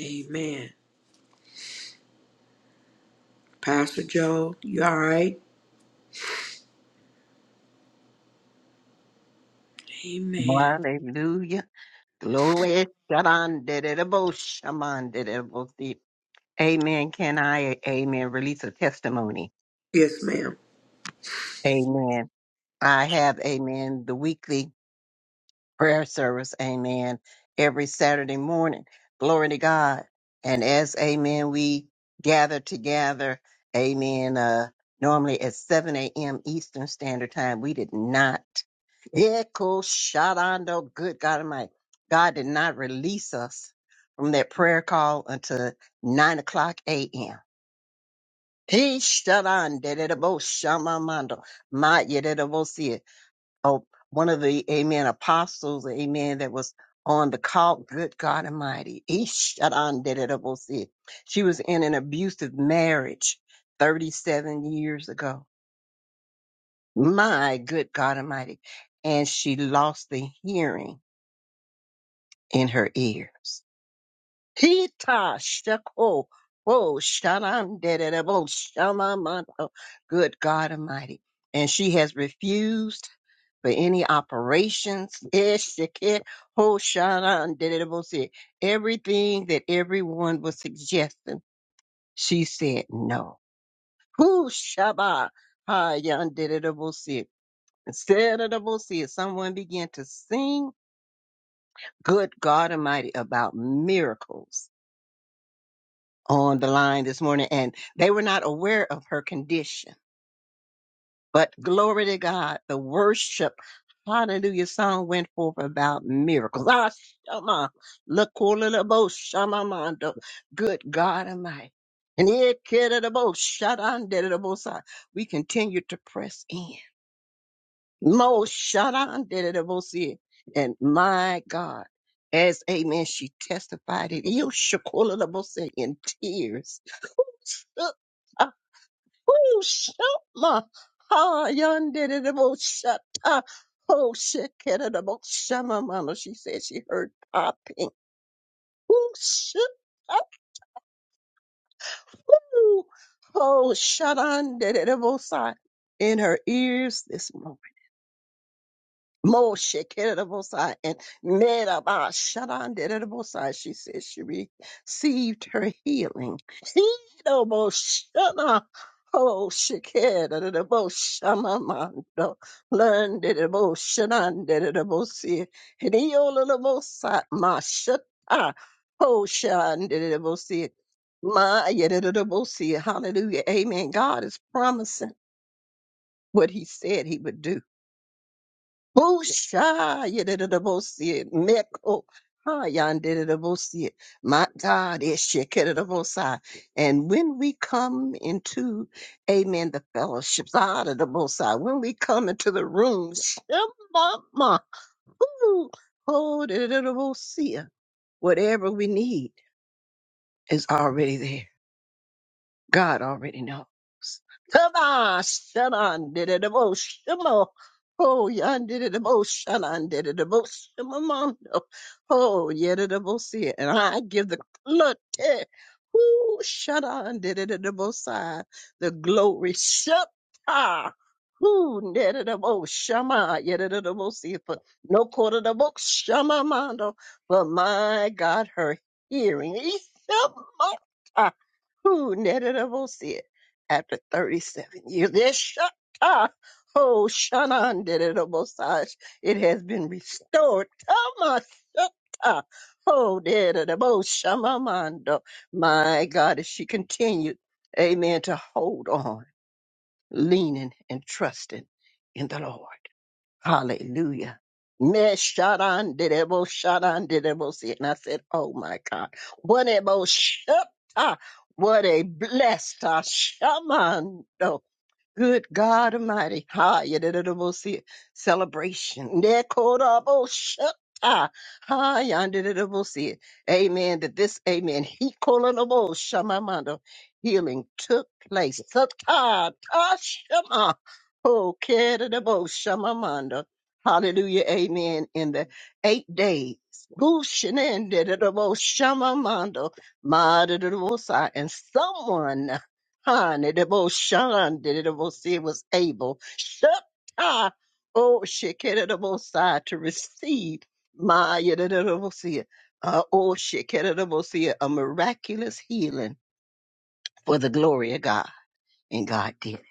[SPEAKER 1] Amen. Pastor Joe, you all right? Amen.
[SPEAKER 3] Amen. Hallelujah. Glory. did did it it shaman, Shabandidabo, shamandidabo. Amen. Can I, amen, release a testimony?
[SPEAKER 1] Yes, ma'am.
[SPEAKER 3] Amen. I have, amen, the weekly prayer service, amen, every Saturday morning. Glory to God. And as, amen, we gather together, amen, uh, normally at 7 a.m. Eastern Standard Time, we did not, echo shadando, good God Almighty, God did not release us from that prayer call until 9 o'clock a.m. He shut on, did it about Shamamando, my, oh, one of the amen apostles, amen, that was on the call, good God Almighty. Eesh, shadandididabosee. She was in an abusive marriage 37 years ago. My good God Almighty. And she lost the hearing in her ears. Pita shako. Oh, shanan derebo shamamato. Good God Almighty. And she has refused for any operations. Eshike, ho shanan derebo se. Everything that everyone was suggesting, she said no. Who shaba hayan derebo se. Instead of the se, someone began to sing, Good God Almighty, about miracles on the line this morning and they were not aware of her condition. But glory to God, the worship hallelujah song went forth about miracles. Ah, shama, lakulabo, shamamando. Good God Almighty. And it kidda the bo, shadan, did kidabo, shadandidabo, si. we continue to press in. Mo shadan, did shadandidabo, si. And my God, as amen, she testified it. Yo, shakulabo, si, in tears *laughs* Woo, shama, ha, yandididibo, shata, ho, shikididibo, shama, mama. She said she heard popping. Woo, shata, ho, shadandididibo, sigh in her ears this morning. Moshe Kerebosai and Merabah Sharan Derebosai. She says she received her healing. Kerebosana. Oh, Shekeraboshamamando. Learn Dereboshanan Derebosi. Hediolabosai Mashata. Oh, Shan Derebosi. My Derebosi. Hallelujah. Amen. God is promising what he said he would do. Busha yedidabosi meko hayandidabosi. My God, ishikedidabosi. And when we come into, amen, the fellowships, adidabosi, when we come into the room, shemama, oh, dididabosi, whatever we need is already there. God already knows. Come on, shut on, did it about shimo. Oh, yon did it about shut on, did it about shimomondo. Oh, yet it about see it. And I give the look, eh, whoo, shut on, did it about side. The glory, shut ah. Who did it about shama, yet it about see it. But no quarter the book, shama mondo. But my God, her hearing, Ishama. Who netted a bullshit after 37 years? This shut Oh, Shanan did it a massage. It has been restored. Tama shutta. Oh, did a shamamando. My God, as she continued, amen, to hold on, leaning and trusting in the Lord. Hallelujah. Me sharan did didebo sharan did didebo see. And I said, Oh my God. What a mo shata. What a blessed uh, shaman. no, Good God Almighty. Ha, yadididabo see celebration. Nekodabo shata. Ha, yadididabo see Amen. That this, amen. He kolonabo shamamando. Healing took place. Sata, ta, shama. Oh, kedidabo shamamando. Hallelujah. Amen. In the eight days. Bushinin dididabo shamamando. Ma dididabo sa. And someone. Han, it about Sean, did it about it was able. Shepta, oh, Shekinah to receive my, it about see it. Uh, oh, Shekinah see it, a miraculous healing for the glory of God. And God did it.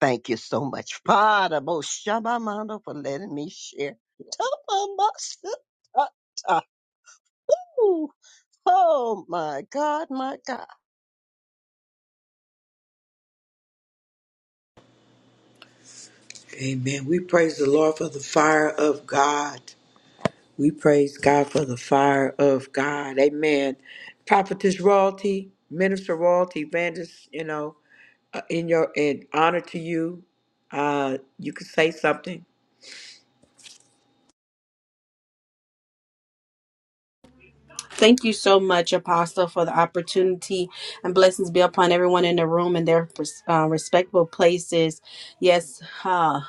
[SPEAKER 3] Thank you so much, Father, most Shabamando, for letting me share. Tabamasa- Ooh, Oh, my God, my God.
[SPEAKER 1] Amen. We praise the Lord for the fire of God. We praise God for the fire of God. Amen. Prophetess royalty, minister royalty, evangelist, you know, uh, in your in honor to you, uh, you can say something.
[SPEAKER 8] Thank you so much, Apostle, for the opportunity and blessings be upon everyone in the room and their uh, respectable places. Yes, uh,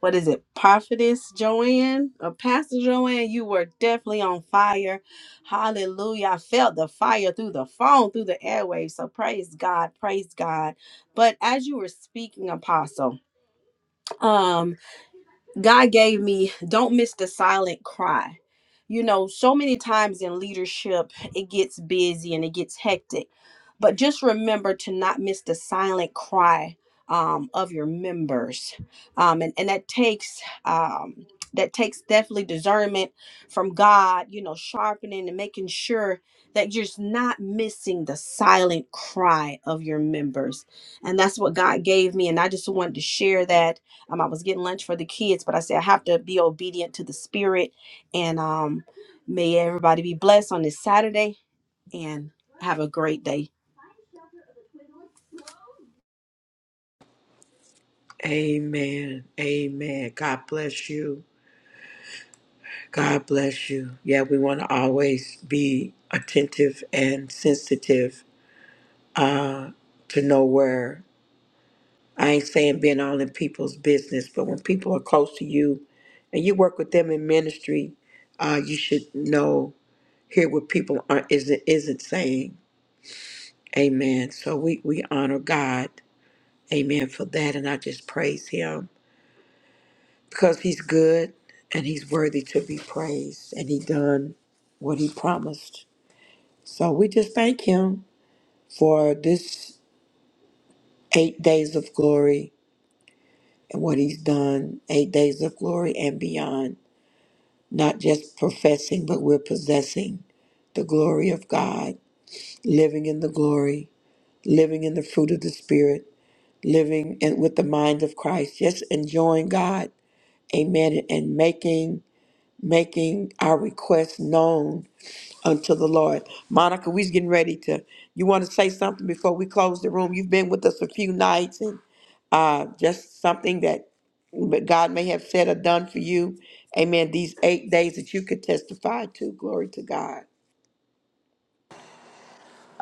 [SPEAKER 8] what is it, Prophetess Joanne or Pastor Joanne? You were definitely on fire. Hallelujah. I felt the fire through the phone, through the airwaves. So praise God, praise God. But as you were speaking, Apostle, um, God gave me don't miss the silent cry. You know, so many times in leadership, it gets busy and it gets hectic. But just remember to not miss the silent cry um, of your members. Um, and, and that takes um, that takes definitely discernment from God, you know, sharpening and making sure that you're just not missing the silent cry of your members. And that's what God gave me. And I just wanted to share that um, I was getting lunch for the kids, but I said I have to be obedient to the spirit. And um, may everybody be blessed on this Saturday and have a great day.
[SPEAKER 1] Amen. Amen. God bless you. God bless you. Yeah, we want to always be attentive and sensitive to know where. I ain't saying being all in people's business, but when people are close to you and you work with them in ministry, uh, you should know, hear what people are isn't isn't saying. Amen. So we, we honor God, amen, for that and I just praise him because he's good and he's worthy to be praised and he done what he promised. So we just thank him for this eight days of glory and what he's done, eight days of glory and beyond. not just professing, but we're possessing the glory of God, living in the glory, living in the fruit of the Spirit, living in, with the mind of Christ, just enjoying God. Amen. And making making our requests known unto the Lord. Monica, we's getting ready to you want to say something before we close the room. You've been with us a few nights and uh, just something that but God may have said or done for you. Amen. These eight days that you could testify to. Glory to God.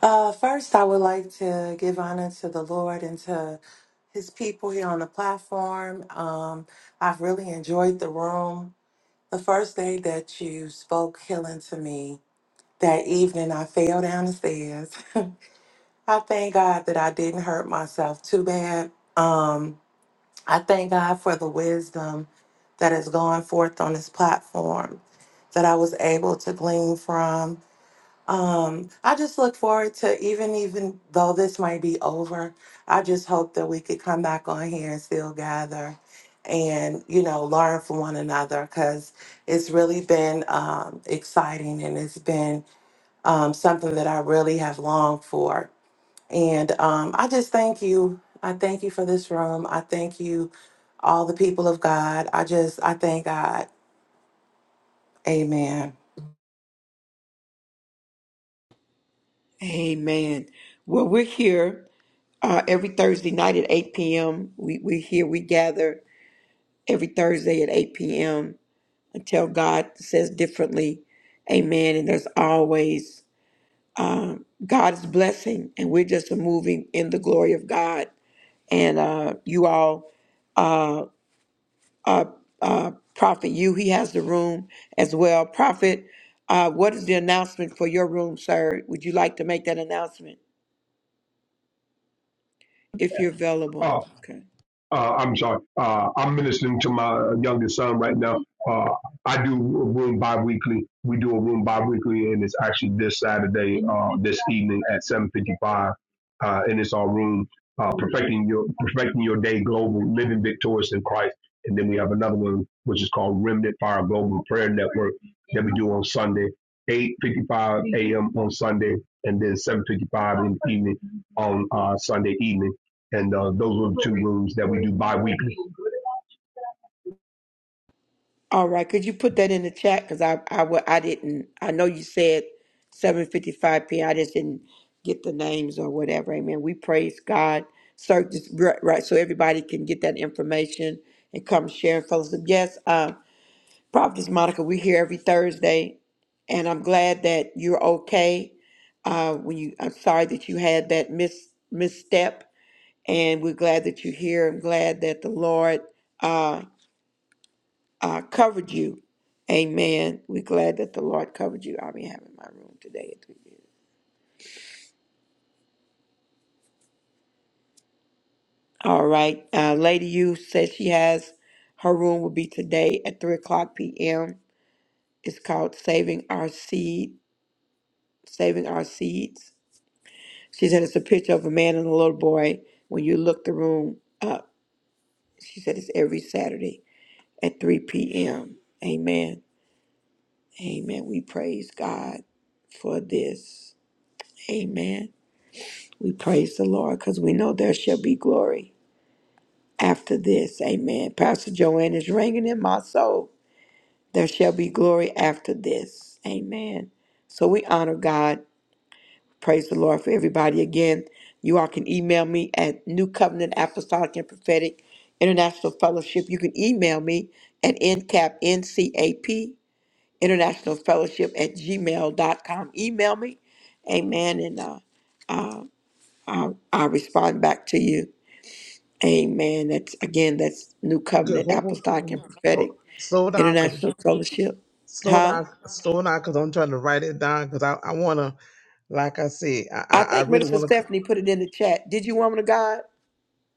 [SPEAKER 9] Uh, first, I would like to give honor to the Lord and to his people here on the platform. Um, I've really enjoyed the room. The first day that you spoke healing to me, that evening I fell down the stairs. *laughs* I thank God that I didn't hurt myself too bad. Um, I thank God for the wisdom that has gone forth on this platform that I was able to glean from. Um, I just look forward to even even though this might be over, I just hope that we could come back on here and still gather and you know learn from one another because it's really been um, exciting and it's been um, something that I really have longed for. And um, I just thank you. I thank you for this room. I thank you, all the people of God. I just I thank God. Amen.
[SPEAKER 1] Amen. Well, we're here uh, every Thursday night at 8 p.m. We, we're here, we gather every Thursday at 8 p.m. until God says differently. Amen. And there's always God's blessing, and we're just moving in the glory of God. And uh, you all uh, Prophet you. He has the room as well. Prophet, uh, what is the announcement for your room, sir? Would you like to make that announcement if you're available?
[SPEAKER 7] Oh,
[SPEAKER 1] Okay.
[SPEAKER 7] uh, I'm sorry. Uh, I'm ministering to my youngest son right now. Uh, I do a room bi-weekly. We do a room bi-weekly, and it's actually this Saturday, uh, this evening at 7:55, uh, and it's our room, uh, perfecting your perfecting your day global, living victorious in Christ. And then we have another one which is called Remnant Fire Global Prayer Network that we do on Sunday, 8:55 a.m. on Sunday, and then 7:55 in the evening on uh, Sunday evening and uh, those are the two rooms that we do bi-weekly.
[SPEAKER 1] All right. Could you put that in the chat? Because I, I, wa- I didn't. I know you said 7:55 p.m. I just didn't get the names or whatever. Amen. We praise God. Sir, just right, right, so everybody can get that information and come share and fellowship. Yes. uh, Prophetess Monica, we're here every Thursday, and I'm glad that you're okay. Uh, when you, I'm sorry that you had that mis, misstep, and we're glad that you're here. I'm glad that the Lord uh, uh, covered you. Amen. We're glad that the Lord covered you. I'll be having my room today at 3 All right. Uh, Lady You says she has her room will be today at 3 o'clock p.m. It's called Saving Our Seed, Saving Our Seeds She said it's a picture of a man and a little boy. When you look the room up, she said it's every Saturday at 3 p.m. Amen. Amen. We praise God for this. Amen. We praise the Lord because we know there shall be glory after this. Amen. Pastor Joanne is ringing in my soul. There shall be glory after this. Amen. So we honor God Praise the Lord for everybody again. You all can email me at New Covenant Apostolic and Prophetic International Fellowship. You can email me at NCAP, N-C-A-P, International Fellowship at gmail dot com. Email me. Amen. And uh, I'll, I'll, I'll respond back to you. Amen. That's again, that's New
[SPEAKER 4] Okay,
[SPEAKER 1] Covenant
[SPEAKER 4] hold, hold,
[SPEAKER 1] Apostolic and
[SPEAKER 4] hold, hold.
[SPEAKER 1] Prophetic
[SPEAKER 4] slow down, cause
[SPEAKER 1] International Fellowship.
[SPEAKER 4] slow
[SPEAKER 1] Huh?
[SPEAKER 4] down, slow down, cause I'm trying to write it down, cause I, I wanna, like I said, I,
[SPEAKER 1] I
[SPEAKER 4] I, I
[SPEAKER 1] think
[SPEAKER 4] really
[SPEAKER 1] Minister
[SPEAKER 4] wanna. c-
[SPEAKER 1] Stephanie put it in the chat. Did you, woman of God?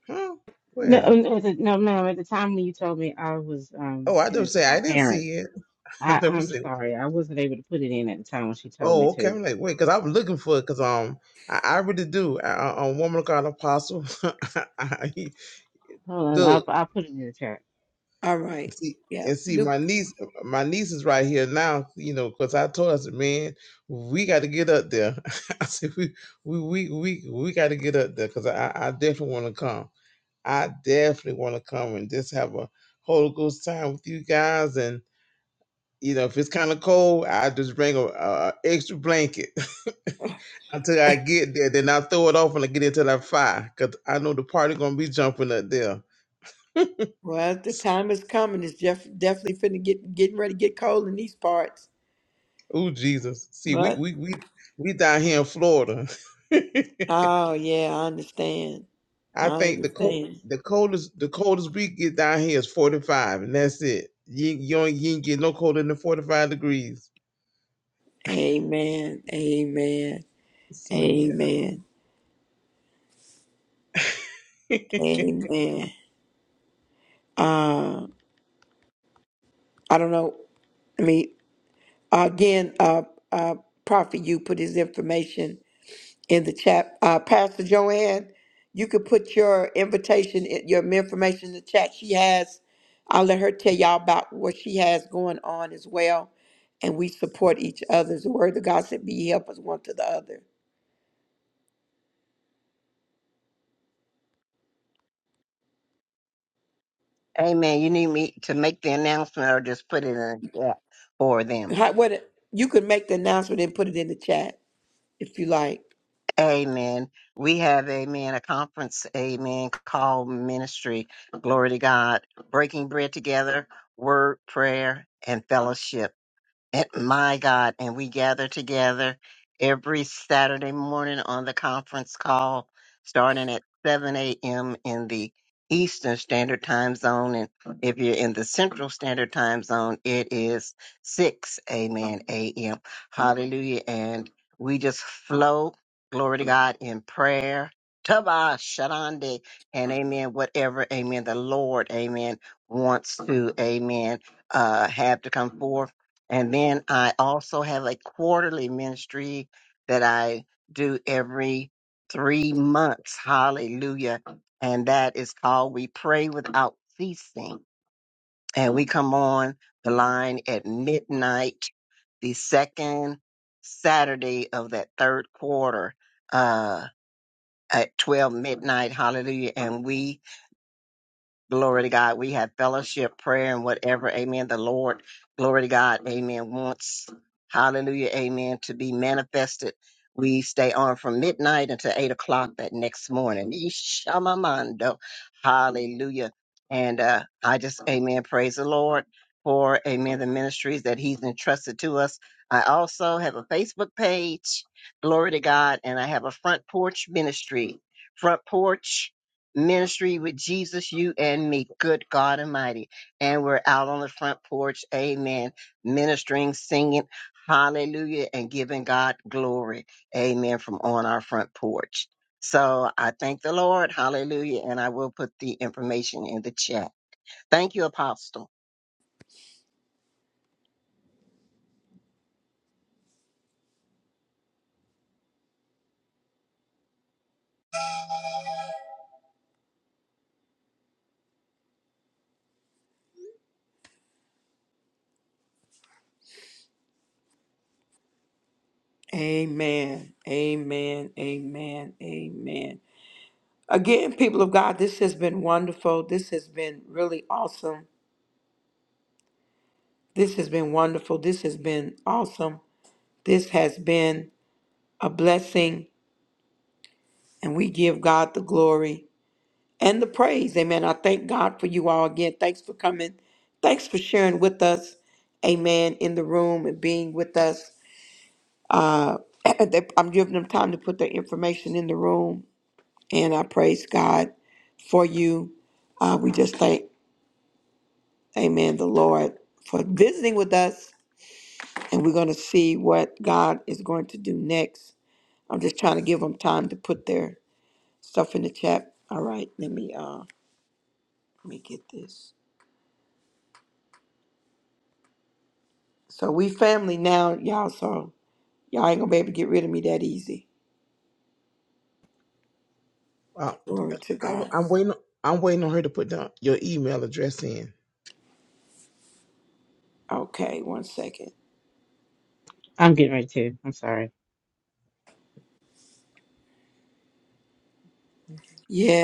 [SPEAKER 4] Huh?
[SPEAKER 2] No,
[SPEAKER 4] Where?
[SPEAKER 2] um, at the, no, ma'am. At the time when you told me I was um
[SPEAKER 4] Oh, I
[SPEAKER 2] tending
[SPEAKER 4] just
[SPEAKER 2] to
[SPEAKER 4] say
[SPEAKER 2] my
[SPEAKER 4] I didn't
[SPEAKER 2] parents,
[SPEAKER 4] see it. *laughs* I
[SPEAKER 2] I
[SPEAKER 4] never
[SPEAKER 2] I'm
[SPEAKER 4] see. It.
[SPEAKER 2] sorry, I wasn't able to put it in at the time when she told me
[SPEAKER 4] Oh, okay.
[SPEAKER 2] to.
[SPEAKER 4] I'm like, wait, cause I'm looking for it, cause um, I, I really do. A, a woman of God, apostle. *laughs* I, I,
[SPEAKER 2] Hold on,
[SPEAKER 4] look.
[SPEAKER 2] I'll I'll put it in the chat.
[SPEAKER 1] All right.
[SPEAKER 4] see
[SPEAKER 1] Yeah.
[SPEAKER 4] and see
[SPEAKER 1] new.
[SPEAKER 4] my niece my niece is right here now you know because i told her I said, man we got to get up there *laughs* i said we we we we, we got to get up there because I, I definitely want to come i definitely want to come and just have a holy ghost time with you guys and you know if it's kind of cold i just bring a, a extra blanket *laughs* until i get there then i throw it off and i get into that fire because i know the party gonna be jumping up there
[SPEAKER 1] Well, the time is coming. It's def- definitely finna get getting ready to get cold in these parts.
[SPEAKER 4] Oh Jesus. See, we
[SPEAKER 1] But
[SPEAKER 4] we we we down here in Florida. *laughs*
[SPEAKER 1] oh yeah, I understand. I
[SPEAKER 4] I think the cold
[SPEAKER 1] understand.
[SPEAKER 4] the coldest the coldest we get down here is 45 and that's it. You ain't- you ain't, you ain't get no colder than 45 degrees.
[SPEAKER 1] Amen. Amen.
[SPEAKER 4] So yeah.
[SPEAKER 1] Amen.
[SPEAKER 4] *laughs*
[SPEAKER 1] Amen. Uh, I don't know. I mean, again, uh, uh, Prophet, you put his information in the chat. Uh, Pastor Joanne, you could put your invitation, in- your information in the chat. She has, I'll let her tell y'all about what she has going on as well. And we support each other. The word of God said, be ye helpers one to the other.
[SPEAKER 3] Amen. You need me to make the announcement or just put it in the chat for them.
[SPEAKER 1] How, what, you could make the announcement and put it in the chat if you like.
[SPEAKER 3] Amen. We have, amen, a conference, amen, called ministry. Glory to God. Breaking bread together, word, prayer, and fellowship at my God, and we gather together every Saturday morning on the conference call, starting at 7 a.m. in the Eastern Standard Time Zone. And if you're in the Central Standard Time Zone, it is 6 amen, a.m. Hallelujah. And we just flow, glory to God, in prayer. Taba, Sharande, and amen, whatever, amen, the Lord, amen, wants to, amen, uh, have to come forth. And then I also have a quarterly ministry that I do every three months. Hallelujah. And that is called We Pray Without Ceasing. And we come on the line at midnight, the second Saturday of that third quarter uh, at 12 midnight. Hallelujah. And we Glory to God. We have fellowship, prayer, and whatever. Amen. The Lord, glory to God. Amen. Wants, hallelujah. Amen. To be manifested. We stay on from midnight until eight o'clock that next morning. Ishamamando. Hallelujah. And uh, I just, amen. Praise the Lord for, amen, the ministries that He's entrusted to us. I also have a Facebook page. Glory to God. And I have a front porch ministry. Front porch Ministry with Jesus, you and me, good God Almighty. And we're out on the front porch, amen, ministering, singing, hallelujah, and giving God glory, amen, from on our front porch. So I thank the Lord, hallelujah, and I will put the information in the chat. Thank you, Apostle.
[SPEAKER 1] Amen. Amen. Amen. Amen. Again, people of God, this has been wonderful. This has been really awesome. This has been wonderful. This has been awesome. This has been a blessing, and we give God the glory and the praise. Amen. I thank God for you all again. Thanks for coming. Thanks for sharing with us. Amen. In the room and being with us. Uh, *clears throat* they- I'm giving them time to put their information in the room, and I praise God for you. Uh, we just thank, Amen, the Lord for visiting with us, and we're going to see what God is going to do next. I'm just trying to give them time to put their stuff in the chat. All right, let me uh let me get this. So we family now, y'all. So y'all ain't gonna be able to get rid of me that easy.
[SPEAKER 4] Uh,
[SPEAKER 1] Glory to
[SPEAKER 4] I,
[SPEAKER 1] God.
[SPEAKER 4] I'm waiting I'm waiting on her to put down your email address in.
[SPEAKER 1] Okay, one second.
[SPEAKER 2] I'm getting ready to. I'm sorry.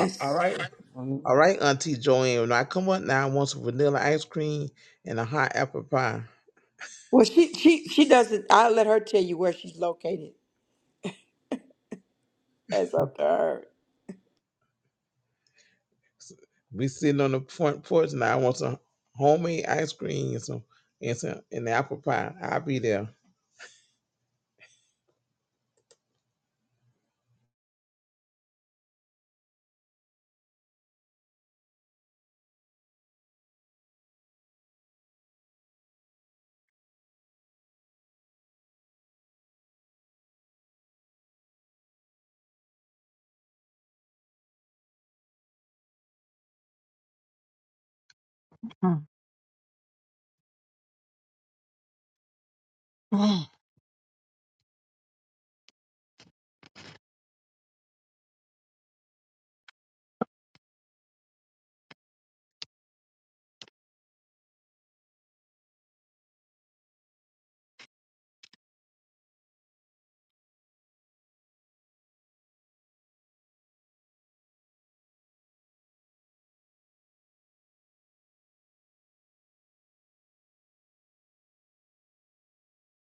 [SPEAKER 4] A- All right. All right, Auntie Joanne. When I come up now, I want some vanilla ice cream and a hot apple pie.
[SPEAKER 1] Well, she she she doesn't. I'll let her tell you where she's located. That's up to her.
[SPEAKER 4] We sitting on the front porch now. I want some homemade ice cream and some and some and apple pie. I'll be there.